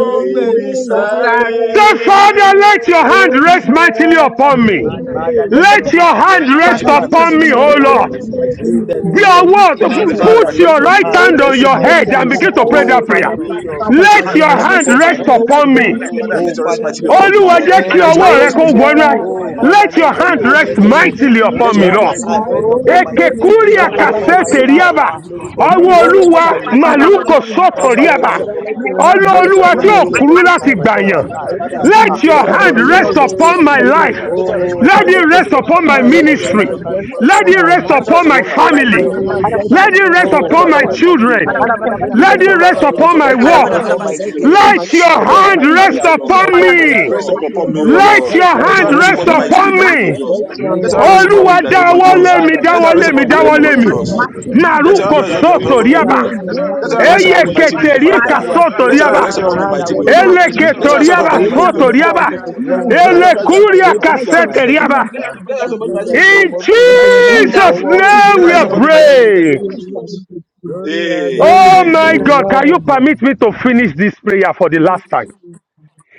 S4: mi
S1: gbèmí
S4: sáré,
S3: sorry.
S1: sáré
S5: Say, Father, let your hand rest mightily upon me.
S1: Father, let
S5: Let
S1: your
S5: your
S1: hand
S5: hand
S1: rest
S4: Let
S5: rest
S3: Father,
S4: your
S3: let
S4: hand
S1: mightily
S3: your
S4: rest
S5: upon
S1: upon
S5: me,
S3: holy
S4: mercy
S1: my
S5: O
S3: work
S4: upon me,
S3: be
S1: life.
S5: Lord.
S4: rest
S3: seen
S4: mightily
S1: In
S4: upon
S1: the
S4: me, O
S3: in
S5: We
S3: the
S1: name
S5: are
S1: of
S4: Lord.
S5: what?
S3: mighty
S1: Jesus.
S4: Let your
S3: name
S4: hand
S3: of
S1: Father,
S4: rest
S5: Put
S4: mercy
S5: your
S1: let
S4: upon
S1: your
S3: Jesus,
S4: me,
S5: right
S4: Lord,
S1: hand
S4: in
S5: hand
S3: in
S5: on
S1: rest
S4: this
S3: the
S5: your
S4: year,
S3: name
S5: head
S4: in
S3: of
S5: and
S1: mightily.
S4: this
S3: the
S5: begin to pray
S3: Lord,
S4: month
S1: Oh,
S5: that
S4: of
S5: prayer.
S1: Father,
S3: Almighty.
S4: today.
S1: put your
S3: Father,
S4: Let your
S3: by
S5: Let
S4: hand
S3: your
S5: your
S1: hand
S4: rest
S5: hand
S4: mightily
S1: upon my
S3: mercy,
S4: upon me,
S5: rest
S4: in the
S1: head
S3: let
S4: name
S1: right
S4: of
S3: the
S5: upon
S4: Jesus.
S5: me.
S1: now.
S3: mighty name
S4: Father, let
S1: Oh,
S4: your rest
S3: of
S1: Father,
S4: mightily
S1: let your
S3: Jesus
S4: upon me, O
S5: Olúwa
S1: hand
S4: Lord.
S5: jẹ́
S3: in
S5: kí
S3: the
S4: Let
S1: rest
S4: your
S2: Father,
S5: ọwọ́
S4: hand
S3: mighty
S5: rẹ
S1: upon
S4: rest
S2: let
S5: kó
S1: me.
S4: mightily upon
S5: wọnú
S4: me,
S3: name of Jesus.
S4: upon
S2: your
S4: my
S1: Oh,
S4: life,
S1: Father,
S4: upon
S5: Let
S4: my
S5: your
S1: let your
S4: career,
S5: hand
S4: upon
S1: hand
S3: Father,
S4: my
S5: rest
S1: rest
S3: by your
S1: upon
S4: destiny.
S1: me.
S3: mercy,
S5: mightily
S3: let
S4: Let
S3: the
S5: upon me,
S4: your
S1: Let
S4: hand
S1: your
S5: Lord.
S3: mighty
S4: rest
S1: hand
S3: name
S4: mightily
S1: rest
S4: upon me, O
S1: upon my
S4: Lord. Let
S3: be
S5: Ekekuri
S1: destiny,
S4: your hand rest mightily
S1: upon my
S4: upon
S5: akasete
S4: me,
S3: sustained
S4: in the
S1: life.
S5: riaba.
S4: name
S1: Ah,
S4: of Jesus.
S1: Lórúkọ
S5: Ọwọ́
S3: name
S4: Let your
S3: of
S4: hand
S1: Jésù,
S4: rest
S1: this
S5: Olúwa
S3: Jesus.
S4: mightily
S1: time is
S4: upon me, O
S3: Father,
S1: different.
S3: by
S5: màlúkò
S4: Lord.
S3: your
S5: sọ̀tò
S4: Let your
S3: mercy,
S1: Father,
S3: O
S4: hand rest
S5: riaba.
S1: rest
S3: God,
S1: your
S4: mightily upon me, O
S1: hand.
S3: let
S4: Lord.
S3: your
S5: Ọlọ́
S2: hand be
S4: Let
S1: Rest
S4: your
S3: mighty
S5: Olúwa
S1: your
S4: hand
S5: tí
S2: upon
S4: rest
S5: ò
S3: hand
S1: hand.
S2: me, O
S4: mightily
S3: rest
S1: Rest
S2: Lord.
S4: upon
S5: kúrú
S4: me,
S1: your
S4: in the
S5: láti
S3: mightily
S1: hand
S4: name of
S1: upon
S3: upon
S1: my
S5: gbàyàn.
S4: Jesus.
S3: me.
S1: life.
S2: Let your
S3: Let
S4: Father,
S3: your
S1: Ah,
S5: Let
S2: hand be
S4: let
S5: your
S4: your
S3: mighty
S4: hand
S5: hand
S1: Lórúkọ
S2: upon
S4: rest
S3: hand, O
S4: mightily
S2: me, O
S4: upon
S5: rest
S3: Lord,
S2: Lord.
S4: me,
S3: rest
S5: upon
S4: O
S5: my
S1: Jésù.
S3: upon
S4: Lord.
S3: me.
S2: Able
S5: life.
S2: to
S3: O
S4: Let
S2: stand
S3: God.
S4: your
S2: up
S4: rest
S2: to
S1: Oh,
S2: the
S3: In
S4: mighty
S5: Let
S4: upon
S5: it
S3: the
S1: Father,
S2: time.
S4: you,
S1: let
S5: rest
S1: your
S4: Lord.
S3: mighty
S5: upon my
S4: Let
S1: power,
S4: rest
S3: name
S2: Let
S3: of
S4: upon
S1: oh,
S4: my
S2: your
S1: let
S4: life
S3: Jesus,
S1: your
S4: in
S2: hand
S5: ministry.
S4: the
S1: hand
S2: rest
S4: name of
S1: over
S3: let
S1: my
S5: Let
S2: upon
S5: it
S4: Jesus.
S2: my
S1: life.
S5: rest
S4: Let
S2: life.
S4: your
S3: your
S5: upon
S4: rest
S5: my
S4: upon my
S1: Lórúkọ
S2: Let
S3: mighty
S4: life.
S5: family.
S4: Let
S3: hand
S2: your
S4: your rest upon
S3: rest
S4: my
S2: hand
S1: Jésù.
S3: upon
S2: rest
S3: us,
S4: ministry,
S5: Let it
S4: Lord.
S2: upon my
S5: rest
S1: Oh,
S4: Let your
S5: upon
S4: rest
S5: my
S1: Father,
S4: upon
S2: ministry,
S3: upon
S4: my
S1: let
S3: me.
S1: me
S2: upon
S4: family,
S2: my
S5: children.
S4: Lord.
S2: life,
S3: and
S2: upon
S3: Upon
S1: let,
S2: my
S1: let
S3: every
S1: me.
S5: Let
S4: Let
S1: blessing
S3: member
S5: it
S3: of
S4: your
S2: family.
S4: rest
S1: upon
S5: rest
S1: my
S3: my
S5: upon
S4: upon
S3: church,
S5: my
S4: my
S2: Let
S1: ministry,
S2: your
S4: children. Let
S5: work.
S4: your
S3: upon
S4: rest
S1: upon
S4: upon
S2: hand
S3: my
S4: my
S1: my
S2: rest
S4: children,
S2: upon
S4: Lord.
S3: children,
S1: children,
S2: my
S5: Let your
S4: Let your
S2: children. upon my
S1: upon
S4: rest
S1: my
S4: upon
S2: family.
S5: hand
S4: my career,
S5: rest
S3: children's
S1: home,
S4: O
S3: children.
S5: upon
S4: Lord.
S3: Father,
S1: upon
S4: Let
S1: my
S3: let
S4: your
S5: me.
S3: your
S4: rest
S2: Let
S1: job,
S2: your
S3: mighty
S4: upon me,
S3: hand
S4: O
S1: upon my
S2: hand
S3: rest
S5: Let
S4: Lord.
S2: rest
S5: your
S3: upon
S1: career,
S4: Let
S5: hand
S3: us.
S4: your
S2: upon
S4: rest
S5: rest
S4: upon
S2: me.
S4: me
S1: upon my
S3: In the
S4: mightily
S5: upon
S4: in the name of
S5: me.
S3: mighty
S1: businesses.
S4: Jesus.
S2: Let
S3: name of
S1: In
S2: your
S4: Let
S1: the
S4: your
S3: Jesus,
S2: hand
S4: rest
S1: name
S4: upon
S1: of
S4: me
S5: Olúwa
S4: in
S2: rest
S4: the name
S1: Jesus.
S4: of
S2: upon
S5: dáwọ́
S2: me,
S3: upon
S2: O Lord.
S4: Jesus.
S5: lé
S3: every
S5: mi,
S1: Father,
S4: Let
S1: let
S5: dáwọ́
S4: your
S1: your
S4: rest
S5: lé
S3: rebel,
S5: mi,
S4: upon
S2: Let
S4: me
S1: hand
S4: in
S3: Father,
S4: the
S5: dáwọ́
S1: rest
S4: name
S5: lé
S4: of
S3: let
S1: upon
S5: mi.
S1: my
S3: your
S4: Jesus.
S1: life, O
S3: mighty
S1: Lord.
S3: hand
S4: Let your
S5: Màrúkò
S4: hand
S1: In
S4: rest
S1: the
S3: in
S5: sọ́tò
S1: name
S4: upon me, O
S1: of
S5: ríàbà.
S4: Lord.
S3: the
S1: Jesus.
S4: Let your hand
S1: Olúwa
S3: name
S4: rest
S3: of
S5: Eye
S4: upon me,
S1: dáwọ́lé
S3: Jesus.
S1: mi.
S4: mightily,
S5: kẹtẹ̀rí
S3: By
S5: kà
S4: Father.
S3: your
S1: Olúwa
S5: sọ́tò
S1: gbé
S4: Let
S3: power,
S4: your
S1: ọwọ́
S5: ríàbà.
S4: hand
S1: lé
S4: rest
S1: mi.
S3: Lord,
S2: your
S4: upon
S1: Olúwa
S4: me,
S2: hand
S3: let
S4: mightily,
S2: rest
S4: O
S3: your
S1: dáwọ́lé
S4: Lord.
S1: mi.
S5: Ele
S3: mighty
S2: upon me.
S3: hand
S4: Let
S5: kẹtọ̀
S4: your
S1: Oh,
S4: hand
S3: rest
S4: rest
S5: ríàbà
S4: upon me,
S3: upon
S1: Father,
S3: me,
S2: Rebo
S1: rest
S4: mightily,
S3: I'm
S4: O
S5: sọ́tò
S1: your
S3: in
S4: Lord,
S3: the
S4: for
S5: ríàbà.
S1: hand,
S2: Kusanta
S4: lifting.
S3: in
S1: rest
S3: the
S1: your
S4: Let
S2: Kasara.
S4: your
S5: Ele
S3: name
S4: hand
S1: mighty
S3: of
S4: rest upon me,
S3: Jesus.
S1: righteous
S5: kúrìà
S4: for
S1: hand
S5: kà
S2: Rebo
S3: Let
S4: lifting and
S1: over
S3: your
S4: for
S1: my
S5: sẹ́tẹ̀
S2: Kusanta
S1: head
S3: mighty hand
S5: ríàbà.
S4: settlement.
S1: right
S3: rest
S1: now.
S4: Let
S3: upon
S4: your hand rest upon
S3: every
S4: me,
S1: In the
S4: mightily,
S2: Kasara.
S3: area of my
S4: for,
S3: life,
S1: name
S5: In
S1: of
S4: for
S3: Lord
S2: Let
S3: God.
S4: divine
S1: Jesus.
S2: your
S3: In
S2: hand
S4: establishment,
S3: the
S5: Jesus'
S1: Oh,
S2: rest
S4: O Lord.
S3: mighty
S1: oh,
S2: upon
S4: Let
S5: name
S4: your
S1: you
S5: we
S4: hand rest
S5: are
S3: name
S1: are
S3: of
S2: me.
S4: upon me, mightily,
S3: Jesus,
S4: in
S1: there.
S3: we
S4: the
S5: praying.
S4: name of
S3: stand for you.
S4: Jesus.
S1: Glory, I
S3: Lord
S1: am.
S5: Oh
S4: Amen.
S5: my
S1: Oh,
S5: God,
S3: God.
S5: can you permit
S2: Amen.
S5: me to finish this prayer for the last time?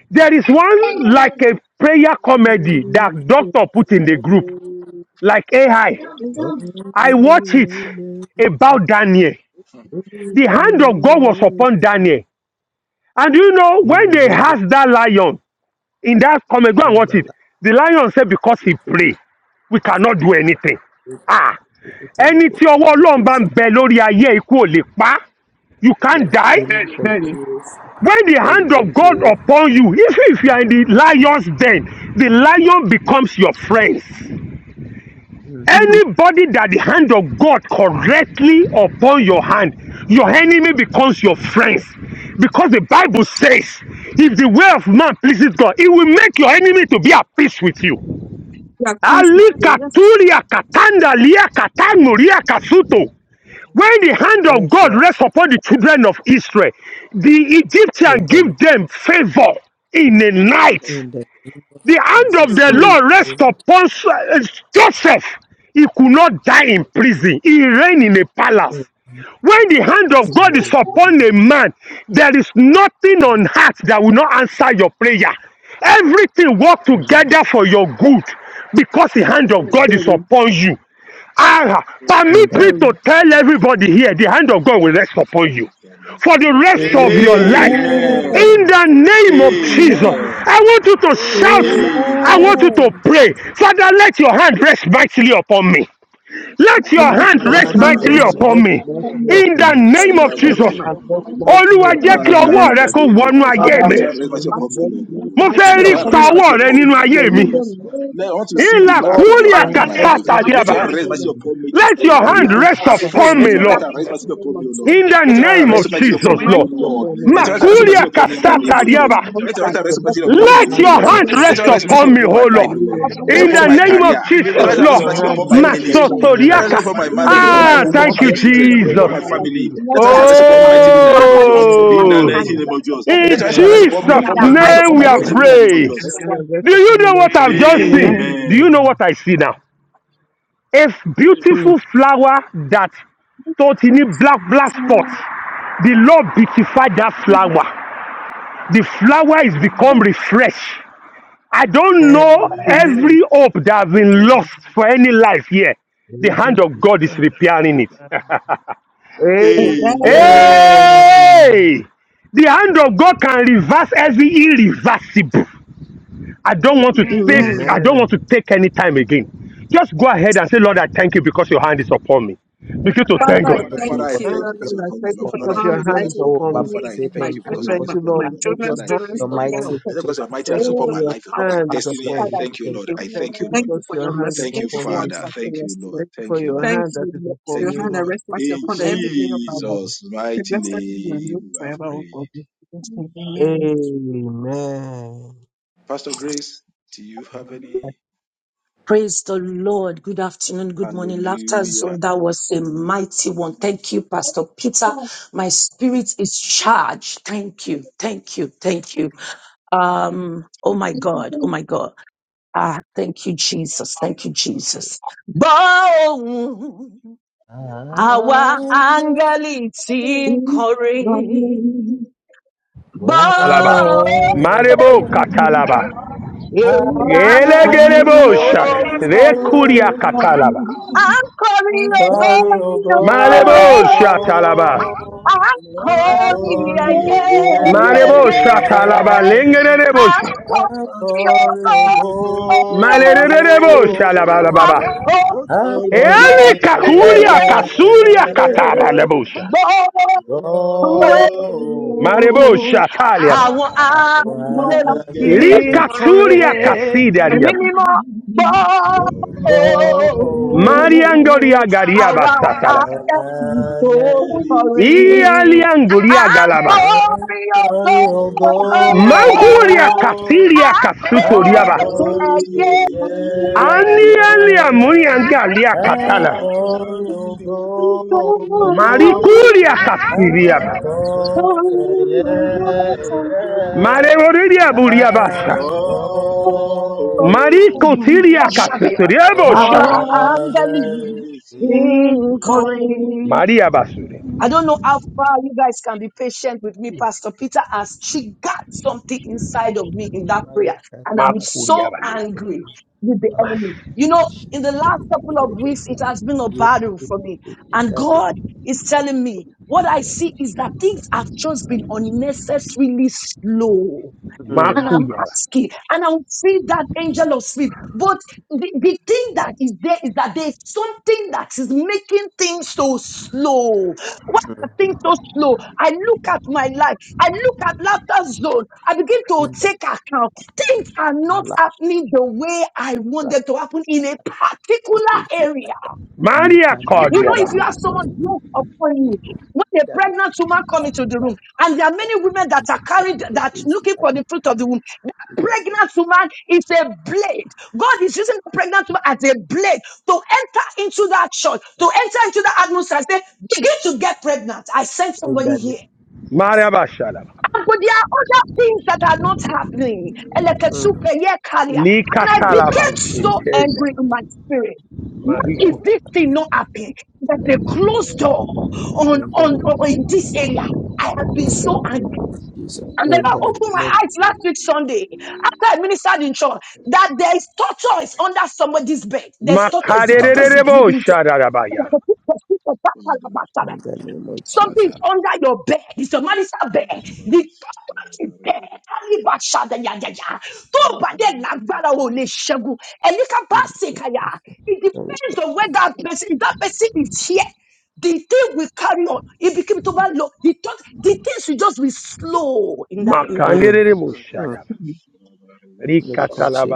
S5: There is one like
S3: Amen.
S5: a prayer comedy that doctor put in the group,
S1: oh,
S5: like AI. I I watch it
S1: amen.
S5: about Daniel.
S1: In the
S5: The hand of God was upon Daniel. And you know, when they
S1: name of
S5: asked that lion, In that comment, go and
S1: in
S5: watch
S1: the
S5: it.
S1: Lord,
S5: The lion said, Because
S1: we
S5: he
S1: proclaim
S5: pray, we cannot do anything. Ah,
S1: the
S5: ẹni
S1: telephone.
S5: tí ọwọ́ ọlọ́run bá ń
S1: Okoza.
S5: bẹ lórí ayé ẹ̀, ikú ò lè pa á. You
S1: Yeah,
S5: can't die.
S1: in the name of
S3: Verily.
S1: Jesus.
S5: When the
S1: In the name of
S5: hand of God
S1: Jesus.
S5: upon you, even if you are in the lion's den, the lion becomes your friend.
S1: Mm.
S3: Mm-hmm.
S5: Anybody that the hand of God correctly upon your hand, your enemy becomes your friends. Because the Bible says, if the way of man pleases God, it will make your enemy to be at peace with you.
S3: Yeah, things to do. Yes.
S5: When the hand of
S1: Yes,
S5: God
S1: Lord.
S5: rests upon the children of Israel, the Egyptian
S1: In the name
S5: give
S1: of
S5: them favor in the night.
S1: in the name of
S5: The hand of
S1: Jesus.
S5: the
S1: In
S3: Mm.
S5: Lord
S1: the
S5: rests
S1: name
S5: upon uh, Joseph. He could not die in prison. He reigned in a
S1: of
S5: palace. When the hand
S1: Yes,
S5: of God is upon
S1: Hallelujah.
S5: a man, there is nothing on earth that will not answer your prayer. Everything works
S1: Amen.
S5: together for your good because the hand
S1: In
S5: of God is
S3: Verily.
S5: upon you. Ah, permit
S1: the
S5: me
S1: name.
S5: to
S3: Verily.
S5: tell everybody here the hand of God will rest upon you for the rest of your life.
S3: Amen.
S4: Amen.
S5: In
S1: Amen.
S5: the name of Jesus,
S3: Amen.
S4: Amen.
S5: I want you to shout. I
S3: Amen.
S5: want
S4: Amen.
S5: you to
S1: Amen.
S5: pray. Father, let your hand rest mightily upon me. Let your
S3: Acknowledge
S2: Father,
S5: hand
S1: Father,
S3: your
S1: let
S5: rest
S4: Father,
S2: Lord,
S1: your
S4: let
S2: let
S4: your hand
S2: your
S5: mightily
S3: boundless
S4: rest
S2: hand
S5: upon
S4: upon
S2: rest
S3: mercy,
S4: me,
S5: me.
S4: O Lord.
S3: form
S2: lightly
S3: your
S5: In the
S2: upon me.
S3: presence,
S4: Father,
S5: name
S4: let your
S5: of
S4: eyes
S3: center
S2: Let
S4: rest
S3: upon
S5: Jesus.
S2: your
S3: my
S4: upon
S2: hand
S4: me Lord,
S2: rest
S4: in the
S3: system,
S4: name of Jesus.
S2: lightly
S5: Olúwa
S3: upon
S5: jẹ́
S3: my
S2: upon
S5: kí
S2: you,
S4: Father,
S3: children's
S2: Lord.
S5: ọwọ́
S4: in
S5: rẹ
S4: the
S5: kó
S4: name
S3: children.
S4: of
S5: wọnú
S4: Jesus,
S5: ayé
S3: Father,
S2: Father,
S5: mi.
S4: let your
S2: let
S3: let
S4: hand rest
S3: the
S2: your
S4: mighty
S2: hand
S4: upon me,
S3: mighty
S4: O
S2: rest
S4: Lord. O
S3: and not
S5: Mo
S4: Lord.
S2: lightly
S3: mighty
S5: fẹ́
S4: Let
S3: your
S5: rí
S4: your
S2: upon me.
S4: hand
S3: coming
S5: pa
S4: rest
S3: and
S4: mighty
S5: ọwọ́ rẹ
S4: upon me
S5: nínú
S3: blessings.
S4: in the
S2: In
S5: ayé
S4: name
S2: the
S4: of
S5: mi.
S3: In
S2: name
S3: the
S2: of-
S4: Jesus. Let, I want
S3: name
S4: to
S3: of
S4: see the
S5: Ìlà
S3: Jesus.
S4: act
S2: Lord,
S4: of
S2: let
S4: your
S5: kúrìà
S2: your
S4: hand
S3: Father,
S4: in
S2: hand
S4: my
S3: let
S2: rest
S5: kàtà
S4: life.
S3: the
S5: tàbí
S4: Let
S3: mighty
S2: lightly
S4: your
S5: àbá.
S4: hand
S3: hand
S4: rest
S3: be
S4: mighty
S2: upon
S3: yours.
S2: me.
S4: upon me
S3: Let
S5: Let
S3: the
S4: today,
S5: your
S4: right
S3: coming
S2: Leader
S5: hand
S4: now.
S2: from
S3: and
S5: rest
S3: household.
S4: Afresh,
S5: upon
S2: Satan
S4: let
S5: me,
S4: your
S2: is
S3: In
S4: right
S5: Lord,
S4: hand rest mighty upon me, O
S3: that
S4: Lord.
S5: in the
S4: Let your right hand
S5: name of
S2: Let
S4: rest
S2: your
S4: mighty
S3: this is
S4: upon
S5: Jesus,
S2: hand
S4: me,
S3: my
S4: O
S5: Lord.
S2: let your
S3: children
S4: Lord.
S2: phone
S3: doing
S2: in
S4: Let your right
S2: mighty
S4: hand
S3: for
S4: rest
S3: me.
S5: Makuria
S4: mighty
S2: name.
S4: upon
S3: I
S4: me in
S3: tell
S4: the
S3: my
S4: name
S5: kasata
S4: of Jesus.
S3: children,
S5: riaba.
S3: my
S4: Let your right
S3: husband,
S2: Let
S4: hand
S2: your
S4: rest
S3: I
S4: mighty
S3: tell
S2: hand
S4: upon
S3: my
S2: let
S4: me, O
S5: Let
S3: children,
S5: your
S2: mightily
S4: Lord.
S5: hand
S3: children,
S2: upon
S4: Let
S2: me,
S4: your
S5: rest
S4: hand
S3: children,
S4: rest
S2: Father.
S4: mighty
S5: upon
S3: children,
S5: me,
S4: upon my
S5: oh
S3: children.
S4: life,
S2: In
S4: O
S5: Lord,
S2: the
S4: Lord.
S3: Father,
S2: name
S4: Let
S2: of
S3: let
S4: your
S5: in
S4: upon
S5: the
S3: your
S4: my
S2: Jesus.
S5: name
S3: mighty
S5: of
S4: career.
S3: hand, O
S4: Let
S5: Jesus,
S3: Lord,
S4: us
S2: Let
S4: have
S5: Lord.
S2: your
S4: responsibility
S2: hand
S4: upon my
S2: rest
S3: continue to
S4: ministry.
S2: upon
S3: rest
S2: me,
S4: Let
S2: Lord.
S4: us
S3: upon
S4: have
S5: Masotoriaka.
S3: us.
S4: upon my
S3: In the
S4: marriage, upon
S2: Let
S3: name
S4: my
S5: Ah,
S3: of
S2: your
S4: home,
S3: Jesus,
S4: upon
S2: hand
S5: thank
S4: my
S5: you,
S2: rest
S3: in
S4: children,
S3: every
S2: upon me,
S5: Jesus.
S4: upon
S3: area of
S4: my
S3: our
S2: mighty
S3: life,
S4: family.
S2: name.
S3: in
S4: Let
S3: every
S4: us have rest
S3: aspect of
S4: upon me,
S2: Let
S3: our
S4: my
S3: life.
S2: your
S4: children, in the
S2: hand
S4: name
S2: rest
S4: of
S3: Father, let
S4: Jesus.
S2: upon me,
S3: your
S4: In
S2: mighty
S3: mighty
S4: the
S5: Oh,
S3: hand
S4: mighty
S2: name.
S4: name of
S3: rest
S4: Jesus.
S3: upon me
S2: Let
S5: in
S4: Let
S3: and the
S4: us
S2: your
S4: have rest
S3: household.
S2: hand
S4: upon
S2: rest
S4: me,
S5: Jesus'
S3: In
S4: upon
S2: upon
S3: the
S4: my
S2: me,
S4: ministry,
S2: mighty
S5: name
S3: mighty
S4: upon
S5: we
S4: my
S5: are
S2: name.
S3: name
S4: destiny, in
S3: of
S4: the name of
S5: praying.
S4: Jesus.
S2: Let
S3: Jesus
S2: your
S3: Christ.
S2: hand rest
S5: Do you
S2: upon me,
S5: know what
S2: mighty
S5: I've
S2: name.
S5: just
S3: Amen.
S5: seen? Do
S4: Amen.
S5: you know what I see now? A
S3: Mm.
S5: beautiful flower that tó ti ní black black spots, the lord beautified that flower the flower is become
S4: Amen.
S5: refreshed i don't know
S2: Amen.
S4: Amen.
S3: Amen.
S5: every hope that has been lost for any life here the
S2: Leader
S5: hand of
S2: from
S5: god is
S2: Satan.
S5: repairing it
S1: hand
S3: Amen.
S4: Amen.
S2: Amen.
S5: hey the hand of god can reverse every irreversible i don't want to
S4: Oh,
S5: take
S3: Amen.
S5: i
S4: yes.
S5: don't
S2: Amen.
S5: want to take any time again just go ahead and say lord i thank you because your hand is upon me begin to
S1: ah,
S5: thank
S3: Father, I
S1: Thank
S5: god
S1: you
S4: Father, I
S3: thank
S1: because
S2: And
S4: thank
S3: you.
S4: you
S1: you
S3: I
S4: because
S1: are
S4: you have
S2: I
S4: helped
S3: Thank
S4: me,
S2: thank
S3: you
S4: Lord.
S2: you
S1: for
S3: for
S4: Lord,
S3: your
S4: I
S2: because
S1: me.
S4: thank
S3: hand,
S4: you
S2: your
S4: because
S2: hand
S4: you
S2: is
S4: have
S3: mighty
S4: helped
S1: Oh,
S4: me,
S2: upon
S4: Lord.
S2: me.
S3: upon
S1: Baba, I
S4: Father,
S3: me
S4: I
S1: say
S3: and my
S4: thank you
S1: thank
S2: I
S4: because
S1: you
S4: you
S3: children,
S4: have
S1: because
S2: thank
S3: my,
S1: you
S2: you,
S4: supported
S2: Lord,
S3: my
S4: me,
S1: have
S4: Lord.
S2: because
S4: Heavenly
S2: your
S3: children's
S4: Father, I
S2: hand
S3: children's
S1: your
S2: is
S4: thank you.
S2: upon
S3: children
S1: mighty
S2: me.
S4: And
S3: upon
S4: because
S1: righteous
S4: you
S3: my
S4: are
S1: hand.
S4: mighty
S2: Thank
S4: hand
S2: you
S4: support
S2: for
S3: whole
S4: my
S2: your
S4: life, support
S3: house.
S4: my
S2: hand is
S1: Father,
S4: destiny,
S1: Lord,
S2: upon
S4: I
S1: I
S3: Father,
S2: me.
S3: I
S4: thank
S1: say
S4: you,
S3: thank
S1: thank
S4: Lord.
S1: you.
S3: you.
S4: I
S2: Thank
S4: thank
S2: you
S4: you, Lord.
S3: Thank you
S2: because
S3: for
S2: your
S3: your
S2: hand is
S3: mercy.
S4: Thank you,
S3: Thank you
S2: upon
S3: for
S2: me,
S4: Father.
S3: answering
S2: Lord.
S4: Thank
S3: to
S4: you,
S3: us today.
S4: Lord.
S2: Thank you
S4: Thank
S2: for
S4: you,
S2: your
S4: Lord.
S3: Thank
S2: hand that
S3: you
S2: is
S3: Lord, for
S2: upon
S4: Thank
S3: your
S2: me,
S4: you,
S3: hand that
S2: Lord.
S4: Lord.
S3: rests mighty
S4: In
S3: upon
S2: Thank
S3: every day
S2: you,
S3: of our life.
S2: Jesus.
S4: Jesus'
S3: Be
S4: mighty
S3: Blessed be your name
S4: name, we have
S3: forever, O God.
S4: prayed.
S3: In Jesus' name, Amen.
S2: Amen.
S4: Pastor Grace, do you have any?
S7: Praise the Lord. Good afternoon. Good morning. Laughter
S4: Hallelujah.
S7: zone. That was a mighty one. Thank you, Pastor
S3: We
S7: Peter.
S3: are
S7: My spirit is charged. Thank you. Thank you. Thank you. Um, oh my
S3: you,
S7: God. Oh my God. Ah, thank you, Jesus. Thank you, Jesus. Bow.
S1: Ah,
S7: Our angel is in
S3: are
S1: Oh,
S5: Alaba.
S7: Boom.
S5: Marebo Katalaba.
S1: how
S7: Èmi là ń
S5: Ele
S3: you,
S7: gbẹ́lú
S1: I
S3: are
S4: Our
S5: Gerebo
S3: you.
S7: tó
S1: get
S5: Sha.
S4: angel
S1: it
S4: it
S1: to
S5: Rekuria
S4: will
S1: go.
S5: Katalaba.
S4: glory.
S7: I'm calling
S4: Wọ́n
S7: a
S3: What
S7: God,
S1: Glory,
S4: kọrin
S1: oh
S3: kind
S4: ògo
S3: of
S7: a
S5: Marebo
S3: God?
S4: ògo.
S1: go,
S7: God.
S5: Shatalaba.
S7: I'm
S1: go.
S4: Wọ́n
S1: And
S7: calling, yeah,
S1: glory,
S4: kọrin
S3: Oh,
S1: oh
S3: yeah,
S4: ẹ̀yẹ
S7: yeah,
S5: Marebo
S7: yeah.
S1: go,
S5: Shatalaba.
S1: yeah.
S4: ẹ̀yẹ.
S5: Lengerebo
S7: I'm
S5: Sha.
S1: And
S4: Oh,
S7: calling a
S1: glory, oh
S7: God, a
S1: go,
S7: God.
S5: Malerebo Shalaba
S7: I'm
S5: Baba.
S1: go.
S7: calling,
S3: yeah.
S1: And
S5: Eli
S7: you,
S1: glory, yeah,
S3: Thank
S5: Kakuria
S7: yeah,
S1: yeah,
S5: Kasuria Kataba
S1: yeah.
S5: Lebusha.
S7: yeah. Boy,
S1: Go.
S5: Marebo
S7: Oh,
S5: Shatalia.
S7: àwọn
S1: Now
S7: áńgẹ́lì
S1: and
S7: tí
S1: then
S7: ń
S1: it's
S5: Likaturia
S1: glory.
S7: kọrin ẹ̀mí
S5: Kasidaria.
S7: mímọ́ gbọ́
S1: go.
S5: Mariangoria
S7: òun
S5: Gariaba
S7: àwa
S1: Now
S5: Satalaba.
S7: áńgẹ́lì
S1: and
S7: tó
S1: then
S7: ń
S1: it's
S7: kọrin à
S5: Ialianguria
S7: ń
S5: Galaba.
S1: Glory, And
S7: kọrin ògo
S1: glory, oh
S7: ògo
S1: go,
S5: Mankulia
S1: go.
S7: à
S5: kasilia
S7: ń
S1: I
S4: I'm
S5: kasutoriaba.
S7: kọrin
S1: glory,
S4: calling,
S7: ẹ̀yẹ
S1: oh, yeah,
S4: yeah,
S5: Anialia
S1: yeah.
S4: yeah.
S5: munianga lia
S4: I
S1: I
S5: katala.
S4: call
S1: glory, oh,
S4: you go,
S1: go, oh,
S4: go.
S1: go.
S5: Marikulia
S4: I
S1: I
S5: kasiriaba.
S4: call
S1: glory, oh,
S4: you, yeah,
S1: yeah, yeah.
S5: Mareorelia
S4: yeah.
S5: buriabasa.
S1: I glory,
S4: Oh, I
S5: Mariko siria
S7: ọ̀ṣọ́dẹ̀yẹ
S5: kasutoriabo
S7: àwa
S5: shaka.
S1: our
S4: want
S7: áńgẹ́lì
S4: to
S7: tí
S1: Adonai,
S4: see.
S7: ń kọrin.
S5: Maria basure.
S7: I don't know how far you guys can be patient with me. Pastor Peter has triggered something inside of me in that
S1: my
S7: prayer. And I'm
S1: God,
S7: so
S5: Makuriaba.
S7: angry
S1: Hallelujah,
S7: with the
S1: Baba,
S7: enemy. You know,
S1: Ash,
S7: in the last
S1: Hallelujah,
S7: couple of
S1: Hallelujah,
S7: weeks, it has been a
S1: Hallelujah.
S7: battle for me. And God is telling me what I see is that things have just been unnecessarily slow.
S1: Mm,
S7: And I'm
S5: Makuyaba.
S7: asking, and I'll feel that angel of sleep. But the, the thing that is there is that there's something that is making things so slow. Why are things so slow? I look at my life, I look at laughter zone, I begin to
S1: mm.
S7: take account. Things are not happening the way I want them
S1: Malapratokozu
S7: to happen in a particular area.
S1: ye
S5: Maria
S7: You
S1: palika
S7: know, if
S5: kodiaba.
S7: you
S1: yin
S7: have someone broke upon you,
S1: ito
S7: when a
S1: daria
S7: pregnant woman come into the room,
S1: palikratia
S7: and there are many women that are carried that
S1: atitokozi
S7: looking for the fruit of
S1: atapati
S7: the womb, that
S1: daria
S7: pregnant woman is a blade. God is using the pregnant woman as a blade to enter into that church, to enter into that atmosphere. and Say, begin to get pregnant. I sent
S1: inda
S7: somebody here.
S1: nesis
S5: Maria basharaba.
S7: And but there are other things that are not happening. Elekesupe, yekalia. And I
S5: Likatalaba.
S7: became so angry in my spirit. Why
S1: daria
S7: is this thing not happening? That the
S1: daria
S7: closed door on,
S1: inda
S7: on, on in this area. I have been
S1: inda
S7: so angry.
S1: name in the name of Jesus
S7: And the
S1: in
S7: Lord
S1: the
S7: opened
S1: name
S7: my
S1: of
S7: eyes last week Sunday after I ministered in church that there is tortoise under somebody's bed. There's tortoise.
S1: in
S7: The
S1: the
S7: tortoise
S1: name
S7: is
S1: of
S5: Makarerebo
S7: living there.
S5: sharabaya.
S4: Father,
S1: in the name of
S7: Something is
S4: Father,
S1: Jesus
S7: under your bed. It's a marital bed.
S4: Makababa,
S7: The tortoise is
S4: Shababari,
S7: there. Alibashada ya. ya ya. Tó bá dẹ̀
S4: Lutali,
S7: lágbára o lè
S4: Kitabindus,
S7: ṣẹ́gun. Ẹni ká bá
S1: Lord,
S7: ṣe
S1: we
S7: kàyà.
S1: thank you.
S7: It
S1: Lord, we-
S7: depends on where that
S4: Makababa,
S7: person, if that person
S4: Shababari,
S7: is here. The thing will carry on. It became too bad law. The, thought, the things will just be slow in that area.
S1: Mm,
S5: Makanerebo
S1: mm,
S4: Shababari,
S1: Lord,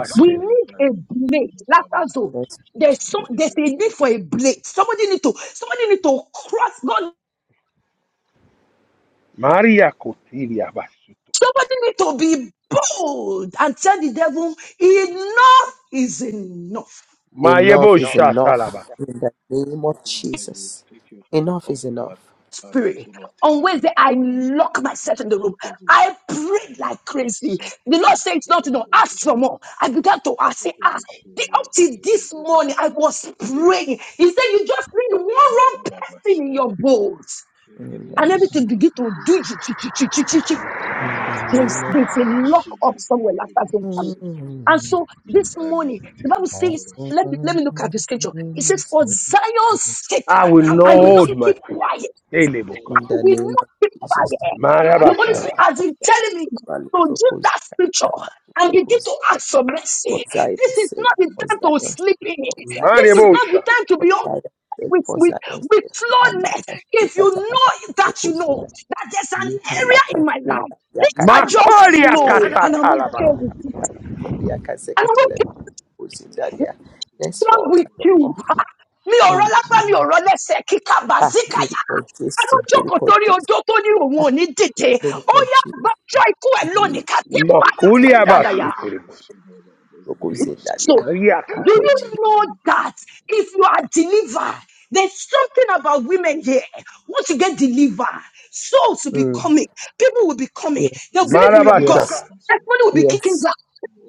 S1: we say,
S7: We
S4: Bundi,
S7: need a
S4: Planiki,
S7: blade.
S4: Makaba,
S7: Laughter zone.
S1: yes.
S7: There's some there's a need for a blade. Somebody need to somebody need to cross God
S5: Maria Kotiria Basuto.
S7: Somebody need to be bold and tell the devil, enough is enough.
S1: enough
S5: Mayebo
S1: is
S5: Shatalaba.
S1: enough in the name of
S4: Everything you devil,
S1: Jesus
S4: take your hand
S1: enough
S4: off
S1: is
S4: our,
S1: enough
S4: our life,
S7: Spirit.
S4: O Lord. Take
S7: On
S4: your
S7: Wednesday,
S4: hand off
S7: I
S4: our life.
S7: lock
S4: You, you,
S7: myself in the
S4: you
S7: room.
S4: devil.
S7: I prayed like
S4: Yes.
S7: crazy.
S4: So,
S7: The
S4: oh,
S7: Lord
S4: oh,
S7: said it's
S4: shit,
S7: not
S4: oh,
S7: enough.
S4: oh, we
S7: Ask
S4: can
S7: for
S4: do it.
S7: more. I began to ask,
S4: Oh,
S7: say,
S4: oh,
S7: ah,
S4: oh, shit, oh,
S7: the- up
S4: oh, oh,
S7: till this
S4: oh, oh, oh, oh,
S7: morning,
S4: oh.
S7: I was praying. He said, you just need one wrong person in
S4: oh,
S7: your
S4: oh.
S7: boat.
S4: get it,
S7: And
S4: my
S7: everything
S4: soul, oh,
S7: begin
S4: oh,
S7: to
S4: labor.
S7: do.
S4: Labor,
S1: In
S4: labor,
S1: the
S4: take my
S7: There's,
S1: name of
S4: car,
S7: there's
S4: ba,
S7: a
S4: ba,
S7: lock up
S4: oh, oh,
S7: somewhere
S4: oh,
S7: last
S4: get it,
S7: hasn't
S4: my
S7: come.
S4: soul, oh, oh.
S7: And so
S4: Really,
S7: this
S4: pray,
S7: morning, the
S4: take
S7: Bible
S4: my car, ba,
S7: says,
S4: ba,
S7: let
S4: shit.
S7: me, let me look at the scripture. It says, for Zion's sake,
S5: I will not
S7: I will not
S1: Yes,
S5: hold my
S7: keep
S5: peace.
S7: quiet.
S5: Eleboko.
S1: in
S7: He
S1: the
S7: did
S1: name
S7: not
S1: of
S7: speak about
S1: Jesus.
S7: it. The Holy
S1: Allah
S5: Marabasha.
S7: Spirit has been telling me
S1: Balu,
S7: to use
S1: Brokos,
S7: that
S1: Balu,
S7: scripture and begin
S1: Brokos,
S7: to
S1: Dada.
S7: ask for
S1: For
S7: mercy.
S1: Zion's
S7: This is
S1: sake,
S7: not the
S1: for
S7: time
S4: Na,
S1: Zion's
S4: na,
S7: to
S1: sake,
S7: sleep in.
S1: for Zion's
S7: This is
S1: sake,
S7: not
S5: Mariabosha.
S7: the time to
S1: for
S7: be on
S1: Zion's sake,
S7: with,
S1: for
S7: with,
S1: Zion's
S7: with
S1: sake.
S7: slowness. If
S1: Alakashika
S7: you
S1: talabali
S7: know that you know
S1: prokozida.
S7: that there's an
S1: Ye
S7: area in my life,
S1: palakashika
S7: things are just
S1: yakatlabalu
S5: Makolia
S7: slow and I'm
S1: prokozida.
S7: okay
S5: Katatalaba.
S7: with it. And I'm okay
S4: shit, oh, oh, oh, oh, oh, oh, oh, oh.
S1: Zindaria.
S7: wrong
S1: Henceforth,
S7: with
S1: and
S7: you?
S1: forevermore.
S7: Mi ò rọ́ lápá, mi
S1: Amen.
S7: ò rọ́ lẹ́sẹ̀, kíkà
S1: Ah,
S7: bàzíkàyà.
S1: lórúkọ Jésù,
S7: Adójókòó
S1: lórúkọ
S7: torí
S1: Jésù,
S7: ojó tó ní òun ò ní dìde. Ó
S1: lórúkọ
S7: yá
S1: Jésù,
S7: àgbájọ ikú ẹ̀ lónìí
S1: Màlẹ́
S7: ká ké
S1: òkè
S7: pààyà
S1: tuntun lè
S5: Makulia
S7: kàtàdàyà.
S4: oh, oh,
S5: Basutribo.
S4: oh, oh, oh, get
S1: lóko
S4: it, my soul,
S7: So
S1: Zendaria,
S4: oh, oh.
S5: Riaka.
S7: do
S1: lórúkọ
S7: you
S1: Jésù.
S7: know
S4: Lepandik is a
S7: that if you are delivered, there's something about women here. Once you get delivered, souls will be
S1: Mm,
S7: coming. People will be coming. They'll
S1: Yes,
S7: believe in your God.
S1: yes,
S5: Marabasha.
S4: massive
S7: Everybody will be kicking
S1: yes,
S7: back.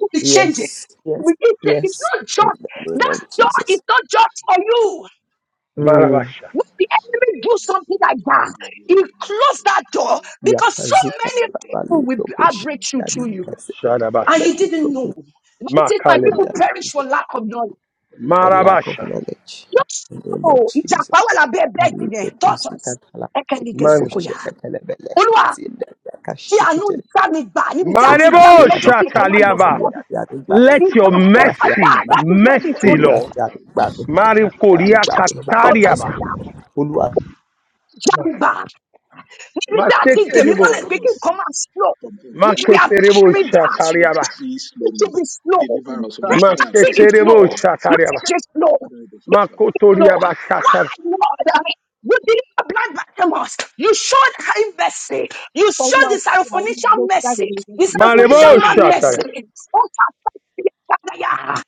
S7: Will be changing.
S1: yes,
S7: Will
S1: yes,
S7: be changing. It's
S1: yes,
S7: not
S1: in
S7: just
S1: the name
S7: that
S1: of
S7: door is
S1: Jesus.
S7: not just for
S4: This
S7: you.
S1: Mm.
S5: Marabasha.
S7: When the
S4: is
S7: enemy do
S4: something
S7: something like
S4: similar to
S7: that, he
S4: Brigadier
S7: closed that door
S4: Secretary.
S7: because so
S1: Yakazika
S7: many people
S1: Labali
S4: Lepandik
S7: will be-
S4: is a
S7: have
S1: Prokosh,
S7: breakthrough through
S4: macabre
S7: you,
S1: Yadika
S4: vaccine with
S7: and
S5: Shadabasha.
S1: Sekatibet
S7: you didn't
S4: Brigadier
S7: know.
S1: Prokosh,
S7: The Bible says, "My
S1: in
S5: Makalebo.
S7: people
S1: the
S7: perish for
S1: reason
S7: lack of knowledge."
S1: for lack of
S5: Marabasha.
S1: knowledge.
S7: Just
S1: In the name of
S7: know,
S1: Jesus.
S7: ìjàpá wà lábẹ́ bẹ́ẹ̀dì
S1: Mali
S7: yẹn,
S1: kutusi
S7: tortoise.
S1: katala
S7: Ẹ̀kẹ́ ni
S1: piko
S7: gẹ̀ẹ́sọ̀kọ̀ yà.
S5: Man.
S1: kushika telebele
S7: Olúwa,
S1: zinda ya
S7: tí
S1: kashiki
S7: àánú
S1: tele
S7: dá mi gbà níbi tí a
S1: ulu
S7: ti dá mi
S1: afi
S5: Marebo
S7: lẹ́jọ́
S1: anu
S7: kí nǹkan má
S1: bami
S7: lọ
S5: Shataliaba.
S1: ulu
S7: síwájú.
S1: afi anu bami
S5: Let
S7: Ìta
S5: your
S7: sọ
S1: ulu afi
S4: Depression.
S7: pátá,
S5: mercy,
S1: anu bami
S7: that is what he
S5: mercy,
S7: told
S1: ulu
S7: me.
S5: Lord.
S1: afi anu
S4: Brigadier
S1: bami
S5: Mari
S1: anu
S4: Secretary.
S5: Korea
S1: bami by your best
S5: Katariaba.
S1: Lord ulu afi
S7: Sọ Níbi tá them. ti
S4: Father,
S7: dèmí
S4: deliver me
S7: mọ́lẹ̀
S4: by
S5: Maketerebo.
S7: pé kí nǹkan
S4: mercy
S7: máa slow,
S4: from
S7: We
S4: every,
S7: they
S4: from
S7: have
S5: Maketerebo
S4: every,
S7: carried
S4: from
S7: us.
S5: Shatariaba.
S4: every
S7: It should
S4: slowness.
S7: be slow.
S4: Deliver us, O Lord. Father, arise,
S7: Pregnancy
S4: O
S7: is
S4: Lord, for
S5: Maketerebo
S4: our
S7: slow.
S4: deliverance.
S5: Shatariaba.
S7: Message is slow.
S4: Father, let us also
S7: Lord.
S5: Makotoriaba
S7: Why,
S5: Shatar.
S7: Lord? You deliver blind Bartimaeus. You showed him mercy. You showed the Syrophoenician mercy. The
S5: Marebo
S7: Syrophoenician man mercy.
S5: Shatar.
S7: Oh, Father,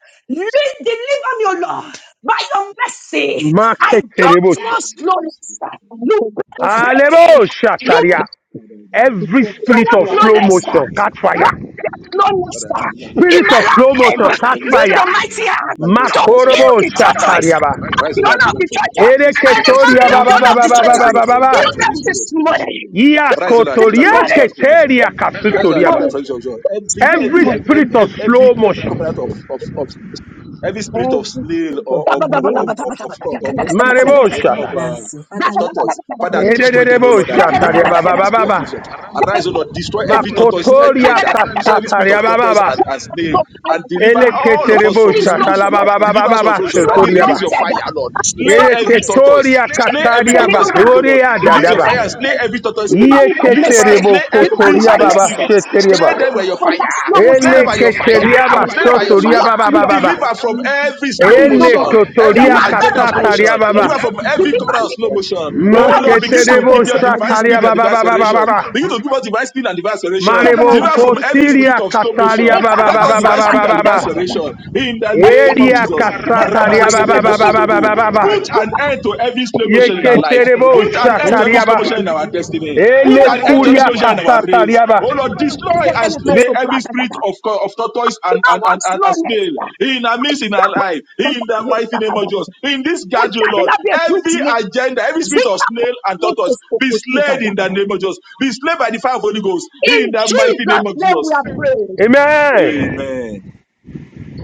S7: Deliver me, O Lord, by your mercy.
S4: bless
S7: I
S4: you.
S7: don't
S5: Maketerebo
S4: From
S7: want
S5: Shatar.
S4: every
S7: slowness.
S4: spirit of
S7: You
S4: suffering.
S7: better
S3: you.
S5: Alebo
S7: pray. You
S5: Shataria.
S4: Father, in the name of
S5: Every
S7: you
S4: Jesus.
S7: don't
S5: spirit
S7: want
S5: of
S3: our
S4: Father,
S5: slow
S7: slowness.
S4: deliver by
S7: sir.
S5: motion,
S4: mercy, O
S5: catch
S4: Lord.
S5: fire.
S7: What is that slowness
S4: Father,
S7: sir,
S4: deliver me from
S7: in
S5: Spirit
S4: the
S7: my
S5: of
S4: mercy, O
S5: slow
S4: Lord.
S5: motion,
S4: Lord,
S7: life?
S4: from
S5: catch
S4: any
S7: Use
S4: spirit of
S5: fire.
S7: your
S4: things, O
S7: mighty
S4: Lord.
S7: hand
S4: By
S7: to
S4: mercy, arise, O Lord,
S7: heal
S5: Makorobo
S4: for
S7: the
S4: my
S7: churches
S4: deliverance.
S5: Shatariaba.
S7: and
S4: Arise,
S7: the
S4: O Lord, and
S7: owner of the
S4: deliver from
S7: churches
S4: every
S7: and
S4: spirit
S7: the
S4: of slow
S7: family of
S5: Ereketoriaba
S7: the
S4: motion.
S7: owner
S5: Baba
S7: of
S3: concerning
S7: the
S5: Baba
S4: Arise, O
S5: Baba
S7: churches.
S5: Baba
S4: Lord, from
S7: Heal
S4: deliver
S5: Baba.
S4: from
S7: them
S4: every
S7: this
S4: spirit of slow motion, O
S7: morning.
S4: Lord. Arise, O Lord, and
S7: This
S4: deliver
S5: Yakotoria
S4: from every spirit
S7: morning.
S4: of slow motion, O
S5: keteria
S4: Lord.
S7: This
S4: Arise, O Lord, and
S5: kasutoriaba.
S4: deliver
S7: morning.
S4: from every spirit of slow motion. Every,
S7: This
S5: Every
S4: every,
S7: morning.
S4: every,
S5: spirit of
S4: every,
S5: slow
S4: every
S5: motion.
S4: covenant of, of, of, every spirit of
S3: every
S4: snail or
S3: of the
S4: of, of,
S3: day,
S4: of, of, of, of, of,
S3: every sense of
S4: of, of, of,
S5: Marebosha.
S4: of, uh,
S3: pregnancy. Father,
S4: of
S3: let
S4: tortoise. Father,
S3: all the
S4: destroy them, O
S3: needs,
S4: Lord,
S5: Ederebosha
S4: and
S3: let
S4: deliver us
S5: tariaba
S4: from the
S5: baba
S4: spirit of tortoise.
S5: baba.
S4: Arise, O Lord, destroy every
S3: the
S4: tortoise
S3: delay,
S5: Makotoria
S3: the
S4: agenda,
S3: suffering,
S4: destroy every spirit
S5: kasataria
S4: of
S5: baba
S4: tortoise
S5: baba.
S4: and, and
S3: the
S4: snail,
S7: So tired
S4: and
S7: of
S4: deliver
S7: them.
S4: all of us from
S7: things
S5: Eleketerebosha
S4: slow
S7: don't
S3: humiliation,
S4: motion.
S5: talaba
S7: flow?
S5: baba baba
S4: Deliver us
S3: suffering,
S4: from slow
S5: baba
S7: is
S4: motion.
S7: so
S4: And
S5: sotoriaba.
S4: release your
S7: anointed
S4: fire,
S7: uh,
S4: Lord.
S7: and she's so
S4: Slay every
S7: graced.
S4: tortoise.
S5: Eleketoria
S7: She
S4: Slay
S7: is
S4: every
S7: a
S5: katariaba.
S4: tortoise
S7: little
S4: spirit,
S7: girl.
S4: O Lord.
S5: Roria
S7: Call
S4: Release
S7: me
S4: your fire and
S5: dadaba.
S4: slay
S7: mercy.
S4: every tortoise
S7: Deliver
S4: spirit.
S7: me by
S4: Release your fire
S7: mercy.
S4: and
S5: Yeketerebo
S4: slay
S7: Deliver me
S4: every
S7: by
S5: kotoria
S4: snake
S5: baba
S7: mercy.
S4: spirit.
S7: Just
S5: sheteriaba.
S4: Slay
S7: bring me
S4: them
S3: Father,
S4: with your
S7: from that
S4: fire.
S7: normal
S4: Slay them
S7: song.
S4: by your
S3: we
S7: Don't
S4: fire.
S7: bring
S5: Eleketeriaba
S7: away
S3: thank
S4: Slay
S7: the
S4: them by
S3: you
S4: your
S7: enemy
S4: fire.
S5: sotoriaba
S7: locks me
S5: baba
S7: up.
S5: baba.
S4: Deliver
S3: for
S4: from
S3: everything, everything,
S4: every
S7: That
S3: everything,
S4: slow
S7: is no
S5: Ele
S7: more.
S4: motion,
S7: Your
S4: every
S5: kotoria
S7: one better
S4: agenda of slow
S7: for me
S5: kasataria
S4: motion.
S7: today.
S4: Deliver
S5: baba.
S4: from every
S7: Deliver
S4: covenant of
S7: me.
S4: slow motion.
S7: Bring
S4: Oh
S7: up a
S4: Lord, begin to
S7: shackle
S4: give
S5: Masketerebo
S4: your
S7: to the
S4: divine
S5: shataria
S4: speed and
S5: baba
S4: divine
S5: baba baba
S4: acceleration. Begin
S5: baba.
S4: to give us divine speed and divine acceleration.
S7: devil of
S5: Marebo
S4: Deliver
S7: us.
S3: Father,
S4: from every spirit
S7: It's
S5: kotiria
S4: of slow motion.
S5: kataria
S7: all
S5: baba
S4: Grant
S7: about
S4: us
S5: baba
S4: divine
S5: baba
S7: Saka.
S4: speed
S5: baba
S4: and
S7: It's
S4: divine
S7: all about
S5: baba.
S7: Saka.
S4: acceleration. In the
S3: we
S7: It's all
S4: name of
S5: Elia
S4: Jesus.
S7: about Saka. It's all
S4: Maraba
S7: about
S5: kasataria
S7: Saka.
S5: baba baba baba
S4: masotrobo.
S5: baba
S4: Put
S5: baba.
S4: an end to every slow motion in our lives.
S5: Yeketerebo
S4: Put an
S7: It's
S4: end to
S7: all
S4: every
S7: about
S5: shataria
S4: slow motion in
S7: Saka.
S5: baba.
S4: our destiny. Put
S5: Ele
S4: an
S3: Father,
S4: end
S3: we
S4: to every
S5: kuria
S4: slow motion
S3: enter.
S4: in our race.
S5: kasataria
S4: Oh
S5: baba.
S4: Lord,
S7: You
S4: destroy and slay every spirit of, co- of tortoise and,
S7: know
S4: and, and,
S7: what
S4: and, and
S7: slowness?
S4: snail
S7: I
S4: in our midst, in our
S7: jump
S4: life,
S7: from
S4: in
S7: that
S4: the
S7: way,
S4: mighty name of
S7: Sakada.
S4: Jesus. In this
S7: Would
S4: gathering,
S7: that
S4: oh Lord,
S7: not be a bridge
S4: every
S7: me?
S4: agenda, every spirit of
S7: Zika
S4: snail and
S7: me to
S4: tortoise
S7: speak
S4: be
S7: with Zika
S4: slain in the name of Jesus. Be slain by the fire of Holy Ghost in
S7: In
S4: the mighty
S7: Jesus'
S4: name of
S7: name we are
S4: Jesus.
S7: praying.
S5: Amen.
S4: Amen.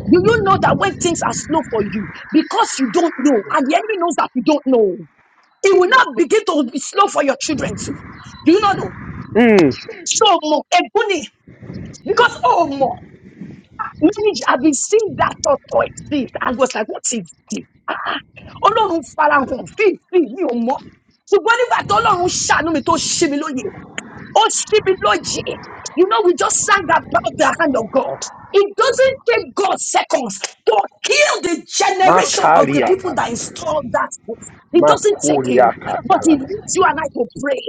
S7: Do you know that when things are slow for you, because you don't know, and the enemy knows that you don't know, it will not begin to be slow for your children too. Do you not know?
S5: Mm.
S7: So more ebony because oh more. Many have been seeing that thought or it and was like, what is this? ọlọ́run farahàn fífi mi ò mọ́ ṣùgbọ́n nígbà tó ọlọ́run ṣàánú mi tó ṣe mi lóye Oh, Shibiloji. You know, we just sang about the hand of God. It doesn't take God seconds to kill the generation of the
S5: Makaria.
S7: people that installed that. book. It doesn't take
S5: Makuria
S7: him, but he
S5: katala.
S7: needs you and I to pray.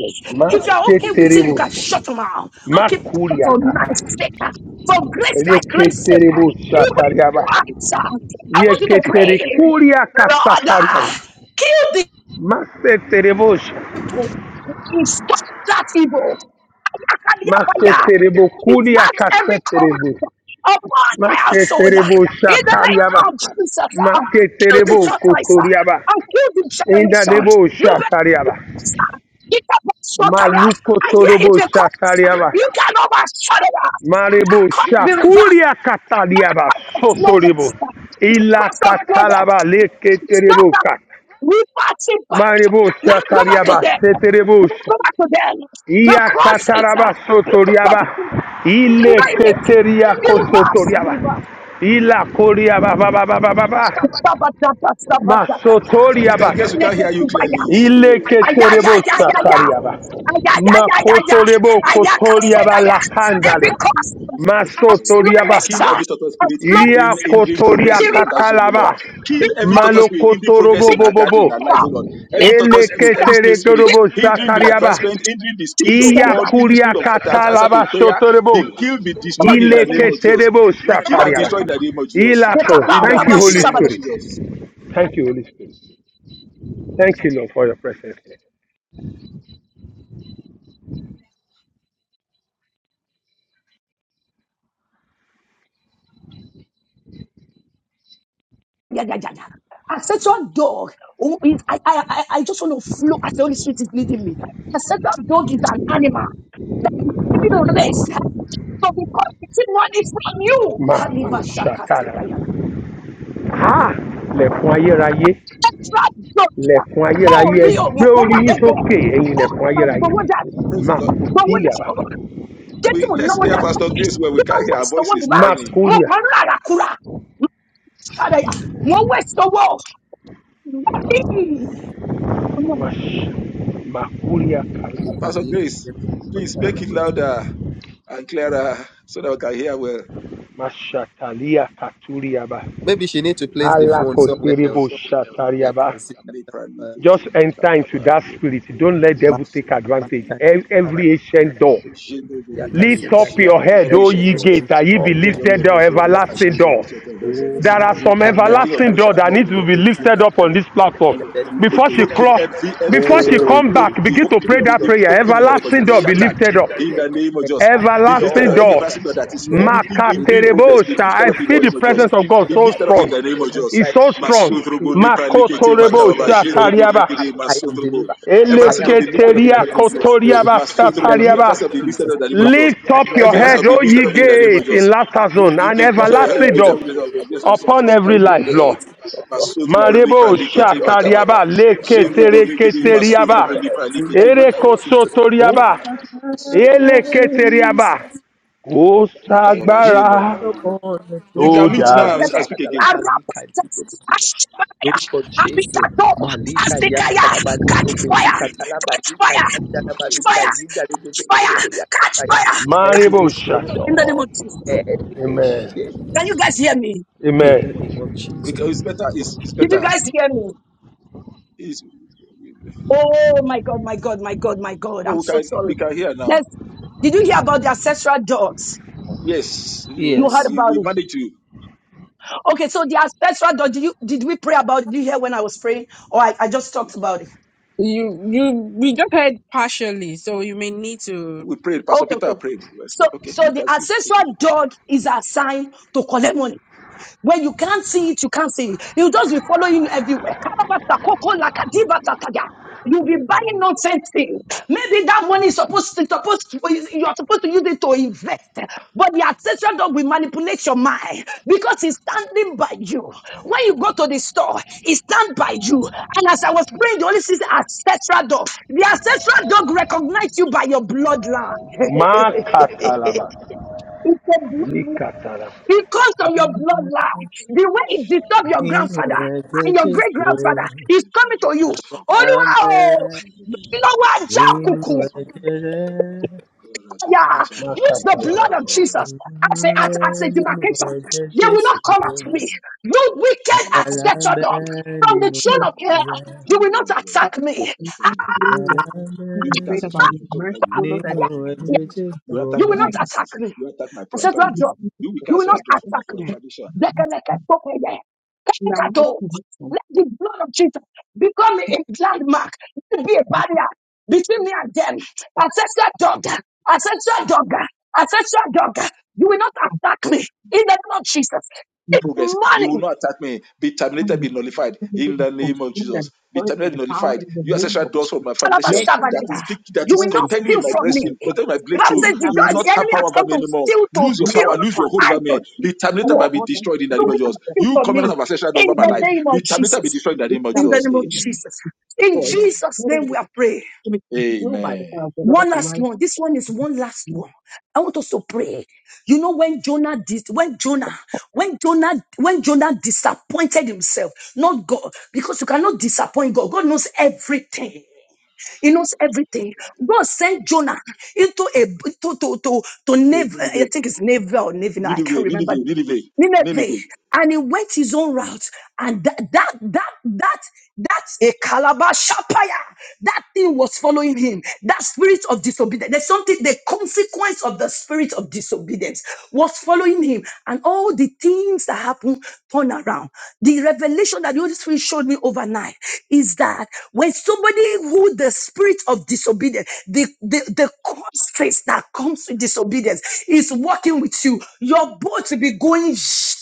S7: If you're okay with it, you
S5: Mateterebo.
S7: can shut him out. Don't keep quiet
S5: Makuria
S7: for
S5: kata.
S7: night sake, for grace like grace sake.
S5: Reketeribu
S7: Even if
S5: satariaba.
S7: I sound, I want you to
S5: Yeketeri
S7: pray,
S5: kuria
S7: Lord, uh,
S5: kasatariaba.
S7: kill the
S5: Maseterebosha.
S7: people to stop that evil. Ayakaliapaya.
S5: Maseterebo kuria
S7: Reverse every
S5: kaseterebo.
S7: curse upon my household.
S5: Maseterebo
S7: In the name
S5: shatariaba.
S7: of Jesus, uh, kill the
S5: Maketerebo
S7: tortoise uh,
S5: kotoriaba.
S7: and kill the generation.
S5: Indadebo
S7: You better
S5: shatariaba.
S7: get up,
S5: Maluko
S7: I hear it
S5: torobo
S7: a curse.
S5: shatariaba.
S7: You can overshadow us.
S5: Marebo
S7: That can't be reversed.
S5: shakuria katariaba. Sotoribo.
S7: Slowness,
S5: Ila
S7: because of slowness,
S5: katalaba
S7: stop
S5: leketerebo
S7: that.
S5: Kat.
S7: We pass it back.
S5: Marebosha
S7: Let's go back to
S5: Tariaba
S7: them. Let's
S5: Seterebosha
S7: go back to them. The cross is a
S5: Iakataraba
S7: stop.
S5: Sotoriaba Ile
S7: annihilating.
S5: Keteria
S7: Give us,
S5: Kosotoriaba
S7: give us.
S5: Ila Koriaba Baba Baba Baba
S7: Shabbat, shabbat, shabbat, shabbat.
S4: Sister Grace, we
S5: Masotoriaba
S7: Let
S4: can't
S7: us
S4: hear you clearly.
S7: survive.
S4: It's
S5: Ile
S4: slow.
S7: Aya, ya,
S4: It's,
S7: ya,
S4: it's
S5: Keterebosha
S7: ya, ya.
S4: tiny.
S5: Tariaba
S7: Ayayayayaya.
S5: Makotorebo
S4: Kill every
S5: Kotoriaba
S7: Ayakasodaya. Every
S5: Lakandalia
S7: cause
S4: turtle spirit,
S7: of
S4: O Lord.
S5: Masotoriaba
S7: slowness,
S4: Kill
S7: uh,
S4: every turtle
S7: of
S4: spirit
S7: slowness,
S5: Iria
S4: hindering,
S7: uh,
S4: hindering
S5: Kotoria
S4: progress
S7: be
S4: in laughter zone, O
S7: revived,
S4: Lord.
S7: uh,
S5: Katalaba
S7: be
S4: Kill every
S7: revived,
S4: turtle spirit hindering progress
S7: be
S5: Malokotorobo
S4: in our gathering, in
S5: Bobo
S4: our
S7: revived,
S4: life, O
S7: uh,
S4: Lord.
S7: be
S4: Every turtle spirit,
S7: revived,
S4: every
S7: uh,
S5: Elekete
S4: snake spirit
S7: be
S5: korobo
S4: hindering the
S7: revived
S5: shakariaba.
S4: advancement, hindering the
S7: to
S4: speed
S7: your
S4: of
S5: Iya
S4: God,
S7: sender.
S4: in the
S5: kuria
S4: speed of the answer to
S5: katalaba
S4: prayer,
S5: sotorebo.
S4: be killed, be
S7: Go back
S4: destroyed
S7: to
S4: in
S7: your
S4: the name
S7: sender.
S4: of
S5: Ilekete
S4: Jesus.
S5: rebo
S4: We
S7: Go
S4: kill
S7: back
S4: and
S7: to your
S5: shakariaba.
S4: destroy in the
S7: sender.
S4: name of Jesus.
S5: Ilako.
S4: In the
S5: Thank you,
S4: mighty
S5: Holy
S4: name of
S7: Yekapalabashabada.
S5: Spirit.
S4: Jesus.
S5: Thank you, Holy Spirit. Thank you, Lord, for your presence.
S7: Ayayayaya. I said to a dog, who is, I, I, I, I just want to flow as the Holy Spirit is leading me. I said to a dog is an animal that is giving you raised. So because the tin one is from you,
S5: Ma
S7: Kaliba
S5: o
S7: Shaka
S5: shakaraba.
S7: Sigayaga.
S5: Ah, lẹ̀kùn ayérayé,
S7: Extra Joshua.
S5: lẹ̀kùn
S7: Oh,
S5: ayérayé, ẹ
S7: Rio,
S5: gbé
S7: Moko,
S5: orí
S7: what
S5: yín
S7: they go.
S5: sókè ẹ̀yin
S7: Oh,
S5: lẹ̀kùn
S7: my God,
S5: ayérayé.
S7: what
S4: Praise
S5: Ma
S4: the Lord.
S5: kò sí
S7: Get to
S4: We,
S7: know
S4: let's
S7: what
S4: hear
S7: that.
S4: Pastor Grace where we
S7: You
S4: can
S7: do
S4: hear our
S7: waste the
S4: voice is
S7: one
S5: Ma
S7: back.
S4: tiny.
S5: kórìà.
S7: Moko, Rara, Kura,
S1: in
S7: Shadaya.
S1: the
S7: Mo
S1: name of
S7: waste the world. Daddy. Oh, my
S5: Ma ṣ.
S7: God.
S5: Ma
S1: you
S4: Pastor
S1: palika
S4: Grace,
S1: ya
S4: please
S1: pali
S4: make it
S1: kutusi.
S4: louder and clearer so that we can hear well.
S5: Mashatalia katuriaba.
S1: Maybe she need to place the phone somewhere else.
S5: Alakoterebo
S1: Mali ya
S5: shatariaba.
S1: kazika telebele
S5: Just enter into that spirit. Don't let the devil take
S1: mali
S5: advantage.
S1: palika
S5: Every
S1: ya
S5: ancient door. Lift up
S1: Yakazindaria,
S5: your head,
S4: Every
S5: O
S1: every
S4: shine
S5: ye
S4: doors.
S5: gates,
S1: ancient
S5: and ye
S1: of
S5: be
S4: The bread of
S1: in
S5: lifted
S4: your
S1: the
S5: up,
S4: face will
S1: name
S4: gaze
S1: of
S4: and you
S5: everlasting
S4: will
S1: Jesus.
S5: doors.
S1: Oh,
S5: There
S4: see
S5: are
S4: the
S5: some
S1: Malika
S4: King of
S5: everlasting
S4: glory
S5: doors
S4: shall
S5: that
S1: Yantabani
S4: come
S5: need to
S4: in.
S5: be lifted up
S1: Kokozindaria,
S5: on
S4: God.
S5: this platform.
S4: Okay.
S1: Elebeli
S4: Be
S5: Before she
S4: broken
S5: cross,
S1: Kokozindaria.
S4: every every
S5: before she
S4: except of be
S5: come
S4: bro-
S1: Oh,
S5: back,
S4: be,
S5: begin
S4: hope,
S5: to
S1: Jesus
S4: be,
S5: pray
S1: of
S4: be,
S5: that
S4: be
S1: your
S5: prayer.
S4: broken in the
S1: head,
S4: name of
S5: Everlasting
S4: Jesus. Be
S5: door
S1: oh,
S5: be
S1: we
S4: shattered
S5: lifted
S1: thank
S5: up
S1: you,
S4: in the
S1: Lord.
S4: name of
S1: And
S4: Jesus.
S1: last
S4: Be lifted
S5: everlasting
S4: up
S1: doors,
S4: every
S5: doors.
S4: everlasting door that is
S1: Lord, as
S4: limiting
S1: we
S4: hindering progress.
S1: broken,
S4: Be
S5: Makaterebosha.
S4: lifted
S5: I
S1: look
S4: up in the
S5: feel
S1: for
S5: the
S1: the
S4: name of Jesus.
S1: face,
S5: presence of God
S4: Be
S5: so
S1: like,
S4: lifted up in
S5: strong.
S4: the name of
S1: look
S4: Jesus.
S5: It's so strong.
S1: like
S4: Masundrobo lepra likete
S1: to say,
S4: makababa
S1: let
S5: Makotorebosha
S1: me go.
S4: jendrobo
S5: tariaba.
S4: regede
S1: I am
S4: masundrobo.
S1: delivered. I
S4: Everlasting
S1: am
S4: door be
S1: delivered.
S4: lifted up in the
S1: I
S5: Eleketeria
S4: name
S1: am
S4: of
S1: set
S4: Jesus.
S1: free.
S5: kotoriaba
S1: In
S4: Masundrobo
S1: the
S4: you
S1: name of
S4: everlasting door be
S5: satariaba.
S4: lifted
S1: Jesus.
S4: up in the name of
S1: Ma-
S4: Jesus.
S5: Lift
S1: I
S5: up
S1: am
S5: your
S4: Every everlasting
S5: head,
S4: door be
S5: O
S1: talabani
S5: ye
S4: lifted up in
S1: koko
S4: the name of
S1: jinda
S5: gates, in
S4: Jesus.
S5: laughter zone,
S1: Lift up
S5: and
S1: your
S4: İngilizce ya
S5: everlasting
S4: İngilizce
S5: doors
S4: biliyorsun biliyorsun
S1: head,
S4: sen sen
S5: upon every
S1: O
S4: sen
S1: ye gates. O ye
S5: life,
S4: İngilizce
S5: Lord.
S1: gates, lift up your head.
S4: lipra
S5: Marebo
S1: Lift up
S4: liketi
S1: your head.
S4: makababa.
S5: shakariaba
S1: Lift up
S5: leke
S4: Jen
S1: your
S5: tere
S1: head.
S4: rigidi
S1: Lift up
S4: masut
S5: keteriaba
S1: your head.
S4: lipra
S1: In the
S4: liketi
S5: ere
S1: name of
S4: makababa.
S1: Jesus.
S5: kosotoriaba
S1: Open
S4: Masut
S5: ele
S4: rubu
S1: your
S5: keteriaba
S1: eyes.
S5: o
S4: makababa
S1: Sit
S4: jen rubu
S5: sagbara
S1: upon the
S4: You
S1: throne.
S5: o
S4: can meet now
S1: Maya
S5: dara
S4: and I
S1: gaisha
S7: Sadade.
S4: speak again.
S1: kadalabali lórúkọ jésù màlíkà
S7: Azikaya.
S1: yantarabalí
S7: Catch fire.
S1: prokozika
S7: Catch
S1: talabalíkà
S7: fire. Catch
S4: Jen
S1: yantarabalíkà
S7: fire.
S4: rubu.
S1: yídàlójú
S7: Catch
S4: That's for
S7: fire.
S1: tẹkẹrẹrẹ
S4: ya.
S1: borí
S7: Catch
S1: akátaya
S7: fire.
S1: every
S5: marebo sha
S1: ancient
S7: in the name
S1: door
S7: of Jesus.
S1: every
S5: amen
S1: ancient
S7: Can you
S4: Yes.
S7: guys hear me?
S1: in the
S5: amen
S1: name of
S4: We
S1: jesus
S4: can- It's better. It's, it's
S7: Did you
S4: better.
S7: guys hear me?
S4: It's,
S7: Oh my God, my God, my God, my God.
S4: well,
S7: I'm
S4: we
S7: so
S4: can
S7: sorry.
S4: we can hear now.
S7: There's, did you hear about the ancestral dogs?
S4: Yes,
S7: You
S1: yes.
S4: you
S7: heard
S4: we,
S7: about
S4: we
S7: it.
S4: managed to.
S7: Okay, so the ancestral dog, did you did we pray about it? Did you hear when I was praying? Or I, I just talked about it.
S3: You, you, we just heard partially, so you may need to.
S4: We prayed. Pastor
S7: Okay,
S4: Peter
S7: okay.
S4: prayed. Well,
S7: So
S4: Okay,
S7: so
S4: we
S7: the
S4: can see. Take it.
S7: ancestral
S4: You
S7: dog is assigned to collect money. When you can't see it, you can't see it. He'll just be following you everywhere. Karabata, koko, laka, diba, tataya. You'll be buying nonsense things. Maybe that money is supposed to, supposed to- you're supposed to use it to invest. But the ancestral dog will manipulate your mind because he's standing by you. When you go to the store, he stands by you. And as I was praying, the Holy Spirit said, ancestral dog. The ancestral dog recognizes you by your bloodline.
S5: makatalaba
S7: It's a bloodline
S5: likatalaba
S7: because of your bloodline, the
S4: will
S7: way it disturbed your
S1: nínú
S7: grandfather
S1: ẹ̀jẹ̀
S7: and your great
S1: jésù
S7: grandfather is coming to you. Olúwa
S1: àmẹ
S7: o, lọ́wọ́ ajá
S1: nínú
S4: ask
S7: òkùnkùn.
S1: ẹ̀jẹ̀ rẹ̀
S7: Yeah, use the blood
S5: makatalaba
S7: of Jesus as a as,
S1: àmẹ
S7: as a
S1: nínú
S7: demarcation.
S1: ẹ̀jẹ̀
S7: They will not
S1: jésù
S7: come at me. You wicked
S1: agbára ń
S7: ancestor
S1: bẹ
S7: dog from the
S1: nínú
S7: throne of
S1: ẹ̀jẹ̀
S7: hell.
S1: rẹ̀
S7: You will not attack me. Ah, ah,
S1: agbára ń
S3: and
S1: bẹ.
S3: pray about
S7: ah,
S3: your
S4: you
S3: mercy,
S7: ah,
S3: O
S4: will
S1: Name
S3: Lord,
S4: not
S3: that
S4: attack
S7: yeah,
S4: me that
S1: of
S7: yeah,
S1: Jesus,
S4: You will attack
S7: you
S4: my
S7: will
S3: I
S7: not
S1: Lord.
S7: attack
S4: finances.
S7: me.
S4: You will attack my
S7: I said, Lord
S4: prosperity.
S7: God,
S4: You will
S7: you
S4: ask
S7: will
S3: be
S7: not
S4: do for my
S7: attack me.
S4: foundation.
S7: Dekeleketokeye,
S3: that mercy
S7: kekekato.
S3: be consumed, so
S7: Let the blood of Jesus become a landmark. Let it be a barrier between me and them. Ancestral dog, ancestral dog, ancestral dog. You will not attack me in the name of Jesus. This
S4: progress. You will
S7: morning,
S4: not attack me. Be
S3: That
S4: terminated, be nullified in
S3: be
S4: the name of
S3: consumed
S4: Jesus.
S3: and
S4: Be
S3: destroyed by
S4: terminated,
S3: the
S4: be
S3: power
S4: nullified.
S3: in the
S4: You
S3: name
S4: ancestral
S3: of
S4: doors
S3: Jesus.
S4: of my foundation
S3: Let every
S4: that
S3: of
S7: Alabashabadaya,
S4: is
S3: them
S4: big,
S3: be
S4: that
S7: you
S4: is
S7: will
S3: destroyed
S7: not
S4: contending with
S7: steal
S4: my
S7: from
S3: by the
S7: me.
S4: breastfeed,
S3: power.
S4: contending with my
S7: The Bible
S4: breakthrough.
S3: We
S7: says the,
S3: have
S4: You will not
S7: the
S4: have
S7: enemy
S3: made
S4: power
S7: has
S4: over
S7: come
S4: me
S7: to
S4: anymore.
S7: steal, to
S4: Lose your
S3: mess
S7: kill,
S4: power,
S3: of
S4: lose
S3: what
S4: your hold over
S7: and to
S4: me. Be
S3: come
S4: terminated,
S7: destroy.
S4: but be
S3: upon them.
S4: destroyed in the name
S3: The
S4: of
S7: doing
S4: Jesus.
S3: sons of
S7: nothing
S4: You
S7: for
S4: covenant
S7: me.
S4: of ancestral door
S7: In
S4: over my
S7: the
S3: asking
S4: life.
S3: of
S7: name of
S4: Be terminated, be
S7: Jesus.
S4: destroyed in the name of
S7: In
S3: Abraham
S7: the
S4: Jesus.
S7: name
S3: to
S7: of
S3: be
S4: Amen.
S7: Jesus. In
S3: destroyed.
S4: Amen.
S7: Jesus'
S3: Let
S7: name we
S3: every enemy
S7: are praying.
S3: be consumed by the
S4: Amen.
S3: power of whatever
S7: One
S3: to
S7: last
S3: rise
S7: one. This one is one last
S3: against.
S7: one. I want us to pray. You know when Jonah did, when Jonah, when Jonah, when Jonah disappointed himself, not God, because you cannot disappoint God. God knows everything. He knows everything. God sent Jonah into a to to to to
S4: So,
S7: Nev, I
S4: Nineveh,
S7: think it's Nineveh or Navy now. I can't
S4: Nineveh,
S7: remember
S4: Nineveh,
S7: the
S4: Nineveh,
S7: Nineveh,
S4: Nineveh.
S7: and he went his own route, and that that that that that's a calabash shapaya. That thing was following him. That spirit of disobedience. There's something. The consequence of the spirit of disobedience was following him, and all the things that happened sudden turnaround. The revelation that the Holy Spirit showed me overnight is that when somebody who the spirit of disobedience, the, the, the constraints that comes with disobedience is working with you, your boat will be going. sh-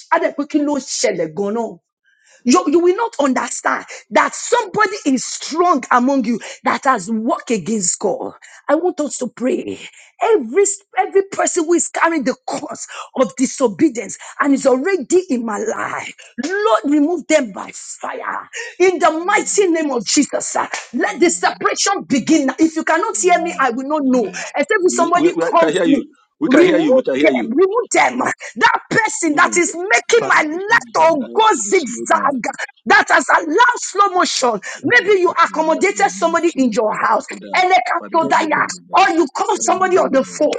S7: you, you will not understand that somebody is strong among you that has worked against God. I want us to pray. Every, every person who is carrying the cause of disobedience and is already in my life, Lord, remove them by fire. In the mighty name of Jesus, ah, let the
S4: Amen.
S7: separation begin. If you cannot hear me,
S4: Amen.
S7: I will not know.
S4: Amen.
S7: Except if
S4: We,
S7: somebody
S4: we, we can
S7: calls
S4: hear
S7: me.
S4: you. We can hear you. We
S7: Remove
S4: can hear
S7: them,
S4: you.
S7: remove them. That person
S4: Make
S7: that
S4: them
S7: is making
S4: make
S1: Father,
S7: my
S4: them- make
S1: look
S7: life
S1: for me,
S7: to
S4: them
S7: go
S4: life to be slowed down
S7: zigzag, that has allowed slow motion.
S4: uh,
S1: in the
S7: Maybe you
S1: day
S4: into my life and
S7: accommodated
S4: my
S1: of
S7: somebody in
S4: ministry.
S1: my
S7: your
S1: house.
S7: house,
S4: Father,
S7: and they can't
S4: Father,
S7: go that
S4: remove
S1: Everything
S7: yard,
S4: them, O Lord.
S7: or you call
S1: that
S4: Father,
S1: we
S4: remove
S7: somebody
S1: should
S7: on
S4: them,
S1: do,
S4: O
S7: the
S4: Lord.
S7: phone.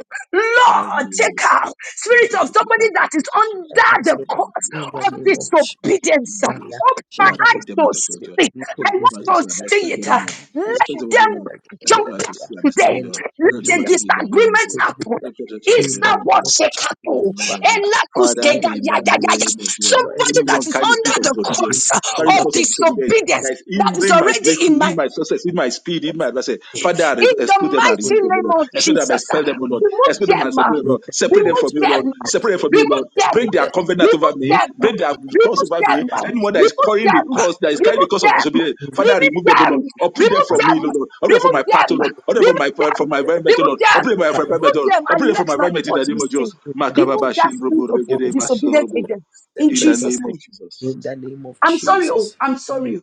S4: Father,
S7: Lord,
S4: remove them, O
S7: take
S4: Lord.
S7: out
S4: Thank
S7: spirit
S1: that
S4: you,
S7: of
S1: is
S4: thank you,
S7: somebody
S4: thank
S7: that
S4: you,
S7: is
S4: thank you, thank
S1: not
S4: you,
S7: under
S1: us,
S4: thank
S7: the
S4: you,
S1: Lord,
S4: thank you,
S7: cause
S4: thank you,
S1: in the
S4: first
S7: of
S4: of
S1: name
S4: all,
S1: of Jesus.
S4: of your
S7: disobedience.
S4: forgiving
S1: mamlaka
S7: Open my
S4: Father,
S1: kushinda
S7: eyes
S4: take them
S7: to
S4: out of your church.
S7: see. I
S4: They Open us
S1: liproposed
S4: to
S7: want to
S4: see and
S7: see
S4: expect
S7: it.
S4: them, O Lord. Expect
S7: Let
S1: kushinda
S4: them, O Lord.
S7: them
S4: And
S7: jump
S4: open us to
S1: yakaziketelebelea
S4: see and expect
S7: today.
S4: them, O Lord. Let them come
S7: Let a
S4: back
S1: elikalinda
S4: to thee in the name of
S7: disagreement
S4: Jesus.
S7: happen.
S1: kutelebelea
S4: Let them come back to thee
S1: in
S4: in the
S1: the
S7: Isa
S4: name of
S1: name of
S4: Jesus. in the
S7: washekapu.
S1: Jesus
S4: name of Jesus.
S1: Father
S7: Elakuske
S4: Father,
S7: da-
S4: in
S7: ya-
S4: the
S7: ya-
S1: hallelujah
S7: ya- ya.
S4: name of Jesus.
S1: Lord
S7: Somebody
S1: everything
S4: Anyone
S7: that
S1: I
S7: is
S4: carrying the
S7: under
S4: spirit
S1: want
S4: of
S7: the
S1: in
S4: disobedience,
S7: cross
S1: the
S4: carrying
S1: name
S4: the
S7: of
S1: of
S4: cause of
S1: Jesus
S4: disobedience
S1: that
S7: disobedience
S4: that is
S1: is
S7: that is
S4: hindering
S1: awesome
S4: my
S7: already
S4: breakthrough,
S7: in
S4: in
S7: my
S4: my success, in my speed, in my blessing. Father, I
S1: that
S4: re-
S7: in the
S4: expose them and
S1: is
S4: remove
S7: mighty
S4: them, O Lord.
S7: name of
S4: Expel them and
S7: Jesus, uh,
S4: expel them, O
S1: awesome
S4: Lord.
S7: remove
S4: Expel them and
S7: them, uh,
S4: separate them, O Lord. Separate them
S7: remove
S4: from you, Lord.
S7: them, uh,
S4: Separate them from you, Lord
S7: remove them,
S4: break their
S7: uh,
S4: covenant over
S7: remove
S4: me,
S7: them, uh,
S4: break their curse
S7: remove
S4: over me.
S7: them, uh,
S4: Anyone that is
S7: remove
S4: carrying the
S7: them, uh,
S4: curse, that is carrying the
S7: remove
S4: curse of
S7: them,
S4: disobedience, Father,
S7: remove
S4: remove them, O
S7: them, remove
S4: Lord, or put them from me,
S7: them,
S4: O Lord, or them from
S7: remove
S4: my path, O
S7: them, remove them,
S4: Lord, or them from my from my environment, O
S7: remove
S4: Lord, or
S7: them,
S4: them from my environment,
S7: remove
S4: O Lord,
S7: them,
S4: or
S7: and
S4: them
S7: let
S4: from my
S7: my
S4: environment in
S7: vote
S4: the
S7: be
S4: name of
S7: seen.
S4: Jesus.
S7: Remove
S4: Makababa
S7: that spirit
S4: shinrobo
S7: of
S4: regede
S7: disobedient
S4: masorobo.
S7: agent in
S4: In the
S7: Jesus'
S4: name of
S7: name.
S4: Jesus.
S7: I'm sorry, oh, I'm sorry. oh.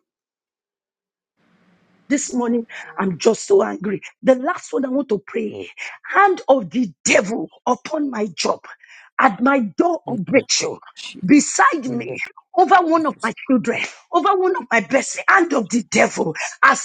S7: This morning, I'm just so angry. The last one I want to pray hand of the devil upon my job, at my door of breakthrough, beside me, over one of my children, over one of my best, hand of the devil, as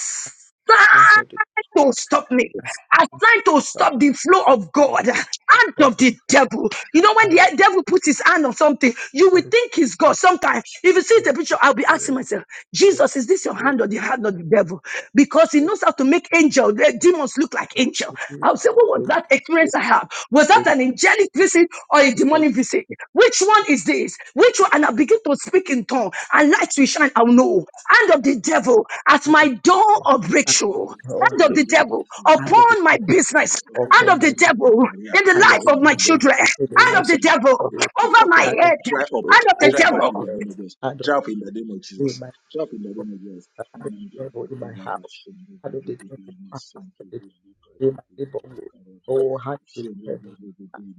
S7: to stop me are trying to stop the flow of God, hand of the devil. You know, when the devil puts his hand on something, you will think it's God. Sometimes, if you see the picture, I'll be asking myself, Jesus, is this your hand or the hand of the devil? Because he knows how to make angel, the demons look like angel. I'll say, what was that experience I have? Was that an angelic visit or a demonic visit? Which one is this? Which one? And I begin to speak in tongue, and light will shine. I'll know. Hand of the devil at
S1: hand
S7: my
S1: of the
S7: door
S1: devil,
S7: of
S1: hand
S7: breakthrough
S1: of all
S7: hand of the
S1: breakthrough,
S7: devil
S1: hand of the
S7: upon my
S1: devil,
S7: business,
S4: over my
S7: hand
S1: upon
S7: of the
S1: my
S4: business,
S1: good,
S4: for my
S7: devil
S4: career,
S7: in the
S1: hand of
S4: whatever over
S1: the
S7: life of
S4: my
S7: my
S4: career,
S1: devil,
S7: children,
S1: in the
S4: enough of
S7: hand
S4: my
S7: of
S1: lives
S7: the
S1: of
S4: children.
S7: devil
S4: Be,
S1: the devil,
S4: be
S7: over
S4: cut
S7: my
S4: off.
S1: hand of
S7: head,
S4: Dry
S1: the
S4: up.
S1: devil,
S7: hand of the
S4: Dry
S1: over my
S4: up in
S7: devil.
S4: the name of
S1: health,
S4: Jesus.
S1: hand of
S4: Dry up in the name of
S1: the devil, in
S4: Jesus.
S1: my
S4: Dry up in the
S1: body,
S4: name of Jesus.
S1: hand of the devil, in my house, hand of the devil, hand of the devil, in my neighborhood, oh, hand of the devil,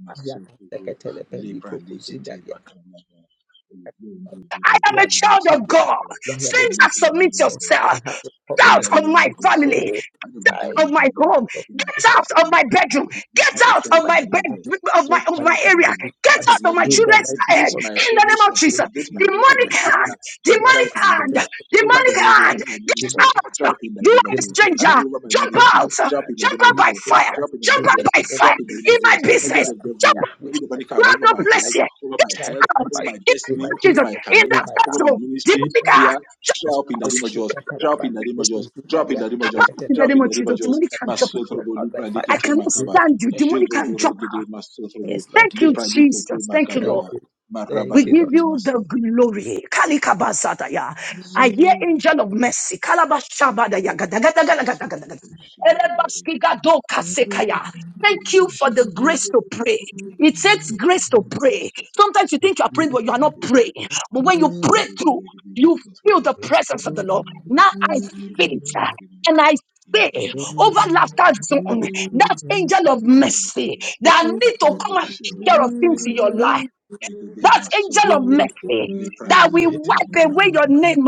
S1: I am a secretary, and
S4: Lepra
S1: proposing that
S4: likete
S1: you
S4: makamaba.
S1: are
S7: I am a
S1: right
S7: child of
S1: yeah.
S7: God.
S1: Now I am a child
S7: Strangers,
S1: of
S7: submit
S1: God. I
S7: yourself.
S1: have the
S4: In
S7: Doubt
S1: covenant
S4: the
S1: with
S7: on
S4: name
S7: my
S1: you.
S4: of Jesus.
S7: family.
S1: Oh,
S4: I know the
S1: nine.
S4: devil
S7: of
S4: is my
S7: my
S4: life,
S7: home.
S1: of
S4: in my
S1: the
S7: Get
S1: shop of
S7: out of
S4: destiny.
S7: my
S4: It
S7: bedroom.
S1: faith.
S4: will
S7: Get
S1: I
S4: be
S7: out
S1: receive
S7: of
S1: my
S4: in
S7: my
S4: the name of Jesus
S1: faith,
S7: bed of
S4: try,
S7: my of
S1: my
S4: try
S7: my
S4: to
S1: faith
S4: do
S7: area.
S4: it.
S1: with
S7: Get
S4: How
S7: out
S4: does
S1: Christ.
S4: the
S7: of my
S1: In
S4: enemy
S1: the
S7: children's
S1: mighty name
S7: head.
S4: against
S1: of
S4: my
S7: In the
S1: Jesus,
S7: name of
S4: promotion,
S1: Holy
S7: Jesus.
S1: Spirit,
S4: against my
S1: I
S4: blessing,
S7: Demonic
S4: my
S1: live with
S7: hand.
S1: this.
S4: career, to try
S1: I
S7: Demonic
S4: up
S1: can
S4: in
S1: see
S4: the
S1: the
S4: name
S7: hand.
S4: of
S1: tell
S4: Jesus.
S1: of the
S4: The name out of
S7: Demonic
S1: broken
S4: the enemy
S7: hand.
S4: over
S1: Syria.
S4: my
S7: Get
S4: ministry,
S1: Demonic,
S7: out.
S4: drop in the
S7: You
S4: name
S7: are
S4: of
S7: a
S4: Jesus.
S1: demonic,
S4: Out of
S1: hand,
S7: stranger.
S4: over my
S7: Jump
S4: ministry,
S7: out.
S1: demonic,
S4: drop in
S1: and
S4: the
S7: Jump
S4: name of
S7: out
S1: you
S7: by
S4: Jesus.
S1: say
S7: fire.
S1: that
S4: Drop in the
S7: Jump
S4: name of
S1: in
S7: out
S1: the
S4: Jesus.
S7: by
S1: name of
S4: Drop
S7: fire.
S4: in the name
S7: In
S4: of
S1: Jesus.
S7: my
S4: Jesus.
S1: Oh, we
S4: Every
S7: business.
S4: other
S1: got a
S7: Jump
S4: devil,
S7: out.
S1: fire, we
S4: every
S1: got a
S4: demonic
S7: You
S4: hand
S7: have
S1: fire,
S4: over
S7: no
S4: my
S1: we
S7: place
S1: got
S4: life,
S7: here.
S4: over my
S1: a
S7: Get
S1: fire
S4: health,
S1: for my
S7: out.
S4: over
S1: fire
S4: my
S7: In the
S1: in
S7: name
S4: destiny,
S1: my
S7: of
S4: over
S7: Jesus.
S4: my
S1: business,
S7: In
S1: in
S7: that
S4: career,
S1: my life.
S4: over my
S7: classroom.
S4: ministry.
S1: In
S7: Demonic
S1: the name
S4: Oh
S7: hand.
S4: yeah,
S1: of
S7: Jump
S1: Jesus,
S4: drop in the
S7: out.
S1: oh,
S4: name of
S1: shake
S4: Jesus.
S1: a
S4: Drop in the
S1: calabali,
S4: name of
S1: broken
S4: Jesus. Drop in
S1: Syria,
S4: the name of
S7: Jump
S4: Jesus.
S1: shake
S7: out.
S1: a tell
S7: In
S1: of
S7: the
S4: Drop
S7: name
S4: in
S7: of
S4: the name of
S7: Jesus.
S4: Jesus.
S7: Demonic hand.
S1: the
S7: Jump
S1: Lord.
S7: out.
S4: Masotro
S1: Drop out by
S4: bolipra
S7: I
S1: fire.
S4: likete
S7: cannot
S1: In the
S4: makaba.
S7: stand you.
S1: name
S7: Demonic can
S4: Jedobo
S7: jump out.
S4: regede masotrobo.
S1: Yes,
S7: Thank
S1: Lord.
S7: you,
S1: Yes.
S4: Lepalikete
S7: Jesus. Thank you,
S1: Thank
S4: makababa.
S7: Lord.
S1: you.
S4: Maraba
S7: We
S1: Thank you,
S7: give
S4: regede
S1: Lord.
S7: you the
S4: masotrobo.
S7: glory. Kalikabazataya. I hear
S4: Masotrobo.
S7: angel of mercy. Kalabashabadaya. Gadagadagadagadagadagada.
S4: Masotrobo. Shindaba regede masotrobo.
S7: Elebashkigadokasekaya. Thank you
S4: Yobo
S7: for the
S4: shidaba.
S7: grace to pray.
S4: Yobo
S7: It takes
S4: shidaba
S7: grace to
S4: regede
S7: pray.
S4: masotrobo.
S7: Sometimes you
S1: Thank
S7: think you are
S1: you,
S7: praying, but you are not
S4: Lepalikete.
S7: praying. But when you
S1: Lord.
S7: pray
S4: Jedobo
S7: through,
S4: regede
S7: you feel
S4: masotrobo.
S7: the
S1: Praise the
S7: presence of the
S1: Lord.
S7: Lord. Now
S4: Lepalikete.
S7: I
S1: Praise
S7: feel it.
S4: Jedobo regede.
S7: And I say
S1: the
S4: Lepalikete
S7: over laughter
S4: makababa.
S7: zone,
S4: Jedobo.
S7: that angel of mercy that need to
S1: Lord.
S4: Makababa
S7: come and take
S4: shirabo
S7: care of things in
S4: regede.
S7: your
S4: masotrobo.
S7: life
S4: regede
S7: that angel of
S4: masotodo
S7: mercy
S4: lepra
S7: that will
S4: likete
S7: wipe away your
S4: mukababa
S7: name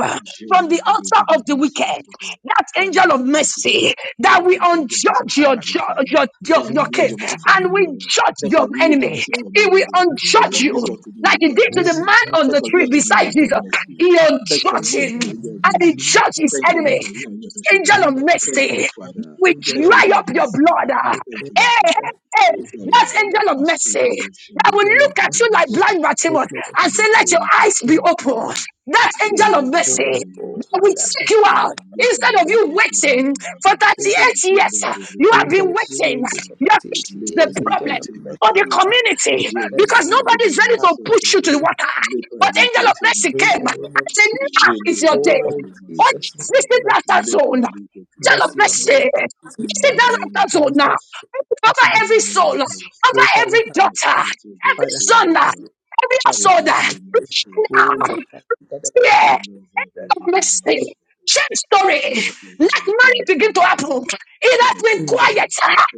S7: from
S4: jendo
S7: the altar of
S4: regede
S7: the wicked.
S4: masotodo
S7: That
S4: Father, I
S7: angel of
S4: thank you for
S7: mercy
S4: Father,
S7: that
S4: I
S7: will
S1: Praise the Lord.
S4: thank you for the job mercy to
S7: unjudge
S4: see
S7: your,
S4: my
S7: ju-
S4: life right now.
S7: your,
S4: Thank
S7: your,
S4: you for
S7: your
S4: releasing your
S7: case
S4: mercy for me,
S7: and will
S4: Lord.
S1: Hallelujah.
S7: judge
S4: Thank you for
S7: your
S4: releasing your job
S7: enemy.
S4: mercy for me,
S7: It will
S4: Lord. Thank you
S7: unjudge
S4: for
S7: you
S4: releasing unto me your
S7: like he
S4: angel of
S7: did to
S1: Oh,
S7: the
S4: mercy.
S7: man
S1: hallelujah.
S7: on
S4: Thank you
S7: the
S4: for
S7: tree
S4: releasing unto
S7: beside
S4: me your angel
S7: Jesus.
S4: of mercy.
S7: He
S4: Thank you for releasing
S7: unjudged
S1: In the
S4: unto me
S7: him
S4: your angel of
S7: and he
S4: mercy.
S1: name
S7: judged his
S4: Thank you, Lord,
S7: enemy
S4: for releasing your angel of mercy,
S7: angel
S4: Lord.
S7: of
S4: Thank
S1: of
S4: you,
S7: mercy,
S4: Father.
S7: we
S4: Thank you for your
S7: dry
S4: angel
S7: up
S4: of
S7: your
S4: mercy.
S7: blood. ah.
S4: Thank you,
S7: Hey,
S4: Lord
S7: hey,
S1: the
S4: Jesus.
S7: hey,
S4: Thank you,
S7: that
S4: Lord.
S1: Angel of
S7: angel of
S4: Masutra
S7: mercy that will
S4: Vishendra
S1: angel of
S7: look at
S4: Rigidi
S7: you like
S1: mercy,
S7: blind
S4: Masutra
S7: Bartimaeus
S1: angel of
S7: and say,
S4: Leta
S7: Let
S1: mercy,
S7: your
S4: Liki
S7: eyes be
S1: angel
S4: Kuma
S7: open. That
S1: of mercy.
S7: angel
S4: Jendra
S7: of mercy
S1: Oh,
S4: Rigidi
S1: oh,
S7: that
S1: my
S7: will
S1: God,
S4: Masutra
S1: I
S7: seek
S1: can
S7: you
S1: see
S7: out.
S1: that.
S4: Leta
S7: Instead of you
S4: Liki Kuma
S7: waiting for
S1: I'm single.
S7: 38 years,
S4: Jendra
S7: ah, you have
S4: Rigidi
S7: been
S1: Instead of you
S7: waiting.
S4: Masutra
S1: waiting for
S7: You have fixed
S1: 38
S7: the
S4: Leta
S1: years,
S4: Liki
S1: angel
S7: problem
S1: of
S4: Kuma
S7: of the
S1: mercy, have
S7: community
S4: Jendra
S7: because
S1: mercy,
S7: nobody is
S4: Rigidi
S7: ready
S1: have
S7: to
S4: Masutra
S7: push you to
S1: mercy,
S7: the water.
S4: Leta
S7: But angel
S4: Liki
S1: mercy.
S7: of
S4: Kuma
S7: mercy
S1: In
S7: came
S1: the name
S7: and
S1: of
S7: said, Now
S1: Jesus.
S4: Jendra
S7: is your day.
S1: Oh,
S4: Rigidi
S7: Oh,
S1: Jesus,
S4: Masutra
S1: thou
S7: visit
S1: son of
S7: laughter
S4: Leta
S7: zone.
S4: Liki
S7: Angel of
S4: Kuma
S1: mercy on me.
S7: mercy.
S1: Jesus
S4: In
S7: Visit
S4: the
S7: that
S1: Christ,
S4: name of
S7: laughter
S1: thou
S7: zone now.
S1: son
S4: Jesus.
S1: of
S7: Cover
S1: mercy.
S4: In
S7: every
S4: the name
S7: soul.
S4: of Jesus.
S7: Cover
S1: Oh, Father,
S7: every
S1: have,
S7: daughter.
S4: Masetso
S7: Every
S1: Father,
S7: son.
S4: Boshelova
S7: Every
S1: Father,
S7: household.
S1: have
S4: Regedi
S1: mercy.
S7: Right
S1: Oh,
S4: Masohelo
S1: yeah,
S7: now.
S1: God, God, God,
S7: Yeah.
S4: Shelova
S1: God,
S7: Of
S4: Regedi
S7: mercy.
S4: Masohelo
S7: Change story. Let
S4: Masohelo Ti
S7: money begin to
S4: Masohelo
S7: happen. It
S4: Ti
S7: has been
S1: God, God.
S7: quiet.
S4: Masohelo Ti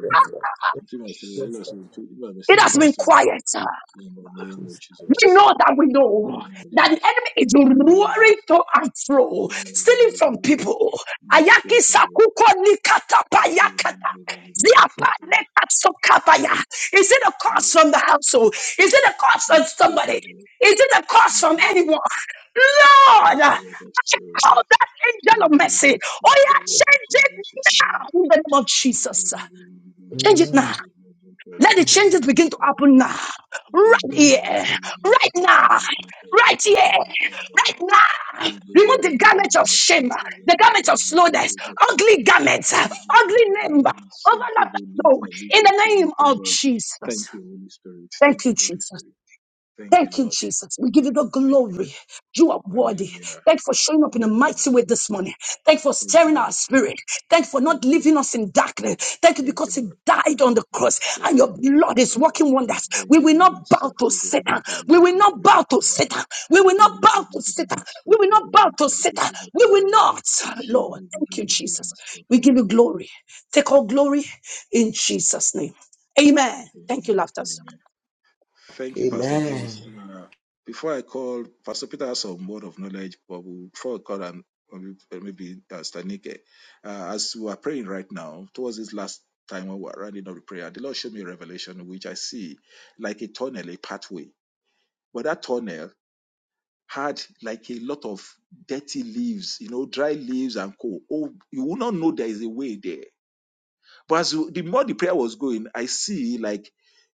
S1: Yes, Lord. Yes,
S4: Ti Masohelo
S1: yes, Lord.
S4: Masohelo Ti Masohelo
S7: It
S1: Do
S4: Ti
S7: has
S1: that
S7: been
S4: Masohelo
S7: quiet.
S4: In the
S1: for
S4: name of
S1: us.
S7: We know
S4: Jesus
S7: that we
S4: In the
S7: know
S4: name of
S7: that the
S4: Jesus
S7: enemy is
S4: In the name of
S7: roaring
S4: Jesus
S7: to and fro,
S4: In the name
S7: stealing
S4: of
S7: from
S4: Jesus
S7: people. Ayaki
S4: Masohelo
S7: sakuko nikata payakata.
S4: Regedi
S7: Ziapa neka sokabaya. Is it a curse from the household? Is it a curse from somebody?
S4: Masohelo
S7: Is it a curse from
S4: Masohelo
S7: anyone?
S4: Thank
S7: Lord, I
S4: you, Holy Spirit.
S7: call that angel of mercy. Oh yeah, change it now in the name of Jesus. Change it
S1: Amen.
S7: now. Let the
S1: Amen.
S7: changes begin to happen now. Right here. Right now. Right here. Right now. Remove the garment of shame, the garment of slowness, ugly garments, ugly name, overlap. No, in the name of Jesus.
S4: Thank
S7: Thank you,
S4: you, Holy
S7: Jesus.
S4: Spirit. Thank you,
S7: Thank you,
S4: Lord.
S7: Jesus. We give you the
S4: Thank you,
S7: glory.
S4: Lord.
S7: You are worthy.
S4: Hallelujah.
S7: Thank you for showing up in a
S4: Hallelujah.
S7: mighty way this morning. Thank you for
S4: Thank you,
S7: stirring
S4: Lord.
S7: our spirit. Thank you for
S4: Thank
S7: not
S4: you,
S7: leaving
S4: Lord.
S7: us in darkness. Thank you
S4: Thank you,
S7: because you
S4: Lord.
S7: died on the cross and
S4: Masotho
S7: your
S4: go
S7: blood is
S4: shebaba.
S7: working wonders.
S4: Re
S7: We
S4: ke
S7: will
S4: di
S7: not bow to
S4: masotho go
S7: Satan.
S4: litra
S7: We
S4: le
S7: will
S4: ke ke
S7: not bow
S4: bata
S7: to
S4: baba.
S7: Satan. We will
S4: Je
S7: not
S4: le go
S7: bow
S4: re
S7: to
S4: ke di
S7: Satan. We will
S4: masotho go
S7: not bow to
S4: litra le ke
S7: Satan.
S4: ke
S7: We
S4: bata
S7: will
S4: baba.
S7: not.
S4: Je
S7: Lord,
S4: le go
S7: thank you, Jesus. We give you glory. Take all glory in Jesus' name. Amen. Thank you,
S4: Amen.
S7: laughter.
S4: Amen. Thank you, Pastor
S1: Amen.
S4: Grace. Uh, before I call, Pastor Peter has some word of knowledge, but we'll- before I call and maybe uh, Stanike, uh, as we are praying right now, towards this last time when we are running up the prayer, the Lord showed me a revelation which I see like a tunnel, a pathway. But that tunnel had like a lot of dirty leaves, you know, dry leaves and coal. Oh, you will not know there is a way there but as the more the prayer was going, I see like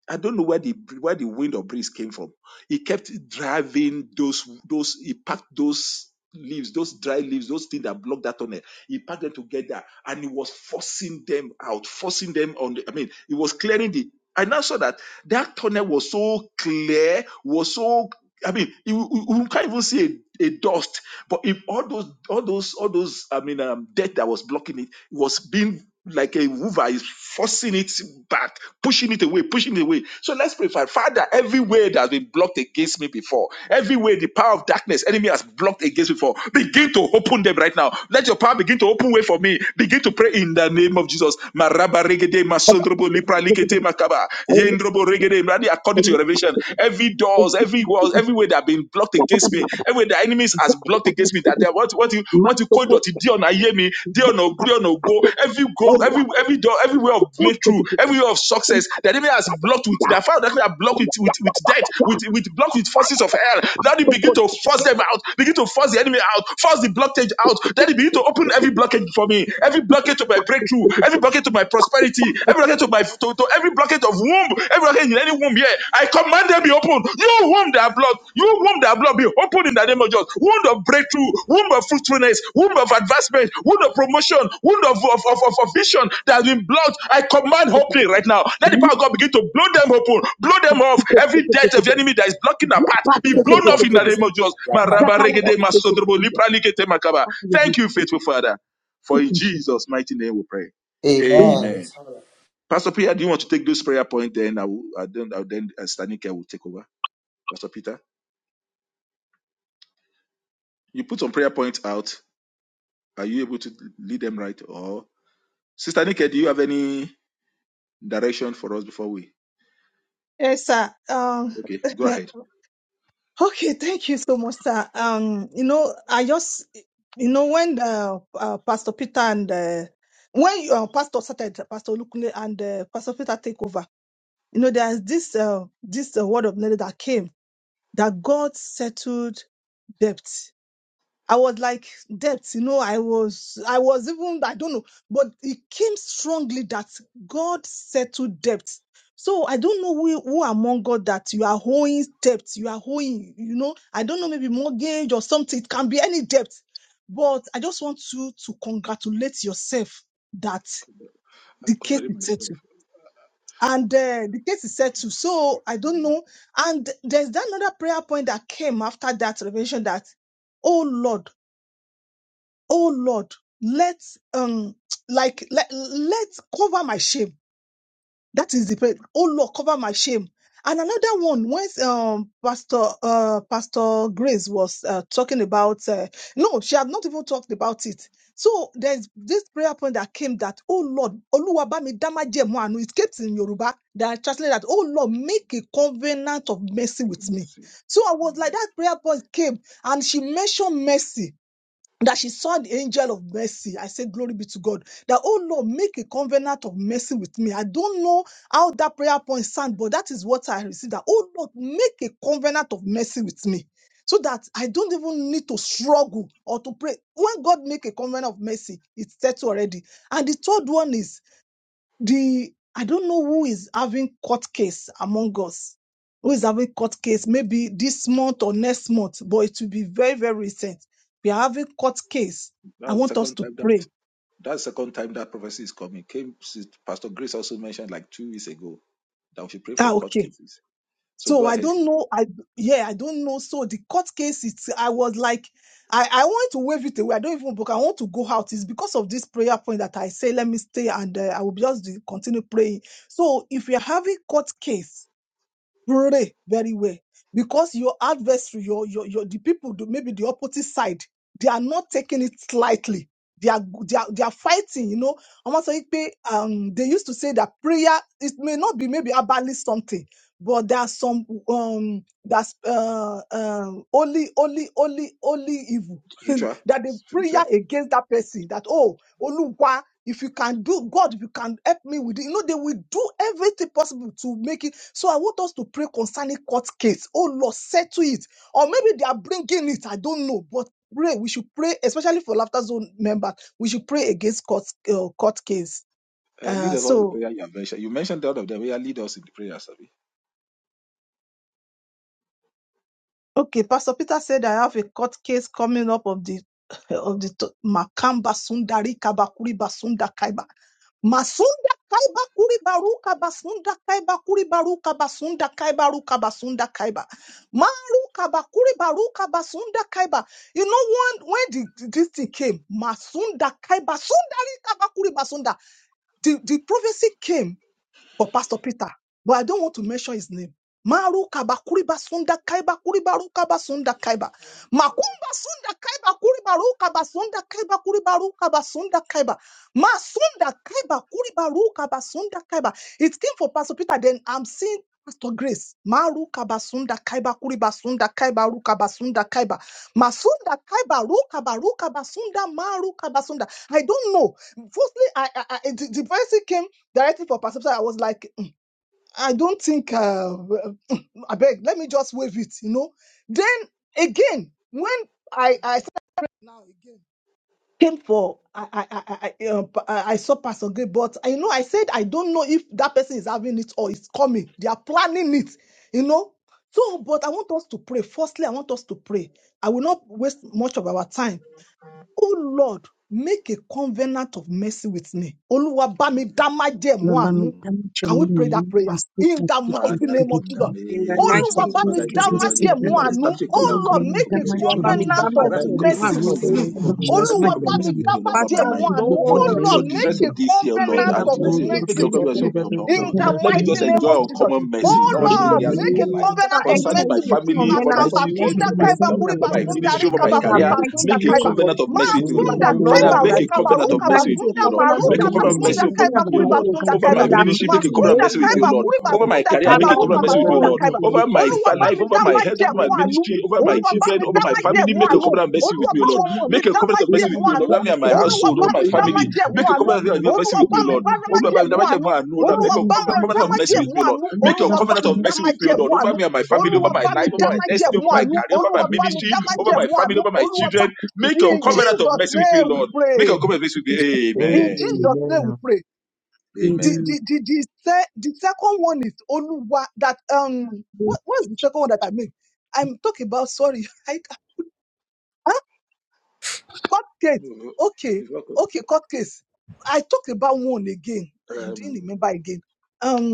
S4: I don't know where the where the wind or breeze came from. It kept driving those those it packed those leaves, those dry leaves, those things that block that tunnel. He packed them together and he was forcing them out, forcing them on the I mean, it was clearing the I now saw that that tunnel was so clear, was so I mean, you, you you can't even see a, a dust. But if all those, all those, all those, I mean, um, death that was blocking it was being like a hoover is forcing it back pushing it away pushing it away so let's pray father Father, every way that has been blocked against me before every way the power of darkness enemy has blocked against me before begin to open them right now let your power begin to open way for me begin to pray in the name of jesus Maraba regede masondrobo lipra likete makaba. Yendrobo regede.
S7: Amen. Lord,
S4: according
S7: we
S4: to your revelation every doors every walls every everywhere that have been blocked against
S7: thank
S4: me, everywhere the enemies has blocked against me, that they want want you
S7: you, Lord,
S4: want to
S7: and
S4: call dot dear on hear me, dear on go, dear go, every goal, every every door, every way of breakthrough, every way of success, the enemy has blocked with the fire that they are blocked with with, with death, with with blocked with forces of hell. Now they begin to force them out, begin to force the enemy out, force the blockage out. Then they begin to open every blockage for me, every blockage to my breakthrough breakthrough, every blockage to my prosperity, every blockage to my to, to every blockage of womb, every blockage in any womb here, I command them be open. You womb that are blocked, you womb that are blocked, be open in the name of Jesus. Womb of breakthrough, womb of fruitfulness, womb of advancement, womb of promotion, womb of, of, of, of, vision that has been blocked. I command opening right now. Let the power of God begin to blow them open, blow them off. Every death of the enemy that is blocking the path
S1: In
S4: be
S1: the
S4: blown
S1: name of
S4: off in the name
S1: Jesus.
S4: of Jesus.
S1: I attack you,
S4: Thank you, faithful Father. For in Jesus' mighty name. Right.
S1: Daddy. Amen.
S4: Amen. Pastor Big Big's prayer point, then I will, I don't, i then uh, Stanika will take over. Pastor Peter, you out. Are you able to, or Sister, direction for us before we?
S8: Yes, sir. Um,
S4: Okay, go ahead.
S8: okay, thank you so much, sir. Um, you know, I just, you know, when uh, uh, Pastor Peter and uh, when uh, Pastor started, Pastor Lukunle and uh, Pastor Peter take over, you know, there's this uh, this uh, word of knowledge that came that God settled debt. I was like death, you know, I was, I was even, I don't know, but it came strongly that God settled debt. So I don't know who, who among God that you are owing debt, you are owing, you know, I don't know, maybe mortgage or something. It can be any debt, but I just want you to congratulate yourself that
S4: I
S8: the case
S4: contradict
S8: is
S4: myself.
S8: settled. And uh, the case is settled. So I don't know. And there's that another prayer point that came after that revelation that, oh Lord, oh Lord, let um like let let cover my shame. That is the prayer. Oh Lord, cover my shame. And another one, once um Pastor uh Pastor Grace was uh, talking about uh, no, she had not even talked about it. So there's this prayer point that came that oh Lord, Oluwabami damajemu anu. It kept in Yoruba that I translated that oh Lord, make a covenant of mercy with me. So I was like that prayer point came and she mentioned mercy that she saw the angel of mercy. I say, Glory be to God. That, oh Lord, make a covenant of mercy with me. I don't know how that prayer point sound, but that is what I received. That, oh Lord, make a covenant of mercy with me. So that I don't even need to struggle or to pray. When God make a covenant of mercy, it's set already. And the third one is the I don't know who is having court case among us, who is having court case maybe this month or next month, but it will be very, very recent. We are having court case. I
S4: That's the
S8: want us
S4: second
S8: to
S4: time that
S8: pray.
S4: that's the second time that prophecy is coming. Came Pastor Grace also mentioned like two weeks ago that we should pray for
S8: Ah,
S4: court
S8: okay.
S4: cases. So go
S8: So I
S4: ahead,
S8: don't know. I yeah, I don't know. So the court case, it's I was like, I, I want to wave it away. I don't even book. I want to go out. It's because of this prayer point that I say, let me stay and uh, I will just continue praying. So if we are having court case, Pray very well. Because your adversary, your, your, your the people, do- maybe the opposite side, they are not taking it lightly. They are, they are, they are fighting, you know. Omo sọ wípé, Um, they used to say that prayer, it may not be maybe about something, but there are some, um, that's, uh, uh, only, only, only, only evil.
S4: Richard.
S8: that they prayer
S4: Richard,
S8: against that person that, oh, if you can do, God, if you can help me with it, you know, they will do everything possible to make it. So I want us to pray concerning court case. Oh Lord, settle it. Or maybe they are bringing it. I don't know. But pray. We should pray, especially for laughter zone members. We should pray against court, uh, court case.
S4: uh, lead
S8: Uh,
S4: us all the
S8: so
S4: prayer you have mentioned. You mentioned all of them. Yeah, lead us in the prayer, Sabi.
S8: Okay, Pastor Peter said I have a court case coming up of the of the to- Makamba Sundari Kabakuri Basunda Kaiba. Masunda Kaiba Kuri Baruka Basunda Kaiba Kuri Baruka Basunda Kaiba Ruka Basunda Kaiba. Maruka Bakuri Baruka Basunda Kaiba. You know one when the, this thing came, Masunda Kaiba Sundari Kabakuri Basunda. The, the prophecy came for Pastor Peter, but I don't want to mention his name. Maru kaba kuriba sunda kaiba kuriba ru kaba sunda kaiba. Makumba sunda kaiba kuriba ru kaba sunda kaiba kuriba ru kaba sunda kaiba. Ma sunda kaiba kuriba ru kaba sunda kaiba. It came for Pastor Peter, then I'm seeing Pastor Grace. Maru kaba sunda kaiba kuriba sunda kaiba ru kaba sunda kaiba. Masunda kaiba ru kaba ru kaba sunda maru kaba sunda. I don't know. Firstly, I, I, I the, the voice came directly for Pastor Peter, I was like, "Mm, I don't think, uh, I beg, let me just wave it, you know. Then again, when I, I said now again, came for, I, I, I, I, uh, I I saw Pastor Gay, but I know I said, I don't know if that person is having it or it's coming. They are planning it, you know. So, but I want us to pray. Firstly, I want us to pray. I will not waste much of our time. Oh Lord, make a covenant of mercy with me. Oluwa ba mi dá májẹ̀mú àánú. Can we pray
S4: Amen.
S7: we
S8: that prayer
S7: ask you
S8: in the mighty
S4: Father,
S7: to
S8: name
S7: be
S8: of
S4: in the
S8: Jesus?
S3: In the
S4: name of
S7: with
S3: mighty
S8: Oluwa
S7: the
S4: Jesus,
S8: ba mi
S4: Father,
S3: name of
S4: in
S7: to
S4: the
S8: dá
S4: name
S7: be
S4: of
S3: Jesus, in
S4: Jesus,
S7: filled
S3: the
S8: májẹ̀mú
S3: name
S4: Daddy,
S3: of the
S8: àánú.
S3: Lord,
S4: establish a covenant, of
S8: Oh
S7: with the
S8: Lord,
S7: Lord.
S4: covenant
S7: We
S4: of
S8: make
S2: In
S8: a
S2: the
S4: mercy
S3: you
S4: with me,
S3: are
S2: name of
S4: O
S3: by
S4: Lord.
S3: me, by
S2: Jesus,
S8: covenant
S3: my
S8: of
S2: Lord, I
S4: Establish a
S2: make
S4: covenant
S2: a
S4: of
S8: mercy
S4: mercy
S8: with
S4: with
S8: me.
S3: Lord,
S4: me,
S2: covenant
S4: O
S2: of
S4: Lord.
S2: mercy
S4: Every
S8: Oluwa
S4: covenant
S8: ba
S4: of
S2: with
S8: mi
S4: mercy with
S8: dá
S2: you.
S4: me all over my
S3: Father,
S8: májẹ̀mú
S4: life.
S7: Thank
S8: àánú.
S2: In
S4: For
S7: you.
S2: the
S8: Oh
S3: Lord.
S4: the,
S8: Lord,
S4: for
S2: name
S4: the
S2: of
S4: rest
S8: make a
S4: of
S2: Jesus,
S4: this year, O Lord,
S3: Bring
S8: covenant
S3: about
S2: oh
S8: of
S4: until I
S3: your
S2: Lord,
S4: say, O "Lord, make
S8: mercy
S4: a
S3: mercy,
S2: make a
S8: with
S3: Lord,
S4: covenant
S8: me.
S4: of me, O Lord.
S2: covenant
S4: O
S2: of
S4: Lord."
S8: In the
S2: mercy
S4: Let me
S8: mighty
S2: with
S4: just
S8: name
S3: abundantly.
S4: enjoy
S2: you.
S8: of Jesus.
S4: uncommon mercy in
S8: Oh
S2: In
S4: all
S3: In the
S8: Lord,
S2: the
S4: areas
S3: name
S4: of
S8: make a
S3: of
S4: my
S2: name
S4: life.
S3: Jesus,
S2: of
S3: Father,
S8: covenant of
S2: Jesus,
S3: enter
S4: Concerning my
S8: mercy
S3: into a
S8: with him.
S4: family, over my
S3: covenant
S2: oh
S3: of
S8: Makamba
S4: children,
S2: Lord,
S8: sunda
S3: mercy
S4: over my
S3: with
S2: make
S8: kaiba
S2: a
S4: job,
S3: me and
S4: over
S8: kuriba
S3: my
S4: my
S2: covenant
S3: household.
S2: of
S4: ministry,
S8: sundari
S4: over
S3: In
S4: my
S2: mercy
S8: kaba
S3: the
S2: with
S4: career,
S8: kuriba
S2: you.
S3: mighty
S8: sunda
S4: make a
S8: kaiba.
S3: name of
S4: covenant of
S3: Jesus.
S4: mercy with me,
S2: In
S4: O
S2: the
S4: Lord.
S3: Father,
S8: Makunda
S4: Father,
S3: Lord,
S8: kaiba
S4: make
S3: that
S4: a
S2: name,
S8: ruka
S3: you will
S4: covenant of
S8: baruka
S3: enter
S4: mercy
S3: into
S4: with
S3: a
S8: basunda
S4: me, O Lord.
S3: covenant
S2: oh
S3: of
S4: Make
S8: maruka
S4: a covenant of
S3: mercy
S2: Lord,
S8: basunda
S4: mercy
S3: with me
S4: upon-
S8: kaiba
S3: and
S4: with me, O
S8: kuri
S3: my
S4: Lord.
S3: household.
S8: basunda
S4: Over
S8: kaiba
S2: in the
S3: In
S4: my
S3: the
S2: name of
S4: ministry, make a
S3: mighty
S2: Jesus,
S4: covenant of
S8: makunda
S4: mercy
S3: name
S4: with me,
S3: of
S4: O
S8: kaiba
S4: Lord
S8: kuri
S4: over
S3: Jesus.
S4: my
S8: basunda
S4: career,
S8: kaiba
S4: make
S2: make
S4: a
S3: Father,
S2: your
S4: covenant of
S8: ruka
S4: mercy with me, O
S8: basunda
S3: Lord,
S2: covenant
S4: Lord.
S2: of
S8: kaiba
S4: Over
S2: mercy
S4: my
S8: Olúwa
S4: fa-
S8: bá
S2: before
S4: life,
S8: mi
S4: over
S8: dá
S4: my health, over
S8: májẹ̀mú
S4: my
S8: àánú
S4: ministry, over my
S8: Olúwa bá
S4: children,
S8: mi
S4: over
S8: dá
S4: my family,
S8: májẹ̀mú
S4: make a
S8: àánú
S4: covenant of mercy with
S8: Olúwa
S4: me, O
S8: bá
S4: Lord.
S8: àwọn ọmọ mi
S4: Make a
S8: dá
S4: covenant of mercy with
S8: májẹ̀mú
S4: me, O Lord.
S8: àánú
S4: Over me and my
S2: of
S8: Olúwa
S4: household, over
S8: bá
S2: mercy
S4: my
S8: mi dá
S2: of
S4: family,
S8: májẹ̀mú
S4: make a
S8: àánú
S4: covenant of mercy
S8: Olúwa
S4: with
S8: bá
S4: me, O
S8: mi
S4: Lord.
S8: bá dá
S4: Oh, Lord, Abba,
S8: májẹ̀mú
S4: Abba, Abba, Abba,
S8: àánú
S4: Abba, Lord, Make
S8: Olúwa
S4: a com-
S8: bá mi
S4: covenant
S8: dá
S4: of mercy with
S8: májẹ̀mú
S4: me, O Lord.
S8: àánú
S7: Thank
S4: Make your
S8: Olúwa bá
S4: covenant
S8: mi
S4: of
S7: you.
S8: dá
S4: mercy with me, O Lord.
S8: májẹ̀mú
S4: Over
S8: àánú
S4: me and my
S2: every
S4: family, over
S8: Olúwa
S4: my
S8: bá
S2: man.
S8: mi
S4: life, over
S8: dá
S4: my
S8: májẹ̀mú
S4: destiny, over my
S8: àánú
S4: career, over my
S8: Olúwa bá mi
S4: ministry,
S8: dá
S4: over my
S8: májẹ̀mú
S4: family,
S8: àánú
S4: over my
S8: Olúwa
S2: Amen.
S8: bá
S4: children. Make your
S8: in
S4: covenant of
S8: Jesus'
S4: mercy with me,
S8: name
S4: O
S8: we
S4: Lord. Make your
S8: pray.
S4: covenant of mercy with me.
S2: Father, in the
S8: In
S4: Amen.
S8: Jesus'
S2: name
S8: name we
S2: of
S8: pray. The
S4: Amen.
S8: the the, the, se- the second one is only one that um
S3: we
S8: what what's the second one that I made? I'm talking about sorry, I huh? court case.
S4: No, it
S8: Okay,
S4: is not good.
S8: okay, court case. I talked about one again. I didn't
S4: Um,
S8: remember again.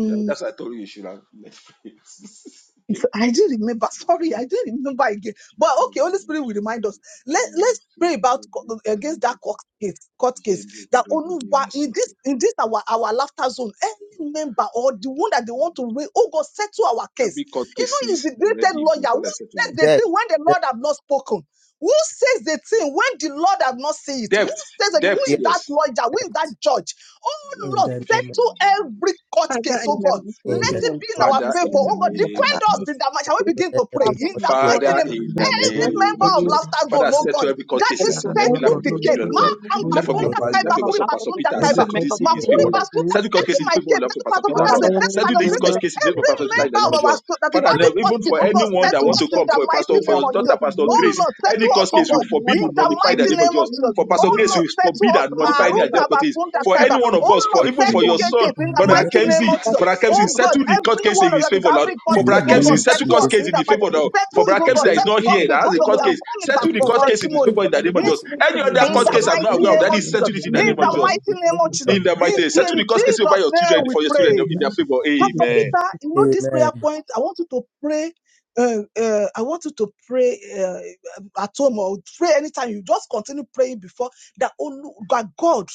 S4: Yeah, that's why I told you you should have Netflix. okay?
S8: I do remember.
S4: The
S8: Sorry, I
S4: spirit
S8: do remember again. But okay, Holy
S4: Kavada
S8: Spirit will
S4: Shino
S8: remind us. Let
S4: Revedema
S8: Let's pray
S4: Sofo
S8: about co-
S4: Vodvita
S8: against that
S4: Liketo
S8: court case. Court case
S4: Jendro
S8: that only
S4: Revedema
S8: in
S4: Sofo.
S8: this in this our our laughter zone. Any member or the one that they want to raise, oh God, settle our case.
S4: Every court
S8: You know, he's
S4: cases
S8: the greatest
S4: already in place.
S8: lawyer. Who
S4: What I said to
S8: says
S4: you.
S8: the
S1: Death.
S8: thing when the
S1: Death.
S8: Lord have not spoken? Who says the thing when the Lord have not seen it? Who
S4: Debt,
S8: says it? Who
S4: debt,
S1: Yeah,
S8: is that
S4: yes.
S8: lawyer? Who is
S1: death.
S8: that judge? Oh
S1: In
S8: Lord,
S4: Yakobo
S1: the name of
S4: Shira
S8: settle
S4: Maria,
S8: every court
S4: the
S3: Father,
S8: case,
S3: in
S4: court
S8: oh
S3: the
S8: God
S4: case.
S8: let
S3: mighty
S1: in the name
S3: name
S8: it
S3: of
S8: be in
S1: of
S8: our
S4: Father,
S3: Jesus,
S8: favor.
S4: in the
S8: Oh God,
S3: everything of
S4: name
S1: I
S8: defend
S4: of
S8: us
S4: Jesus.
S8: in that match. Shall
S3: us.
S8: we begin
S1: declare
S8: to pray
S1: every
S3: Father,
S8: in the
S1: fortune
S3: Lord,
S8: mighty
S3: that
S4: Father,
S8: name?
S1: of
S3: you
S4: in the
S1: the
S8: Any
S1: name
S4: name
S8: member
S4: of
S8: of
S4: Jesus.
S8: Laughter
S2: Jesus,
S8: Zone,
S4: Father,
S3: will
S8: oh
S4: settle
S8: God,
S4: every
S1: of
S4: court
S8: that
S3: And
S8: this
S3: it's
S4: cases
S3: your
S4: in
S2: Father,
S8: faith
S4: every
S3: own
S4: life
S8: took
S4: of
S2: Lord,
S8: the
S4: your
S2: Lord,
S8: case.
S3: employee,
S4: children, Lord.
S2: Lord,
S8: Mark and
S4: In the
S2: oh
S3: delivery
S4: life
S1: the
S3: for
S4: of your
S1: name
S2: Lord,
S8: Basunda
S4: pa-
S3: every
S1: of
S4: in the life
S8: Kaiba,
S4: of
S3: member
S4: your
S3: of
S8: Kuri
S4: son,
S3: Laughter
S4: Pastor
S8: Basunda
S4: Peter,
S2: every
S1: God,
S3: Family,
S8: Kaiba,
S4: settle
S3: member
S4: this
S3: of
S2: conflict
S4: in
S1: the
S4: his
S1: name
S3: Laughter
S4: favor,
S8: Makuri
S3: World
S1: of
S2: against
S3: that
S4: Lord.
S2: me
S8: Basunda,
S4: Settle court
S1: the
S3: has
S4: case
S8: setting
S4: in
S3: been
S4: the
S8: my
S4: favor of
S8: case,
S4: the
S3: affected.
S4: life of
S8: setting
S4: Pastor
S8: part of
S2: or
S4: Peter,
S3: Father,
S8: Peter's
S4: Lord.
S8: case,
S3: Lord,
S2: any
S3: I
S8: setting
S3: pray
S8: part
S4: Settle
S8: of
S3: for
S4: this
S3: one
S8: Grace.
S4: court
S2: member of
S3: person
S4: case in the name
S1: name
S4: of
S8: Every
S1: of
S4: Pastor Peter
S1: life
S4: in the
S8: member
S1: as
S4: name of
S8: of
S1: well.
S8: our
S4: Jesus.
S8: so- that is
S4: Father,
S1: We
S3: in the
S1: are
S4: now,
S8: having
S2: the
S8: court
S4: even
S8: case,
S4: for
S8: oh
S3: community,
S8: God,
S3: one
S4: anyone that
S3: person
S8: settle
S4: want
S3: in
S2: body,
S8: us
S4: to
S3: the
S8: in
S4: come
S8: the
S3: book,
S4: for a pastor,
S8: mighty
S3: in
S4: for
S3: the
S8: name
S4: your
S8: of
S1: set
S4: daughter,
S8: Jesus.
S3: mighty
S1: to
S4: Pastor
S8: Oh
S3: name
S4: Grace,
S3: of
S8: Lord,
S3: Jesus.
S4: any
S8: settle
S1: fortune of
S8: us,
S4: court
S8: oh
S4: case
S3: Father,
S4: we
S8: God,
S3: Lord,
S4: forbid
S8: in
S4: will
S3: that we
S8: the
S3: will
S4: nullify the
S3: end
S8: mighty
S3: in
S4: name of
S8: name
S4: Jesus.
S8: of
S3: pain
S8: Jesus.
S4: For
S3: in the
S4: Pastor
S8: Oh
S3: name
S4: Grace,
S3: of
S8: Lord,
S4: we
S8: settle
S3: Jesus.
S4: forbid
S8: us.
S4: and
S3: Father,
S4: nullify
S3: Lord,
S8: Maru
S4: any idea
S3: that
S4: of
S3: we will
S4: authorities.
S8: kabasunda
S3: thank
S4: For
S3: you
S8: kaiba.
S4: any one
S3: because
S4: of
S8: Oh
S4: us,
S8: Lord,
S4: for even
S3: in
S1: Victory.
S4: for
S8: settle
S3: the
S4: your
S3: name
S4: son,
S8: case in
S1: In
S8: the
S1: the
S3: of
S4: Brother
S1: name
S8: mighty
S3: Jesus.
S8: name
S4: Kemsey,
S8: of
S3: That we will thank
S8: Jesus.
S4: Brother Kemsey,
S8: Oh
S3: you
S8: God,
S4: settle the court
S8: every
S4: case
S3: because
S4: in
S8: one of
S4: his
S8: that is
S4: favor, Lord.
S8: having
S3: in
S8: court
S4: For
S1: in
S8: case.
S1: the
S4: Brother
S3: the name of Jesus. In
S8: Oh
S3: the
S4: Kemsey,
S8: God,
S1: name of
S3: name of
S4: settle
S8: settle
S4: court
S8: us
S1: Jesus.
S4: case
S8: in
S4: in
S8: the
S4: his
S3: Jesus.
S8: mighty.
S4: favor, Lord.
S8: Settle
S4: For
S8: it,
S4: Brother
S8: oh
S4: Kemsey
S8: God,
S4: that is
S8: settle
S4: not
S8: court
S4: here,
S8: case.
S4: that has
S8: Oh
S4: a
S8: God, we
S4: court
S8: are
S3: Lord,
S4: case,
S8: coming
S3: and
S8: back
S1: Lord,
S4: settle
S3: the
S4: the
S8: for
S1: please
S4: court
S3: culture
S1: help
S4: case in
S1: me,
S3: is
S4: his
S8: testimony.
S1: Lord
S4: favor
S3: over,
S4: in the
S1: Lord
S3: and the
S4: name
S1: God,
S4: of
S8: In,
S4: Jesus.
S1: Jesus,
S3: population
S4: Any
S3: is
S4: other
S1: Lord, I
S8: in
S4: court
S8: the
S3: doing
S1: said
S4: case
S3: the
S1: to the
S4: I'm not
S1: court,
S8: mighty
S4: aware of,
S3: same.
S8: name
S4: that
S8: of
S4: is
S2: against
S3: And
S8: Jesus.
S4: settled
S2: me,
S4: it in
S2: any
S4: the
S8: In
S3: everyone
S1: Amen.
S4: name of
S8: the
S2: member
S3: will
S2: of
S4: Jesus.
S3: want
S8: mighty
S3: to
S8: name of
S2: the
S3: be
S8: Jesus.
S2: body.
S4: In the
S8: In,
S4: mighty name.
S3: able
S8: in
S4: Settle the court case over
S8: Jesus'
S4: your
S8: name
S4: children,
S1: Father,
S8: we
S4: for your
S1: to help
S8: pray.
S4: children in
S1: my
S4: their
S1: people.
S4: favor.
S3: to
S8: Pastor
S4: Amen.
S8: Peter, you know this prayer
S1: Amen.
S8: point. I want you to pray. Uh, uh, I want you to pray uh, at home or pray anytime. You just continue praying before that. Oh, that God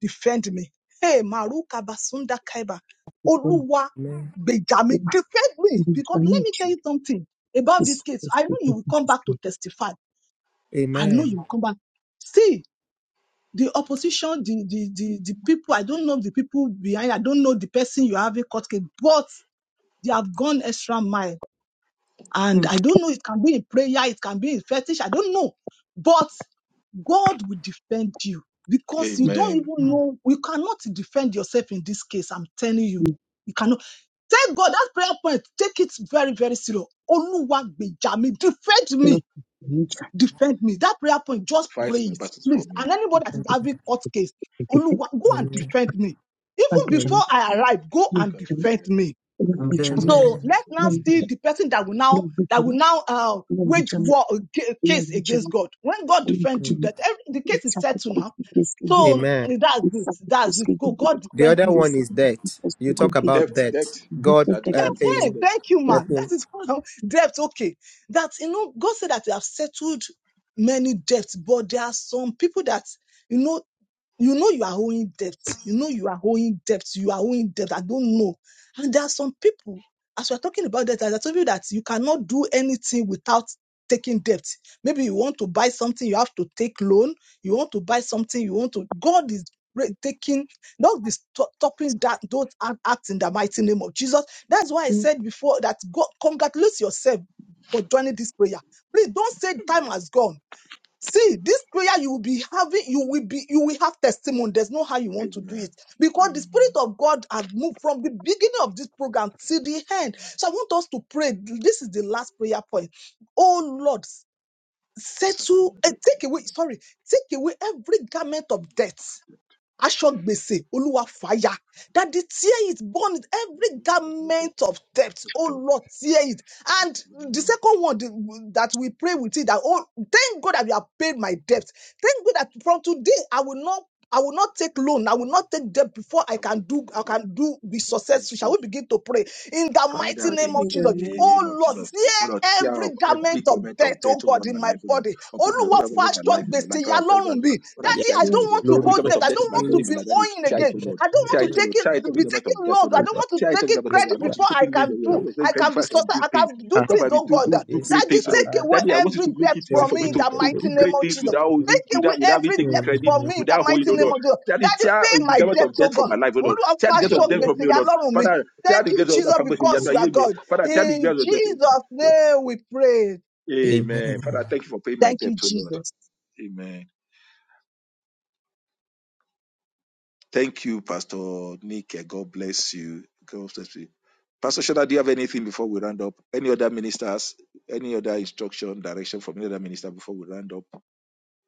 S8: defend me. Hey, Maruka Basunda Kaiba, Oluwa
S1: Amen.
S8: Benjamin, defend me because let me tell you something about this case. I know you will come back to testify. I know
S1: Amen.
S8: you will come back. See the opposition, the the the, the people. I don't know the people behind. I don't know the person you are having court case, but they have gone extra mile. And I don't know, it can be in prayer, it can be in fetish, I don't know. But God will defend you because you don't
S4: Amen.
S8: even know, you cannot defend yourself in this case. I'm telling you. You cannot. Thank God that prayer point. Take it very, very serious. Oluwa gbèjà mi, defend me, defend me. That prayer point, just
S4: Fight
S8: pray
S4: my
S8: it,
S4: battles for
S8: please.
S4: me.
S8: And anybody that is
S1: Amen.
S8: having court case, Oluwa, go and
S1: Amen.
S8: defend me. Even
S1: Amen.
S8: before I arrive, go and defend me
S2: In the
S8: so
S2: name
S1: Amen.
S8: let's now
S2: of
S8: see
S2: Jesus,
S8: the person that will now that will now uh, wage war uh, ca- case against God. When God defends you, that every, the case is settled now. So
S1: Amen.
S8: eh, that's it. That's it. Go, God
S1: The
S8: defend
S1: other
S8: me.
S1: one is debt. You talk
S4: Debt,
S1: about
S4: debt,
S1: debt. God
S4: that the
S1: uh,
S4: Lord is paying
S8: Hey,
S1: paying,
S4: the
S8: thank you, man. That
S1: helping.
S8: is how debt. Okay, that you know, God said that they have settled many debts, but there are some people that you know You know you are owing debt. You know you are owing debt. You are owing debt. I don't know. And there are some people, as we're talking about debt, as I told you that you cannot do anything without taking debt. Maybe you want to buy something, you have to take loan. You want to buy something, you want to. God is re- taking, not this to- stopping that, don't act act in the mighty name of Jesus. That's why I
S4: debt.
S8: said before that God, congratulate yourself for joining this prayer. Please don't say time has gone See, this prayer you will be having, you will be, you will have testimony. There's no how you want to do
S4: Amen.
S8: it because the Spirit
S4: Amen.
S8: of God has moved from the beginning of this program till the end. So I want us to pray. This is the last prayer point. Oh Lord, settle, eh, take away, sorry, take away every garment of death aṣọ́gbèsè olúwa fàáya daddy tear it burn it every garment of debt oh lord tear it and the second one the- that we pray with it that oh thank god that you have paid my debt thank god that from today i will not I will not take loan. I will not take debt before I
S4: I'm
S8: can
S4: not
S8: do. I
S4: going
S8: can do be successful. Shall
S4: to
S8: we begin to pray in the
S4: Father,
S8: mighty name
S4: in
S8: of
S3: In
S4: the
S3: the
S8: Jesus? Oh
S3: name
S4: name
S3: of
S4: of
S8: Lord,
S4: Jesus,
S8: tear
S4: O Lord, tear up
S8: every garment
S4: every
S8: of
S4: garment of
S8: debt. Oh
S4: death over
S8: God,
S4: my
S8: in my
S4: life, O Lord,
S8: body
S4: upon my,
S8: olúwa
S4: over
S8: fọ aṣọ
S4: my life, my life,
S8: gbèsè ya
S4: Father, tear it, O
S8: lọ́rùn mi
S4: Lord,
S1: Yeah.
S8: daddy
S4: tear
S8: i
S4: it, O
S3: Him,
S8: don't
S4: Lord,
S8: want to
S1: Lord,
S4: every
S8: hold
S1: God,
S4: garment
S8: debt
S4: of
S8: i
S4: death in
S8: don't
S4: my
S8: want to
S4: body, my
S1: Jesus.
S8: be
S4: life, that you
S8: owing
S4: tear
S1: Lord,
S4: it,
S8: again
S4: O Lord,
S8: i don't want
S4: tear
S8: to
S4: it, O
S1: Lord,
S8: take
S4: Lord,
S8: it
S4: tear it,
S8: to
S4: every
S8: be
S1: Jesus.
S4: garment
S8: taking
S4: of death, O
S8: loans i
S4: Lord,
S1: Lord,
S8: don't
S1: Lord,
S8: want to
S4: tear it,
S8: take
S4: every
S8: it
S4: garment
S1: Jesus.
S4: of death, I
S8: credit
S4: want
S1: Yeah.
S4: to
S8: before
S4: be
S8: i
S4: taken
S8: can
S4: later,
S8: do
S4: I
S1: Lord,
S4: want to take
S8: i
S4: credit
S8: can be
S4: before I can
S1: Jesus.
S8: sustain
S4: do
S8: i can
S4: things,
S8: do
S1: Ah,
S4: because I
S8: things
S4: will
S8: oh
S4: do,
S8: god
S1: Lord,
S4: do, do
S1: Jesus.
S4: great
S8: daddy
S4: things, O
S1: Ah,
S4: Lord,
S8: take
S1: ah.
S8: away
S4: Daddy, I want you
S8: every
S4: to make
S8: debt
S4: it easy
S8: from
S1: Thank
S4: for
S8: me
S4: me
S8: in
S1: you.
S4: to,
S8: the
S1: Lord,
S4: to
S8: mighty
S4: do
S1: Lord,
S8: name
S4: great
S8: of
S4: things
S8: jesus
S4: without
S1: Lord.
S4: holding,
S8: take away
S4: without, without me
S8: every
S4: taking
S8: debt
S1: In the
S4: credit,
S8: from
S1: name
S8: me
S1: of
S8: in the
S4: without holding,
S8: mighty
S4: O
S8: name
S1: Jesus,
S4: Lord,
S8: of jesus
S4: Daddy,
S8: daddy
S1: I
S4: tear uh,
S8: pay
S4: the
S8: my
S4: garment
S8: debt
S4: of
S8: oh
S4: death from my
S8: god
S4: life, O
S1: put
S4: Lord.
S8: olúwa
S4: Tear
S8: fọ
S4: the
S1: you
S4: garment
S8: aṣọ
S1: up
S4: of death
S1: for
S4: from
S8: gbèsè
S4: me, O
S8: ya
S4: Lord.
S8: lọ́rùn mi
S4: Father, Tear
S8: thank
S4: the
S8: you
S4: gates of that
S8: jesus because
S1: this.
S8: you are
S4: family.
S8: god
S4: Father, tear the
S8: in
S4: gates of death.
S8: jesus name we pray
S4: Amen. Father,
S1: Amen.
S4: thank you for paying my
S8: thank you
S4: debt, O Lord.
S8: jesus.
S4: Amen. Thank you, Pastor Nick. God bless you. God bless you. Pastor Shoda, do you have anything before we round up? Any other ministers? Any other instruction, direction from any other minister before we round up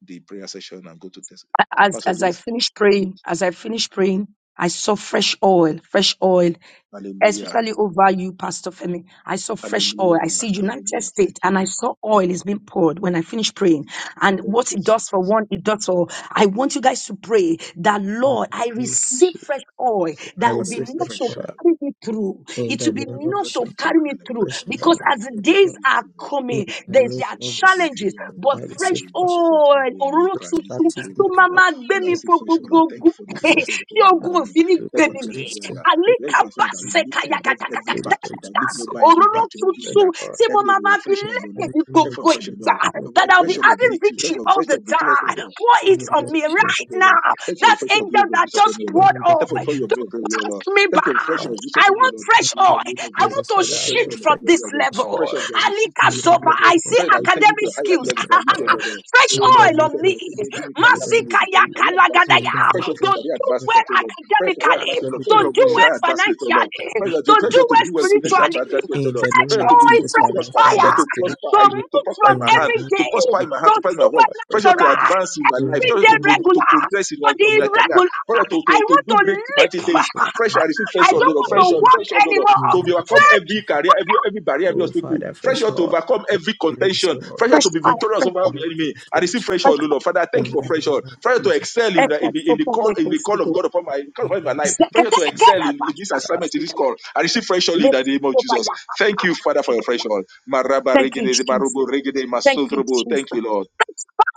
S4: the prayer session and go to test?
S7: as
S4: Pastor
S7: as I
S4: James,
S7: finished praying, as I finished praying, I saw fresh oil, fresh oil,
S4: hallelujah,
S7: especially over you, Pastor Femi. I saw fresh oil. I
S4: hallelujah,
S7: see United
S4: hallelujah. Thank
S7: States, and
S4: you.
S7: I saw oil is being poured when I finish praying.
S4: Thank,
S7: And
S4: thank
S7: what
S4: you,
S7: it does for
S4: Jesus.
S7: one, it does for. all. I want you guys to pray that
S1: In
S7: Lord,
S1: the
S7: I
S1: name of
S7: receive
S1: Jesus,
S7: fresh oil
S1: I
S7: that will be
S4: Father, I
S1: receive
S4: see
S7: enough
S1: fresh
S7: to
S4: fresh joy.
S1: oil.
S7: carry me through.
S1: In
S7: It
S1: the
S7: will be
S4: that
S1: name
S4: will
S1: of
S7: enough
S4: not
S7: to
S4: be to
S1: Jesus,
S4: your
S7: carry me
S4: highlight.
S7: through
S1: fresh
S4: True.
S7: because
S1: oil.
S4: I
S7: as the
S4: felt it
S7: days
S4: coming
S7: are
S4: true.
S1: In
S7: coming,
S1: the
S7: there's
S1: name
S7: there are
S4: Masotho
S1: of
S4: bo
S1: Jesus,
S7: challenges,
S4: hira
S1: I
S7: but fresh
S1: receive
S4: barigede,
S1: fresh oil.
S4: Masotho
S7: oil,
S4: bo libra
S1: Fresh
S4: likete
S1: baptism
S7: tó
S1: of
S7: máa
S4: makaba.
S1: oil.
S7: máa gbé
S4: Lord, I
S7: mi
S4: see
S7: fo
S4: fresh
S1: In
S7: gbogbo
S4: oil.
S1: the name
S4: Thank you
S7: ogun
S4: for the
S1: of
S4: fresh
S1: Jesus,
S4: oil upon
S7: tí
S4: my
S1: I
S7: ogun
S4: life, Lord.
S7: òfin ní
S1: pray
S4: Thank
S7: gbé
S4: you for
S1: for
S4: the
S7: mi mì
S4: fresh oil,
S1: Jesus. I
S4: Lord. Thank you for the Father that will
S7: àlíkàbàṣẹ
S4: lift me above every
S1: pray
S7: kàyàkàtàkàtàkàtà
S4: battle,
S1: for
S4: that will lift me
S1: Jesus. I
S4: over every
S1: pray
S7: òróró
S4: battle,
S1: for
S4: every
S1: Fresh
S7: tuntun
S4: lack.
S1: oil.
S7: tí
S4: That
S7: mo
S4: will
S7: máa
S4: be a
S7: máa fi
S4: fresh oil, O
S1: In
S7: lékè
S4: Lord.
S7: ní
S1: the name
S4: Thank you
S1: of
S4: for
S7: gbogbo
S4: the fresh oil,
S1: Jesus.
S7: ìgbà
S4: Lord. A
S1: In
S7: that
S1: the
S7: I'll
S4: fresh
S7: be
S1: name
S4: oil of
S7: having
S4: victory. Thank
S7: victory
S4: you for the
S7: all
S4: fresh
S7: the
S4: oil of victorious fresh
S7: time
S4: oil.
S7: pour
S4: Thank you
S7: it
S4: for the
S7: on
S4: fresh
S1: of
S4: oil
S7: me
S4: of victory,
S1: Jesus.
S7: right
S4: O Lord.
S7: now
S4: Thank you for the
S7: that
S4: fresh oil of victory,
S7: angel that
S4: upon
S7: just
S4: me, O Lord.
S7: poured
S1: In the
S4: Thank you for the fresh
S7: oil
S4: oil of
S1: name of
S7: don't
S4: victory, O
S7: pass
S4: Lord.
S7: me
S4: Thank
S7: by
S4: you for the fresh
S1: Jesus.
S4: oil of victory,
S7: I
S4: upon me, O
S7: want
S4: Lord.
S1: In
S7: fresh
S4: In
S1: the
S4: the
S1: name
S7: oil
S1: of
S4: name of
S7: I
S4: Jesus,
S7: want
S1: Jesus,
S7: to
S4: for the
S1: Father, I
S4: fresh
S7: shift
S4: oil
S1: want
S4: of
S7: from
S1: fresh
S7: this
S4: pleasure, Lord.
S7: level
S4: Fresh oil
S1: oil.
S4: that will shift
S7: Alika
S4: me to
S1: In
S4: the
S1: the
S7: Sopa
S1: name
S4: freedom, Lord.
S7: I
S1: of
S7: see
S4: Pray that will
S1: Jesus,
S4: take me to
S7: academic
S4: a higher
S7: skills
S1: Father,
S4: level
S1: fresh
S4: than lifted up.
S1: oil.
S4: Lord.
S7: fresh
S4: Oh oh,
S1: In the
S4: Lord,
S7: oil
S4: pray
S1: name
S7: on
S4: that
S1: of
S4: will
S7: me
S4: take me, give
S1: Jesus,
S4: me career
S1: academic
S4: field, career,
S1: speed.
S4: career advancement.
S1: In the
S7: Masikayakalagadaya.
S4: Pressure
S1: name
S4: for
S1: of
S7: Don't
S4: career
S7: do
S1: Jesus,
S7: well
S4: advancement, oh Lord. Pray career
S7: academically.
S4: advancement, oh Lord.
S1: athletic
S4: Pray for
S7: Don't do
S1: body,
S7: well
S4: ministerial advancement, oh Lord.
S7: financially.
S4: Pressure to
S7: Don't do
S4: pressure to
S7: well
S4: do well, financial
S1: speed.
S7: spiritually.
S4: advancement, oh
S1: In
S4: Lord.
S1: the
S7: Fresh
S1: name
S4: Pressure
S1: of
S4: to be
S7: oil,
S4: to,
S1: Jesus,
S4: to
S7: fresh
S4: prosper, pressure
S1: financially,
S7: fire.
S4: to prosper, I
S7: Don't
S1: spiritually.
S4: to
S7: move
S4: prosper
S7: from
S4: in
S1: In
S4: my
S1: the
S4: hand,
S7: every
S1: name of
S4: to
S7: day.
S4: prosper in
S1: Jesus,
S4: my hand, to
S7: Don't
S4: prosper in my work,
S1: Lord, fresh
S4: pressure to
S7: supernatural.
S1: fire.
S4: advance in my
S1: In
S4: life,
S7: Every
S1: the
S4: pressure
S7: day
S4: to
S1: name
S4: pro- to
S7: regular.
S4: progress in my,
S7: For the
S4: my
S1: of
S4: career,
S1: Jesus,
S7: irregular.
S4: pressure to, to,
S7: I
S4: to
S7: want
S4: do
S7: to
S4: great
S7: leap.
S4: mighty things. Pressure, I receive
S7: I
S4: pressure, oh
S1: fresh
S7: don't
S4: Lord.
S7: want to
S4: Pressure,
S1: oil.
S7: walk
S4: pressure, oh Lord.
S1: In
S7: anymore.
S1: the
S4: To be
S1: name of
S4: overcome
S7: Fresh,
S4: every
S1: Jesus.
S4: career, every, every barrier, every
S1: Oh,
S4: obstacle.
S1: Father,
S4: Fresh
S1: fresh
S4: oil to
S1: oil,
S4: overcome
S1: fresh
S4: every
S1: grace,
S4: contention.
S1: O Lord,
S4: Fresh oil
S7: fresh
S4: to be
S1: fresh
S7: fire,
S4: victorious
S7: fresh
S4: over the
S7: fire,
S1: anointing,
S4: enemy. I receive
S1: fresh
S4: fresh
S7: fresh
S4: oil,
S1: fire.
S4: Lord.
S7: fire. Fresh fire.
S4: Father, I thank you
S1: In
S7: Fresh
S4: for
S1: the name
S4: fresh oil.
S1: of
S4: Fresh oil to
S1: Jesus,
S4: excel in
S1: Father,
S4: the, in the, in
S7: fire.
S4: the call in the
S1: fresh
S4: call of
S1: oil,
S4: God upon my call
S1: in
S4: upon
S1: the
S4: my
S1: name
S4: life.
S1: of
S4: Fresh oil to excel
S1: Jesus,
S4: in,
S7: Fresh
S4: in this
S7: fire.
S1: Father,
S7: Fresh
S4: assignment, in this
S7: fire.
S4: call. I receive fresh oil in the
S7: Lift
S4: name of
S7: over
S4: Jesus.
S7: your heart,
S4: Thank you, Father, for your fresh
S7: Thank
S4: oil. Maraba
S7: you,
S4: regede,
S7: Jesus.
S4: marubo regede,
S7: Thank you,
S4: masotrobo.
S7: Jesus
S4: Thank you, Lord.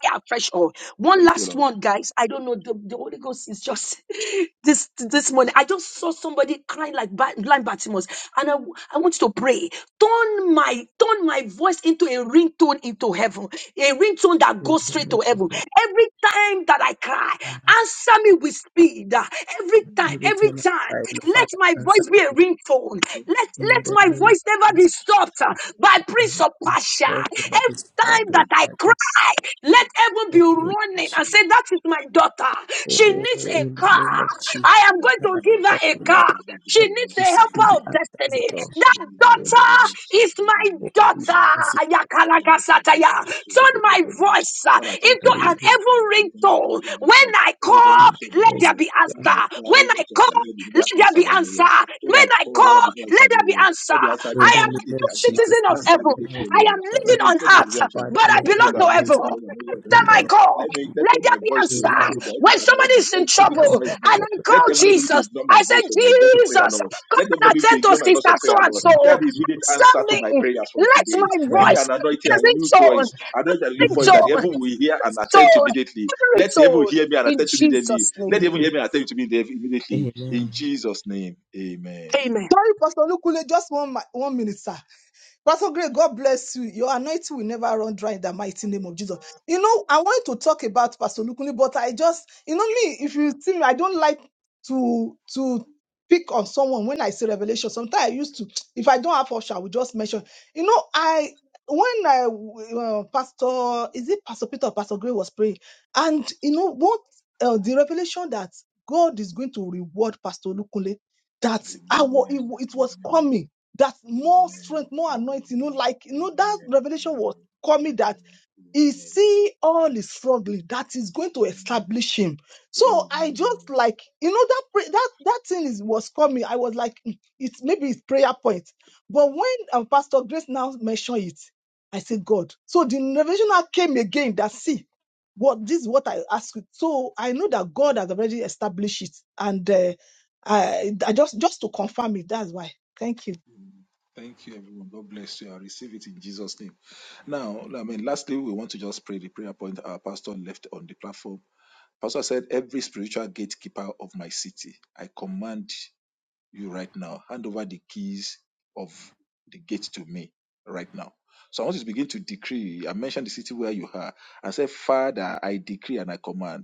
S7: fire, fresh oil. One
S4: Thank
S7: last
S4: you,
S7: one, guys. I don't know. The, the Holy Ghost is just this this morning. I just saw somebody crying like Ba- blind Bartimaeus, and I, w- I want you to pray. Turn my turn my voice into a ringtone into heaven, a ringtone that
S1: in
S7: goes
S1: the
S7: straight
S1: name
S7: to heaven.
S1: of Jesus.
S7: Every time that I cry,
S1: Father.
S7: answer me with speed. Ah, Every time,
S1: Every
S7: every
S1: time I cry,
S7: time,
S1: O Lord,
S7: let
S1: Father,
S7: my
S1: answer
S7: voice be a ringtone. Let
S1: in
S7: let
S1: the
S7: my
S1: name of
S7: voice never be
S1: Jesus.
S7: stopped ah, by Prince
S1: Father,
S7: of
S1: my
S7: Pasha
S1: Voice never be stopped, O
S7: time that
S1: Lord,
S7: I
S1: Father, in
S7: cry, let heaven be
S1: the name of
S7: running
S1: Jesus.
S7: and say, That is my daughter. She
S1: Oh,
S7: needs a
S1: in the
S7: car.
S1: name of Jesus,
S7: I am going
S1: have
S7: to
S1: I
S7: give her
S1: called,
S7: a
S1: O
S7: car.
S1: Lord,
S7: She
S1: let
S7: needs
S1: me
S7: a helper
S1: speedy
S7: of
S1: answers, O
S7: destiny.
S1: Lord, in
S7: That
S1: the name
S7: daughter is my
S1: of
S4: Lord.
S7: daughter.
S1: Jesus.
S4: and I think
S7: Yakalagasataya.
S4: that's true
S1: In
S7: Turn
S4: for every
S7: my
S4: release.
S7: voice uh,
S4: But I think
S7: into
S4: it
S7: an
S4: increased the
S7: heaven
S4: judgment. It did
S7: ringtone.
S4: every
S7: When I call,
S4: that
S7: let
S4: you
S7: there
S4: know.
S7: be
S4: When I
S7: answer. When
S4: cried, it
S7: I
S4: was a
S7: call,
S4: little bit
S7: let
S4: of
S7: there
S4: answer
S7: be
S4: that you know.
S7: answer.
S4: What I
S7: When I
S4: called, what I
S7: call,
S4: did
S7: let
S4: answer the
S7: there be
S4: Lord.
S7: answer.
S4: Let me answer
S1: the
S4: the
S7: I
S4: answer
S7: am
S1: name
S7: a
S4: immediately
S1: of
S7: new
S4: answer.
S7: citizen
S1: Jesus,
S7: of
S1: Father,
S4: Answer
S7: heaven.
S1: can I
S4: immediately,
S7: I am
S4: Lord.
S1: prepare
S7: living
S4: Let me
S7: on
S4: let me
S1: with
S7: earth,
S1: the
S4: result.
S1: Father,
S7: but I
S1: let me
S4: Let me
S7: belong
S1: be
S7: to
S4: Lord, let me
S7: heaven.
S4: tell Lord, let me Lord,
S1: in
S7: Answer
S1: the
S7: my
S4: Lord.
S7: call.
S4: Let me
S1: name
S4: let
S7: Let there
S4: my
S7: be
S4: voice to
S1: in
S4: ring
S1: the
S7: answer.
S4: through that every
S7: When
S4: cannot
S7: somebody
S4: be
S7: is in
S4: every every
S1: Father, I
S7: trouble and
S4: cannot
S1: have
S4: ignore.
S7: I
S1: all the
S7: call
S4: Let them
S1: Father,
S4: not be able to
S7: Jesus,
S4: ignore my
S7: I say,
S4: voice or my voice of prayer,
S7: Jesus,
S4: Lord.
S7: come
S4: Let them
S7: and
S4: not be able to
S7: attend to
S4: ignore my voice
S7: sister
S4: of
S7: so
S4: prayer,
S7: and
S4: Lord.
S1: in
S7: so.
S4: Let the immediate
S7: Answer
S4: answer to my
S7: me.
S4: prayers from
S7: Let
S4: today.
S1: the
S7: my
S1: name
S4: Give
S1: of
S4: me
S7: voice
S4: an
S7: be
S4: anointing
S1: Jesus,
S4: and a new
S7: a ringtone,
S4: voice, anointing and a
S1: in
S4: new
S1: the
S4: voice
S1: name of
S4: that the
S7: ringtone,
S4: heaven will
S1: Jesus,
S4: hear and attend to
S7: tone,
S4: immediately.
S7: every
S4: Let the heaven
S7: tone.
S4: hear me and
S7: In
S4: attend to me immediately.
S7: Jesus'
S4: Let
S7: name.
S4: the heaven hear me and attend to me immedi- immediately. In
S1: amen.
S4: Jesus' name, amen.
S7: Amen.
S8: Sorry, Pastor Lukule, just one, mi- one minute, sir. Pastor Greg, God bless you. Your anointing will never run dry in the mighty name of Jesus. You know, I wanted to talk about Pastor Lukuni, but I just, you know, me, if you see me, I don't like to to pick on someone when I say revelation. Sometimes I used to, if I don't have option, I will just mention. You know, I when I uh, Pastor, is it Pastor Peter or Pastor Greg was praying, and you know what uh, the revelation that God is going to reward Pastor Lukunle that I wa-
S4: Amen.
S8: it wa- it was
S4: Amen.
S8: coming that more
S4: Amen.
S8: strength,
S4: Amen.
S8: more anointing. You know,
S4: Amen.
S8: like you know, that
S4: Amen.
S8: revelation was
S4: Amen.
S8: coming that he
S4: Amen.
S8: see all his struggling that is going to
S4: Amen.
S8: establish him. So I
S4: Amen.
S8: just like you know that pray, that that thing is was coming. I was like, "Mm, it's maybe it's prayer point. But when um, Pastor Grace now mentioned it, I said, God. So the revelation now came again that see what this is what I asked. So I know that God has already established it, and uh, I, I just just to confirm it. That's why. Thank you.
S4: Thank you, everyone. God bless you. I receive it in Jesus' name. Now, I mean, lastly, we want to just pray the prayer point our pastor left on the platform Pastor said, Every spiritual gatekeeper of my city, I command you right now, hand over the keys of the gate to me right now. So I want you to begin to decree. I mentioned the city where you are. I said, Father, I decree and I command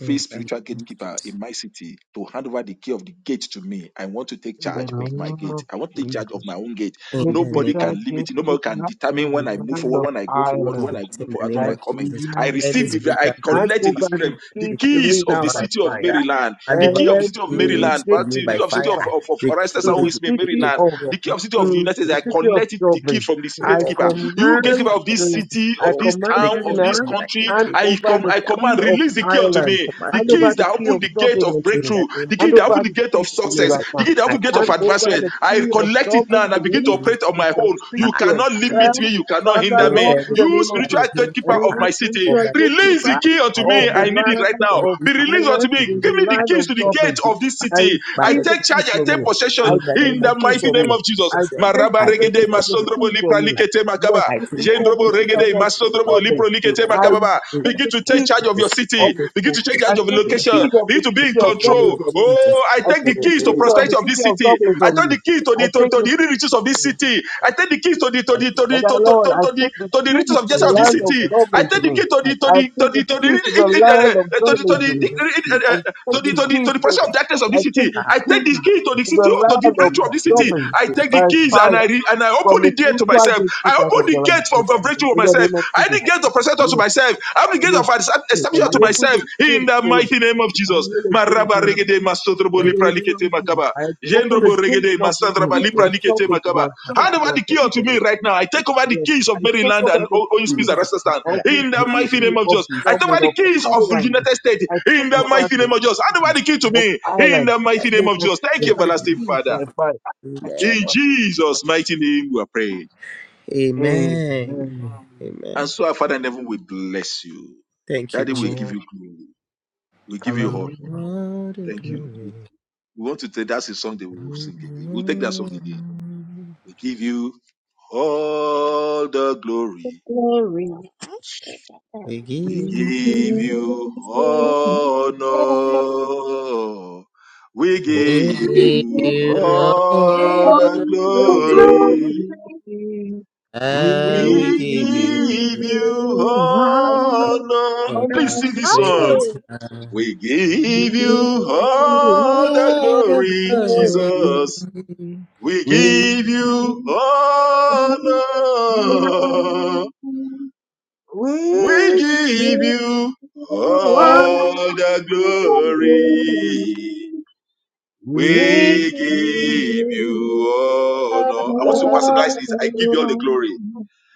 S1: In the
S4: spiritual
S1: name of
S4: gatekeeper
S1: Jesus,
S4: in my city to hand over the key of the gate to me. I want to take
S2: in the
S4: charge of my
S2: name
S4: gate.
S2: of
S4: I want to take charge of
S2: Jesus.
S4: my own gate.
S1: in
S2: the
S1: the
S4: Nobody can
S1: name.
S2: Richard
S4: limit
S2: did
S4: it. Nobody can
S2: kidnap in
S4: determine when I
S2: the
S4: move
S1: spiritual
S2: land
S4: forward,
S2: of
S4: when I go forward,
S1: dragon
S4: when
S2: Ireland.
S4: I
S1: gate
S4: move
S1: in the
S4: forward,
S1: name
S4: when
S2: I
S4: I
S1: of
S4: come in.
S1: Jesus.
S4: I
S2: command
S1: Every
S4: receive
S2: you.
S4: the, I
S1: spiritual gate
S2: Hand
S4: collect in the
S2: over
S4: spirit
S1: of
S2: the
S4: realm
S1: my
S4: the
S2: key
S1: city,
S2: to
S1: I
S4: keys
S2: me
S4: of
S2: now
S4: the
S2: by
S1: command
S4: city of
S1: right now.
S2: fire.
S4: Maryland,
S1: Hand
S4: the
S1: over
S4: key of the
S1: the
S4: city of
S2: Every
S4: Maryland,
S1: keys to
S4: but
S1: me
S4: the key
S1: by
S4: of the city
S1: fire.
S4: of,
S2: gatekeeper
S4: of, of
S1: The key,
S4: Orestes,
S2: to
S1: the,
S2: the
S1: the, the
S2: city
S1: the
S4: Maryland,
S2: of
S1: key
S4: the
S1: of
S4: key of
S1: Russia,
S4: the city of the
S1: of
S2: to
S4: United States.
S2: the
S4: I
S1: India,
S2: city of
S4: collect it, the key
S2: Dublin.
S4: key from this
S1: the key
S2: I
S1: of the
S4: gatekeeper. You
S1: United
S4: gatekeeper
S2: command
S4: of
S1: Kingdom
S4: this
S1: of of
S2: the
S4: city,
S2: I
S4: of
S1: Europe,
S4: this
S2: command
S1: the
S4: town,
S2: you
S1: king
S4: of
S2: now,
S1: of
S4: this
S1: the United
S4: country,
S2: hand
S1: States of
S4: I
S2: over
S4: com-
S2: the
S4: I
S1: Canada.
S2: key
S4: command,
S2: of
S4: release the key unto
S1: I
S2: Ireland,
S4: me.
S1: command
S4: The
S2: hand
S1: the
S4: key
S1: little
S2: over
S4: is
S2: the
S4: that
S2: key
S4: open
S2: of
S1: people
S4: the gate
S2: Dublin
S4: of
S2: unto
S1: in
S2: me,
S1: the
S4: breakthrough,
S1: name
S4: the key
S2: hand
S4: that
S2: over
S4: open the
S2: the
S4: gate of
S2: key to
S1: of
S2: me
S4: success,
S1: Jesus.
S2: right
S4: the
S2: now,
S4: key that
S1: I
S4: open the gate of
S2: hand
S1: put
S2: over
S1: the
S4: advancement.
S1: keys
S2: the
S1: by
S4: I
S2: key
S1: fire.
S2: of
S4: collect it
S1: By
S4: now
S2: Dublin
S4: and I
S2: to
S1: the keys
S4: begin to
S2: me
S1: to me
S4: operate
S1: by
S4: on
S2: to
S4: my own. You
S2: succeed,
S1: fire.
S2: to
S4: cannot
S1: In the name
S4: limit
S1: of- Jesus.
S4: me,
S2: excel,
S4: you cannot
S2: Father
S4: hinder
S1: Oh,
S4: me.
S2: Lord, in
S1: every
S2: the
S4: You
S2: name of
S4: spiritual
S1: spiritual
S2: Jesus.
S4: gatekeeper of
S2: Every
S4: my
S1: gatekeeper.
S4: city,
S1: of
S2: spiritual
S1: my
S4: release the
S2: gatekeeper
S4: key unto
S1: I
S2: of
S4: me.
S2: the
S4: I
S1: command
S4: need
S1: I
S4: it right
S2: land
S4: now.
S1: command
S2: of
S1: the
S4: Be
S1: disease
S4: released unto
S2: Ireland
S1: to
S4: me.
S1: me.
S2: in
S4: Give
S2: the
S4: me the
S1: I command
S2: land
S4: keys
S2: of
S4: to keys to the
S1: it
S4: gate
S2: Dublin,
S1: to
S4: of this
S2: I
S1: fire
S4: city.
S1: by
S4: I
S1: the
S2: receive the
S4: take
S2: key
S4: charge, I
S2: from
S4: take
S1: blood.
S2: you.
S4: possession
S2: I
S1: in the
S2: take
S4: in
S1: name
S2: the
S1: of
S4: the
S2: key
S4: mighty
S1: Jesus.
S2: from
S1: I
S2: you.
S4: name of
S1: take
S4: Jesus.
S2: I
S1: possession.
S2: take
S4: Maraba
S1: I take
S4: regede
S2: possession of the
S1: possession of
S4: masondrobo
S2: key
S1: my
S4: lipra
S2: from
S1: feet
S2: you.
S1: right
S2: Yes,
S4: makaba.
S1: now. I
S2: you
S1: take
S2: can
S1: that
S2: try this
S4: Jendrobo
S1: fear. I
S2: without
S4: regede
S2: us
S1: take control
S4: masondrobo
S1: of my
S2: doubling.
S4: lipro
S1: fear
S4: likete
S1: right
S2: I
S1: now. In the
S2: take
S4: Begin
S2: the
S4: to
S1: name of
S4: take
S2: key
S4: charge of your
S1: Jesus. I
S2: of
S4: city.
S1: take hold
S2: the,
S4: Begin to
S1: of
S4: take
S2: I
S4: charge of your
S2: take
S1: you
S2: the
S1: right
S4: location.
S1: now.
S2: key of
S4: Begin
S2: the
S4: to be
S1: In
S4: in
S2: city
S1: the
S2: of
S1: name
S2: Dublin
S4: control.
S1: of
S2: from you.
S1: Jesus.
S4: Oh, I
S2: I
S4: take
S1: Oh,
S4: the
S2: take the
S4: keys to
S2: key
S1: oh, I
S2: of the
S4: prosperity of
S1: take
S4: this
S2: city of
S4: city.
S2: Dublin
S4: I
S2: from
S4: take
S2: you.
S4: the keys to
S2: I
S4: the to,
S2: take
S4: to
S2: the
S4: the riches of
S1: that
S4: this
S1: fear.
S4: city. I take the keys to the to
S1: I
S4: the to
S1: take that fear.
S2: but
S4: the
S2: my
S4: to, to, to,
S2: Lord,
S4: to
S2: I
S4: to the
S2: take the
S4: to the the riches
S2: keys
S4: of
S2: to
S4: Jesse
S2: the
S1: In
S4: of
S1: the
S4: this
S2: land
S1: name of Jesus. I take the fear.
S2: of
S4: city.
S1: In the name
S4: I
S2: Dublin to
S4: take the
S2: me.
S4: key to the to
S2: I
S4: the to
S2: take
S4: the
S2: the
S4: to
S2: keys to the
S4: the
S2: land
S4: eh,
S2: of
S4: eh, to the to
S2: Dublin
S4: the
S2: to me.
S1: of
S2: I
S4: eh,
S1: Jesus.
S4: eh,
S1: I
S4: to
S2: take
S4: the
S2: the
S1: take
S4: to the
S2: keys
S4: to the
S2: to
S4: possession
S1: the
S4: of darkness of
S2: I
S4: this city.
S2: take
S1: fear.
S2: the
S4: I take the
S2: keys
S4: key to the
S2: to
S4: city
S2: the
S4: oh, to the
S2: land of
S4: breakthrough of this city.
S2: Dublin
S4: I take the
S2: by
S4: keys and I
S2: fire
S4: re- and I
S2: from
S4: open the
S2: the
S4: gate to
S2: spiritual
S4: myself. I
S2: gatekeepers of
S4: open
S2: the
S4: the
S2: land.
S4: gate for for breakthrough to
S2: In the
S4: myself.
S2: name of
S4: I open
S2: Jesus.
S4: the gate of presenters to
S2: Yes,
S4: myself. I open the gate
S2: yes.
S4: of
S2: I
S4: establishment to
S2: open
S4: myself
S2: the
S4: in
S2: gates,
S4: the
S2: O Lord.
S4: mighty name of
S2: I
S4: Jesus.
S2: hear the gates, O
S4: Maraba
S2: Lord.
S4: regede masotrobo
S2: In the name
S4: lipralikete
S2: of Jesus.
S4: makaba.
S2: I open the
S4: Jendrobo
S2: gates
S4: regede
S2: of the
S4: masandraba
S2: city of
S4: lipralikete
S2: Dublin to
S4: makaba.
S2: myself,
S4: Hand
S2: to
S4: over
S2: my
S4: the key unto
S2: children.
S4: me right now. I take over the
S2: Yes.
S4: keys
S2: I
S4: of
S2: take
S4: Maryland
S2: over
S4: and
S2: the
S4: O- Orange Peace
S2: keys
S4: and Rasta
S2: of the
S4: in the mighty
S2: city
S4: name of
S2: of
S4: Jesus. I take
S2: Dublin,
S4: over the
S2: of
S4: keys of the
S2: Ireland.
S4: United States
S2: I take
S4: in the
S2: over
S4: mighty name
S2: the,
S4: of Jesus. Hand over the key to
S2: of
S4: me in
S2: Ireland.
S4: the mighty name
S2: Yes,
S4: of
S2: I
S4: Jesus.
S2: take
S4: Thank you,
S2: over the
S4: everlasting
S2: keys by
S4: Father.
S2: fire. I take
S4: In
S2: over the
S4: Jesus' mighty name, we are praying.
S1: Amen.
S2: Amen.
S4: And
S1: Amen.
S4: so, our Father in heaven, will bless you.
S1: Thank you,
S4: Daddy, will
S1: Jesus.
S4: give
S2: Amen.
S4: you glory. We give you
S1: Give
S4: all
S1: you
S2: Hallelujah.
S4: honor.
S1: all the
S4: Thank you. We
S1: glory.
S4: we want to take that's a song that we
S1: Give
S4: will sing again. We'll take that
S1: you
S4: song again.
S1: all-
S4: We give you all the glory.
S3: glory.
S1: We
S4: We
S1: give,
S4: give
S3: Glory
S4: you
S3: to you,
S2: Amen.
S4: honor. We give
S1: we give
S4: you
S1: you
S2: On
S4: all
S3: all
S1: all
S4: the
S1: the
S3: the
S2: the
S1: glory.
S3: glory.
S4: glory.
S2: glory, We
S1: And we
S4: We
S1: give you
S3: You
S2: give
S4: give
S2: you
S4: you
S3: are the
S2: all
S3: Lord. You are
S4: honor.
S2: honor.
S4: Please
S1: honor,
S4: sing this song.
S3: glory.
S1: praise, and
S4: We
S2: We give
S4: give
S3: You
S2: you
S4: you
S3: are
S4: all the
S2: glory.
S1: all the
S4: glory,
S3: glory.
S4: Jesus.
S1: glory.
S4: We
S2: We
S1: We
S2: give
S4: give you
S3: You are
S2: you
S4: honor.
S3: glory.
S2: We
S4: We
S2: give you
S4: give you
S2: all
S4: all the glory.
S2: glory.
S3: We
S2: We
S4: We
S3: give
S2: on
S4: give
S3: you
S4: you honor. I want to
S1: honor,
S4: personalize
S2: the
S3: all
S4: this. I give you all the glory.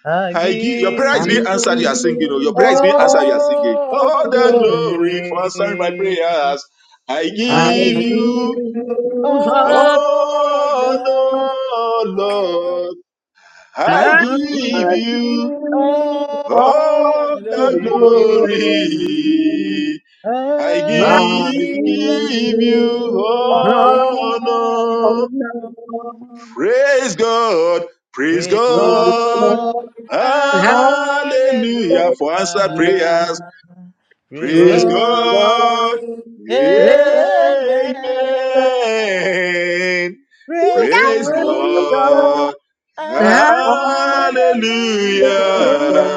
S1: I
S4: I give your prayer
S1: give
S4: is being
S1: you
S3: the
S4: answered. You are singing. Oh, your prayer is being answered.
S3: glory.
S4: You are singing.
S1: all the
S4: All the
S3: glory.
S4: glory for answering my
S1: glory.
S4: prayers. I
S1: I
S3: I
S2: I
S4: give
S3: give
S1: give you
S4: you
S2: do
S3: you
S2: All I
S4: honor,
S3: heart.
S1: all honor.
S4: Lord. I
S3: I
S1: I
S4: give
S3: give
S1: give
S3: you
S2: give,
S4: you
S1: you
S3: glory.
S2: all
S1: all the
S4: all
S2: the
S4: the
S1: glory.
S2: glory.
S4: glory. I
S3: I
S1: I
S2: I give
S1: give
S3: give
S4: give
S1: you.
S2: you
S4: you
S3: you
S2: all the
S3: heart.
S1: honor,
S4: honor.
S3: Oh, no,
S4: Praise God. Praise
S1: praise
S4: God.
S1: God,
S3: no,
S2: praise. I
S3: hallelujah.
S4: Hallelujah for answered
S2: give
S4: prayers.
S2: you
S1: hallelujah, praise
S4: Praise
S3: Praise
S2: praise.
S3: God.
S1: God,
S4: God.
S3: Praise
S1: amen,
S4: Amen.
S1: praise
S4: Praise
S1: God,
S2: Praise
S3: God.
S2: praise,
S4: God.
S2: I
S1: hallelujah,
S4: Hallelujah.
S3: Hallelujah.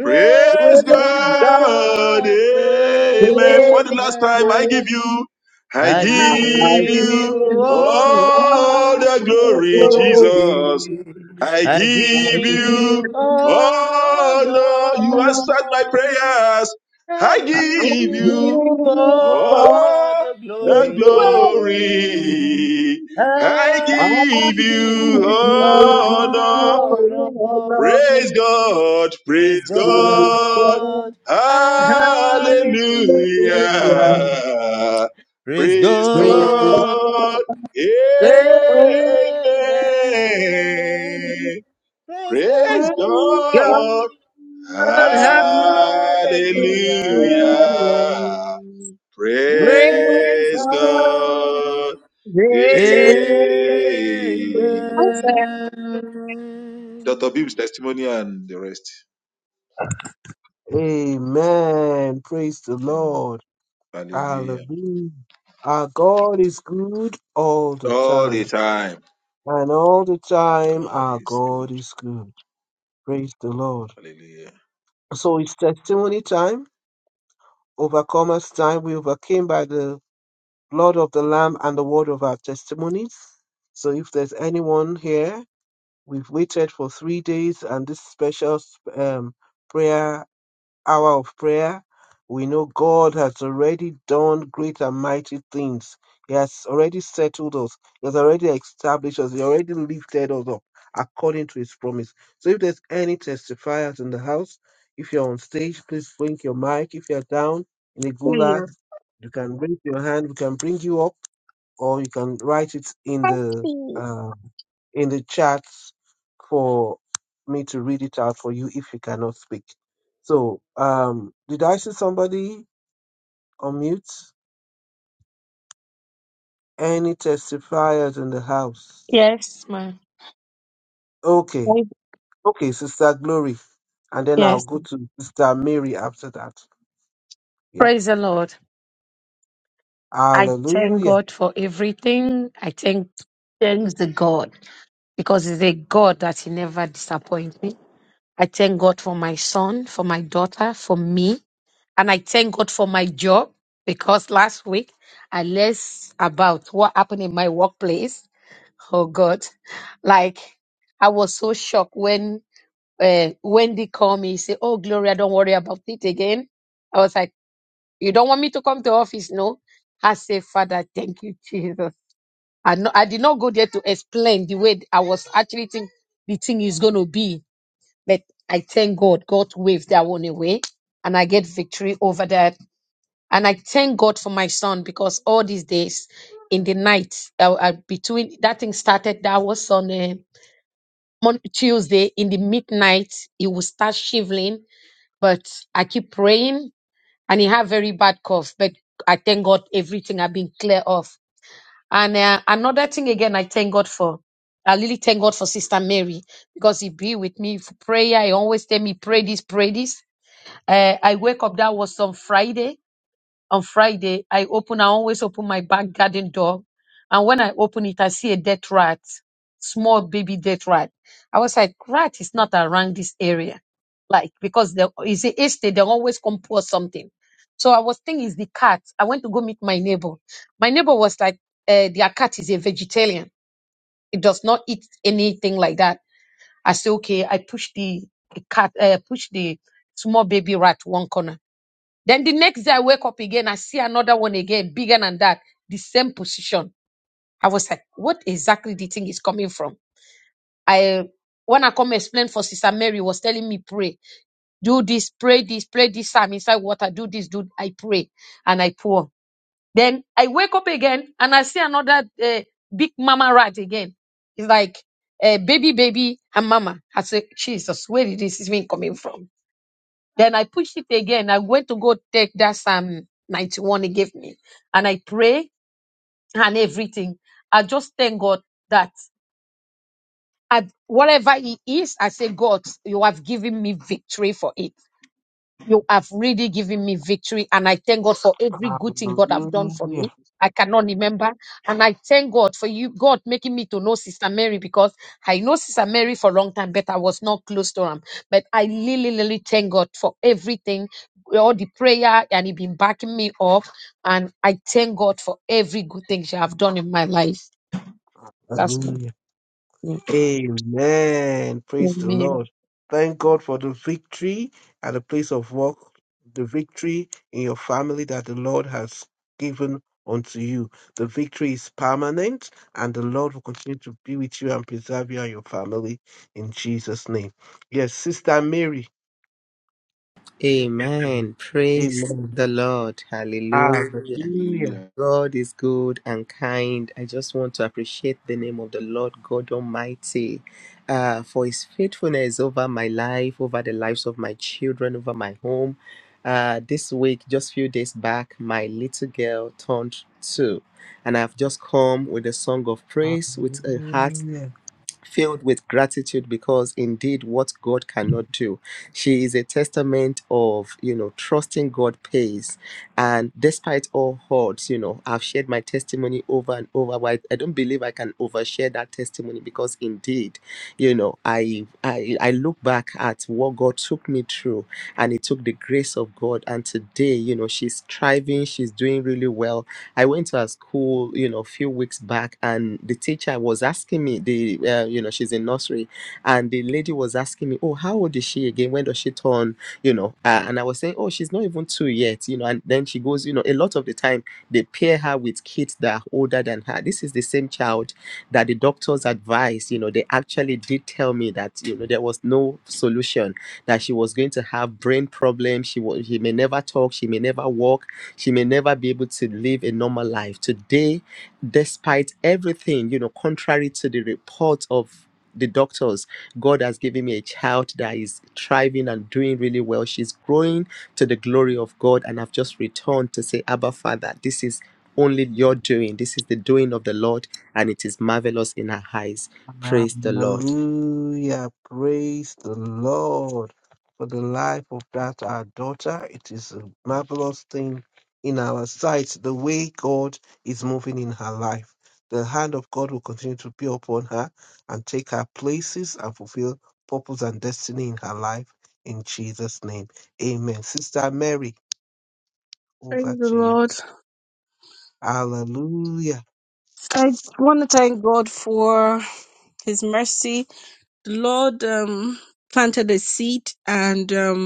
S4: Praise
S2: give you
S3: God
S2: praise.
S4: God.
S1: God,
S4: Amen. For
S3: is
S4: the
S2: Praise,
S4: last time, I
S2: praise,
S4: give
S1: amen.
S4: you, I
S1: I
S3: I
S2: I
S4: give
S3: give
S1: give
S2: give
S1: you
S4: you
S2: him
S3: you all
S4: all
S1: all
S4: the
S1: the
S2: all the
S4: glory,
S1: glory.
S3: glory.
S4: Jesus.
S2: glory.
S4: I
S1: I
S2: I
S4: give
S3: I
S2: give
S1: give
S3: give
S4: you
S1: you
S2: him
S1: all
S4: all no, you answered my
S1: love.
S4: prayers. I
S1: I give you
S4: give
S3: Praise the
S4: you
S3: Lord.
S2: all
S1: all
S4: all
S1: the
S2: the
S4: the
S1: glory.
S3: I
S4: glory. I
S1: I
S4: give
S1: give
S4: you
S1: you
S4: honor.
S1: all love.
S4: Praise God,
S1: Praise
S4: praise God,
S1: God.
S4: hallelujah.
S2: glory. I
S1: Hallelujah. Praise
S4: Praise
S1: God.
S4: God,
S2: Hallelujah.
S1: Amen.
S4: amen.
S1: Praise
S4: Praise
S1: God.
S4: God, hallelujah.
S1: Hallelujah. Praise
S4: Praise
S1: God.
S4: God, amen.
S2: Amen.
S4: Dr. Bib's
S1: Amen.
S4: testimony and the rest.
S2: Amen. Praise the Lord.
S4: Hallelujah.
S2: Hallelujah. Our God is good all the
S4: All
S2: time.
S4: the time.
S2: And all the time,
S4: God
S2: our
S4: is
S2: God
S4: good.
S2: is good. Praise the Lord.
S4: Hallelujah.
S2: So it's testimony time, overcomers time. We overcame by the blood of the Lamb and the word of our testimonies. So if there's anyone here, we've waited for three days and this special um, prayer hour of prayer, we know God has already done great and mighty things. He has already settled us. He has already established us. He already lifted us up according to His promise. So if there's any testifiers in the house, if you're on stage, please blink your mic. If you're down in a gulag, you can raise your hand. We can bring you up or you can write it in the uh, in the chat for me to read it out for you if you cannot speak. So, um, did I see somebody on mute? Any testifiers in the house?
S9: Yes, ma.
S2: Okay,
S9: Praise-
S2: okay, Sister Glory, and then I'll
S9: Yes.
S2: go to Sister Mary after that. Yeah,
S9: Praise the Lord. I thank
S2: Hallelujah,
S9: God for everything. I thank thank the God because it's a God that He never disappoints me. I thank God for my son, for my daughter, for me, and I thank God for my job because last week I less about what happened in my workplace. Oh God, like I was so shocked when uh, Wendy called me. Say, "Oh Gloria, don't worry about it again." I was like. You don't want me to come to office, no? I say, Father, thank you, Jesus. I no, I did not go there to explain the way I was actually think the thing is going to be, but I thank God. God waved that one away, and I get victory over that. And I thank God for my son because all these days, in the night, uh, uh, between that thing started, that was on a Mon- Tuesday in the midnight. It will start shivering, but I keep praying and he had very bad cough. But I thank God everything had been clear off. And uh, another thing again, I thank God for. I really thank God for Sister Mary because he be with me for prayer. He always tell me pray this, pray this. Uh, I wake up. That was on Friday. On Friday, I open, I always open my back garden door. And when I open it, I see a dead rat, small baby dead rat. I was like, rat is not around this area. Like, because the, it's a estate, they always come pour something. So I was thinking it's the cat. I went to go meet my neighbor. My neighbor was like, uh, their cat is a vegetarian. It does not eat anything like that. I said, okay, I pushed the cat, uh, pushed the small baby rat one corner. Then the next day I wake up again, I see another one again, bigger than that, the same position. I was like, what exactly the thing is coming from? I when I come explain for Sister Mary was telling me, pray, do this, pray this, pray this. I'm inside water, do this, do I pray and I pour. Then I wake up again and I see another uh, big mama rat again. It's like uh, baby, baby, and mama. I say, Jesus, where did this thing coming from? Then I pushed it again. I went to go take that Psalm 91 he gave me. And I pray and everything. I just thank God that I, whatever it is, I say, God, you have given me victory for it. You have really given me victory, and I thank God for every good thing God have done for
S2: Hallelujah,
S9: me. I cannot remember, and I thank God for you, God making me to know Sister Mary because I know Sister Mary for a long time, but I was not close to her. But I really, really thank God for everything, all the prayer, and He been backing me up, and I thank God for every good thing she have done in my life. That's me.
S2: Hallelujah.
S9: Mm.
S2: Amen. Praise the
S9: Amen.
S2: Lord. Thank God for the victory at the place of work, the victory in your family that the Lord has given unto you. The victory is permanent, and the Lord will continue to be with you and preserve you and your family in Jesus' name. Yes, Sister Mary. Yes, yes, Amen.
S1: Amen. Praise
S2: Amen.
S1: the Lord. Hallelujah.
S2: Hallelujah.
S4: Hallelujah.
S1: God is good and kind. I just want to appreciate the name of the Lord God Almighty uh, for His faithfulness over my life, over the lives of my children, over my home. Uh, this week, just few days back, my little girl turned two, and I've just come with a song of praise, with a heart
S2: Hallelujah.
S1: filled with gratitude because indeed what god cannot do she is a testament of you know trusting god pays and despite all odds you know i've shared my testimony over and over but i I don't believe i can overshare that testimony because indeed you know i i, I look back at what god took me through and it took the grace of god and today you know she's thriving she's doing really well I went to her school, you know, a few weeks back, and the teacher was asking me, the uh, you know, she's in nursery, and the lady was asking me, oh, how old is she again? When does she turn? You know, uh, and I was saying, oh, she's not even two yet, you know. And then she goes, you know, a lot of the time they pair her with kids that are older than her. This is the same child that the doctors advised. You know, they actually did tell me that you know there was no solution that she was going to have brain problems. She was, she may never talk. She may never walk she may never be able to live a normal life. Today, despite everything, you know, contrary to the report of the doctors, God has given me a child that is thriving and doing really well. She's growing to the glory of God. And I've just returned to say, Abba, Father, this is only your doing. This is the doing of the Lord, and it is marvelous in our eyes. Praise the Lord.
S2: Hallelujah. Praise the Lord for the life of that our daughter. It is a marvelous thing in our sight, the way God is moving in her life. The hand of God will continue to be upon her and take her places and fulfill purpose and destiny in her life. In Jesus' name. Amen. Sister Mary, over to you. Hallelujah.
S3: want to thank God for His mercy. The Lord um, planted a seed, and um,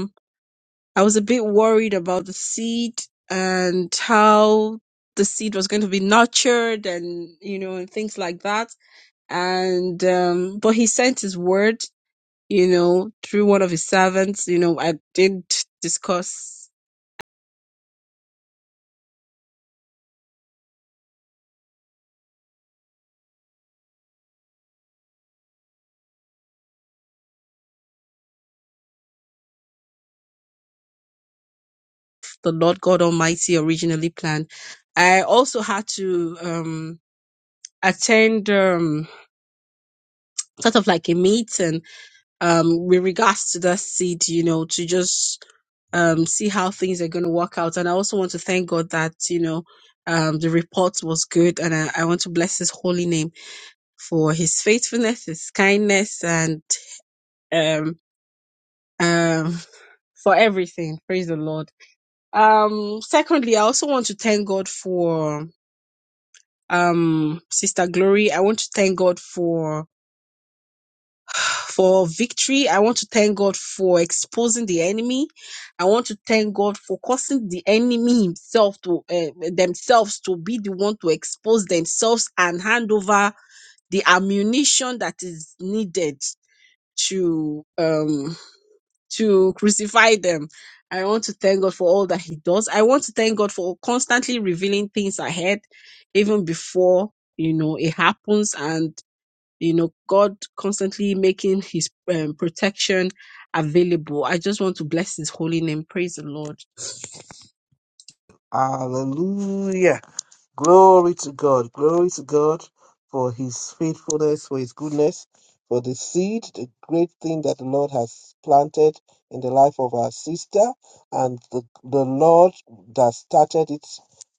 S3: I was a bit worried about the seed and how the seed was going to be nurtured and, you know, and things like that. And, um, but he sent his word, you know, through one of his servants. You know, I did discuss and good. And I, I want to bless the name for his faithfulness, his kindness and, um, um, for everything. Praise the Lord. Um, secondly, I also want to thank God for um Sister Glory. I want to thank God for for victory. I want to thank God for exposing the enemy. I want to thank God for causing the enemy himself to uh, themselves to be the one to expose themselves and hand over the ammunition that is needed to to crucify them. I want to thank God for all that He does. I want to thank God for constantly revealing things ahead, even before you know it happens, and. you know god constantly making his um, protection available i just want to bless his holy name Pray
S2: Hallelujah. Glory to God. Glory to God for his faithfulness, for his goodness, for the seed, the great thing that the Lord has planted in the life of our sister, and the, the Lord that started it,